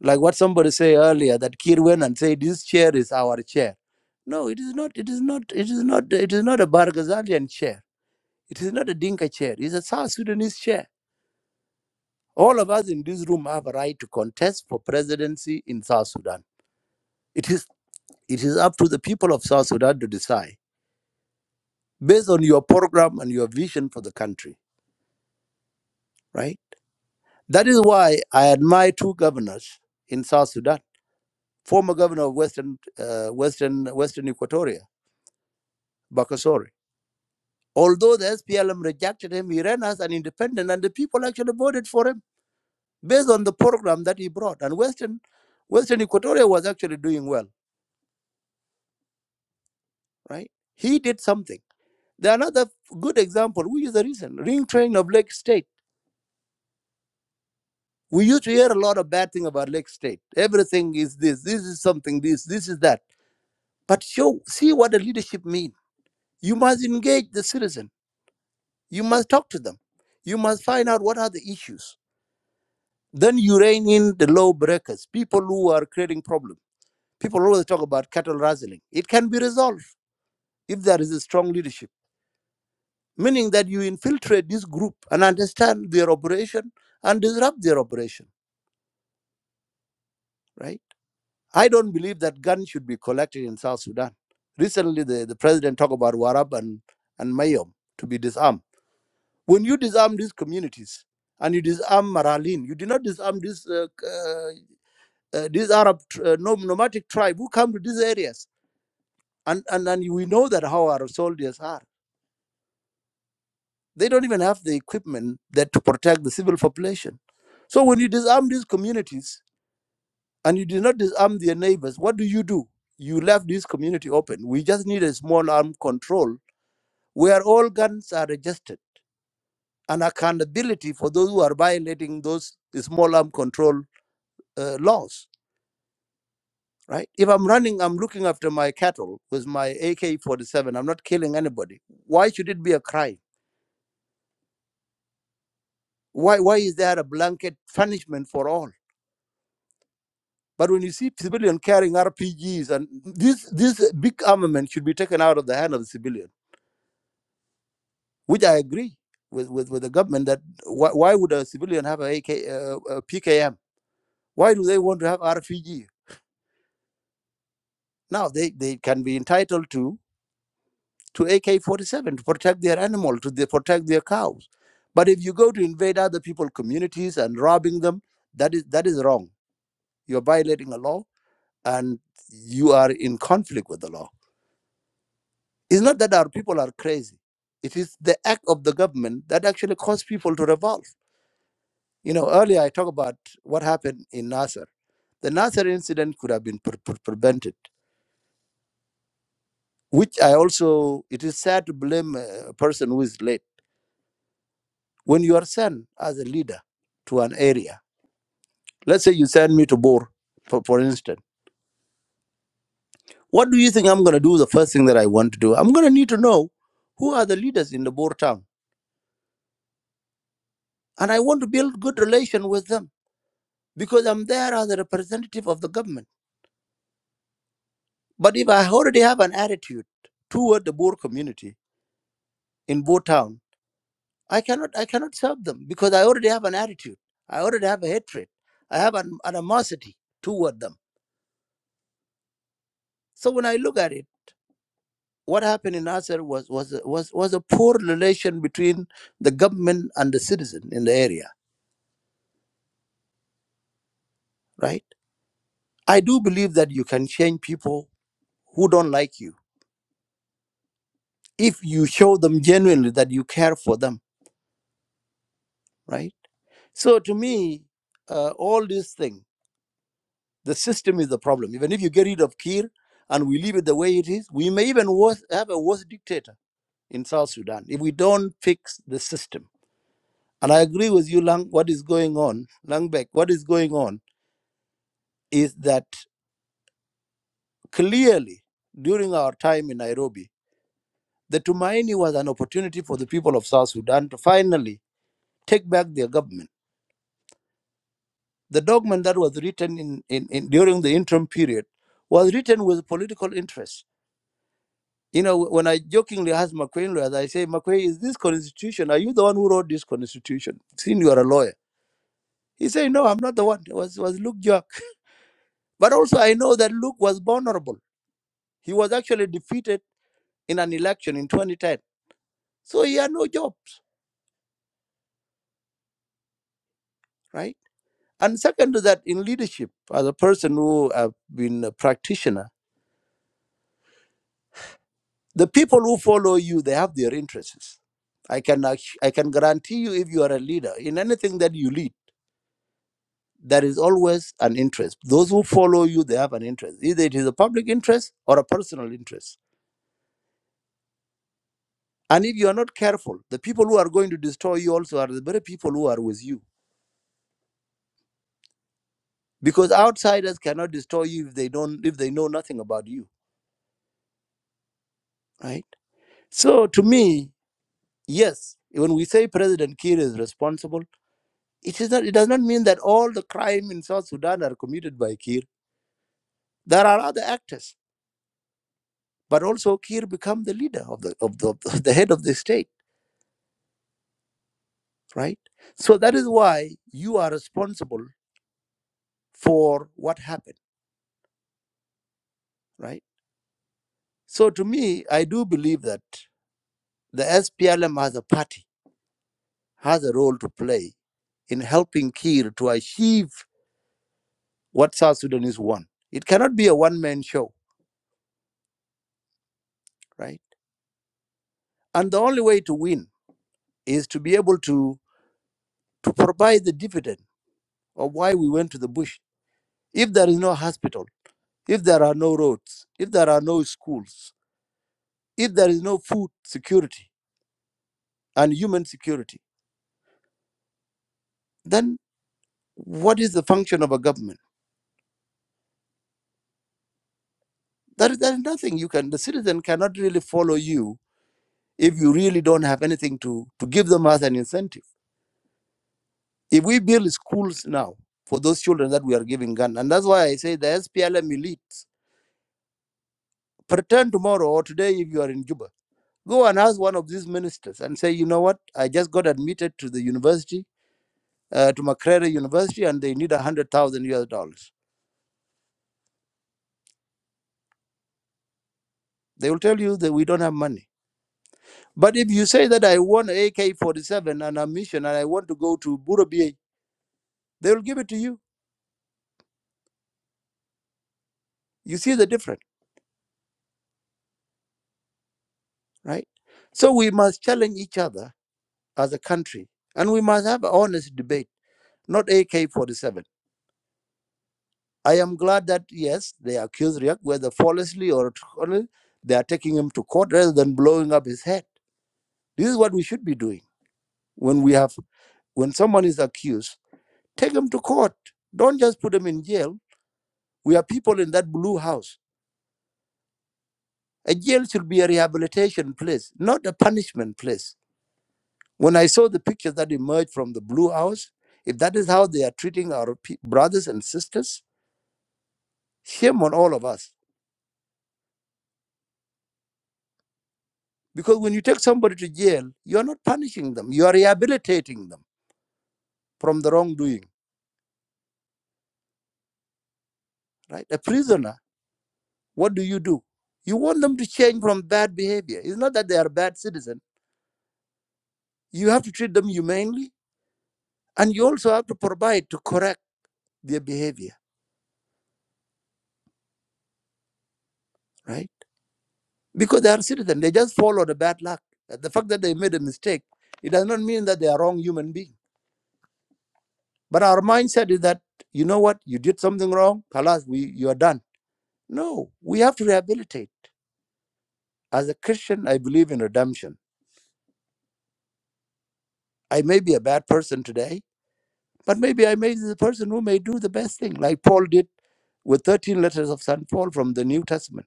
Speaker 6: Like what somebody said earlier that Kir went and said this chair is our chair. No, it is not. It is not. It is not. It is not a Barghazalian chair. It is not a Dinka chair. It's a South Sudanese chair. All of us in this room have a right to contest for presidency in South Sudan. It is. It is up to the people of South Sudan to decide based on your program and your vision for the country. Right. That is why I admire two governors in South Sudan. Former governor of Western, uh, Western, Western Equatoria, Bakasori Although the SPLM rejected him, he ran as an independent, and the people actually voted for him based on the program that he brought. And Western, Western Equatoria was actually doing well, right? He did something. The another good example, we use the reason ring train of Lake State. We used to hear a lot of bad thing about Lake State. Everything is this, this is something, this, this is that. But show, see what the leadership mean. You must engage the citizen. You must talk to them. You must find out what are the issues Then you rein in the law breakers, people who are creating problems. People always talk about cattle rustling. It can be resolved if there is a strong leadership, meaning that you infiltrate this group and understand their operation and disrupt their operation, right? I don't believe that guns should be collected in South Sudan. Recently, the, the president talked about Warab and, and Mayom to be disarmed. When you disarm these communities and you disarm Maralin, you did not disarm these uh, uh, uh, these Arab uh, nomadic tribe who come to these areas. And, and and we know that how our soldiers are. They don't even have the equipment that to protect the civil population. So when you disarm these communities and you do not disarm their neighbors, what do you do? You left this community open. We just need a small arm control where all guns are registered and accountability for those who are violating those small arm control uh, laws right? If I'm running, I'm looking after my cattle with my AK-47. I'm not killing anybody. Why should it be a crime? Why why is there a blanket punishment for all? But when you see civilian carrying RPGs and this this big armament should be taken out of the hand of the civilian, which I agree with with, with the government that why, why would a civilian have a AK uh, a PKM? Why do they want to have RPG? Now they, they can be entitled to. to AK-47 to protect their animal, to the, protect their cows. But if you go to invade other people's communities and robbing them, that is that is wrong. You're violating a law and you are in conflict with the law. It's not that our people are crazy. It is the act of the government that actually caused people to revolt. You know, earlier I talked about what happened in Nasser. The Nasser incident could have been pre- pre- prevented, which I also, it is sad to blame a person who is late When you are sent as a leader to an area, let's say you send me to Bor, for, for instance, what do you think I'm going to do? The first thing that I want to do, I'm going to need to know who are the leaders in the Bor town, and I want to build good relation with them because I'm there as a representative of the government. But if I already have an attitude toward the Bor community in Bor town, I cannot I cannot serve them because I already have an attitude. I already have a hatred. I have an animosity toward them. So when I look at it. what happened in Nasser was was was was a poor relation between the government and the citizen in the area, right? I do believe that you can change people who don't like you if you show them genuinely that you care for them, right? So to me, uh, all these things, the system is the problem. Even if you get rid of Kir and we leave it the way it is, we may even worse, have a worse dictator in South Sudan if we don't fix the system. And I agree with you, Lang. What is going on, Langbeck? What is going on? is that clearly during our time in Nairobi, the Tumaini was an opportunity for the people of South Sudan to finally take back their government. The document that was written in, in, in during the interim period was written with political interest. You know, when I jokingly asked McQueen lawyers, I say, McQueen, is this constitution? Are you the one who wrote this constitution? Since you are a lawyer. He said, No, I'm not the one. It was, was Luke Jack. But also, I know that Luke was vulnerable. He was actually defeated in an election in 2010 So he had no jobs, right? And second to that, in leadership, as a person who have been a practitioner, the people who follow you, they have their interests. I can actu- I can guarantee you, if you are a leader in anything that you lead, there is always an interest. Those who follow you, they have an interest. Either it is a public interest or a personal interest. And if you are not careful, the people who are going to destroy you also are the very people who are with you, because outsiders cannot destroy you if they don't if they know nothing about you, right? So to me. Yes, when we say President Kiir is responsible, it is not. It does not mean that all the crime in South Sudan are committed by Kiir. There are other actors, but also Kiir become the leader of the of the, of the head of the state, right? So that is why you are responsible for what happened, right? So to me, I do believe that the SPLM as a party has a role to play in helping Kiir to achieve what South Sudanese want. It cannot be a one man show, right? And the only way to win is to be able to, to provide the dividend of why we went to the bush. If there is no hospital, if there are no roads, if there are no schools, if there is no food security and human security, then what is the function of a government? There is, there is nothing you can, the citizen cannot really follow you if you really don't have anything to, to give them as an incentive. If we build schools now for those children that we are giving gun, and that's why I say the SPLM elites. pretend tomorrow or today if you are in Juba, go and ask one of these ministers and say, you know what, I just got admitted to the university, uh, to Makerere University, and they need a hundred thousand US dollars. They will tell you that we don't have money. But if you say that I want AK forty seven and a mission and I want to go to Burabie, they will give it to you. You see the difference, right? So we must challenge each other as a country and we must have honest debate, not AK 47 I am glad that yes, they accuse Riek, whether falsely or truthfully, they are taking him to court rather than blowing up his head. This is what we should be doing when we have when someone is accused. Take him to court. Don't just put him in jail. We are people in that blue house. A jail should be a rehabilitation place, not a punishment place. When I saw the pictures that emerged from the blue house, if that is how they are treating our pe- brothers and sisters, shame on all of us Because when you take somebody to jail, you are not punishing them, you are rehabilitating them from the wrongdoing, right? A prisoner, what do you do? You want them to change from bad behavior. It's not that they are bad citizens. You have to treat them humanely, and you also have to provide to correct their behavior, right? Because they are citizens, they just follow the bad luck. Uh, The fact that they made a mistake, it does not mean that they are wrong human being. But our mindset is that, you know what, you did something wrong, Kalas, we you are done. No, we have to rehabilitate. As a Christian, I believe in redemption. I may be a bad person today, but maybe I may be the person who may do the best thing, like Paul did with 13 letters of St. Paul from the New Testament.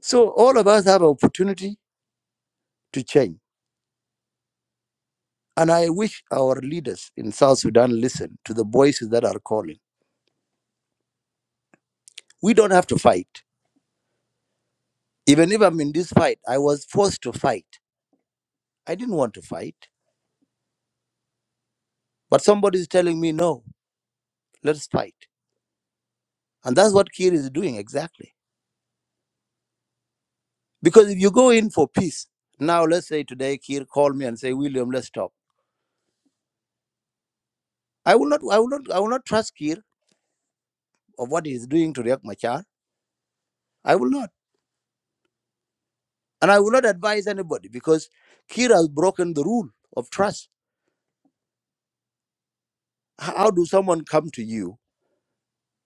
Speaker 6: So all of us have an opportunity to change. And I wish our leaders in South Sudan listen to the voices that are calling. We don't have to fight. Even if I'm in this fight, I was forced to fight. I didn't want to fight, but somebody is telling me, no, let's fight. And that's what Kir is doing exactly Because if you go in for peace, now let's say today Kir called me and say, William, let's talk. I will not I will not I will not trust Kir of what he is doing to Riek Machar. I will not. And I will not advise anybody because Kir has broken the rule of trust. H- How do someone come to you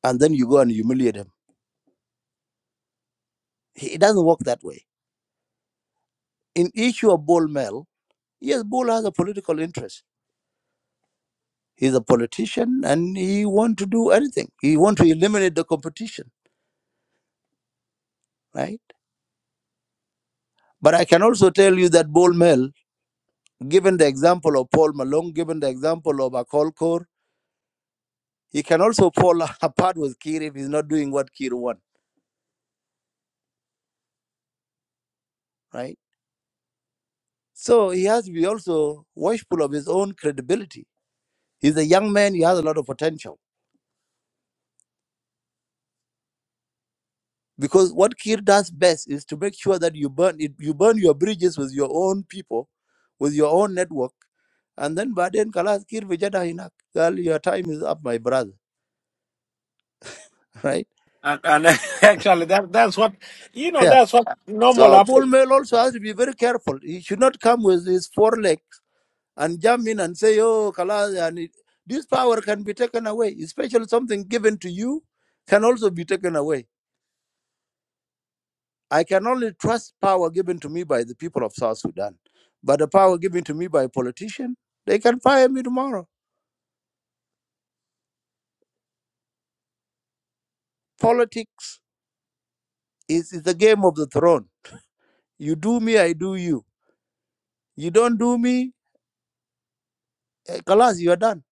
Speaker 6: and then you go and humiliate him? He- It doesn't work that way. In issue of Bol Mel, yes, Bol has a political interest. He's a politician and he want to do anything. He want to eliminate the competition, right? But I can also tell you that Bol Mel Given the example of Paul Malone, given the example of Akol Kor, he can also fall apart with Kir if he's not doing what Kir wants, right? So he has to be also watchful of his own credibility. He's a young man, he has a lot of potential. Because what Kir does best is to make sure that you burn it, you burn your bridges with your own people, with your own network, and then by then Kalas Kir Vijada Hinak. Girl, your time is up, my brother. Right?
Speaker 4: And, and actually, that that's what you know.
Speaker 6: Yeah.
Speaker 4: That's what normal
Speaker 6: So Bull
Speaker 4: happens.
Speaker 6: Mail also has to be very careful. He should not come with his four legs and jump in and say, oh, Kalas, and it, this power can be taken away, especially something given to you can also be taken away. I can only trust power given to me by the people of South Sudan. But the power given to me by a politician, they can fire me tomorrow. Politics is, is the game of the throne. You do me, I do you. You don't do me, eh, Kalas, you are done.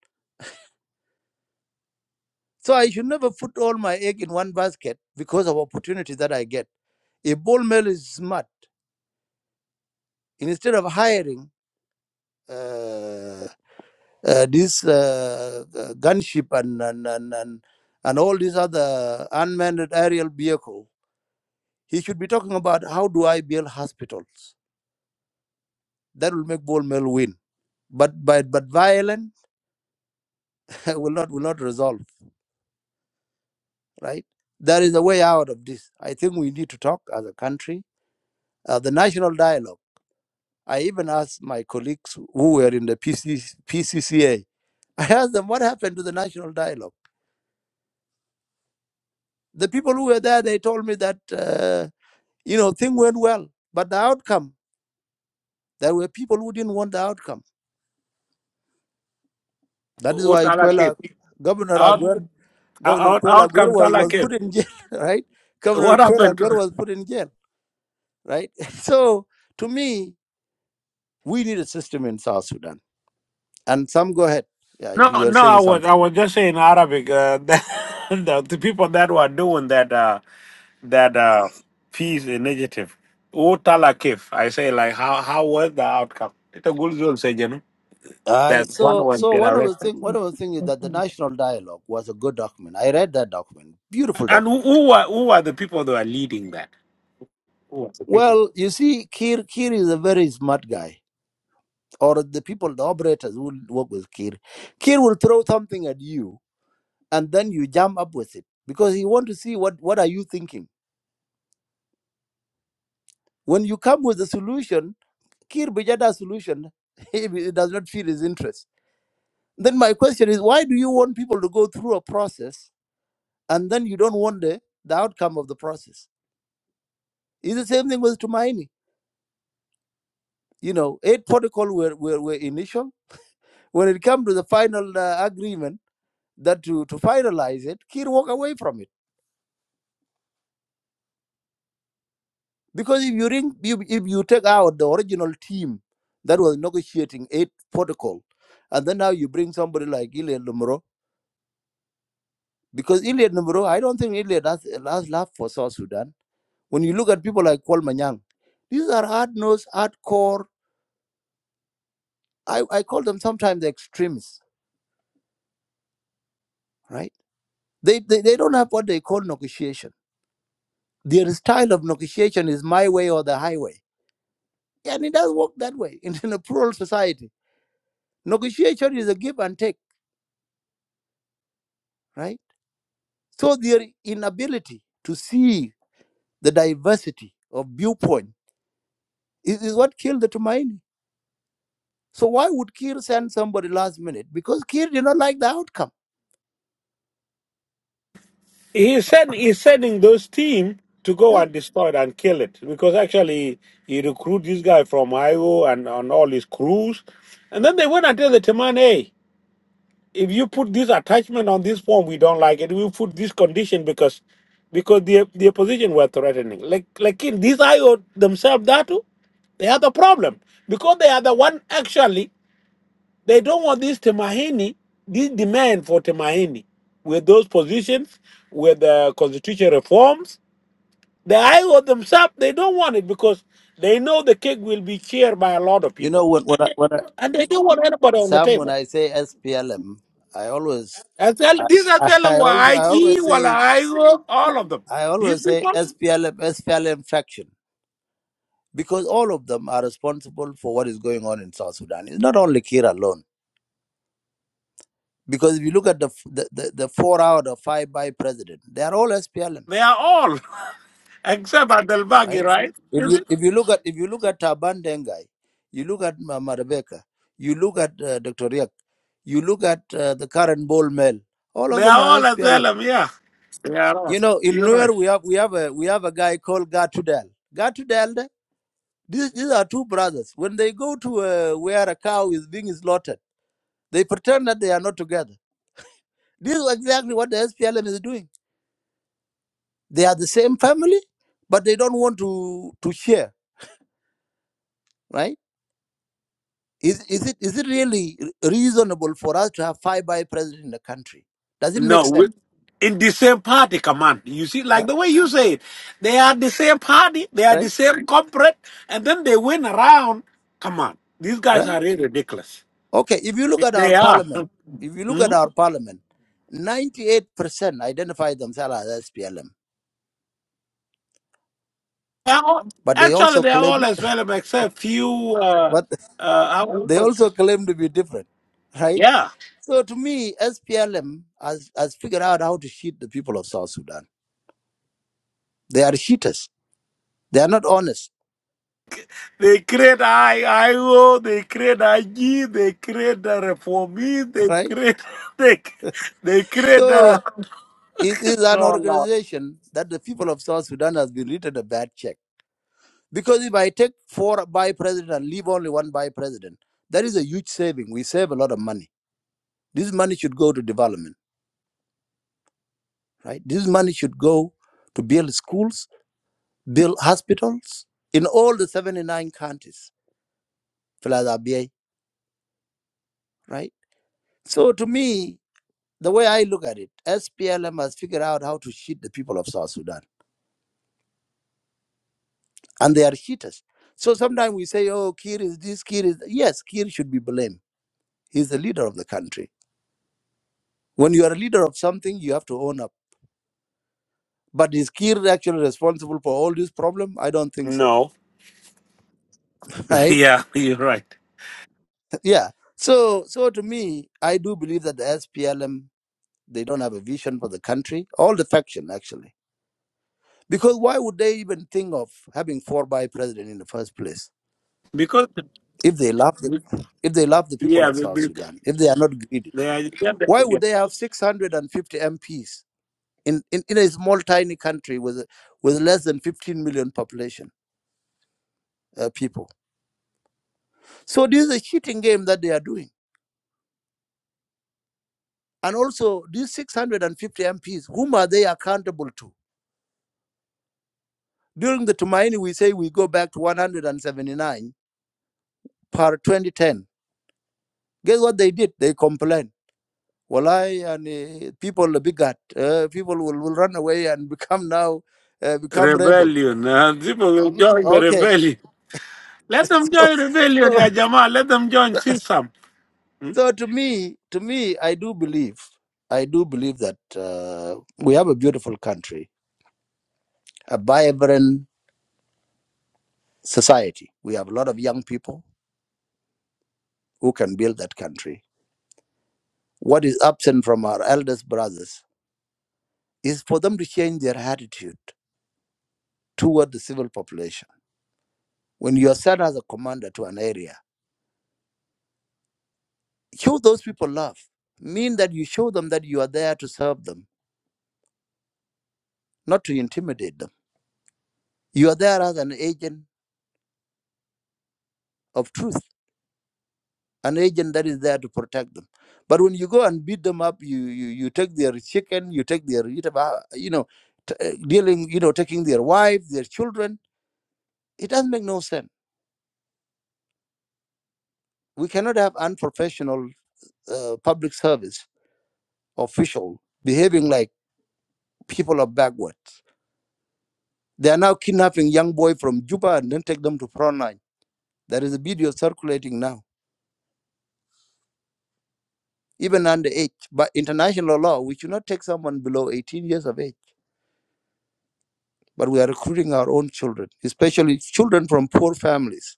Speaker 6: So I should never put all my egg in one basket because of opportunity that I get. If Bull Mel is smart, instead of hiring uh, uh, this uh, uh, gunship and and, and and and all these other unmanned aerial vehicle. He should be talking about how do I build hospitals. That will make Bol Mel win. But but but violence will not will not resolve. Right? There is a way out of this. I think we need to talk as a country. Uh, the national dialogue. I even asked my colleagues who were in the PC, PCCA. asked them what happened to the national dialogue. The people who were there, they told me that. uh, You know, things went well, but the outcome, there were people who didn't want the outcome. That is
Speaker 4: What
Speaker 6: why
Speaker 4: Tala came?
Speaker 6: Quella, Governor
Speaker 4: Out,
Speaker 6: Aguer, Governor
Speaker 4: out,
Speaker 6: Quella
Speaker 4: out
Speaker 6: Aguer
Speaker 4: come
Speaker 6: was,
Speaker 4: Tala
Speaker 6: was
Speaker 4: came.
Speaker 6: put in jail, right? Governor
Speaker 4: What
Speaker 6: Quella
Speaker 4: happened?
Speaker 6: Aguer
Speaker 4: To,
Speaker 6: was put in jail, right? So to me, we need a system in South Sudan. And some go ahead. Yeah,
Speaker 4: no,
Speaker 6: you are
Speaker 4: no. I
Speaker 6: saying
Speaker 4: was
Speaker 6: something.
Speaker 4: I was just saying Arabic. Uh, that, the, the people that were doing that uh, that uh, peace initiative. What Tala came? I say like how how was the outcome? It's a good zone, say you know.
Speaker 6: I
Speaker 4: There's one
Speaker 6: so
Speaker 4: one
Speaker 6: so
Speaker 4: get
Speaker 6: one of the
Speaker 4: arrested.
Speaker 6: thing one of the thing is that the national dialogue was a good document. I read that document, beautiful
Speaker 4: And who,
Speaker 6: document.
Speaker 4: who were who were the people that were leading that? Who were the people?
Speaker 6: Well, you see, Kir Kir is a very smart guy or the people, the operators who will work with Kir. Kir will throw something at you, and then you jump up with it because he want to see what what are you thinking. When you come with a solution, Kir Bijada's solution, it does not feel his interest. Then my question is, why do you want people to go through a process and then you don't want the, the outcome of the process? It's the same thing with Tumaini. You know, eight protocol were, were, were initial. When it comes to the final uh, agreement, that to, to finalize it, Kir walk away from it Because if you, ring, if, if you take out the original team that was negotiating eight protocol, and then now you bring somebody like Iliad Lumuro, because Iliad Lumuro, I don't think Iliad has, has love for South Sudan. When you look at people like Paul Manyang, these are hard-nosed, hardcore, I, I call them sometimes extremists, right? They, they, they don't have what they call negotiation. Their style of negotiation is my way or the highway. And it does work that way in, in a plural society. Negotiation is a give and take, right? So their inability to see the diversity of viewpoint is, is what killed the Tumaini. So why would Kir send somebody last minute? Because Kir did not like the outcome.
Speaker 4: He said he's sending those team to go
Speaker 6: Yeah.
Speaker 4: and destroy it and kill it because actually he recruit this guy from Iowa and on all his crews, and then they went and tell the Taman, hey, if you put this attachment on this form, we don't like it. We put this condition because because the the opposition were threatening. Like like in these IO themselves, that too, they had a problem because they are the one actually. They don't want this Temahini, this demand for Temahini with those positions, with the constitution reforms. The IO themselves, they don't want it because they know the cake will be shared by a lot of
Speaker 6: You know
Speaker 4: people.
Speaker 6: when when I, when I,
Speaker 4: And they don't want anybody on the
Speaker 6: Sam when
Speaker 4: table.
Speaker 6: I say SPLM, I always
Speaker 4: As well,
Speaker 6: I,
Speaker 4: these as
Speaker 6: I,
Speaker 4: well
Speaker 6: I always
Speaker 4: were
Speaker 6: I
Speaker 4: IG,
Speaker 6: always
Speaker 4: were
Speaker 6: say
Speaker 4: IO, all of them.
Speaker 6: I
Speaker 4: These
Speaker 6: always say
Speaker 4: people,
Speaker 6: SPLM SPLM faction because all of them are responsible for what is going on in South Sudan. It's not only Kir alone. Because if you look at the f- the, the, the four out of five by president, they are all SPLM
Speaker 4: they are all, except Adelbagi,
Speaker 6: right?
Speaker 4: right?
Speaker 6: If you if you look at if you look at Taban Dengai, you look at Mama Rebecca, you look at uh, Dr. Riak, you look at uh, the current Bol Mel, all of
Speaker 4: They are
Speaker 6: them are
Speaker 4: all as
Speaker 6: SPLM.
Speaker 4: well, yeah. They are all.
Speaker 6: You know, in
Speaker 4: You're right.
Speaker 6: Nuer we have we have a we have a guy called Gatudel. Gatudel, de- these these are two brothers. When they go to uh, where a cow is being slaughtered, they pretend that they are not together. This is exactly what the SPLM is doing. They are the same family, but they don't want to to share, right? Is, is, it, is it really reasonable for us to have five by president in the country? Does it make
Speaker 4: No,
Speaker 6: sense?
Speaker 4: we- in the same party, come on. You see, like
Speaker 6: Huh?
Speaker 4: the way you say it, they are the same party, they are the
Speaker 6: Right?
Speaker 4: same corporate, and then they went around. Come on, these guys
Speaker 6: Right?
Speaker 4: are really ridiculous.
Speaker 6: Okay, if you look at our
Speaker 4: They are.
Speaker 6: parliament, if you look at
Speaker 4: Hmm?
Speaker 6: our parliament, 98% identify themselves as SPLM,
Speaker 4: They are all-
Speaker 6: but they
Speaker 4: actually,
Speaker 6: also
Speaker 4: they are all
Speaker 6: claim
Speaker 4: as well, except few. Uh,
Speaker 6: but
Speaker 4: uh, how-
Speaker 6: they also claim to be different, right?
Speaker 4: yeah,
Speaker 6: So to me, SPLM has, has figured out how to cheat the people of South Sudan. They are cheaters. They are not honest,
Speaker 4: they create IIO, they create IG, they create the reformist, they
Speaker 6: right?
Speaker 4: create they they create
Speaker 6: So
Speaker 4: the.
Speaker 6: It is an
Speaker 4: No,
Speaker 6: organization that the people of South Sudan has been written a bad check. Because if I take four by president and leave only one by president, that is a huge saving. We save a lot of money. This money should go to development, right? This money should go to build schools, build hospitals in all the 79 counties, plus RBA, right? So to me, the way I look at it, SPLM has figured out how to cheat the people of South Sudan and they are cheaters. So sometimes we say, oh, Kir is this, Kir is. that." Yes, Kir should be blamed. He's the leader of the country. When you are a leader of something, you have to own up. But is Kir actually responsible for all this problem? I don't think so,
Speaker 4: no.
Speaker 6: right?
Speaker 4: Yeah, you're right.
Speaker 6: Yeah. So, so to me, I do believe that the SPLM they don't have a vision for the country. All the faction actually, because why would they even think of having four by president in the first place
Speaker 4: Because
Speaker 6: if they love the if they love the people
Speaker 4: yeah,
Speaker 6: of
Speaker 4: be-
Speaker 6: South
Speaker 4: be-
Speaker 6: Sudan, if they are not greedy?
Speaker 4: the agenda
Speaker 6: Why would
Speaker 4: again.
Speaker 6: they have 650 MPs in, in, in a small, tiny country with, with less than 15 million population uh, people? So this is a cheating game that they are doing. And also, these 650 MPs, whom are they accountable to? During the Tumaini, we say we go back to 179 per 2010. Guess what they did? They complained. Well, I and uh, people are bigot. Uh, people will, will run away and become now uh, become rebel.
Speaker 4: rebellion. Uh, people will join the
Speaker 6: Okay,
Speaker 4: rebellion. Let them
Speaker 6: so,
Speaker 4: join rebellion,
Speaker 6: so
Speaker 4: yeah, Jamal. Let them join system. Hmm?
Speaker 6: So to me, to me, I do believe, I do believe that uh, we have a beautiful country, a vibrant society. We have a lot of young people who can build that country. What is absent from our eldest brothers is for them to change their attitude toward the civil population. When you are sent as a commander to an area, show those people love. Mean that you show them that you are there to serve them, not to intimidate them. You are there as an agent of truth an agent that is there to protect them. But when you go and beat them up, you you, you take their chicken, you take their you taba- you know t- uh, dealing you know taking their wife, their children. It doesn't make no sense. We cannot have unprofessional uh, public service official behaving like people are backwards. They are now kidnapping young boy from Juba and then take them to frontline. There is a video circulating now, even under age. By international law, we should not take someone below 18 years of age but we are recruiting our own children, especially children from poor families.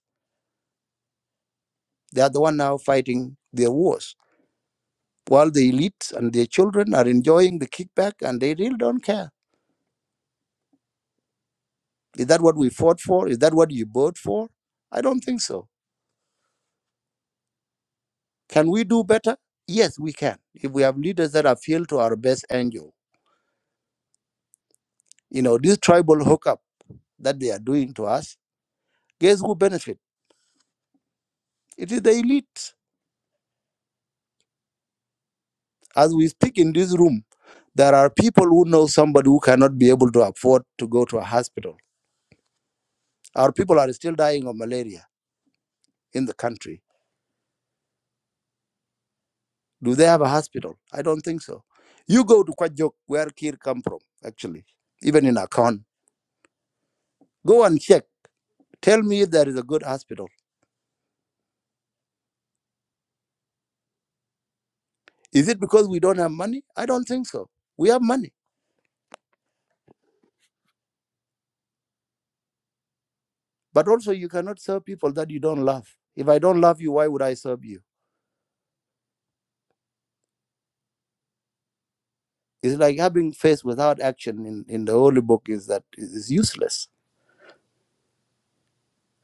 Speaker 6: They are the one now fighting their wars, while the elites and their children are enjoying the kickback and they really don't care. Is that what we fought for? Is that what you voted for? I don't think so. Can we do better? Yes, we can. If we have leaders that appeal to our best angel, you know, this tribal hookup that they are doing to us, guess who benefit? It is the elite As we speak in this room, there are people who know somebody who cannot be able to afford to go to a hospital. Our people are still dying of malaria in the country. Do they have a hospital? I don't think so. You go to Kwajok, where Kir come from, actually, even in Akon. Go and check. Tell me if there is a good hospital. Is it because we don't have money? I don't think so. We have money. But also you cannot serve people that you don't love. If I don't love you, why would I serve you? It's like having faith without action in, in the holy book is that is useless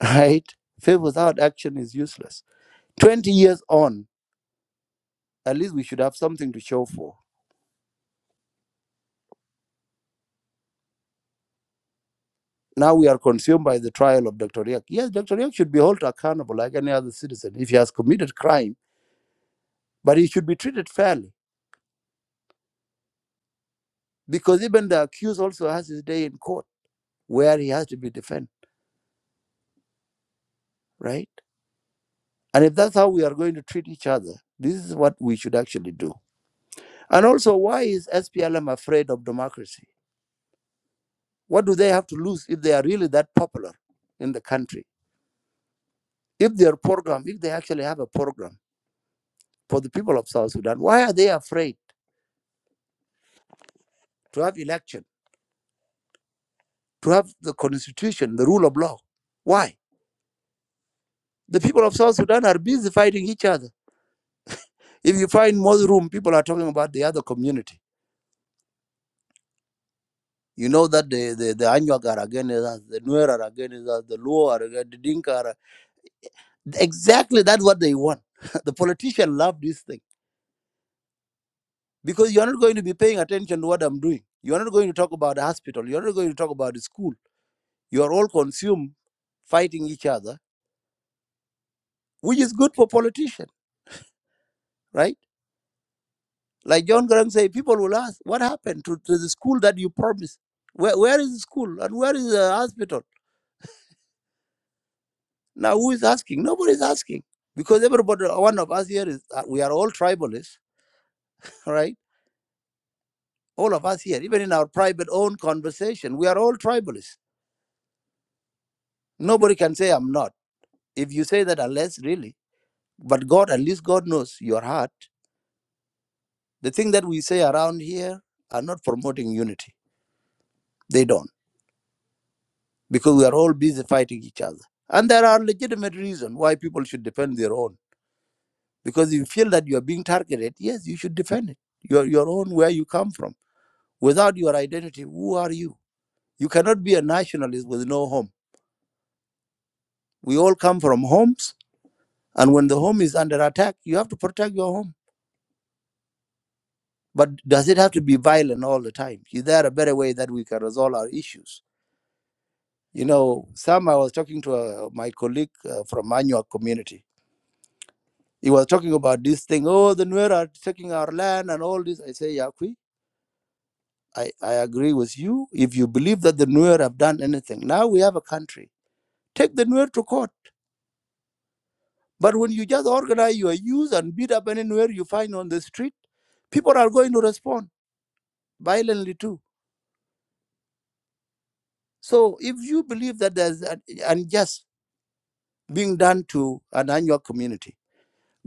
Speaker 6: right? Faith without action is useless. 20 years on, at least we should have something to show for. Now we are consumed by the trial of Dr. Riak. Yes, Dr. Riak should be held accountable like any other citizen if he has committed crime, but he should be treated fairly because even the accused also has his day in court where he has to be defended, right? And if that's how we are going to treat each other, this is what we should actually do. And also, why is SPLM afraid of democracy? What do they have to lose if they are really that popular in the country? If their program, if they actually have a program for the people of South Sudan, why are they afraid to have election, to have the constitution, the rule of law? Why? The people of South Sudan are busy fighting each other. If you find more room, people are talking about the other community. You know that the the, the Anyuak are against us, the Nuer are against us, the Luo are against the Dinka are exactly that's what they want. the politician love this thing because you're not going to be paying attention to what I'm doing. You're not going to talk about the hospital. You're not going to talk about the school You are all consumed fighting each other, which is good for politicians, right? Like John Graham say, people will ask, what happened to, to the school that you promised? Where, where is the school and where is the hospital? Now, who is asking? Nobody is asking because everybody, one of us here is, uh, we are all tribalists, right? All of us here, even in our private own conversation, we are all tribalists. Nobody can say I'm not. If you say that, unless really, but God, at least God knows your heart. The thing that we say around here are not promoting unity They don't because we are all busy fighting each other. And there are legitimate reasons why people should defend their own. Because if you feel that you are being targeted, yes, you should defend it. Your your own where you come from. Without your identity, who are you? You cannot be a nationalist with no home. We all come from homes, and when the home is under attack, you have to protect your home. But does it have to be violent all the time? Is there a better way that we can resolve our issues? You know, Sam, I was talking to uh, my colleague uh, from Manual community He was talking about this thing. Oh, the Nuer are taking our land and all this. I say, Yakui, I, I agree with you. If you believe that the Nuer have done anything, now we have a country. Take the Nuer to court. But when you just organize your youth and beat up any Nuer you find on the street, people are going to respond violently too. So if you believe that there's an unjust being done to an annual community,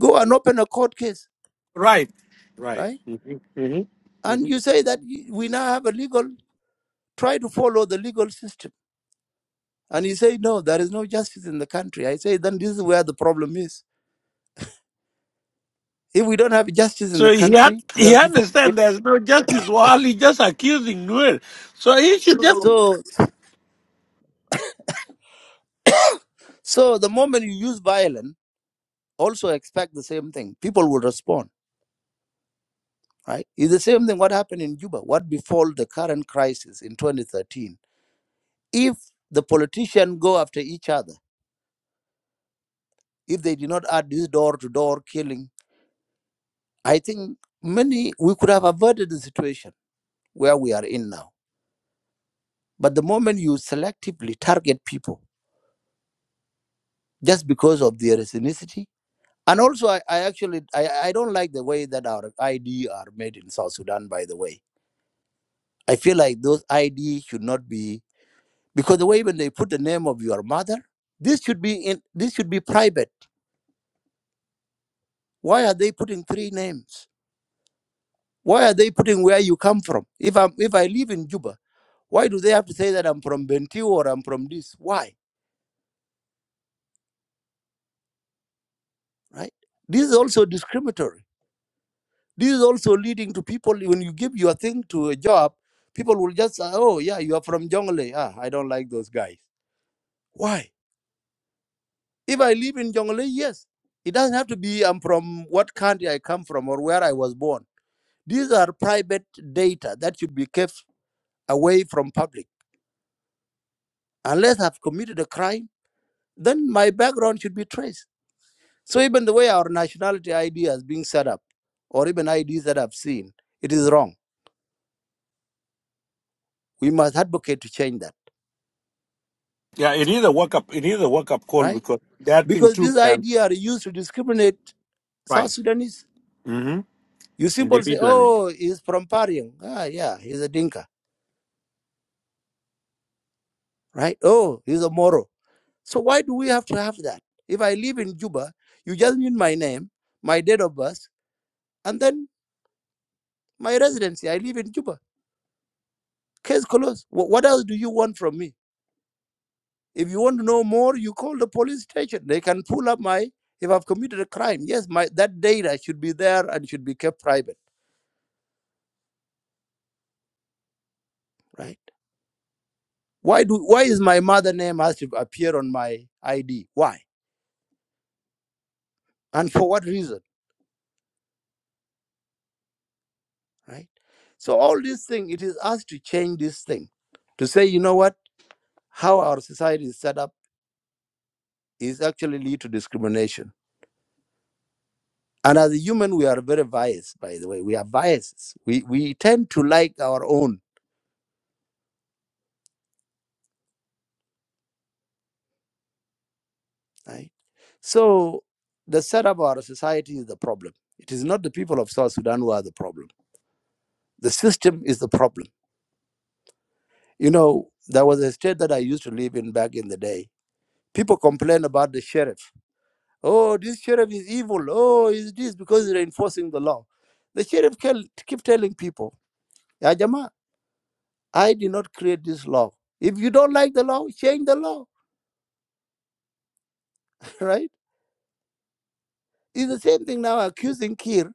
Speaker 6: go and open a court case,
Speaker 4: Right, right.
Speaker 6: right?
Speaker 4: Mhm, mhm,
Speaker 6: And
Speaker 4: mhm.
Speaker 6: you say that we now have a legal, try to follow the legal system And he said, No, there is no justice in the country. I say, Then this is where the problem is. If we don't have justice in the
Speaker 4: So he had
Speaker 6: country,
Speaker 4: he
Speaker 6: where people
Speaker 4: understand there's no justice while he just accusing Noel. So he should just
Speaker 6: so so the moment you use violence, also expect the same thing. People will respond, right? It's the same thing what happened in Juba, what befall the current crisis in 2013. If the politicians go after each other, if they did not add this door-to-door killing, I think many we could have averted the situation where we are in now. But the moment you selectively target people just because of their ethnicity. And also, I, I actually I, I don't like the way that our ID are made in South Sudan. By the way, I feel like those ID should not be because the way when they put the name of your mother, this should be in this should be private. Why are they putting three names? Why are they putting where you come from? If I'm if I live in Juba, why do they have to say that I'm from Bentiu or I'm from this? Why? Right? This is also discriminatory This is also leading to people when you give your thing to a job, people will just say, "Oh yeah, you are from Jongle. Ah, I don't like those guys." Why? If I live in Jongle, yes, it doesn't have to be I'm from what country I come from or where I was born. These are private data that should be kept away from public. Unless I've committed a crime, then my background should be traced. So even the way our nationality ID is being set up, or even IDs that I've seen, it is wrong. We must advocate to change that,
Speaker 4: yeah. It is a wake up. It is a wake up call
Speaker 6: right?
Speaker 4: because that thing
Speaker 6: Because
Speaker 4: too
Speaker 6: this
Speaker 4: can
Speaker 6: idea are used to discriminate South
Speaker 4: right.
Speaker 6: Sudanese.
Speaker 4: Mm-hmm.
Speaker 6: You simply say,
Speaker 4: Individually.
Speaker 6: oh, he's from Pariang. Ah, yeah, he's a Dinka, right? Oh, he's a Moro. So why do we have to have that? If I live in Juba, you just need my name, my date of birth, and then my residency. I live in Juba. Case closed. Wh- What else do you want from me? If you want to know more, you call the police station. They can pull up my if I've committed a crime. Yes, my that data should be there and should be kept private, right? Why do why is my mother name has to appear on my ID? Why? And for what reason? Right? So all these things, it is us to change this thing, to say, you know what, how our society is set up is actually lead to discrimination. And as a human, we are very biased, by the way. We are biases. We we tend to like our own, right? So the setup of our society is the problem. It is not the people of South Sudan who are the problem. The system is the problem You know, there was a state that I used to live in back in the day. People complain about the sheriff. Oh, this sheriff is evil. Oh, is this because they're enforcing the law? The sheriff can keep telling people, "Ya Jama, I did not create this law. If you don't like the law, change the law, right? It's the same thing now accusing Kir.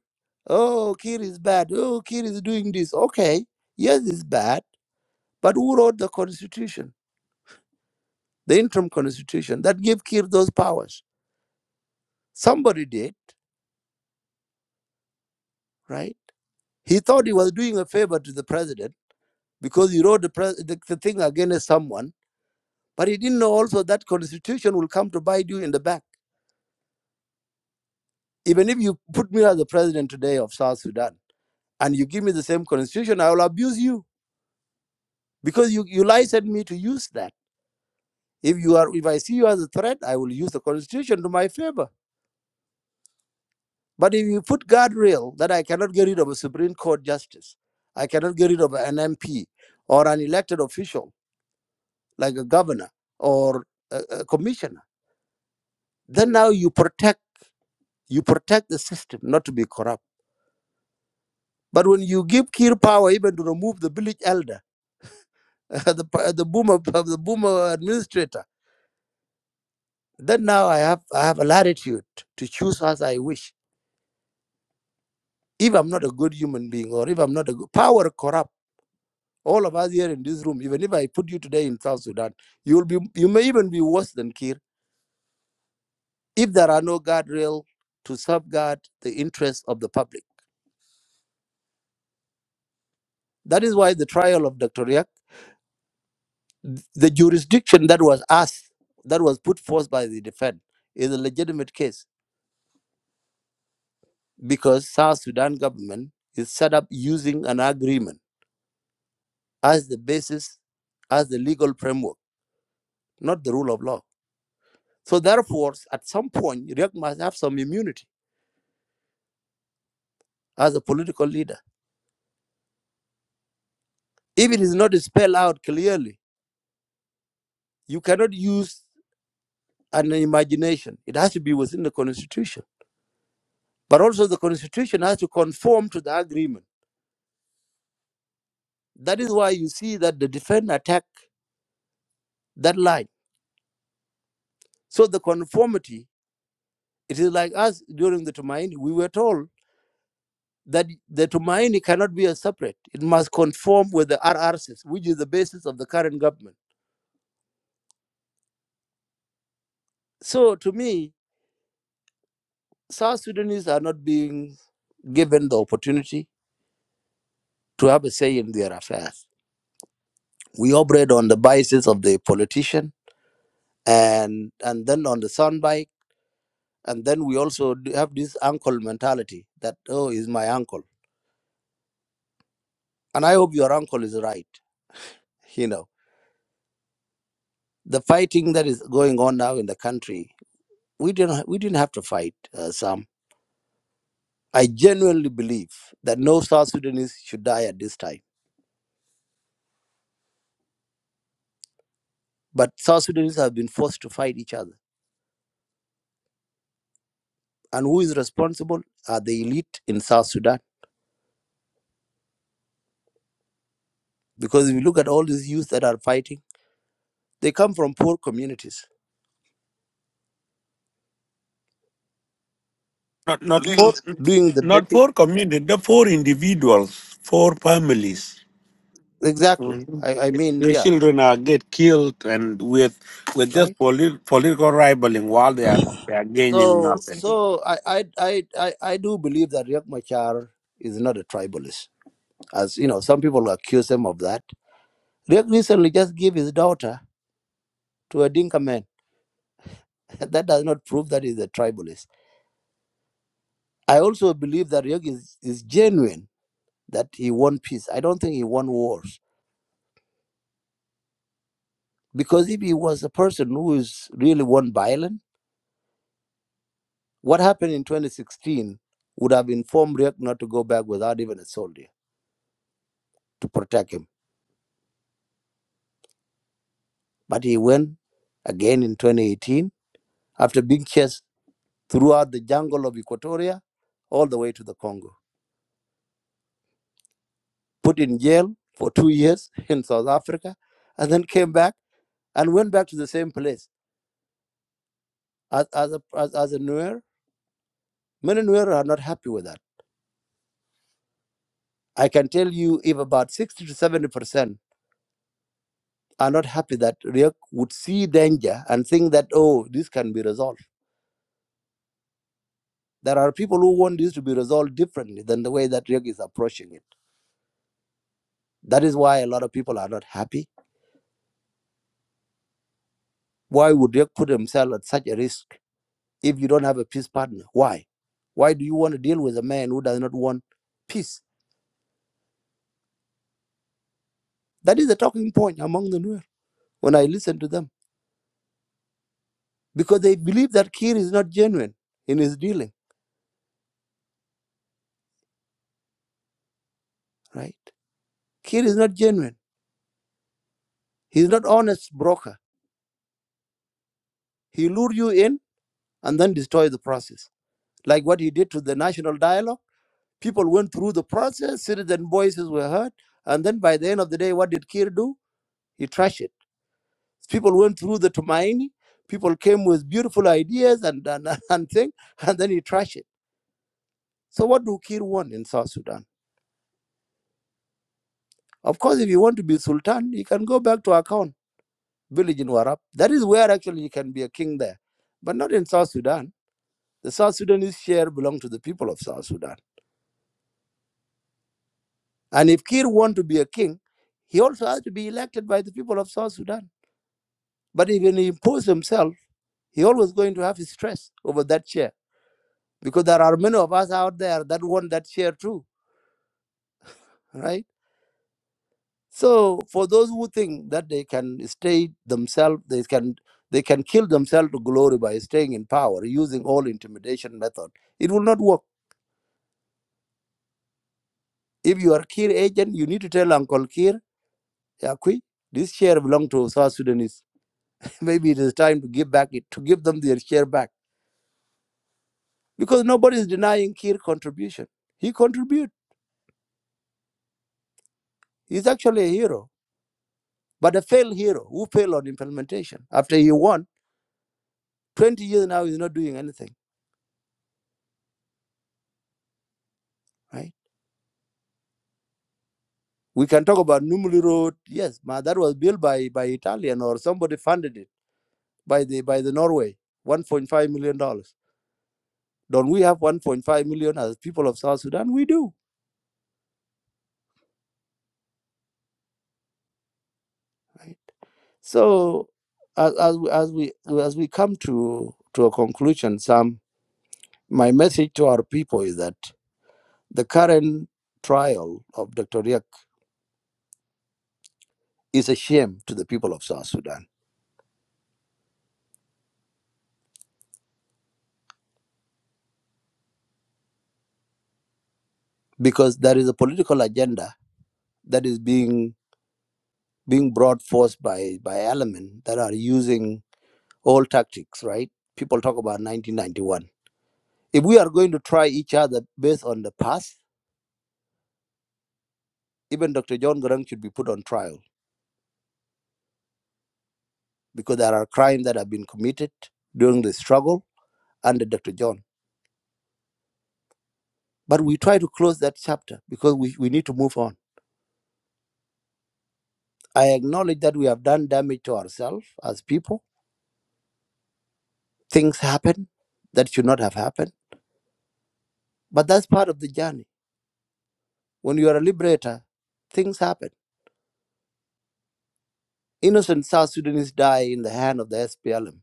Speaker 6: Oh, Kir is bad. Oh, Kir is doing this. Okay, yes, it's bad. But who wrote the constitution, the interim constitution that gave Kir those powers? Somebody did, right? He thought he was doing a favor to the president because he wrote the, pres the, the thing against someone, but he didn't know also that constitution will come to bite you in the back. Even if you put me as the president today of South Sudan and you give me the same constitution, I will abuse you because you, you licensed me to use that. If you are, if I see you as a threat, I will use the constitution to my favor. But if you put guardrail that I cannot get rid of a Supreme Court justice, I cannot get rid of an MP or an elected official like a governor or a, a commissioner. Then now you protect you protect the system not to be corrupt. But when you give Kir power even to remove the village elder, the uh, the boomer the boomer administrator, then now I have I have a latitude to choose as I wish. If I'm not a good human being or if I'm not a good power corrupt, all of us here in this room, even if I put you today in South Sudan, you will be you may even be worse than Kir if there are no guardrail to safeguard the interests of the public That is why the trial of Dr. Riak, the jurisdiction that was asked, that was put forth by the defense, is a legitimate case because South Sudan government is set up using an agreement as the basis, as the legal framework, not the rule of law. So therefore, at some point, Riak must have some immunity as a political leader. If it is not spelled out clearly, you cannot use an imagination. It has to be within the constitution. But also the constitution has to conform to the agreement That is why you see that the defense attack that line. So the conformity, it is like us during the Tumaini, we were told that the Tumaini cannot be a separate. It must conform with the RRCs, which is the basis of the current government. So to me, South Sudanese are not being given the opportunity to have a say in their affairs. We operate on the biases of the politician and and then on the soundbite. And then we also do have this uncle mentality that, oh, he's my uncle And I hope your uncle is right. You know, the fighting that is going on now in the country, we didn't we didn't have to fight, uh, Sam. I genuinely believe that no South Sudanese should die at this time. But South Sudanese have been forced to fight each other. And who is responsible? Are the elite in South Sudan? Because if you look at all these youth that are fighting, they come from poor communities,
Speaker 4: Not, not, for,
Speaker 6: doing the
Speaker 4: not
Speaker 6: betting.
Speaker 4: for community, the
Speaker 6: Yeah.
Speaker 4: for individuals, for families.
Speaker 6: Exactly.
Speaker 4: Mhm.
Speaker 6: I, I mean,
Speaker 4: The
Speaker 6: yeah,
Speaker 4: children are get killed and with with
Speaker 6: right?
Speaker 4: just polit- political rivaling while they are, they are gaining
Speaker 6: So,
Speaker 4: nothing.
Speaker 6: so I, I, I, I, I do believe that Riek Machar is not a tribalist, as you know, some people accuse him of that. Riek recently just gave his daughter to a Dinka man. that does not prove that he's a tribalist. I also believe that Riek is, is genuine, that he won peace. I don't think he won wars. Because if he was a person who is really won violence, what happened in 2016 would have informed Riek not to go back without even a soldier to protect him. But he went again in 2018 after being chased throughout the jungle of Equatoria all the way to the Congo. Put in jail for two years in South Africa, and then came back and went back to the same place as, as, a, as, as a Nuer. Many Nuer are not happy with that. I can tell you if about 60 to 70% are not happy that Riek would see danger and think that, oh, this can be resolved. There are people who want this to be resolved differently than the way that Riek is approaching it. That is why a lot of people are not happy. Why would Riek put himself at such a risk? if you don't have a peace partner? Why? Why do you want to deal with a man who does not want peace? That is the talking point among the Nuer when I listen to them because they believe that Kir is not genuine in his dealing, right? Kir is not genuine. He's not honest broker. He lure you in and then destroy the process. Like what he did to the national dialogue. People went through the process, citizen voices were heard, and then by the end of the day, what did Kir do? He trashed it People went through the Tumaini. People came with beautiful ideas and and, and thing, and then he trashed it. So what do Kir want in South Sudan? Of course, if you want to be Sultan, you can go back to Akon village in Warab. That is where actually you can be a king there, but not in South Sudan. The South Sudanese share belong to the people of South Sudan. And if Kir want to be a king, he also has to be elected by the people of South Sudan. But if he imposes himself, he always going to have his stress over that chair because there are many of us out there that want that share too, right? So for those who think that they can stay themselves, they can they can kill themselves to glory by staying in power using all intimidation method. It will not work. If you are Kir agent, you need to tell Uncle Kir, Yakui, this share belongs to South Sudanese. Maybe it is time to give back it to give them their share back because nobody is denying Kir contribution. He contribute. He's actually a hero, but a failed hero who failed on implementation after he won 20 years now is not doing anything, right? We can talk about Numuli Road. Yes, that was built by, by Italian or somebody funded it by the by the Norway, 1.5 million dollars. Don't we have 1.5 million as people of South Sudan? We do, right? So as as, we- as we as we come to to a conclusion, Sam, my message to our people is that the current trial of Dr. Riak is a shame to the people of South Sudan because there is a political agenda that is being being brought forth by by elements that are using old tactics, right? People talk about 1991. If we are going to try each other based on the past, even Dr. John Garang should be put on trial because there are crimes that have been committed during the struggle under Dr. John. But we try to close that chapter because we, we need to move on. I acknowledge that we have done damage to ourselves as people. Things happen that should not have happened. But that's part of the journey. When you are a liberator, things happen Innocent South Sudanese die in the hand of the SPLM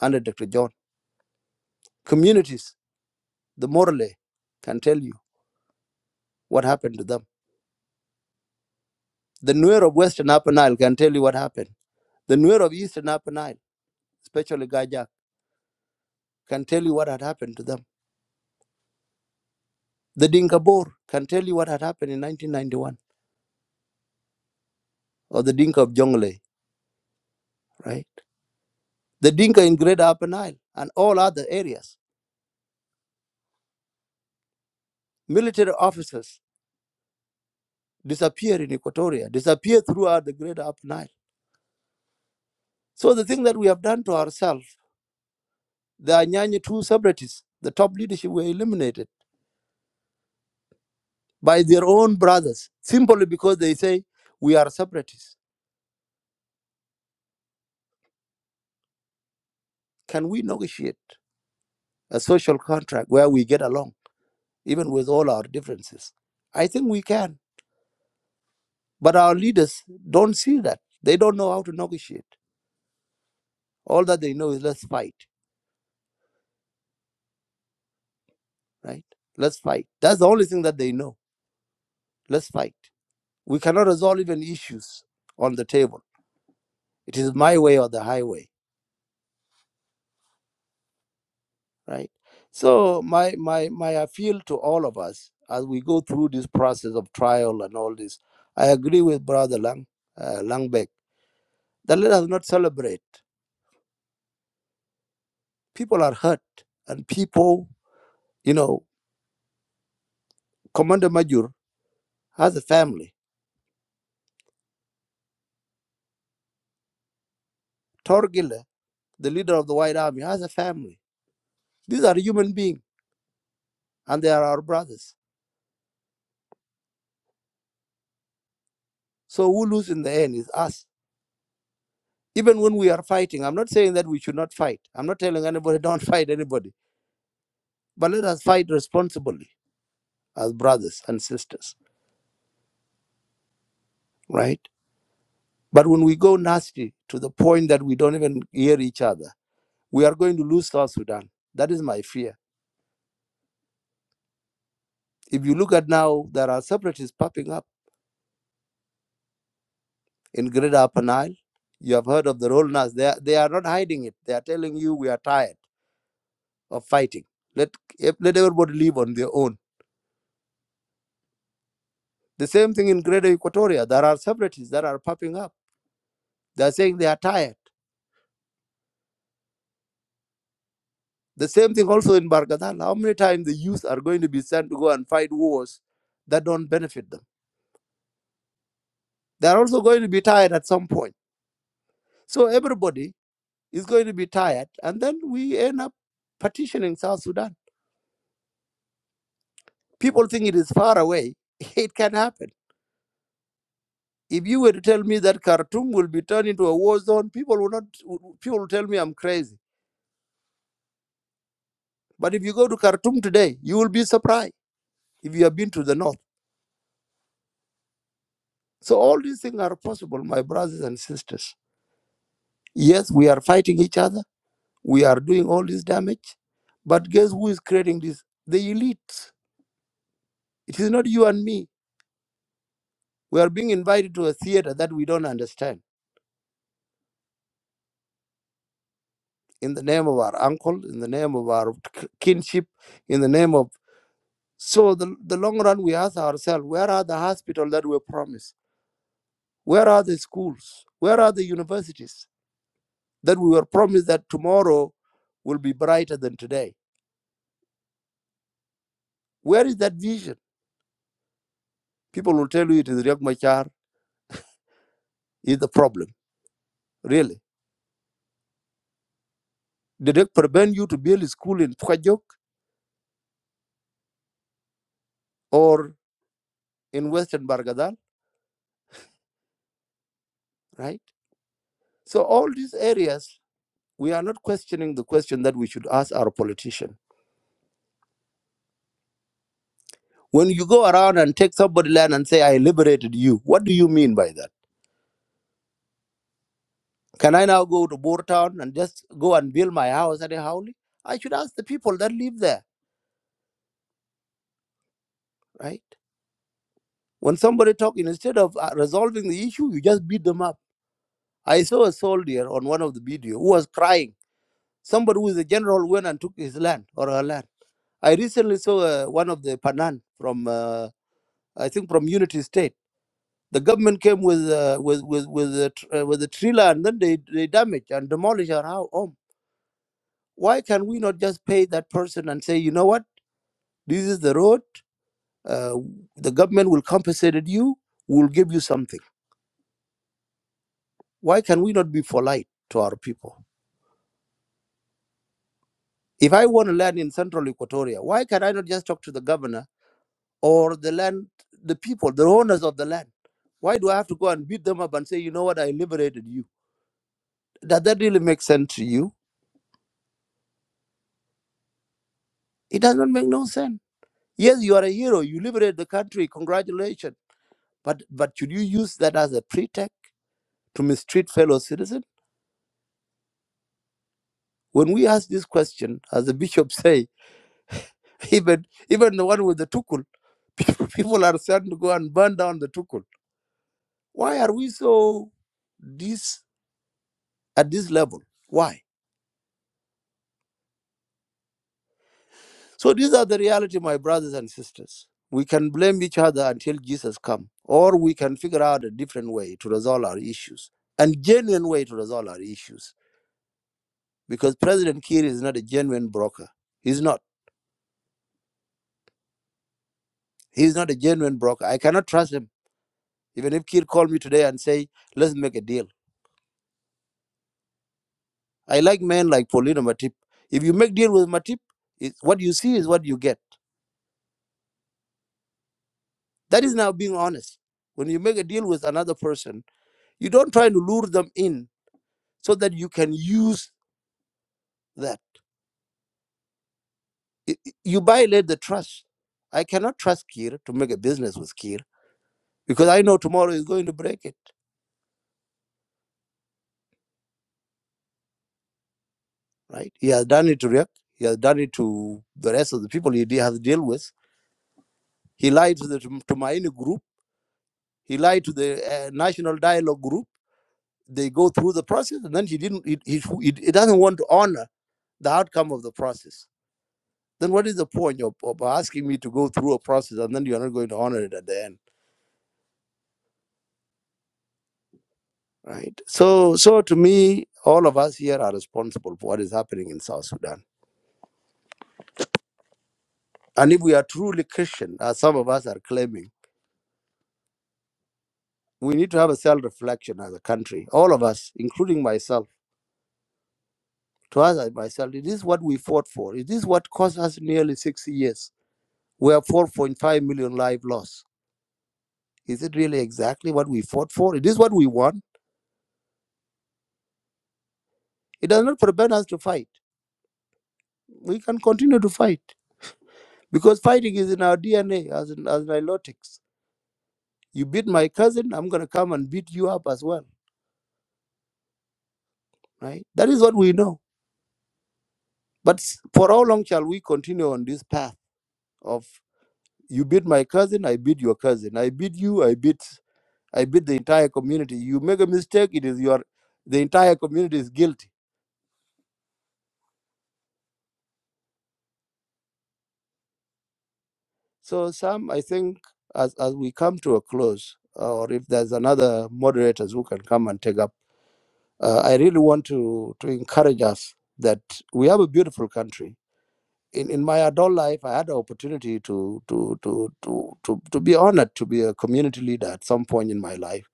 Speaker 6: under Dr. John. Communities, the Morley, can tell you what happened to them. The Nuer of Western Upper Nile can tell you what happened. The Nuer of Eastern Upper Nile, especially Gajak, can tell you what had happened to them. The Dinka Bor can tell you what had happened in 1991, or the Dinka of Jonglei, right? The Dinka in Greater Upper Nile and all other areas. Military officers disappear in Equatoria, disappear throughout the Greater Upper Nile. So the thing that we have done to ourselves The Anyanya two separatists, the top leadership were eliminated by their own brothers simply because they say, We are separatists. Can we negotiate a social contract where we get along, even with all our differences? I think we can. But our leaders don't see that. They don't know how to negotiate. All that they know is let's fight, right? Let's fight. That's the only thing that they know. Let's fight. We cannot resolve even issues on the table. It is my way or the highway right so my my my appeal to all of us as we go through this process of trial and all this i agree with brother lang uh, langbeck that let us not celebrate people are hurt and people you know commander major has a family torgile the leader of the white army has a family these are human beings and they are our brothers so who lose in the end is us even when we are fighting i'm not saying that we should not fight i'm not telling anybody don't fight anybody but let us fight responsibly as brothers and sisters, right? But when we go nasty to the point that we don't even hear each other, we are going to lose South Sudan. That is my fear. If you look at now, there are separatists popping up in Greater Upper Nile. You have heard of the Roll Nas. They are, they are not hiding it. They are telling you we are tired of fighting. Let, eh, let everybody live on their own. The same thing in Greater Equatoria. There are separatists that are popping up. They are saying they are tired. The same thing also in Bargadal. How many times the youth are going to be sent to go and fight wars that don't benefit them? They are also going to be tired at some point. So everybody is going to be tired, and then we end up partitioning South Sudan. People think it is far away. It can happen. If you were to tell me that Khartoum will be turned into a war zone, people will not. People will tell me I'm crazy. But if you go to Khartoum today, you will be surprised if you have been to the north. So all these things are possible, my brothers and sisters. Yes, we are fighting each other. We are doing all this damage. But guess who is creating this? The elite. It is not you and me. We are being invited to a theater that we don't understand in the name of our uncle, in the name of our k- kinship, in the name of. So, the, the long run, we ask ourselves where are the hospitals that were promised? Where are the schools? Where are the universities that we were promised that tomorrow will be brighter than today? Where is that vision? People will tell you it is Riek Machar is the problem really. Did it prevent you to build a school in Pukajok or in Western Bargadal, right? So all these areas, we are not questioning the question that we should ask our politician. When you go around and take somebody land and say, I liberated you, what do you mean by that? Can I now go to Boer Town and just go and build my house at a Howley? I should ask the people that live there, right? When somebody talk, instead of uh, resolving the issue, you just beat them up. I saw a soldier on one of the video who was crying Somebody who is a general went and took his land or her land. I recently saw uh, one of the Panan from, uh, I think, from Unity State. The government came with uh, with with with a, tr- uh, with a trailer and then they they damage and demolish our hou- home. Why can we not just pay that person and say, you know what, this is the road. Uh, the government will compensate you. We'll give you something. Why can we not be polite to our people? If I want to land in Central Equatoria, why can I not just talk to the governor? or the land, the people, the owners of the land. Why do I have to go and beat them up and say, you know what, I liberated you? Does that really make sense to you? It does not make no sense. Yes, you are a hero. You liberate the country. Congratulations. But but should you use that as a pretext to mistreat fellow citizens? When we ask this question, as the bishop say, even even the one with the tukul, people, people are starting to go and burn down the tukul. Why are we so this at this level? Why? So these are the reality, my brothers and sisters. We can blame each other until Jesus come, or we can figure out a different way to resolve our issues and genuine way to resolve our issues. Because President Kiir is not a genuine broker. He's not. He's not a genuine broker. I cannot trust him. Even if Kiir called me today and say, "Let's make a deal," I like men like Paulino Matip. If you make deal with Matip, it, what you see is what you get. That is now being honest. When you make a deal with another person, you don't try to lure them in so that you can use that. I- i- You violate the trust. I cannot trust Kir to make a business with Kir because I know tomorrow he's going to break it, right? He has done it to Riek. He has done it to the rest of the people he de- has to deal with. He lied to the Tum- Tumaini group. He lied to the uh, National Dialogue group. They go through the process and then he didn't. He, he, he he doesn't want to honor the outcome of the process. Then what is the point of, of asking me to go through a process and then you are not going to honor it at the end? right? So, so to me, all of us here are responsible for what is happening in South Sudan. And if we are truly Christian, as some of us are claiming, we need to have a self-reflection as a country. All of us, including myself, to us and myself, it is what we fought for. It is what cost us nearly six years. We have 4.5 million lives lost. Is it really exactly what we fought for? It is what we want. It does not prevent us to fight. We can continue to fight because fighting is in our DNA as in, as nilotics You beat my cousin, I'm going to come and beat you up as well, right? That is what we know. But s- for how long shall we continue on this path of you beat my cousin, I beat your cousin, I beat you, I beat I beat the entire community. You make a mistake, it is your the entire community is guilty. So Sam, I think as as we come to a close, uh, or if there's another moderators who can come and take up, uh, I really want to to encourage us that we have a beautiful country in, in my adult life, I had the opportunity to to to to to to be honored to be a community leader at some point in my life.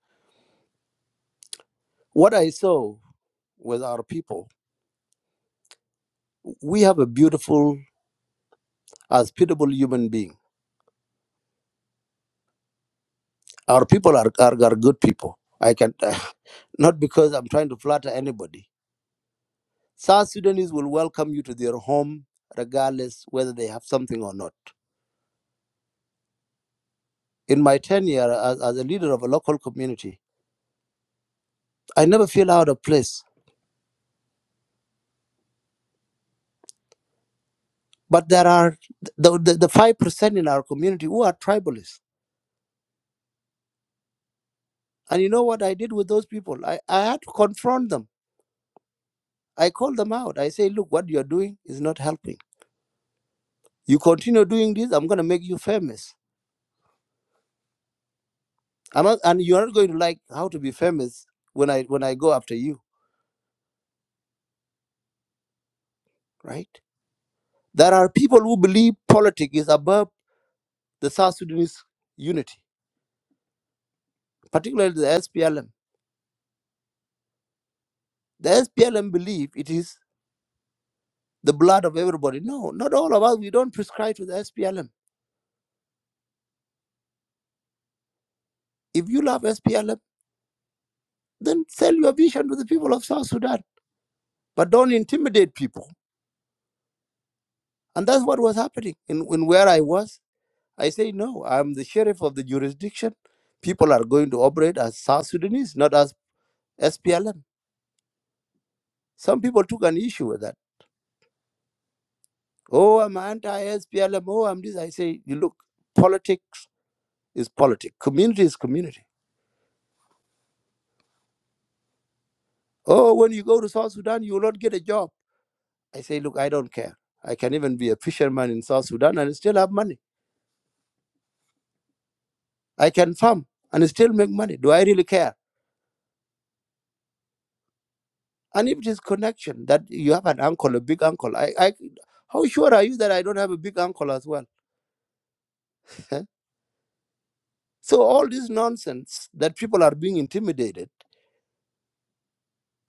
Speaker 6: What I saw was our people. We have a beautiful, hospitable human being. Our people are are, are good people. I can not because I'm trying to flatter anybody. South Sudanese will welcome you to their home regardless whether they have something or not. In my tenure as, as a leader of a local community, I never feel out of place But there are the, the, the 5% in our community who are tribalists. And you know what I did with those people? I, I had to confront them. I called them out. I say, look, what you're doing is not helping. You continue doing this, I'm going to make you famous. I'm not, and you're not going to like how to be famous when I, when I go after you, right? There are people who believe politics is above the South Sudanese unity, particularly the SPLM. The SPLM believe it is the blood of everybody. No, not all of us. We don't prescribe to the SPLM If you love SPLM, then sell your vision to the people of South Sudan, but don't intimidate people. And that's what was happening. In, in where I was, I say, no, I'm the sheriff of the jurisdiction. People are going to operate as South Sudanese, not as SPLM. Some people took an issue with that. Oh, I'm anti SPLM. Oh, I'm this. I say, you look, politics is politics, community is community. Oh, when you go to South Sudan, you will not get a job. I say, look, I don't care. I can even be a fisherman in South Sudan and still have money. I can farm and still make money. Do I really care? And if it is connection that you have an uncle, a big uncle, I, I how sure are you that I don't have a big uncle as well? so all this nonsense that people are being intimidated,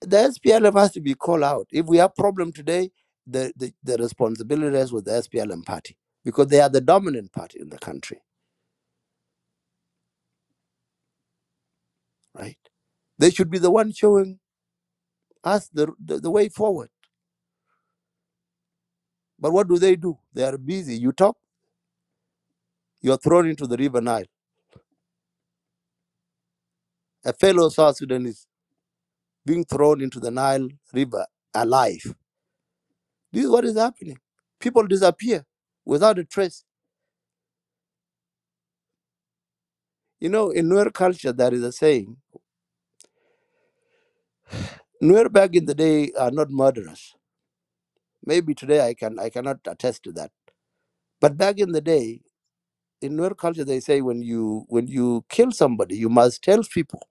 Speaker 6: the SPLM has to be called out. If we have problem today, the, the, the responsibility is with the SPLM party because they are the dominant party in the country, right? They should be the one showing us the, the, the way forward. But what do they do? They are busy. You talk, you're thrown into the river Nile a fellow South Sudanese being thrown into the Nile River alive. This is what is happening. People disappear without a trace. You know, in Nuer culture, there is a saying: Nuer back in the day are not murderers. Maybe today I can I cannot attest to that. But back in the day, in Nuer culture, they say when you when you kill somebody, you must tell people.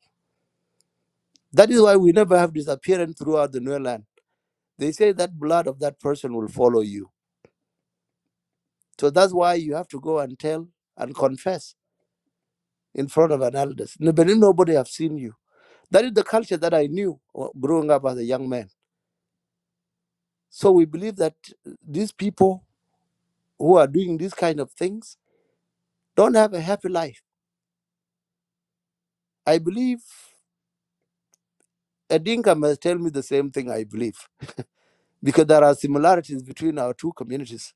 Speaker 6: That is why we never have disappearance throughout the Nuer land. They say that blood of that person will follow you. So that's why you have to go and tell and confess in front of an elders. No- Nobody have seen you. That is the culture that I knew uh, growing up as a young man. So we believe that uh, these people who are doing these kind of things don't have a happy life. I believe a Dinka must tell me the same thing I believe because there are similarities between our two communities,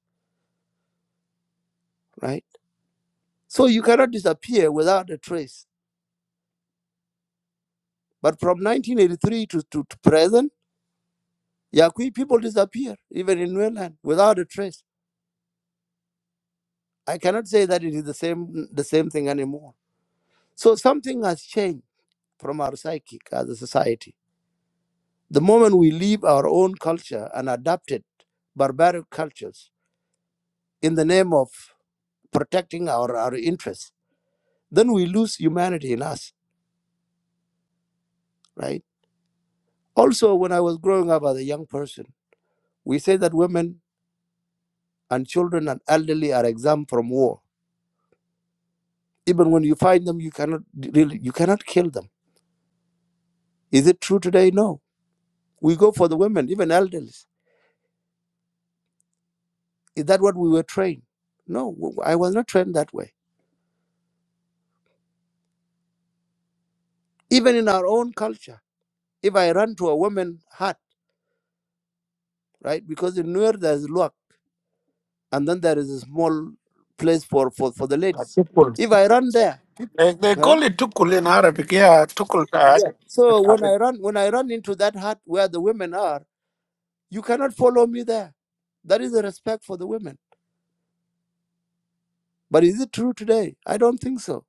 Speaker 6: right? So you cannot disappear without a trace. But from 1983 to, to, to present, Yakui people disappear, even in Newland, without a trace. I cannot say that it is the same the same thing anymore So something has changed from our psychic as a society. The moment we leave our own culture and adapted barbaric cultures in the name of protecting our, our interests, then we lose humanity in us, right? Also, when I was growing up as a young person, we say that women and children and elderly are exempt from war. Even when you find them, you cannot d- really you cannot kill them. Is it true today? No. We go for the women, even elderly. Is that what we were trained? No, w- I was not trained that way Even in our own culture, if I run to a woman hut, right? Because in Nuer there's luck, and then there is a small place for, for, for the
Speaker 4: Uh,
Speaker 6: ladies.
Speaker 4: tukul.
Speaker 6: If I run there,
Speaker 4: They, they
Speaker 6: huh?
Speaker 4: call it tukul in Arabic, yeah, tukul.
Speaker 6: yeah. So
Speaker 4: uh,
Speaker 6: when I run when I run into that hut where the women are, you cannot follow me there. That is a respect for the women. But is it true today? I don't think so.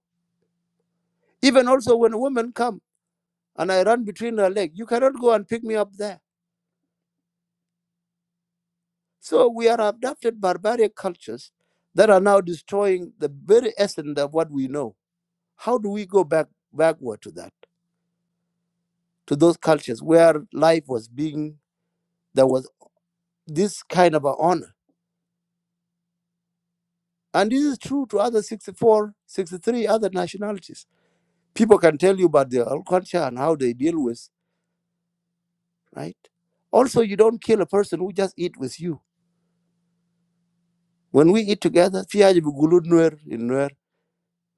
Speaker 6: Even also when a woman come and I run between her leg, you cannot go and pick me up there. So we are adapted barbaric cultures that are now destroying the very essence of what we know. How do we go back backward to that, to those cultures where life was being, there was this kind of a honor? And this is true to other 64, 63 other nationalities. People can tell you about their culture and how they deal with, right? Also, you don't kill a person who just eat with you. When we eat together, "Fiyaje bi gulud nuer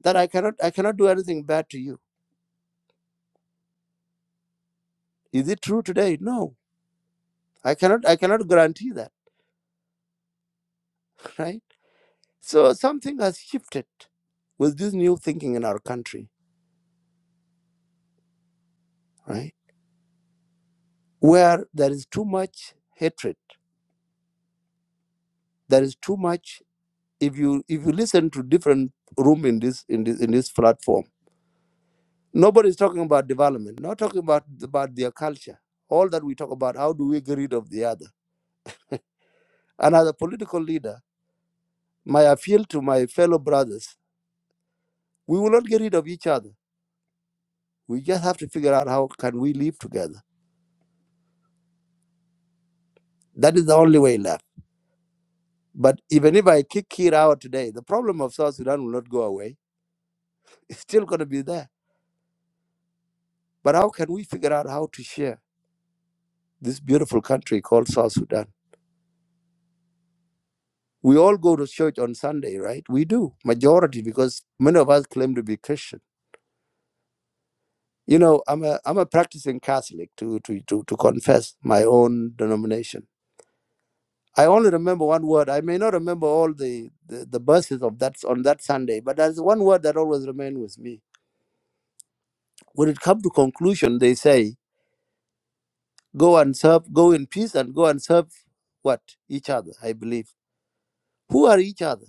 Speaker 6: that I cannot, I cannot do anything bad to you. Is it true today? No I cannot I cannot guarantee that, right? So something has shifted with this new thinking in our country, right? Where there is too much hatred, there is too much. If you if you listen to different room in this in this in this platform, nobody is talking about development, not talking about about their culture. All that we talk about, how do we get rid of the other? And as a political leader, my appeal to my fellow brothers, we will not get rid of each other. We just have to figure out how can we live together That is the only way left. But even if I kick Kir out today, the problem of South Sudan will not go away. It's still going to be there. But how can we figure out how to share this beautiful country called South Sudan? We all go to church on Sunday, right? We do, majority, because many of us claim to be Christian. You know, I'm a, I'm a practicing Catholic to, to, to, to confess my own denomination. I only remember one word. I may not remember all the, the, the verses of that on that Sunday, but there's one word that always remained with me When it comes to conclusion, they say, go and serve, go in peace and go and serve what? Each other, I believe. Who are each other?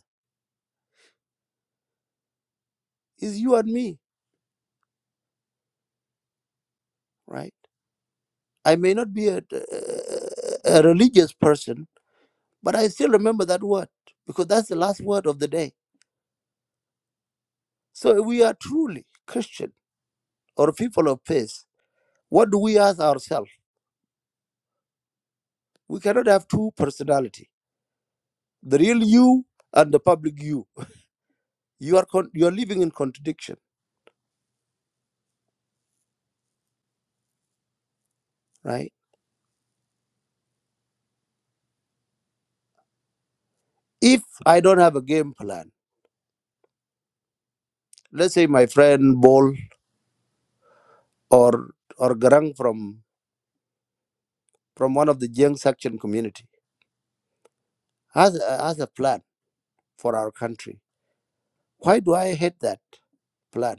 Speaker 6: Is you and me, right? I may not be a, a religious person, but I still remember that word because that's the last word of the day. So if we are truly Christian or people of faith, what do we ask ourselves? We cannot have two personality, the real you and the public you. You are con- you are living in contradiction, right? If I don't have a game plan, Let's say my friend Bol or or Garang from from one of the Jiang section community has a, has a plan for our country. Why do I hate that plan?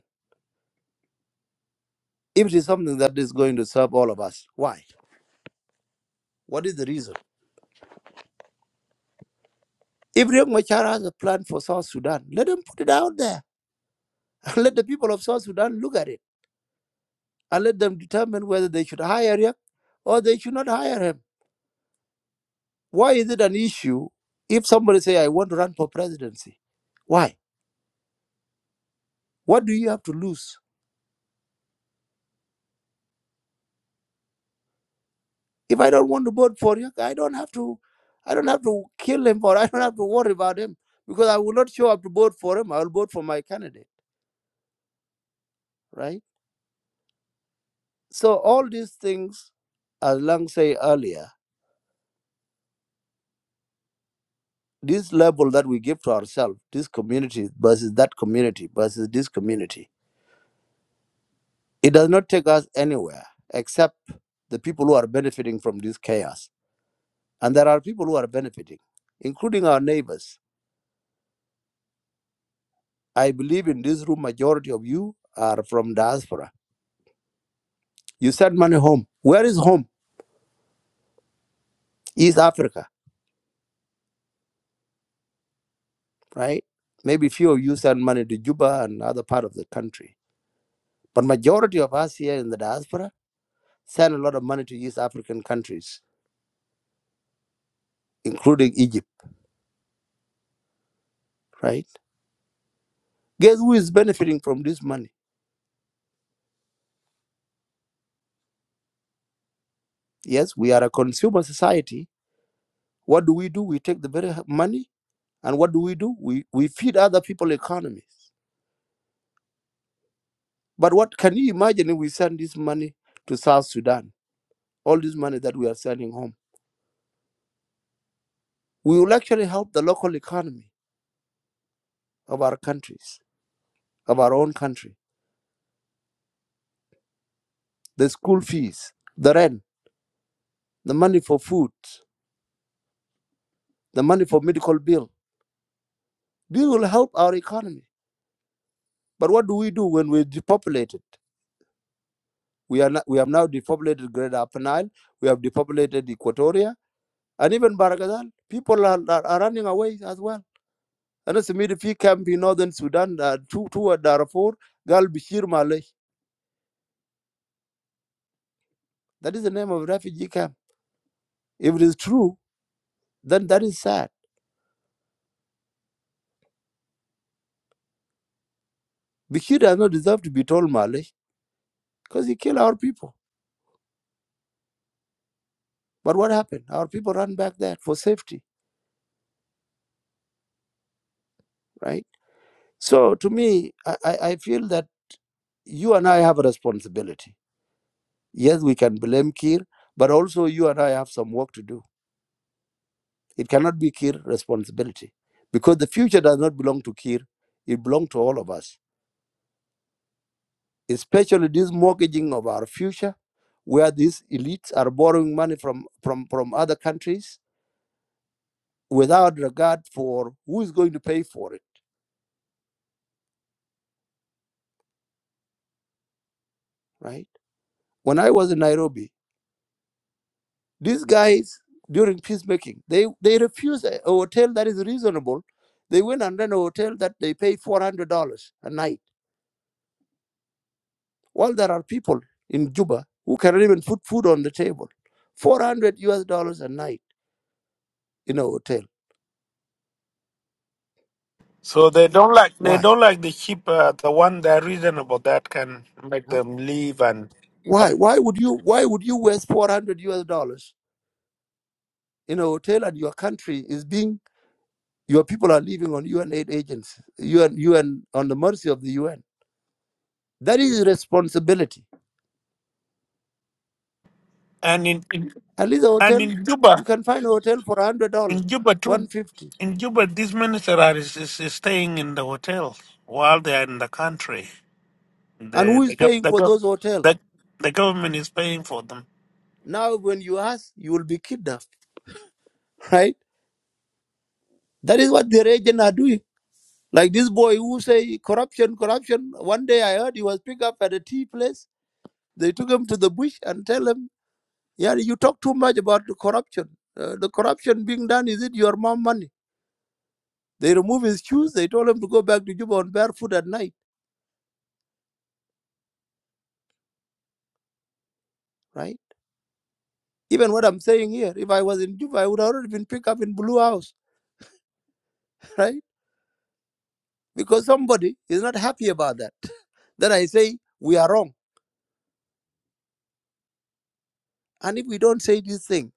Speaker 6: If it is something that is going to serve all of us, why? What is the reason? If Riek Machar has a plan for South Sudan, let him put it out there. And let the people of South Sudan look at it and let them determine whether they should hire Riek or they should not hire him. Why is it an issue if somebody say I want to run for presidency? Why? What do you have to lose? If I don't want to vote for you, I don't have to I don't have to kill him or I don't have to worry about him because I will not show up to vote for him. I will vote for my candidate, right? So all these things, as Lang say earlier, this label that we give to ourselves, this community versus that community versus this community, it does not take us anywhere except the people who are benefiting from this chaos. And there are people who are benefiting, including our neighbors. I believe in this room, majority of you are from diaspora You send money home. Where is home? East Africa, right? Maybe few of you send money to Juba and other part of the country. But majority of us here in the diaspora send a lot of money to East African countries, including Egypt, right? Guess who is benefiting from this money? Yes, we are a consumer society. What do we do? We take the very money and what do we do? We, we feed other people economies. But what can you imagine if we send this money to South Sudan? All this money that we are sending home we will actually help the local economy of our countries, of our own country. The school fees, the rent, the money for food, the money for medical bill. This will help our economy. But what do we do when we're depopulated? We are not, we have now depopulated Greater Upper Nile. We have depopulated Equatoria and even Baragazal. People are, are, are running away as well. And it's a military camp in northern Sudan, uh, two, two at Darfur, Gal Bishir Malay. That is the name of a refugee camp. If it is true, then that is sad Bashir does not deserve to be told Malay because he killed our people. But what happened? Our people ran back there for safety, right? So to me, I, I I feel that you and I have a responsibility. Yes, we can blame Kir, but also you and I have some work to do. It cannot be Kir's responsibility because the future does not belong to Kir. It belongs to all of us, especially this mortgaging of our future, where these elites are borrowing money from, from, from other countries without regard for who is going to pay for it right? When I was in Nairobi, these guys during peacemaking, they they refuse a, a hotel that is reasonable. They went and rent a hotel that they pay four hundred dollars a night. While there are people in Juba who cannot even put food on the table, four hundred US dollars a night in a hotel.
Speaker 4: So they don't like they
Speaker 6: Why?
Speaker 4: don't like the sheep, uh, the one that reasonable that can make
Speaker 6: Huh?
Speaker 4: them leave and
Speaker 6: Why? Why would you? Why would you waste four hundred US dollars in a hotel and your country is being your people are living on UN aid agents, UN UN on the mercy of the UN? That is irresponsibility
Speaker 4: and in, in
Speaker 6: At least a
Speaker 4: and
Speaker 6: hotel,
Speaker 4: in
Speaker 6: you
Speaker 4: Juba
Speaker 6: can find a hotel for one hundred dollar,
Speaker 4: In Juba,
Speaker 6: one
Speaker 4: too,
Speaker 6: fifty.
Speaker 4: in Juba, these ministers are is, is, is staying in the hotel while they are in the country.
Speaker 6: And who
Speaker 4: The
Speaker 6: is
Speaker 4: the, gov-
Speaker 6: paying
Speaker 4: the,
Speaker 6: for
Speaker 4: gov-
Speaker 6: those hotel?
Speaker 4: the, the government is paying for them.
Speaker 6: Now, when you ask, you will be kidnapped, right? That is what their agent are doing. Like this boy who say corruption, corruption. One day I heard he was picked up at a tea place. They took him to the bush and tell him, yeah, you talk too much about the corruption. Uh, the corruption being done is it your mom money? They remove his shoes. They told him to go back to Juba on barefoot at night, right? Even what I'm saying here, if I was in Juba, I would have already been picked up in Blue House, right? Because somebody is not happy about that. Then I say we are wrong. And if we don't say this thing,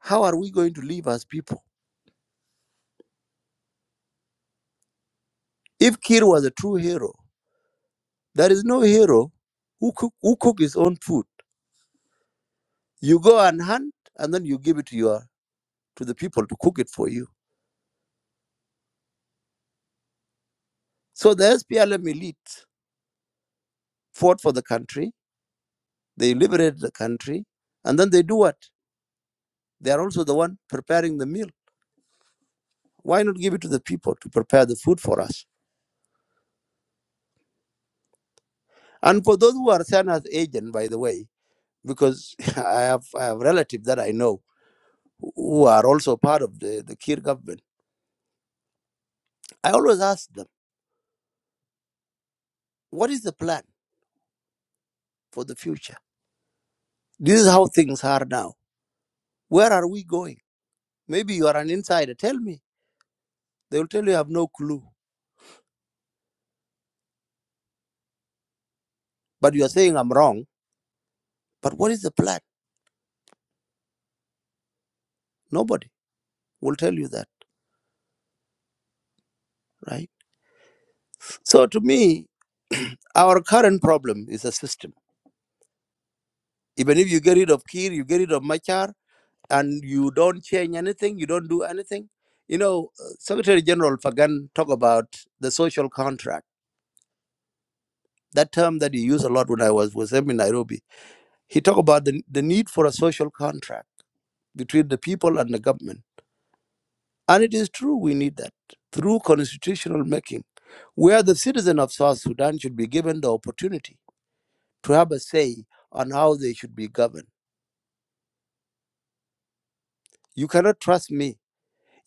Speaker 6: how are we going to live as people? If Kir was a true hero, there is no hero who cook, who cook his own food. You go and hunt, and then you give it to your to the people to cook it for you. So the SPLM elite fought for the country. They liberated the country, and then they do what? They are also the one preparing the meal. Why not give it to the people to prepare the food for us? And for those who are sent as agents, by the way, because I have I have relatives that I know who who are also part of the, the Kir government. I always ask them, what is the plan for the future? This is how things are now. Where are we going? Maybe you are an insider. Tell me. They will tell you I have no clue. But you are saying I'm wrong. But what is the plan? Nobody will tell you that, right? So to me, our current problem is a system Even if you get rid of Kir, you get rid of Machar, and you don't change anything, you don't do anything. You know, uh, Secretary General Fagan talk about the social contract. That term that he used a lot when I was with him in Nairobi. He talked about the, the need for a social contract between the people and the government. And it is true we need that through constitutional making, where the citizen of South Sudan should be given the opportunity to have a say on how they should be governed. You cannot trust me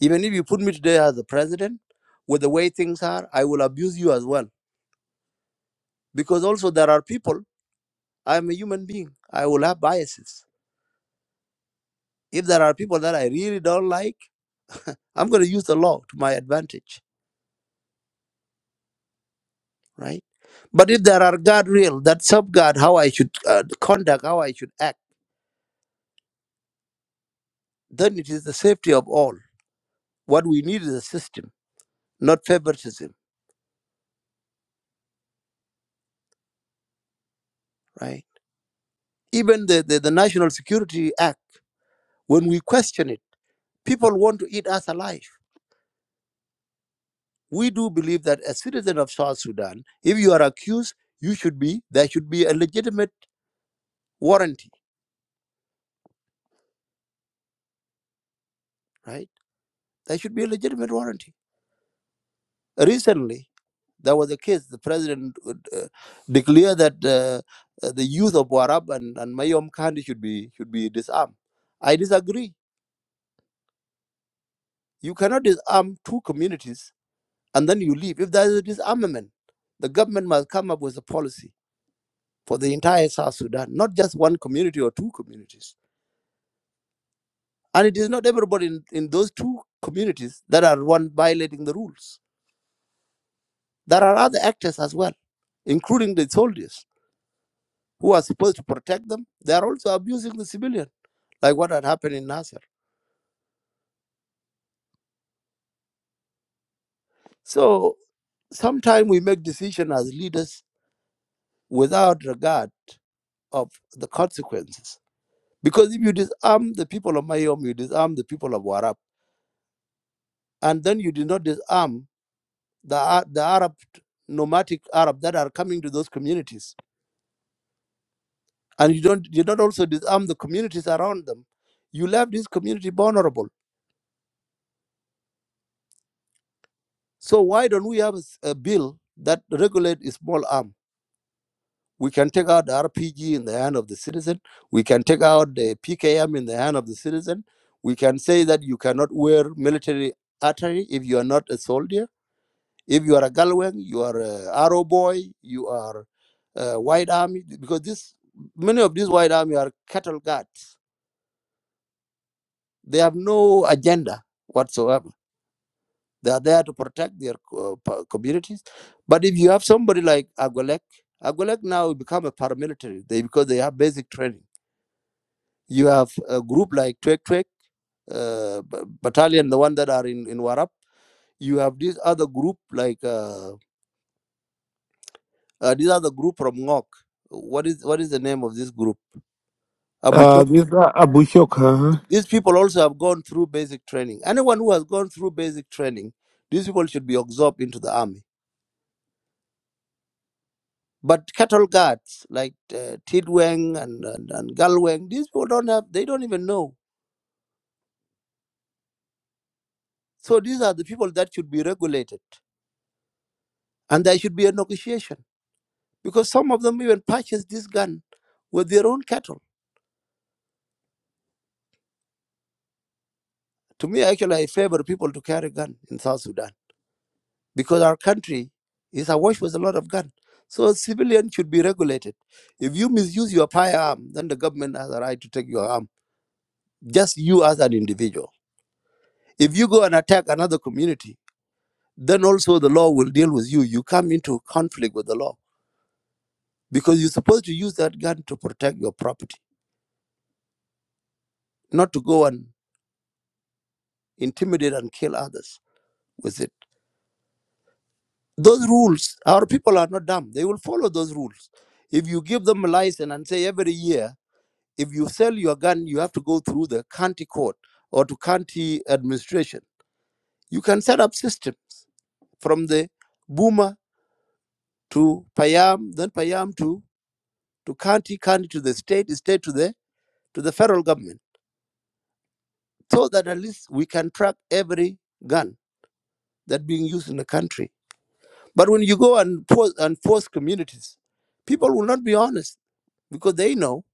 Speaker 6: Even if you put me today as the president, with the way things are, I will abuse you as well. Because also there are people, I'm a human being. I will have biases. If there are people that I really don't like, I'm gonna use the law to my advantage, right? But if there are guardrails that safeguard how I should uh, conduct, how I should act, then it is the safety of all. What we need is a system, not favoritism, right? Even the, the, the National Security Act, when we question it, people want to eat us alive we do believe that as citizen of South Sudan, if you are accused, you should be there should be a legitimate warranty, right? There should be a legitimate warranty. Recently, there was a case. The president would, uh, declared that uh, uh, the youth of Warab and, and Mayom Kandi should be should be disarmed. I disagree. You cannot disarm two communities and then you leave. If there is a disarmament, the government must come up with a policy for the entire South Sudan, not just one community or two communities And it is not everybody in, in those two communities that are one violating the rules. There are other actors as well, including the soldiers who are supposed to protect them. They are also abusing the civilian, like what had happened in Nasser. So sometimes we make decisions as leaders without regard of the consequences. Because if you disarm the people of Mayom, you disarm the people of Warab, and then you do not disarm the, Ar- the Arab nomadic Arab that are coming to those communities and you don't you don't also disarm the communities around them you left this community vulnerable so why don't we have a, s- a bill that regulate a small arm we can take out the rpg in the hand of the citizen we can take out the pkm in the hand of the citizen we can say that you cannot wear military artillery if you are not a soldier if you are a galwan you are a arrow boy you are a white army because this many of these white army are cattle guards they have no agenda whatsoever They are there to protect their co- pa- communities. But if you have somebody like Agolek, Agolek now become a paramilitary they, because they have basic training. You have a group like Twek Twek uh, b- battalion, the one that are in, in Warap. You have this other group like uh, uh, this other group from Ngok. What is what is the name of this group?
Speaker 4: Uh,
Speaker 6: Abuchok.
Speaker 4: this guy Abu Shok, huh?
Speaker 6: These people also have gone through basic training. Anyone who has gone through basic training, these people should be absorbed into the army But cattle guards like uh, Tidweng and, and, and Galweng, these people don't have, they don't even know. So these are the people that should be regulated. And there should be a negotiation because some of them even purchase this gun with their own cattle. To me, actually, I favor people to carry gun in South Sudan because our country is awash with a lot of gun. So civilians should be regulated. If you misuse your firearm, then the government has a right to take your arm, just you as an individual. If you go and attack another community, then also the law will deal with you. You come into conflict with the law because you're supposed to use that gun to protect your property, not to go and intimidate and kill others with it. Those rules, our people are not dumb. They will follow those rules. If you give them a license and say every year, if you sell your gun, you have to go through the county court or to county administration. You can set up systems from the Buma to Payam, then Payam to, to county, county to the state, state to the to the federal government so that at least we can track every gun that being used in the country. But when you go and force, and force communities, people will not be honest because they know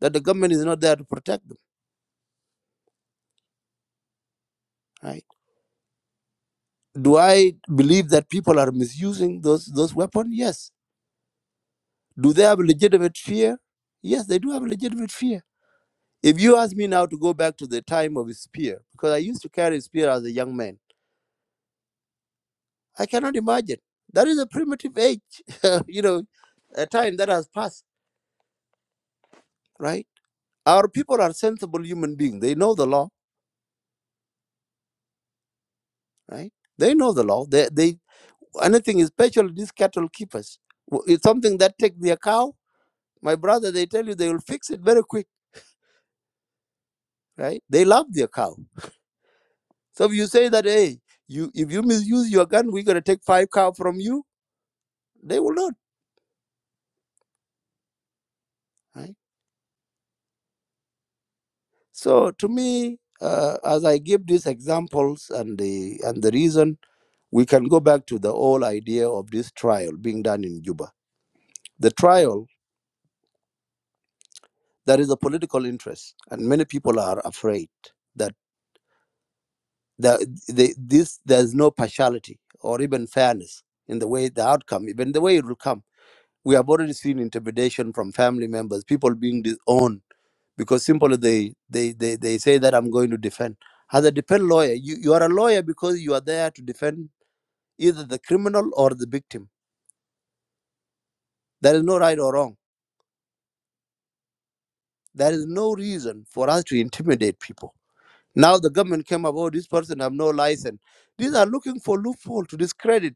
Speaker 6: that the government is not there to protect them. Right? Do I believe that people are misusing those those weapons? Yes. Do they have a legitimate fear? Yes, they do have a legitimate fear. If you ask me now to go back to the time of a spear, because I used to carry a spear as a young man. I cannot imagine. That is a primitive age, you know, a time that has passed, right? Our people are sensible human beings. They know the law, right? They know the law. They, they anything, especially these cattle keepers. w- It's something that take their cow. My brother, they tell you they will fix it very quick, right? They love their cow. So if you say that, hey, you if you misuse your gun, we're gonna take five cow from you. They will not, right? So to me, uh, as I give these examples and the and the reason we can go back to the whole idea of this trial being done in Juba. The trial, there is a political interest, and many people are afraid that the, the, this there's no partiality or even fairness in the way the outcome, even the way it will come. We have already seen intimidation from family members, people being disowned because simply they they they, they say that I'm going to defend. As a defense lawyer, you, you are a lawyer because you are there to defend either the criminal or the victim. There is no right or wrong There is no reason for us to intimidate people. Now the government came about this person have no license. These are looking for loophole to discredit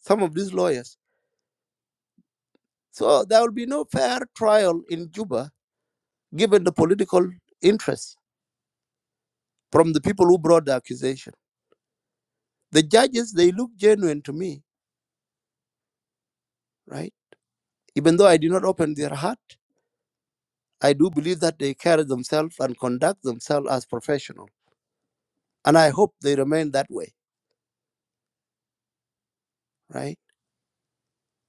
Speaker 6: some of these lawyers. So there will be no fair trial in Juba given the political interest from the people who brought the accusation. The judges they look genuine to me, right? Even though I did not open their heart, I do believe that they carry themselves and conduct themselves as professional. And I hope they remain that way, right?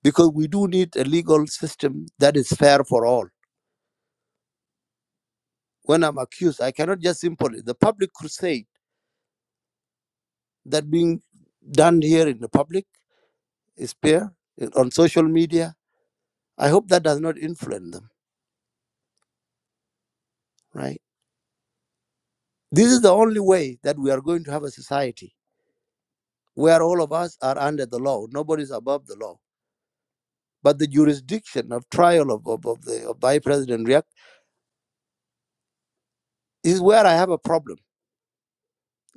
Speaker 6: because we do need a legal system that is fair for all. When I'm accused, I cannot just simply the public crusade that being done here in the public is fair eh, on social media. I hope that does not influence them, right? This is the only way that we are going to have a society where all of us are under the law. Nobody's above the law. But the jurisdiction of trial of, of, of the of Vice President Riek is where I have a problem,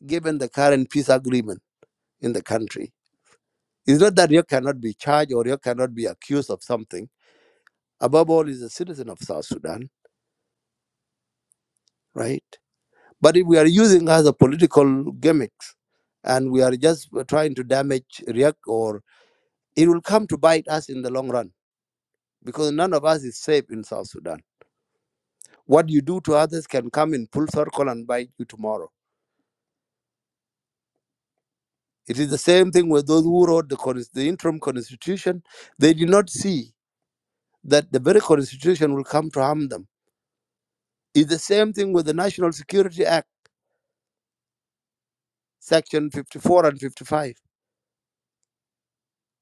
Speaker 6: given the current peace agreement in the country It's not that you cannot be charged or you cannot be accused of something. Above all, is a citizen of South Sudan, right? But if we are using as a political gimmicks and we are just trying to damage Riek, or it will come to bite us in the long run because none of us is safe in South Sudan. What you do to others can come in full circle and bite you tomorrow. It is the same thing with those who wrote the, cons- the interim constitution. They did not see that the very constitution will come to harm them. It's the same thing with the National Security Act section 54 and 55.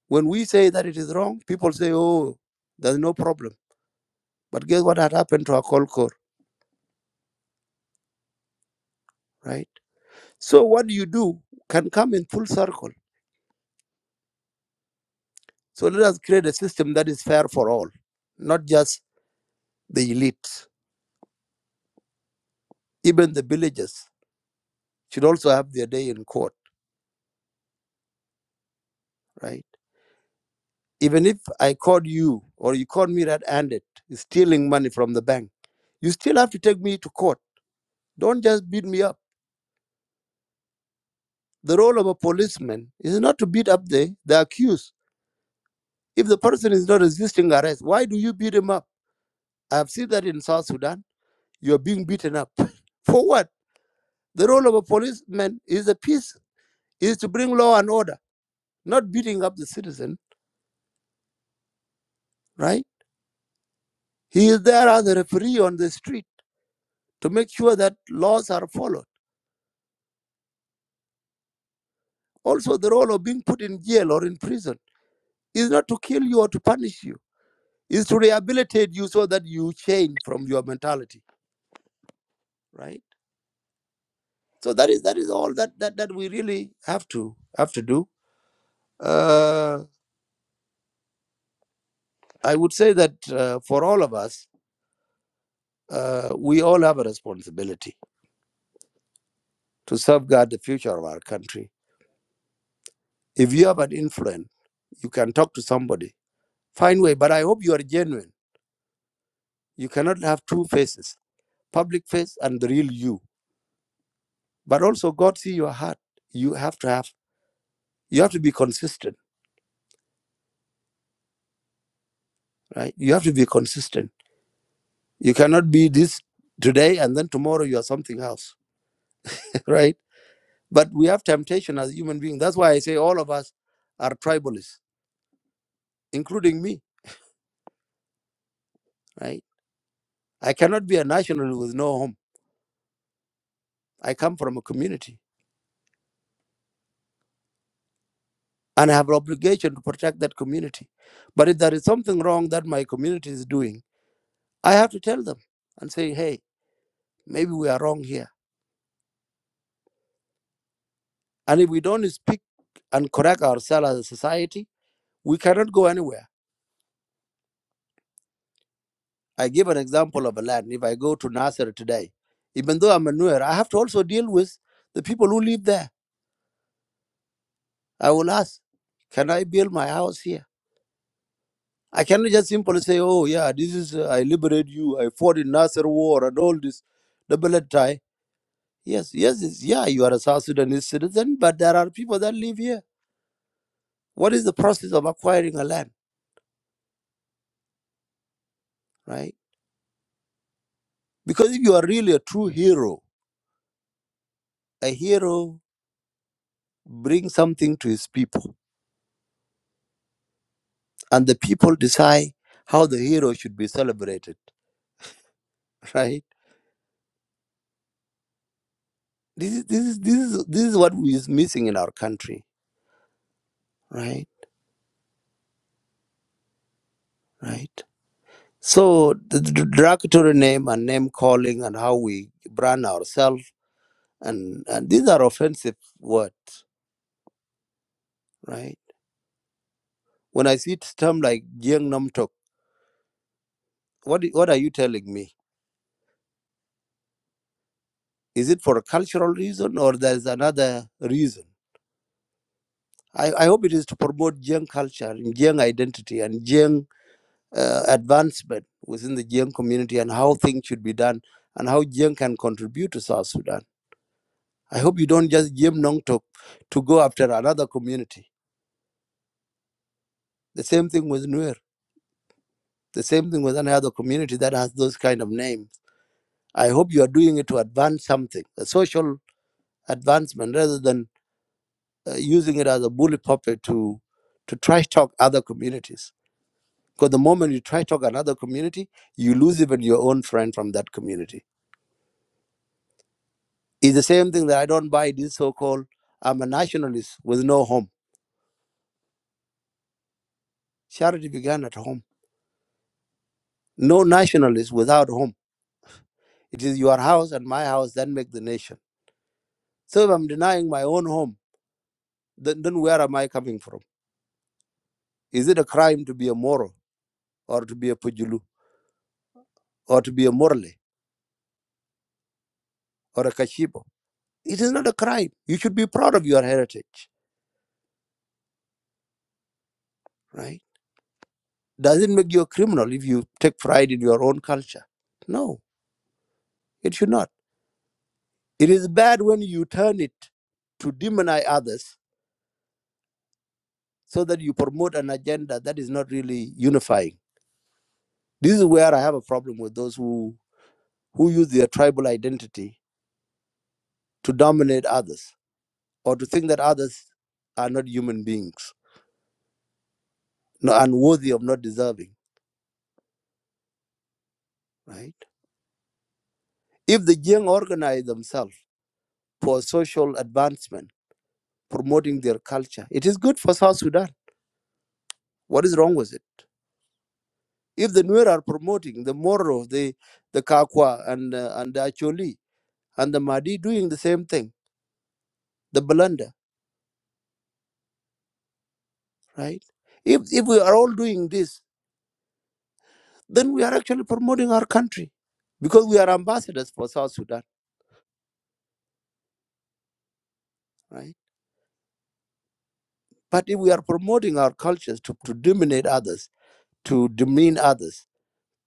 Speaker 6: When we say that it is wrong, people say, oh, there's no problem. But guess what had happened to our core, right? So what you do can come in full circle. So let us create a system that is fair for all, not just the elites. Even the villagers should also have their day in court, right? Even if I caught you or you caught me red-handed stealing money from the bank, you still have to take me to court. Don't just beat me up The role of a policeman is not to beat up the, the accused. If the person is not resisting arrest, why do you beat him up? I've seen that in South Sudan. You're being beaten up. For what? The role of a policeman is a peace, is to bring law and order, not beating up the citizen, right? He is there as a referee on the street to make sure that laws are followed. Also, the role of being put in jail or in prison is not to kill you or to punish you, is to rehabilitate you so that you change from your mentality, right? So that is that is all that that, that we really have to have to do. Uh, I would say that uh, for all of us, uh, we all have a responsibility to safeguard the future of our country. If you have an influence, you can talk to somebody. Find way, but I hope you are genuine. You cannot have two faces: public face and the real you. But also, God see your heart. You have to have. You have to be consistent, right? You have to be consistent. You cannot be this today and then tomorrow you are something else, right? But we have temptation as human beings. That's why I say all of us are tribalists, including me, right? I cannot be a national with no home. I come from a community and I have an obligation to protect that community. But if there is something wrong that my community is doing, I have to tell them and say, hey, maybe we are wrong here. And if we don't speak and correct ourselves as a society, we cannot go anywhere. I give an example of a land. If I go to Nasser today, even though I'm a Nuer, I have to also deal with the people who live there I will ask, can I build my house here? I cannot just simply say, oh, yeah, this is, uh, I liberate you, I fought in Nasser War and all this double tie. Yes, yes, it's, yeah, you are a South Sudanese citizen, but there are people that live here. What is the process of acquiring a land, right? Because if you are really a true hero, a hero brings something to his people, and the people decide how the hero should be celebrated, right? This is, this is, this is, this is what is missing in our country, right? Right? So the d- derogatory name and name calling and how we brand ourselves and, and these are offensive words, right? When I see term like Jiang Nam Tok, what i- what are you telling me? Is it for a cultural reason or there's another reason? I, I hope it is to promote Jiang culture and Jiang identity and Jiang uh, advancement within the Jiang community and how things should be done and how Jiang can contribute to South Sudan. I hope you don't just Jiang Nam Tok to go after another community The same thing with Nuer. The same thing with any other community that has those kind of names. I hope you are doing it to advance something, a social advancement, rather than uh, using it as a bully puppet to to trash talk other communities. Because the moment you trash talk another community, you lose even your own friend from that community. It's the same thing that I don't buy this so-called I'm a nationalist with no home. Charity began at home. No nationalist without home. It is your house and my house that make the nation. So if I'm denying my own home then, then where am I coming from? Is it a crime to be a Moro or to be a Pujulu or to be a Morle or a Kashibo? It is not a crime. You should be proud of your heritage, right? Does it make you a criminal if you take pride in your own culture? No, it should not. It is bad when you turn it to demonize others so that you promote an agenda that is not really unifying. This is where I have a problem with those who, who use their tribal identity to dominate others or to think that others are not human beings, not unworthy of not deserving, right? If the young organize themselves for social advancement, promoting their culture, it is good for South Sudan. What is wrong with it? If the Nuer are promoting the Moro, the, the Kakwa, and, uh, and the Acholi, and the Mahdi doing the same thing, the Balanda, right? If, if we are all doing this, then we are actually promoting our country because we are ambassadors for South Sudan, right? But if we are promoting our cultures to, to dominate others, to demean others,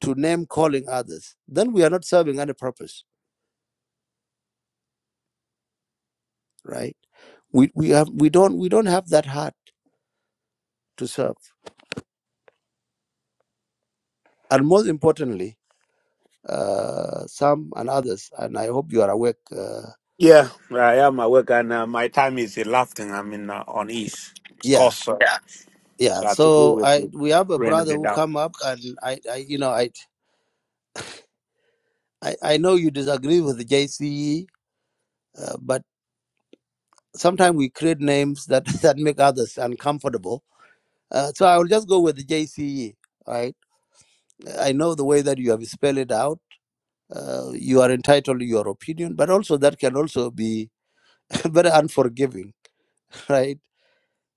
Speaker 6: to name calling others, then we are not serving any purpose, right? We, we, have, we, don't, we don't have that heart to serve. And most importantly, uh, some and others, and I hope you are awake. Uh,
Speaker 4: Yeah, I am at and uh, my time is elapsing. I'm in uh, on East
Speaker 6: yeah,
Speaker 4: Coast, so, yeah.
Speaker 6: yeah.
Speaker 4: so I think we
Speaker 6: So
Speaker 4: will
Speaker 6: I
Speaker 4: be
Speaker 6: we have a
Speaker 4: running
Speaker 6: brother
Speaker 4: it
Speaker 6: who
Speaker 4: down.
Speaker 6: come up, and I, I you know, I, I, I know you disagree with the JCE, uh, but sometimes we create names that, that make others uncomfortable Uh, so I will just go with the JCE. Right? I know the way that you have spelled it out. Uh, you are entitled to your opinion, but also that can also be very unforgiving, right?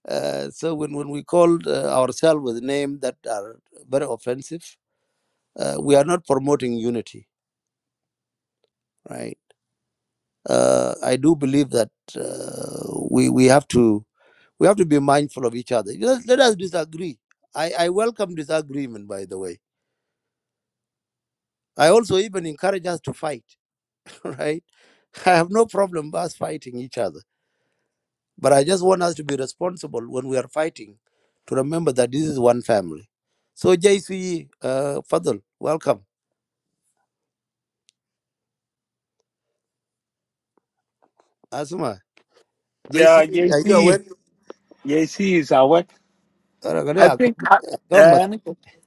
Speaker 6: Uh, so when, when we call uh, ourselves with names that are very offensive, uh, we are not promoting unity, right? Uh, I do believe that uh, we we have to we have to be mindful of each other. Let, let us disagree. I, I welcome disagreement, by the way. I also even encourage us to fight right? I have no problem with us fighting each other. But I just want us to be responsible when we are fighting to remember that this is one family. So, JC, uh, Fadl, welcome. Asuma, JC,
Speaker 4: Yeah,
Speaker 6: are you
Speaker 4: JC,
Speaker 6: awake?
Speaker 4: JC is at I
Speaker 6: Aragadea,
Speaker 4: think,
Speaker 6: come-
Speaker 4: uh,
Speaker 6: come, Mas-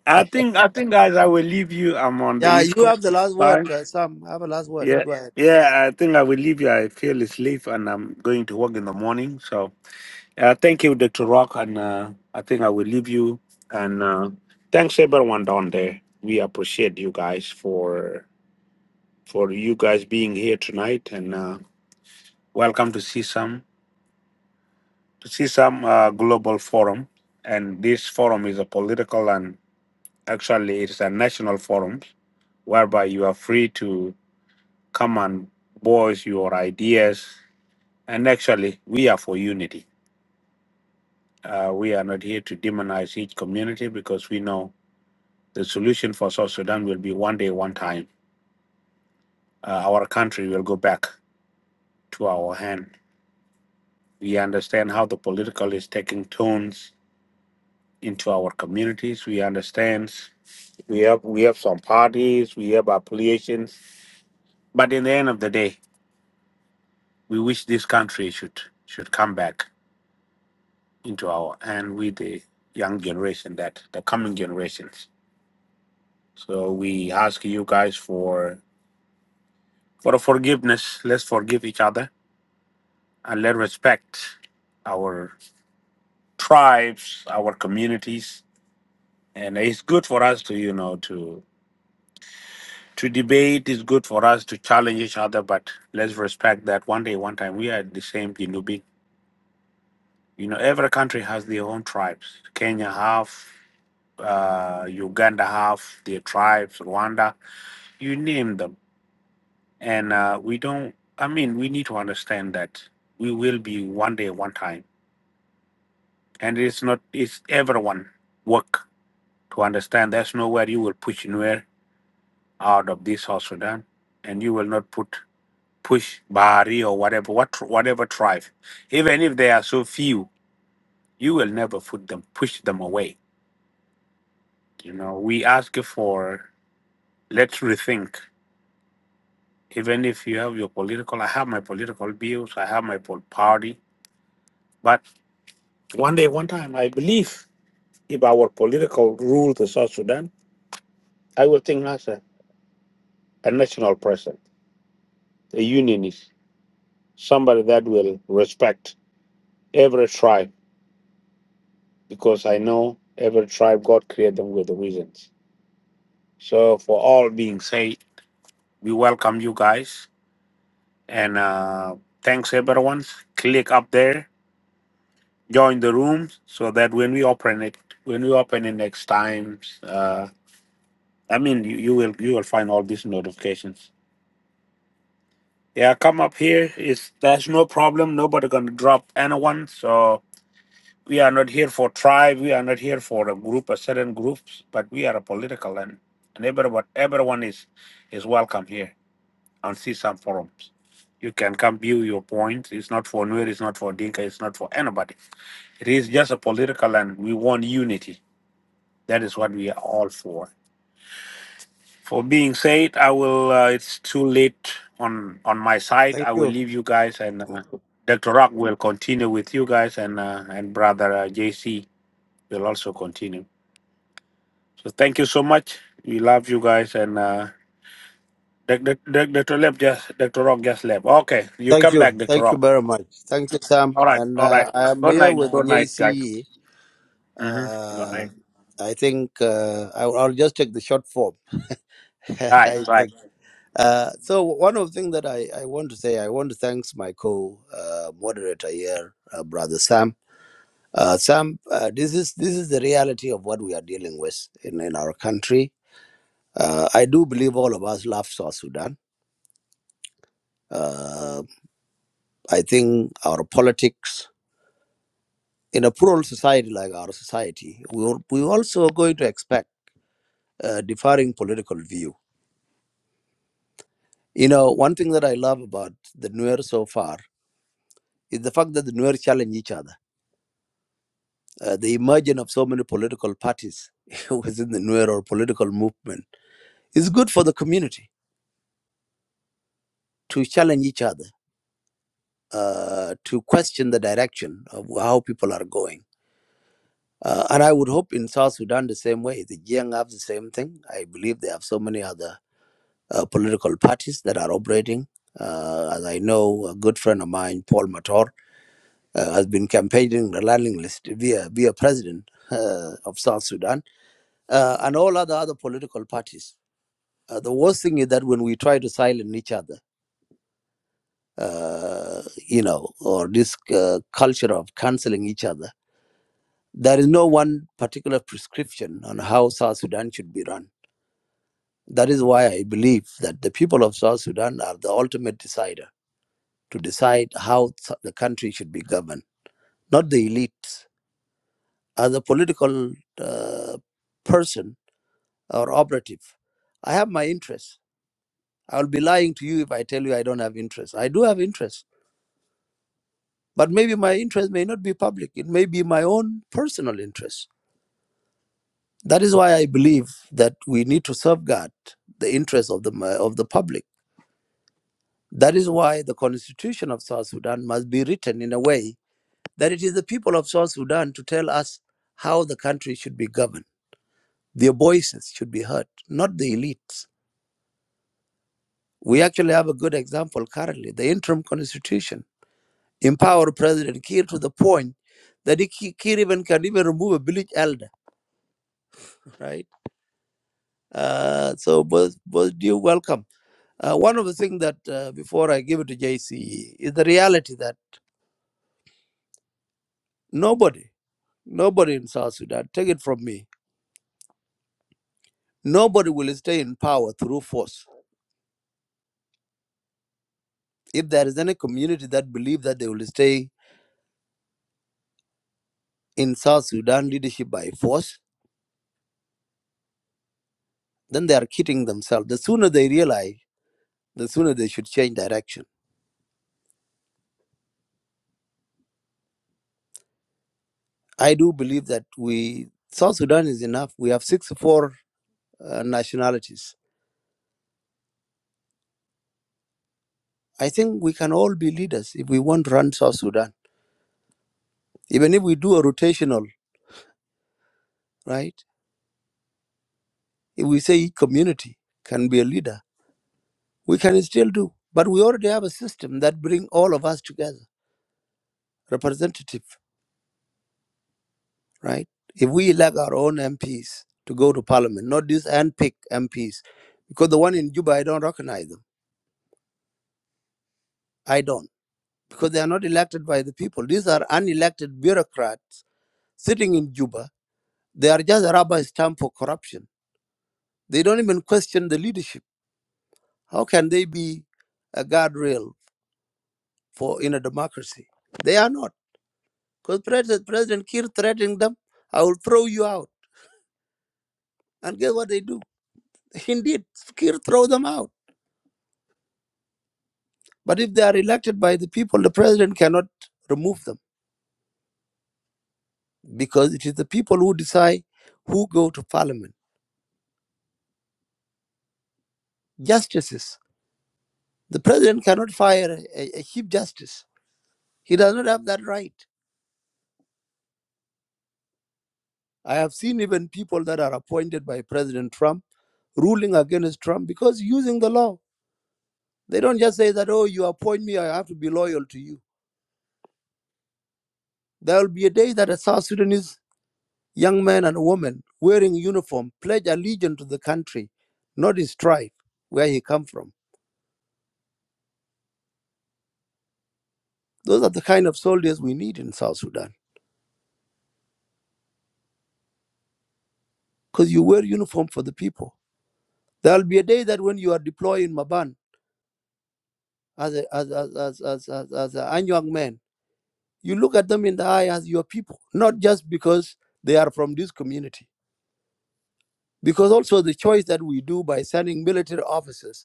Speaker 4: I think, I think, guys, I will leave you. I'm on the
Speaker 6: Yeah,
Speaker 4: East
Speaker 6: you have
Speaker 4: Coast.
Speaker 6: the last word,
Speaker 4: Bye.
Speaker 6: uh, Sam. Have a last word.
Speaker 4: Yeah,
Speaker 6: Go ahead.
Speaker 4: yeah. I think I will leave you. I feel asleep, and I'm going to work in the morning. So, uh, thank you, Doctor Rock, and uh, I think I will leave you. And uh, thanks everyone down there. We appreciate you guys for for you guys being here tonight, and uh, welcome to see some to CSAM uh, Global Forum. And this forum is a political and actually it's a national forum whereby you are free to come and voice your ideas And actually, we are for unity. Uh, we are not here to demonize each community because we know the solution for South Sudan will be one day, one time. Uh, our country will go back to our hand. We understand how the political is taking turns into our communities. We understand we have we have some parties, we have affiliations, but in the end of the day, we wish this country should should come back into our hand with the young generation that the coming generations. So we ask you guys for for the forgiveness. Let's forgive each other and let respect our tribes, our communities. And it's good for us to, you know, to to debate. It's good for us to challenge each other, but let's respect that one day, one time, we are the same Jinubi. You know, every country has their own tribes. Kenya have, uh, Uganda have their tribes. Rwanda, you name them And uh, we don't, I mean, we need to understand that we will be one day, one time. And it's not, it's everyone work to understand there's nowhere you will push nowhere out of this South Sudan. And you will not put, push Bahari or whatever, what, whatever tribe. Even if they are so few, you will never put them, push them away. You know, we ask for, let's rethink. Even if you have your political, I have my political views, I have my pol- party, One day, one time, I believe if our political rule the South Sudan, I will think as a, a national president, a unionist, somebody that will respect every tribe because I know every tribe God created them with the reasons. So, for all being said, we welcome you guys and uh, thanks everyone. Click up there, join the room so that when we open it, when we open it next time, uh, I mean, you, you will you will find all these notifications Yeah, come up here. It's there's no problem. Nobody gonna drop anyone. So we are not here for tribe. We are not here for a group, a certain groups. But we are a political and and everyone everyone is is welcome here on see some forums. You can come view your points. It's not for Nuer. It's not for Dinka. It's not for anybody. It is just a political and we want unity. That is what we are all for. For being said, I will. Uh, it's too late on on my side.
Speaker 6: Thank
Speaker 4: I will
Speaker 6: you.
Speaker 4: leave you guys, and uh, Doctor Rock will continue with you guys, and uh, and Brother uh, JC will also continue. So thank you so much. We love you guys, and uh, Doc- Doc- Doc- Doctor Lep just Doctor Rock just left. Okay, you
Speaker 6: Thank
Speaker 4: come back,
Speaker 6: you.
Speaker 4: Doctor
Speaker 6: Thank you
Speaker 4: Rock.
Speaker 6: very much. Thank you, Sam.
Speaker 4: All right,
Speaker 6: And
Speaker 4: all right.
Speaker 6: uh, I am
Speaker 4: Good
Speaker 6: here
Speaker 4: night, good
Speaker 6: with
Speaker 4: night, guys.
Speaker 6: JC.
Speaker 4: Mm-hmm. Good
Speaker 6: Uh,
Speaker 4: night.
Speaker 6: I think uh, I- I'll just take the short form.
Speaker 4: All right,
Speaker 6: I
Speaker 4: bye.
Speaker 6: think. Uh, so one of the things that I, I want to say, I want to thanks my co-moderator here, uh, brother Sam. Uh, Sam, uh, this is this is the reality of what we are dealing with in, in our country. Uh, I do believe all of us love South Sudan. Uh, I think our politics in a plural society like our society, we al- we also going to expect uh, differing political view. You know, one thing that I love about the Nuer so far is the fact that the Nuer challenge each other uh, the emergence of so many political parties within the Nuer or political movement is good for the community to challenge each other, uh, to question the direction of how people are going. Uh, and I would hope in South Sudan the same way. The Jiang have the same thing. I believe they have so many other uh, political parties that are operating. Uh, as I know, a good friend of mine, Paul Mator, uh, has been campaigning relentlessly via, via president uh, of South Sudan uh, and all other other political parties Uh, the worst thing is that when we try to silence each other, uh, you know, or this uh, culture of canceling each other, there is no one particular prescription on how South Sudan should be run. That is why I believe that the people of South Sudan are the ultimate decider to decide how the country should be governed, not the elites. As a political uh, person or operative, I have my interests. I will be lying to you if I tell you I don't have interests. I do have interests But maybe my interest may not be public. It may be my own personal interest. That is why I believe that we need to safeguard the interests of the of the public. That is why the constitution of South Sudan must be written in a way that it is the people of South Sudan to tell us how the country should be governed. Their voices should be heard, not the elites. We actually have a good example currently, the interim constitution. Empower President Kiir to the point that he, Kiir even can even remove a village elder, right? Uh, so both both do welcome. Uh, one of the things that uh, before I give it to JC is the reality that nobody, nobody in South Sudan, take it from me, nobody will stay in power through force. If there is any community that believe that they will stay in South Sudan leadership by force, then they are kidding themselves. The sooner they realize, the sooner they should change direction. I do believe that we South Sudan is enough. We have 64 uh, nationalities I think we can all be leaders if we want to run South Sudan. Even if we do a rotational, right? If we say each community can be a leader, we can still do. But we already have a system that bring all of us together, representative, right? If we elect our own MPs to go to parliament, not these handpicked MPs, because the one in Juba, I don't recognize them. I don't, because they are not elected by the people. These are unelected bureaucrats sitting in Juba. They are just a rubber stamp for corruption. They don't even question the leadership How can they be a guardrail for in a democracy? They are not. Because President, President Kiir threatening them, I will throw you out. And guess what they do? Indeed, Kiir throw them out. But if they are elected by the people, the president cannot remove them because it is the people who decide who go to parliament. Justices. The president cannot fire a, a chief justice. He does not have that right. I have seen even people that are appointed by President Trump ruling against Trump because using the law. They don't just say that, oh, you appoint me, I have to be loyal to you. There will be a day that a South Sudanese young man and woman wearing uniform pledge allegiance to the country, not his tribe, where he come from. Those are the kind of soldiers we need in South Sudan, because you wear uniform for the people. There will be a day that when you are deployed in Maban as a, as, as, as, as, as, as a young man, you look at them in the eye as your people, not just because they are from this community. Because also the choice that we do by sending military officers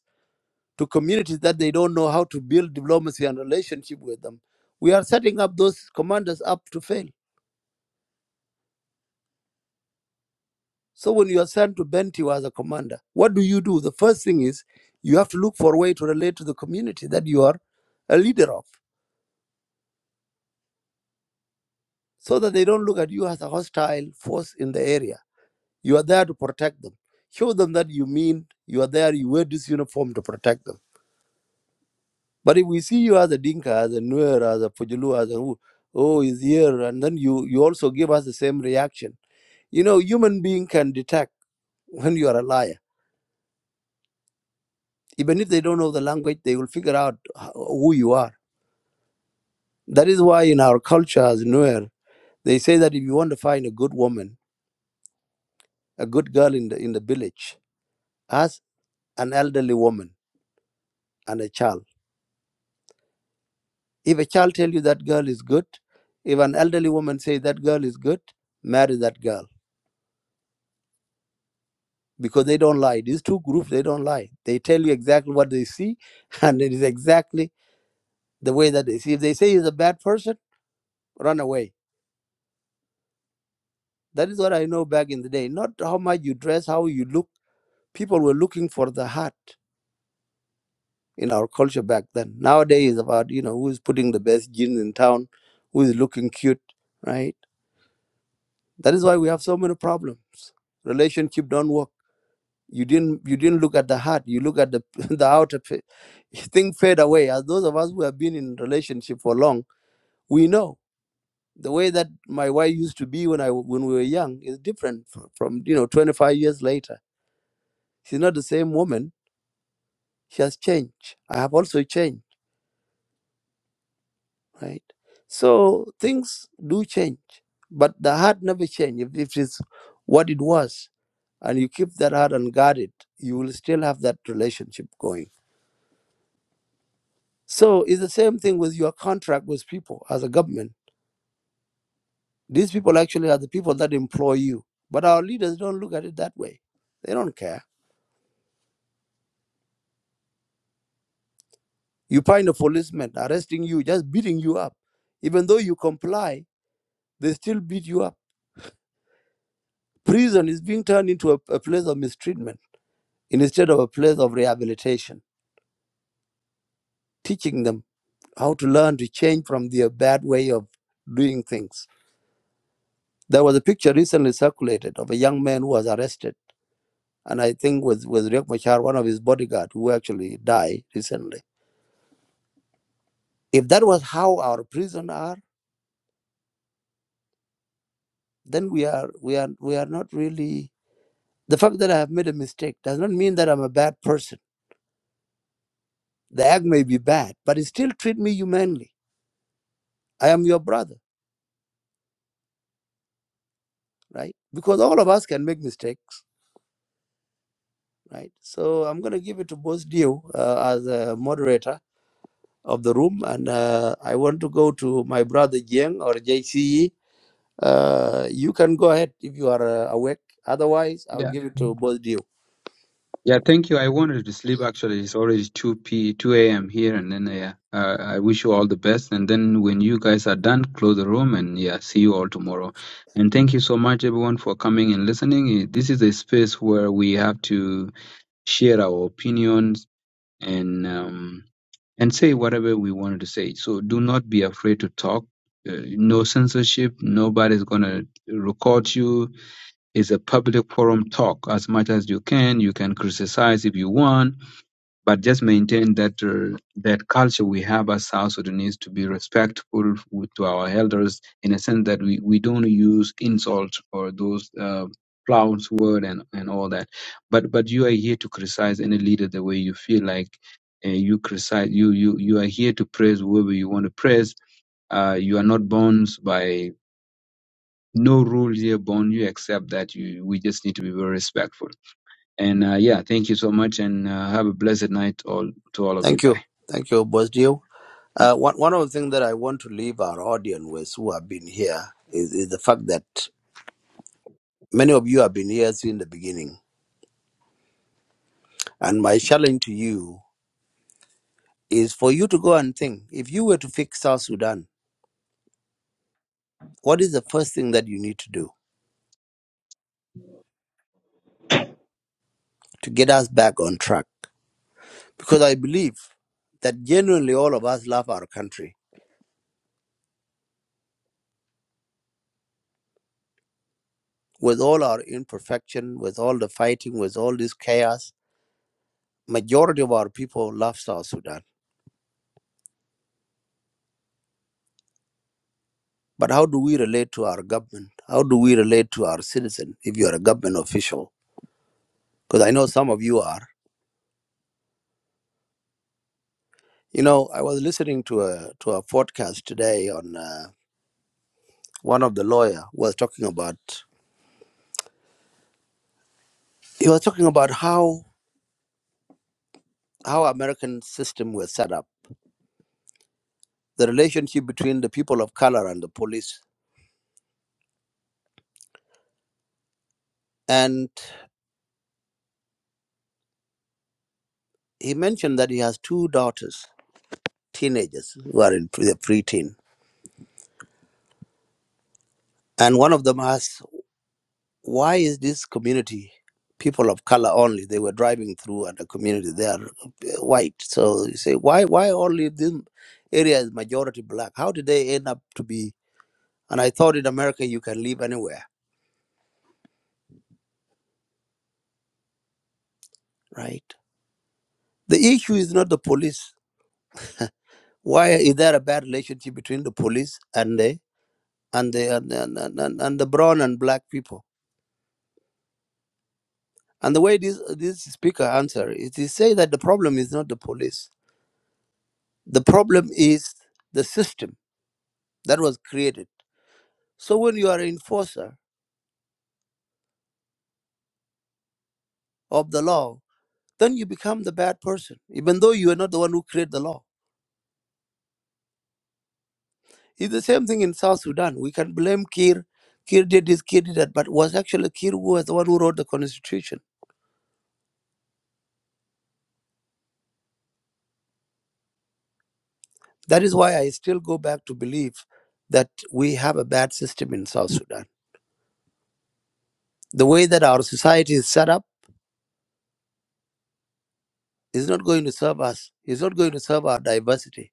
Speaker 6: to communities that they don't know how to build diplomacy and relationship with them. We are setting up those commanders up to fail. So when you are sent to Bentiu as a commander, what do you do? The first thing is you have to look for a way to relate to the community that you are a leader of, so that they don't look at you as a hostile force in the area. You are there to protect them. Show them that you mean you are there, you wear this uniform to protect them But if we see you as a Dinka, as a Nuer, as a Pujulu, as a who, oh, he's here, and then you, you also give us the same reaction. You know, human being can detect when you are a liar. Even if they don't know the language, they will figure out h- who you are. That is why in our culture as Nuer, they say that if you want to find a good woman, a good girl in the, in the village, ask an elderly woman and a child. If a child tell you that girl is good, if an elderly woman say that girl is good, marry that girl because they don't lie. These two groups, they don't lie. They tell you exactly what they see, and it is exactly the way that they see. If they say he's a bad person, run away. That is what I know back in the day. Not how much you dress, how you look. People were looking for the heart in our culture back then. Nowadays, it's about you know who's putting the best jeans in town, who is looking cute, right? That is why we have so many problems. Relationship don't work You didn't you didn't look at the heart. You look at the the outer fa- thing fade away. As those of us who have been in relationship for long, we know the way that my wife used to be when I when we were young is different fr- from you know 25 years later. She's not the same woman. She has changed. I have also changed, right? So things do change, but the heart never changes. If, if it's what it was, and you keep that heart unguarded, you will still have that relationship going So it's the same thing with your contract with people as a government. These people actually are the people that employ you. But our leaders don't look at it that way. They don't care. You find a policeman arresting you, just beating you up. Even though you comply, they still beat you up. Prison is being turned into a, a place of mistreatment instead of a place of rehabilitation, teaching them how to learn to change from their bad way of doing things. There was a picture recently circulated of a young man who was arrested And I think with, with Riek Machar, one of his bodyguards, who actually died recently. If that was how our prisons are, then we are we are we are not really the fact that I have made a mistake does not mean that I'm a bad person. The act may be bad, but it still treat me humanely. I am your brother, right? Because all of us can make mistakes, right? So I'm gonna give it to both Dio uh, as a moderator of the room, and uh, I want to go to my brother Jiang or JCE Uh, you can go ahead if you are uh, awake. Otherwise, I'll
Speaker 1: Yeah,
Speaker 6: give it to Boss Dio.
Speaker 1: yeah. Thank you. I wanted to sleep. Actually, it's already two p two a.m. here, and then yeah, uh, I wish you all the best. And then when you guys are done, close the room, and yeah, see you all tomorrow. And thank you so much, everyone, for coming and listening. Eh, This is a space where we have to share our opinions and. Um, and say whatever we wanted to say. So do not be afraid to talk. Uh, no censorship. Nobody's gonna record you. It's a public forum. Talk as much as you can. You can criticize if you want but just maintain that uh, that culture we have as South Sudanese to be respectful with, to our elders in a sense that we, we don't use insults or those uh, flounce word and, and all that. But but you are here to criticize any leader the way you feel like uh, you criticize you you you are here to praise whoever you want to praise. Uh, you are not bound by no rule here bound you except that you we just need to be very respectful and uh, yeah thank you so much and uh, have a blessed night all to all of you
Speaker 6: Thank
Speaker 1: bye
Speaker 6: you. Thank you, Boss Dio. Uh, one, one of the things that I want to leave our audience with who have been here is, is the fact that many of you have been here since the beginning. And my challenge to you is for you to go and think if you were to fix South Sudan, what is the first thing that you need to do to get us back on track? Because I believe that genuinely all of us love our country with all our imperfection, with all the fighting, with all this chaos, majority of our people love South Sudan. But how do we relate to our government? How do we relate to our citizen if you're a government official? Because I know some of you are. You know, I was listening to a to a podcast today on uh, one of the lawyer was talking about he was talking about how how American system was set up, the relationship between the people of color and the police, and he mentioned that he has two daughters teenagers who are in pre- the preteen. And one of them asked, Why is this community people of color only? They were driving through and the community, they are uh, white. So you say, Why why only this area is majority black? How did they end up to be? And I thought in America you can live anywhere, right? The issue is not the police. Why is there a bad relationship between the police and the and the and, and, and, and the brown and black people? And the way this this speaker answered, it is say that the problem is not the police. The problem is the system that was created. So when you are an enforcer of the law, then you become the bad person, even though you are not the one who created the law. It's the same thing in South Sudan. We can blame Kir. Kir did this, Kir did that, but was actually Kir who was the one who wrote the constitution. That is why I still go back to believe that we have a bad system in South Sudan. The way that our society is set up is not going to serve us. It's not going to serve our diversity.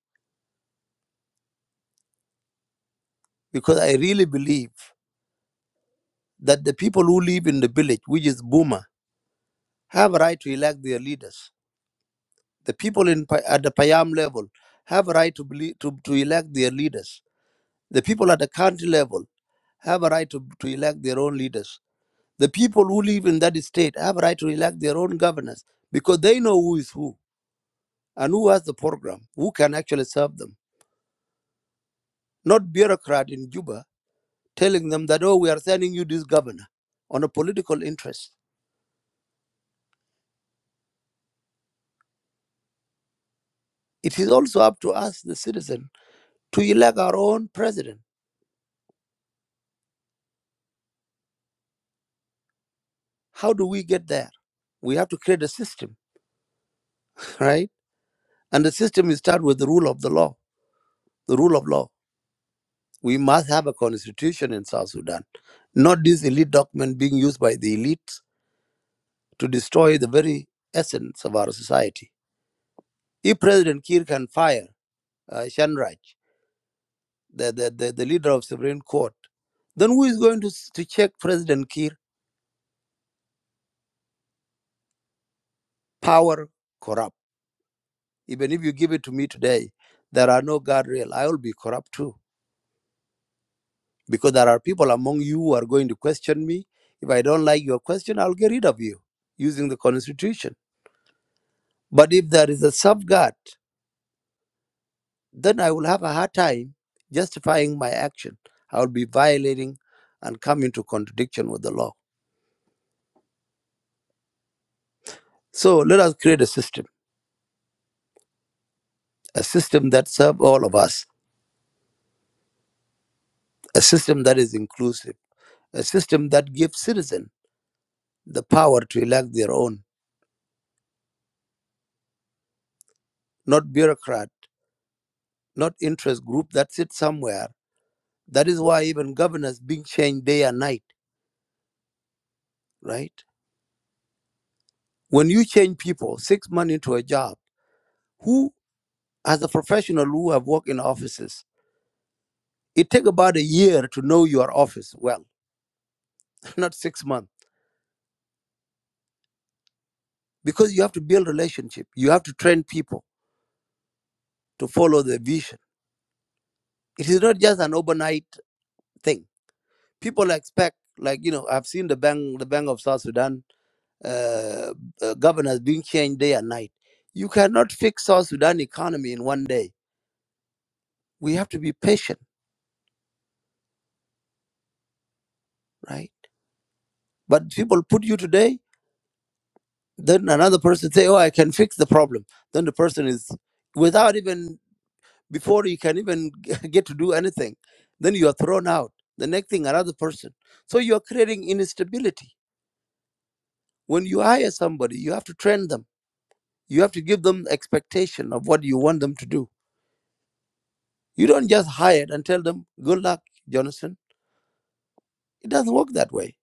Speaker 6: Because I really believe that the people who live in the village, which is Buma, have a right to elect their leaders. The people in, Pa- at the Payam level have a right to, belie- to, to elect their leaders. The people at the county level have a right to, to elect their own leaders. The people who live in that state have a right to elect their own governors because they know who is who and who has the program, who can actually serve them. Not bureaucrat in Juba telling them that, oh, we are sending you this governor on a political interest. It is also up to us, the citizen, to elect our own president. How do we get there? We have to create a system, right? And the system is start with the rule of the law, the rule of law. We must have a constitution in South Sudan, not this elite document being used by the elites to destroy the very essence of our society. If President Kiir can fire uh, Shanraj the, the, the, the leader of Supreme Court, then who is going to, to check President Kiir power corrupt? Even if you give it to me today, there are no guardrail. I will be corrupt too. Because there are people among you who are going to question me. If I don't like your question, I'll get rid of you using the constitution. But if there is a safeguard, then I will have a hard time justifying my action. I will be violating and come into contradiction with the law. So let us create a system, a system that serves all of us a system that is inclusive, a system that gives citizens the power to elect their own, not bureaucrat, not interest group that sits somewhere. That is why even governors being changed day and night, right? When you change people six months into a job, who as a professional who have worked in offices, it take about a year to know your office well, not six months. Because you have to build relationship. You have to train people to follow the vision. It is not just an overnight thing people expect like you know i've seen the bank the bank of south sudan uh, uh, governors being changed day and night you cannot fix south sudan economy in one day we have to be patient right but people put you today then another person say oh i can fix the problem then the person is without even before you can even get to do anything then you are thrown out the next thing another person so you are creating instability when you hire somebody you have to train them You have to give them expectation of what you want them to do. You don't just hire and tell them, good luck, Jonathan. It doesn't work that way.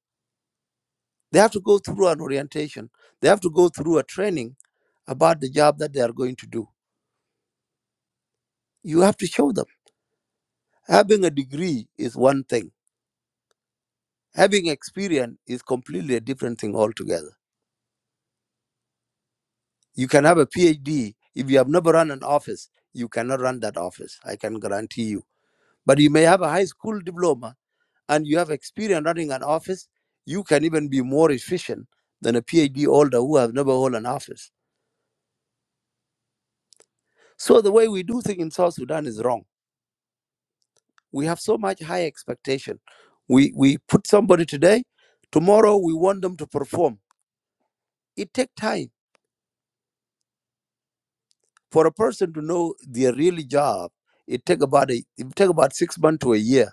Speaker 6: They have to go through an orientation. They have to go through a training about the job that they are going to do. You have to show them. Having a degree is one thing. Having experience is completely a different thing altogether. You can have a PhD. If you have never run an office, you cannot run that office. I can guarantee you But you may have a high school diploma and you have experience running an office, you can even be more efficient than a PhD holder who has never held an office. So the way we do things in South Sudan is wrong. We have so much high expectation. We we put somebody today, tomorrow we want them to perform. It takes time for a person to know their real job. It take about a it take about six months to a year.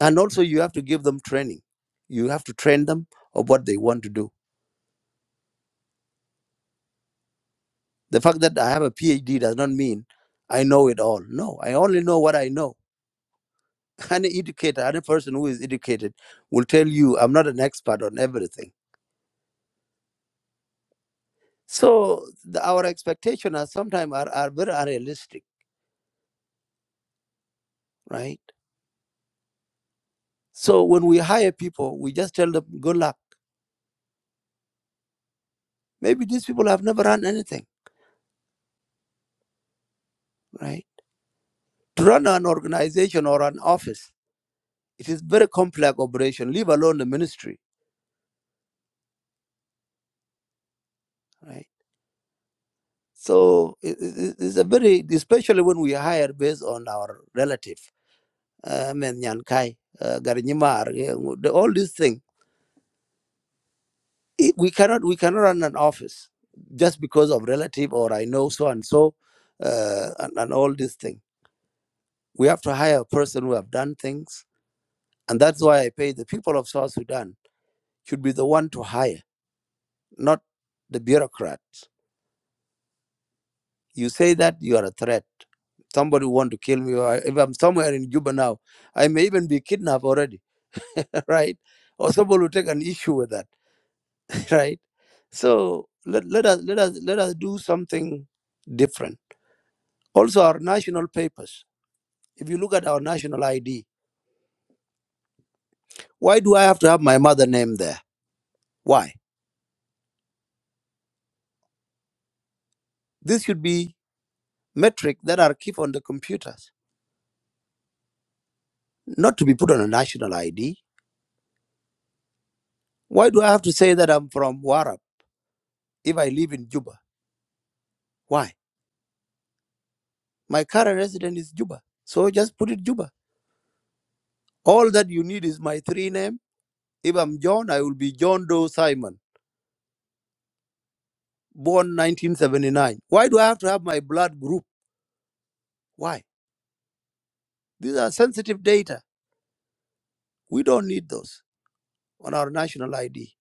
Speaker 6: And also you have to give them training. You have to train them of what they want to do The fact that I have a PhD does not mean I know it all. No, I only know what I know. Any educator, any person who is educated will tell you I'm not an expert on everything. So the, our expectations are sometimes are, are very unrealistic, right? So when we hire people, we just tell them good luck. Maybe these people have never run anything, right? To run an organization or an office, it is very complex operation, leave alone the ministry, right? So it, it, it's a very, especially when we hire based on our relative, uh, men Nyan uh, Garinyamar, yeah, the- all these things. It- We cannot, we cannot run an office just because of relative or I know so and so, uh, and, and all these things. We have to hire a person who have done things, and that's why I pay the people of South Sudan should be the one to hire, not the bureaucrats. You say that you are a threat. somebody want to kill me or I- if i'm somewhere in juba now i may even be kidnapped already right or somebody will take an issue with that right so let, let us let us let us do something different also our national papers if you look at our national id why do i have to have my mother name there why this should be metric that are keep on the computers not to be put on a national id why do i have to say that i'm from warab if i live in juba why My current resident is Juba. So just put it Juba. All that you need is my three name. If I'm John, I will be John Doe Simon, born 1979. Why do I have to have my blood group? Why? These are sensitive data. We don't need those on our national ID,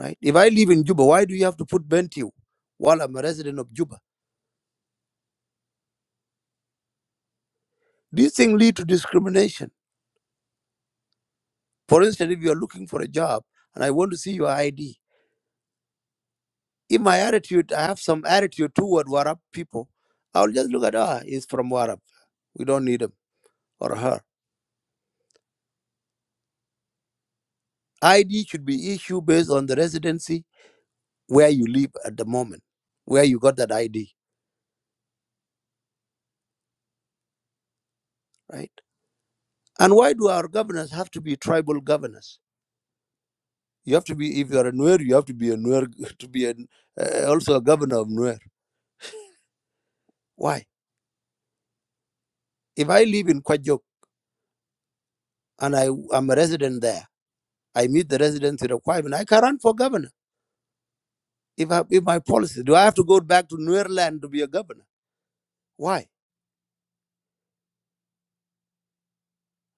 Speaker 6: right? If I live in Juba, why do you have to put Bentiu while I'm a resident of Juba? These things lead to discrimination. For instance, if you are looking for a job and I want to see your ID, in my attitude, I have some attitude toward Warab people. I'll just look at ah, he's from Warab. We don't need him or her. ID should be issued based on the residency where you live at the moment, where you got that ID, right? And why do our governors have to be tribal governors? You have to be if you are a Nuer, you have to be a Nuer to be an, uh, also a governor of Nuer. Why? If I live in Kwajok and I am a resident there, I meet the residency requirement. I can run for governor if, I, if my policy, do I have to go back to Nuerland to be a governor? Why?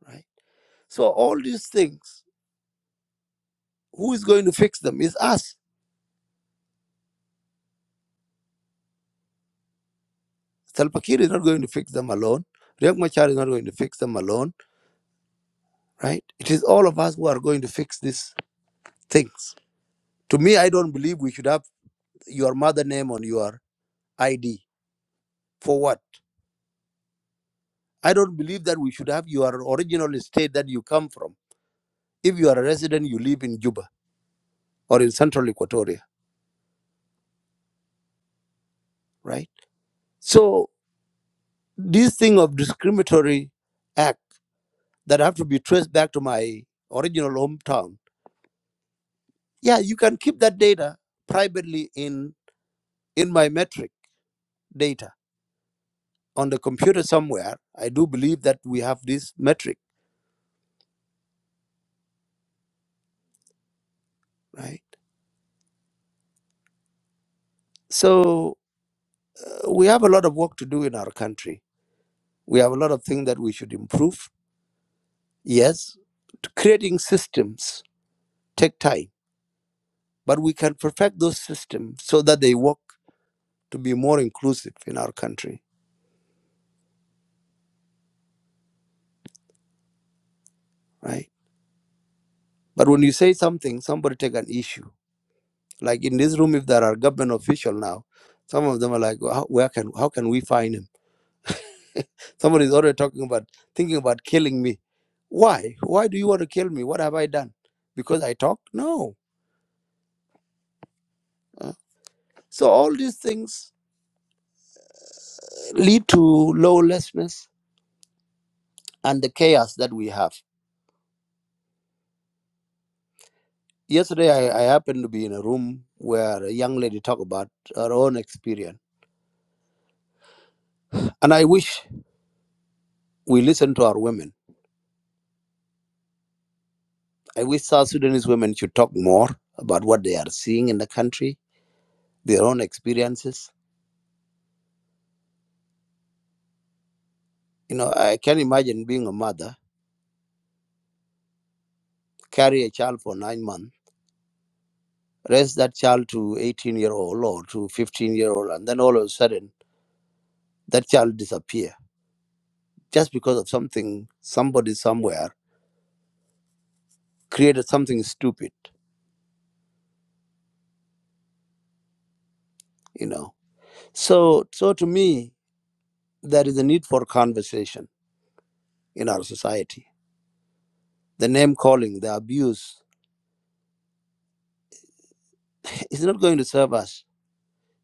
Speaker 6: Right? So all these things, who is going to fix them? Is us. Salva Kiir is not going to fix them alone. Riek Machar is not going to fix them alone, right? It is all of us who are going to fix these things. To me, I don't believe we should have your mother name on your ID. For what? I don't believe that we should have your original state that you come from. If you are a resident, you live in Juba or in central Equatoria, right? So. This thing of discriminatory act that have to be traced back to my original hometown. Yeah, you can keep that data privately in in my metric data on the computer somewhere. I do believe that we have this metric, right? So uh, we have a lot of work to do in our country. We have a lot of things that we should improve. Yes, creating systems take time, but we can perfect those systems so that they work to be more inclusive in our country, right? But when you say something, somebody take an issue. Like in this room, if there are government official now, some of them are like, "Well, how, where can how can we find him? Somebody is already talking about thinking about killing me. Why? Why do you want to kill me? What have I done? Because I talk? No. Uh, So all these things lead to lawlessness and the chaos that we have. Yesterday, I, I happened to be in a room where a young lady talked about her own experience, and I wish we listen to our women I wish South Sudanese women should talk more about what they are seeing in the country, their own experiences. You know, I can imagine being a mother, carry a child for nine months, raise that child to 18 year old or to 15 year old, and then all of a sudden that child disappear just because of something somebody somewhere created something stupid. You know, so so to me there is a need for conversation in our society. The name calling, the abuse, is not going to serve us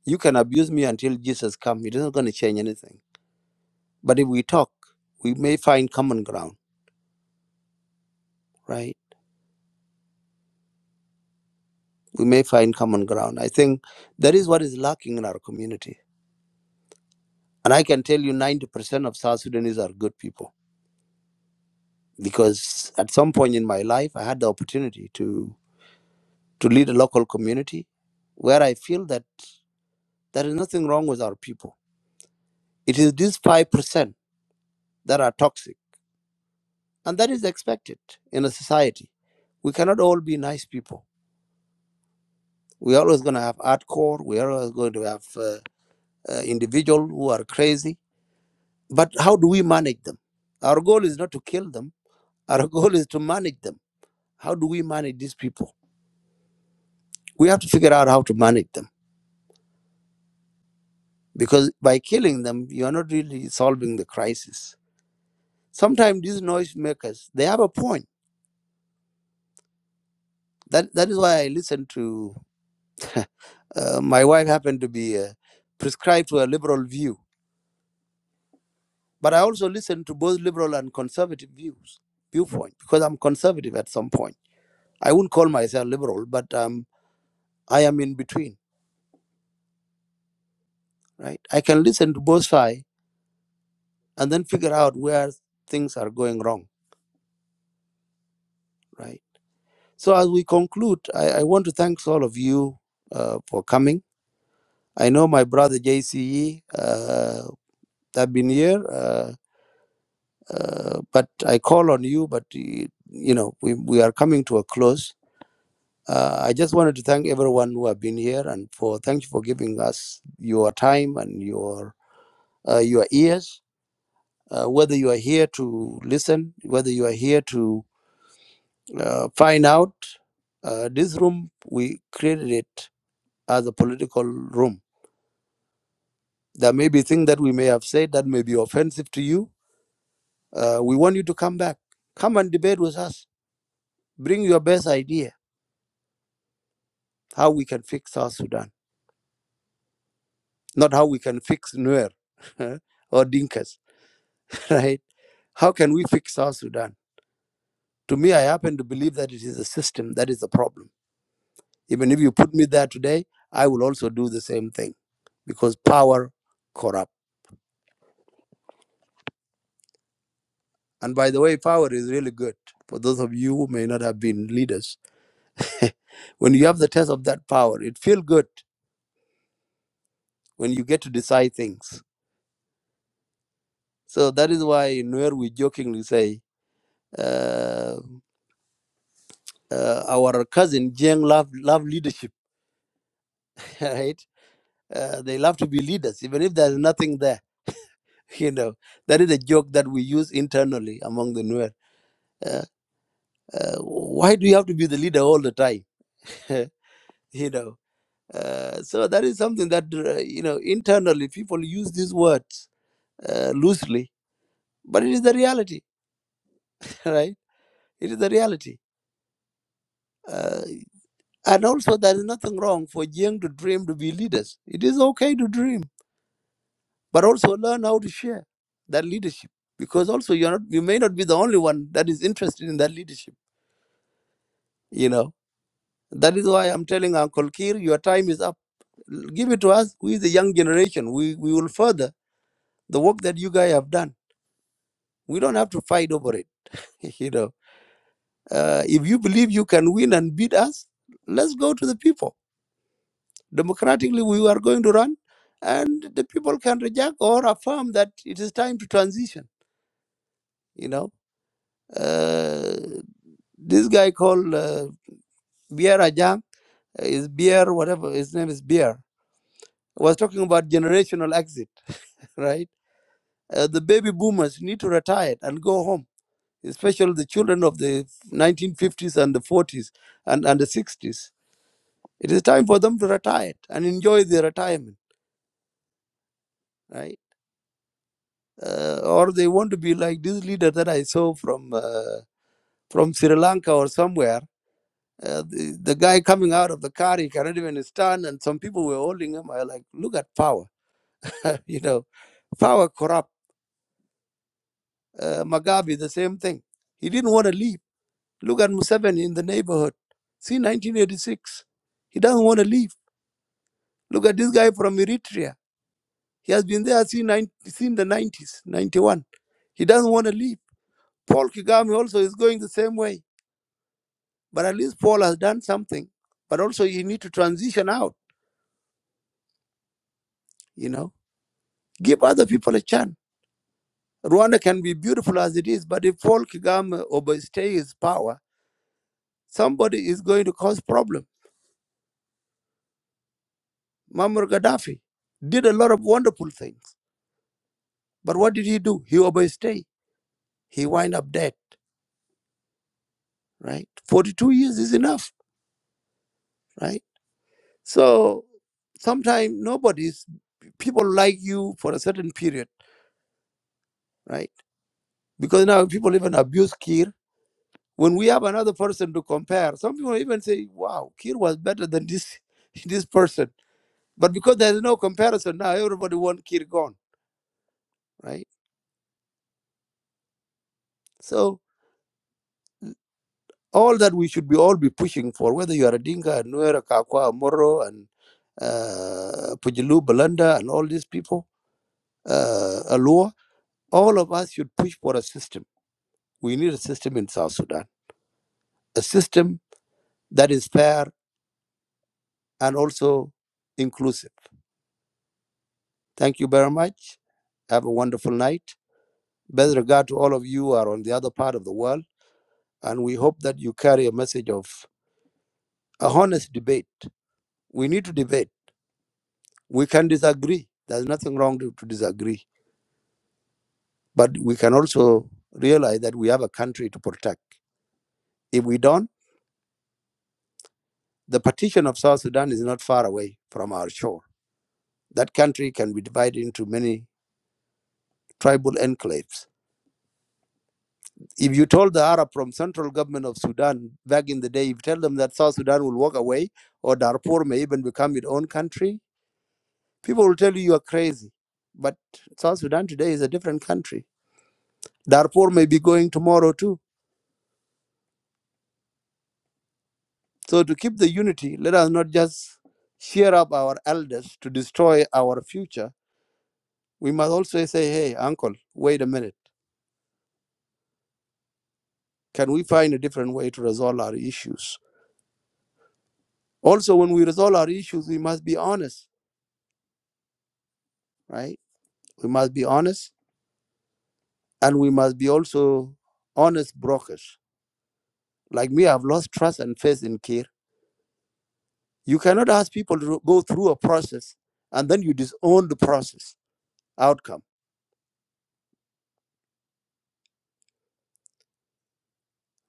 Speaker 6: You can abuse me until Jesus comes. It isn't going to change anything. But if we talk, we may find common ground, right? We may find common ground. I think that is what is lacking in our community. And I can tell you 90% of South Sudanese are good people because at some point in my life, I had the opportunity to, to lead a local community where I feel that there is nothing wrong with our people. It is these 5% that are toxic. And that is expected in a society. We cannot all be nice people We're always going to have hardcore. We're always going to have uh, uh, individuals who are crazy. But how do we manage them? Our goal is not to kill them. Our goal is to manage them. How do we manage these people? We have to figure out how to manage them because by killing them, you are not really solving the crisis. Sometimes these noisemakers, they have a point. That that is why I listen to. Uh, my wife happened to be uh, prescribed to a liberal view But I also listen to both liberal and conservative views, viewpoint, because I'm conservative at some point. I wouldn't call myself liberal, but um, I am in between, right? I can listen to both sides and then figure out where things are going wrong, right? So as we conclude, I, I want to thank all of you uh, for coming. I know my brother JCE uh, have been here, uh, uh, but I call on you, but uh, you know we, we are coming to a close Uh, I just wanted to thank everyone who have been here and for thank you for giving us your time and your uh, your ears. Uh, whether you are here to listen, whether you are here to uh, find out, uh, this room we created it as a political room. There may be things that we may have said that may be offensive to you. Uh, we want you to come back, come and debate with us. Bring your best idea how we can fix South Sudan, not how we can fix Nuer or Dinkas, right? How can we fix South Sudan? To me, I happen to believe that it is the system that is the problem. Even if you put me there today, I will also do the same thing because power corrupt. And by the way, power is really good. For those of you who may not have been leaders, when you have the test of that power, it feels good when you get to decide things. So that is why in where we jokingly say, uh, uh, our cousin Jiang love, love leadership, right? Uh, they love to be leaders, even if there's nothing there. you know that is a joke that we use internally among the Nuer. Uh, uh, why do you have to be the leader all the time? you know, uh, so that is something that uh, you know internally people use these words uh, loosely, but it is the reality, right? It is the reality. Uh, and also, there is nothing wrong for young to dream to be leaders. It is okay to dream, but also learn how to share that leadership because also you're not you may not be the only one that is interested in that leadership you know That is why I'm telling Uncle Kir, your time is up. Give it to us. We, the young generation, we, we will further the work that you guys have done. We don't have to fight over it. you know, uh, if you believe you can win and beat us, let's go to the people. Democratically, we are going to run, and the people can reject or affirm that it is time to transition. You know, uh, this guy called uh, Bier Ajang is Bier, whatever his name is, Bier was talking about generational exit, right? Uh, the baby boomers need to retire and go home, especially the children of the 1950s and the 40s and, and the 60s. It is time for them to retire and enjoy their retirement, right? Uh, or they want to be like this leader that I saw from uh, from Sri Lanka or somewhere. Uh, the, the guy coming out of the car, he cannot even stand, and some people were holding him. I like, look at power, you know, power corrupt. Uh, Mugabe, the same thing. He didn't want to leave Look at Museveni in the neighborhood. See 1986. He doesn't want to leave. Look at this guy from Eritrea. He has been there since, the 90s, 91. He doesn't want to leave. Paul Kagame also is going the same way. But at least Paul has done something. But also you need to transition out, you know. Give other people a chance. Rwanda can be beautiful as it is, but if Paul Kagame overstays his power, somebody is going to cause problem. Muammar Gaddafi did a lot of wonderful things But what did he do? He overstayed. He wind up dead, right? 42 years is enough, right? So sometimes nobody's, people like you for a certain period, right? Because now people even abuse Kir. When we have another person to compare, some people even say, wow, Kir was better than this, this person. But because there's no comparison now, everybody wants Kir gone, right? So all that we should be all be pushing for, whether you are a Dinka, a Nuer, a Kakwa, Moro, and uh, Pujilu, Balanda, and all these people, uh, Alua, all of us should push for a system. We need a system in South Sudan, a system that is fair and also inclusive. Thank you very much. Have a wonderful night. Best regard to all of you who are on the other part of the world, and we hope that you carry a message of a honest debate. We need to debate We can disagree. There's nothing wrong to, to disagree. But we can also realize that we have a country to protect. If we don't, the partition of South Sudan is not far away from our shore. That country can be divided into many tribal enclaves. If you told the Arab from central government of Sudan back in the day, if you tell them that South Sudan will walk away or Darfur may even become its own country, people will tell you you are crazy. But South Sudan today is a different country. Darfur may be going tomorrow too So to keep the unity, let us not just cheer up our elders to destroy our future. We must also say, hey, uncle, wait a minute. Can we find a different way to resolve our issues? Also, when we resolve our issues, we must be honest, right? We must be honest and we must be also honest brokers. Like me, I've lost trust and faith in care. You cannot ask people to go through a process and then you disown the process outcome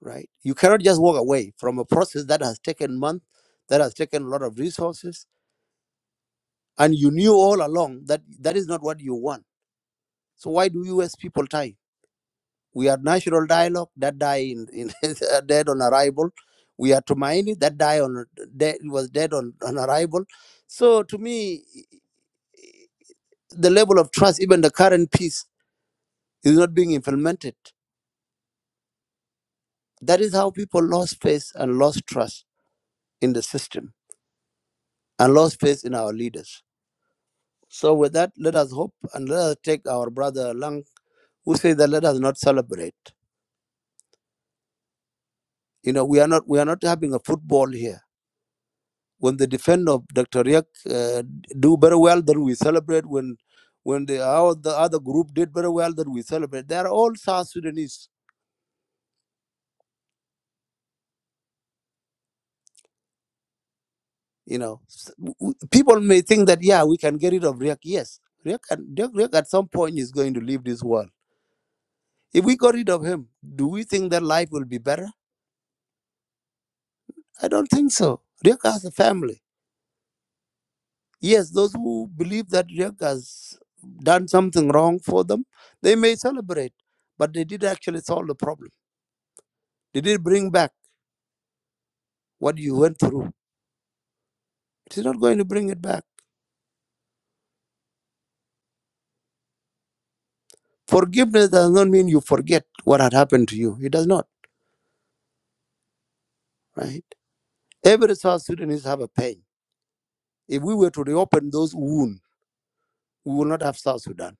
Speaker 6: right? You cannot just walk away from a process that has taken months, that has taken a lot of resources, and you knew all along that that is not what you want. So why do you waste people time? We had national dialogue that die in, in dead on arrival. We had Tumaini that die on dead was dead on, on arrival. So to me, the level of trust, even the current peace, is not being implemented. That is how people lost faith and lost trust in the system and lost faith in our leaders So with that, let us hope and let us take our brother Lang, who says that let us not celebrate. You know, we are not we are not having a football here. When the defender of Dr. Riak uh, do very well, then we celebrate. When when the our, the other group did very well, then we celebrate. They are all South Sudanese. You know, S- w- w- people may think that yeah, we can get rid of Riak. Yes, Riak at, Riek- Riek at some point is going to leave this world. If we got rid of him, do we think that life will be better? I don't think so. Riak has a family Yes, those who believe that Riek has done something wrong for them, they may celebrate, but they did actually solve the problem. They did bring back what you went through. It is not going to bring it back. Forgiveness does not mean you forget what had happened to you. It does not, right? Every South Sudanese have a pain. If we were to reopen those wounds, we will not have South Sudan.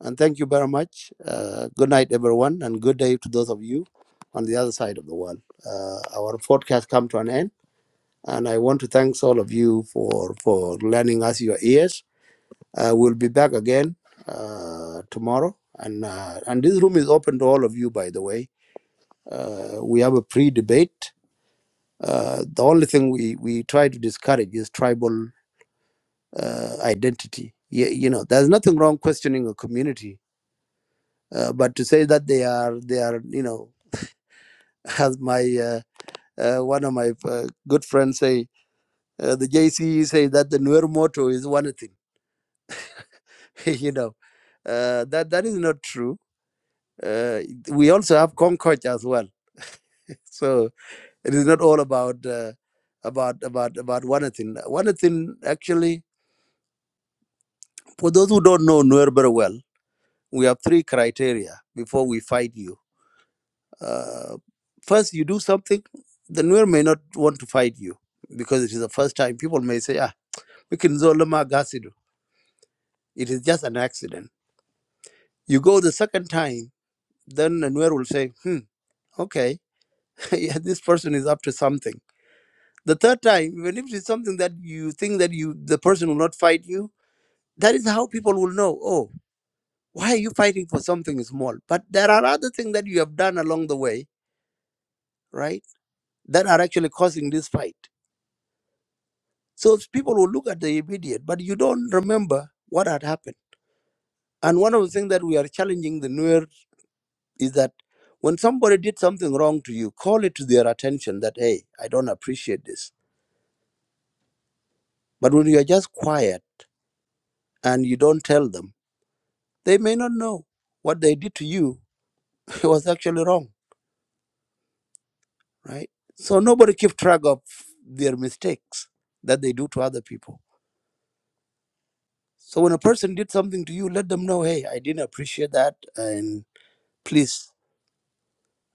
Speaker 6: And thank you very much. Uh, good night, everyone, and good day to those of you on the other side of the world. Uh, our podcast come to an end. And I want to thank all of you for for lending us your ears. Uh, we'll be back again uh, tomorrow, and uh, and this room is open to all of you. By the way, uh, we have a pre-debate. Uh, the only thing we we try to discourage is tribal uh, identity. You, you know, there's nothing wrong questioning a community, uh, but to say that they are they are you know, as my uh, uh, one of my uh, good friends say, uh, the JCE say that the Nuer motto is one thing you know, uh, that that is not true. Uh, we also have Concord as well, so it is not all about uh, about about about one thing. One thing actually, for those who don't know Nuer very well, we have three criteria before we fight you. Uh, first, you do something, the Nuer may not want to fight you because it is the first time. People may say, ah, we can zoloma gasidu. It is just an accident. You go the second time, then the Nuer will say, hmm, okay yeah, this person is up to something. The third time, even if it's something that you think that you the person will not fight you, that is how people will know, oh, why are you fighting for something small? But there are other things that you have done along the way, right? That are actually causing this fight. So s- people will look at the immediate, but you don't remember what had happened. And one of the things that we are challenging the newer is that when somebody did something wrong to you, call it to their attention that, hey, I don't appreciate this. But when you are just quiet and you don't tell them, They may not know what they did to you was actually wrong, right? So nobody keep track of their mistakes that they do to other people. So when a person did something to you, let them know, hey, I didn't appreciate that, and please,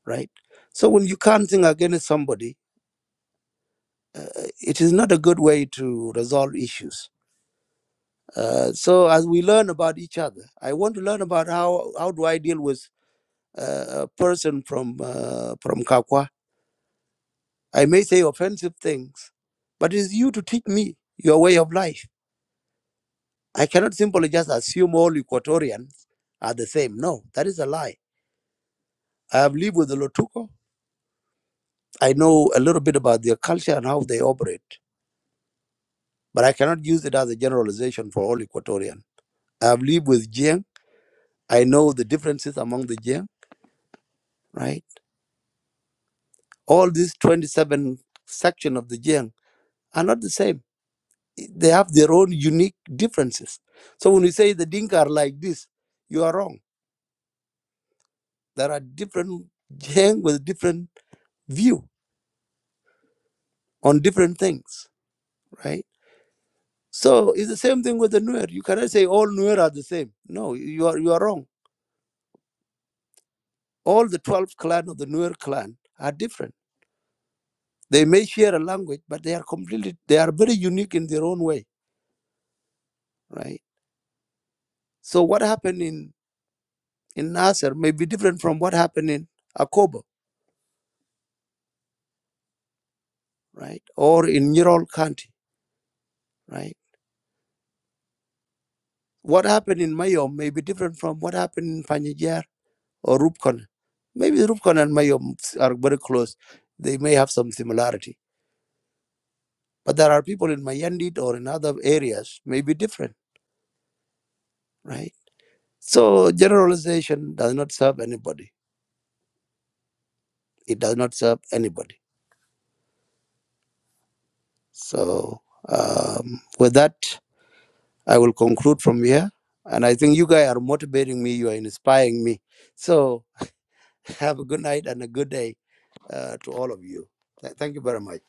Speaker 6: right? So when you can't think against somebody, uh, it is not a good way to resolve issues. Uh, so as we learn about each other, I want to learn about how how do I deal with uh, a person from uh, from Kakwa I may say offensive things, but it's you to teach me your way of life. I cannot simply just assume all Equatorians are the same. No, that is a lie. I have lived with the Lotuko. I know a little bit about their culture and how they operate, but I cannot use it as a generalization for all Equatorian. I have lived with Jiang. I know the differences among the Jiang, right? All these 27 sections of the Jiang are not the same. They have their own unique differences. So when you say the Dinka are like this, you are wrong There are different Jiang with different view on different things, right? So it's the same thing with the Nuer. You cannot say all Nuer are the same. No, you are you are wrong. All the 12 clan of the Nuer clan are different. They may share a language, but they are completely they are very unique in their own way, right? So what happened in in Nasser may be different from what happened in Akobo, right? Or in Ural County, right? What happened in Mayom may be different from what happened in Panjajir or Rubicon. Maybe Rubicon and Mayom are very close. They may have some similarity. But there are people in Mayandit or in other areas may be different, right? So generalization does not serve anybody. It does not serve anybody. So um, with that, I will conclude from here. And I think you guys are motivating me. You are inspiring me. So have a good night and a good day uh, to all of you. Th- Thank you very much.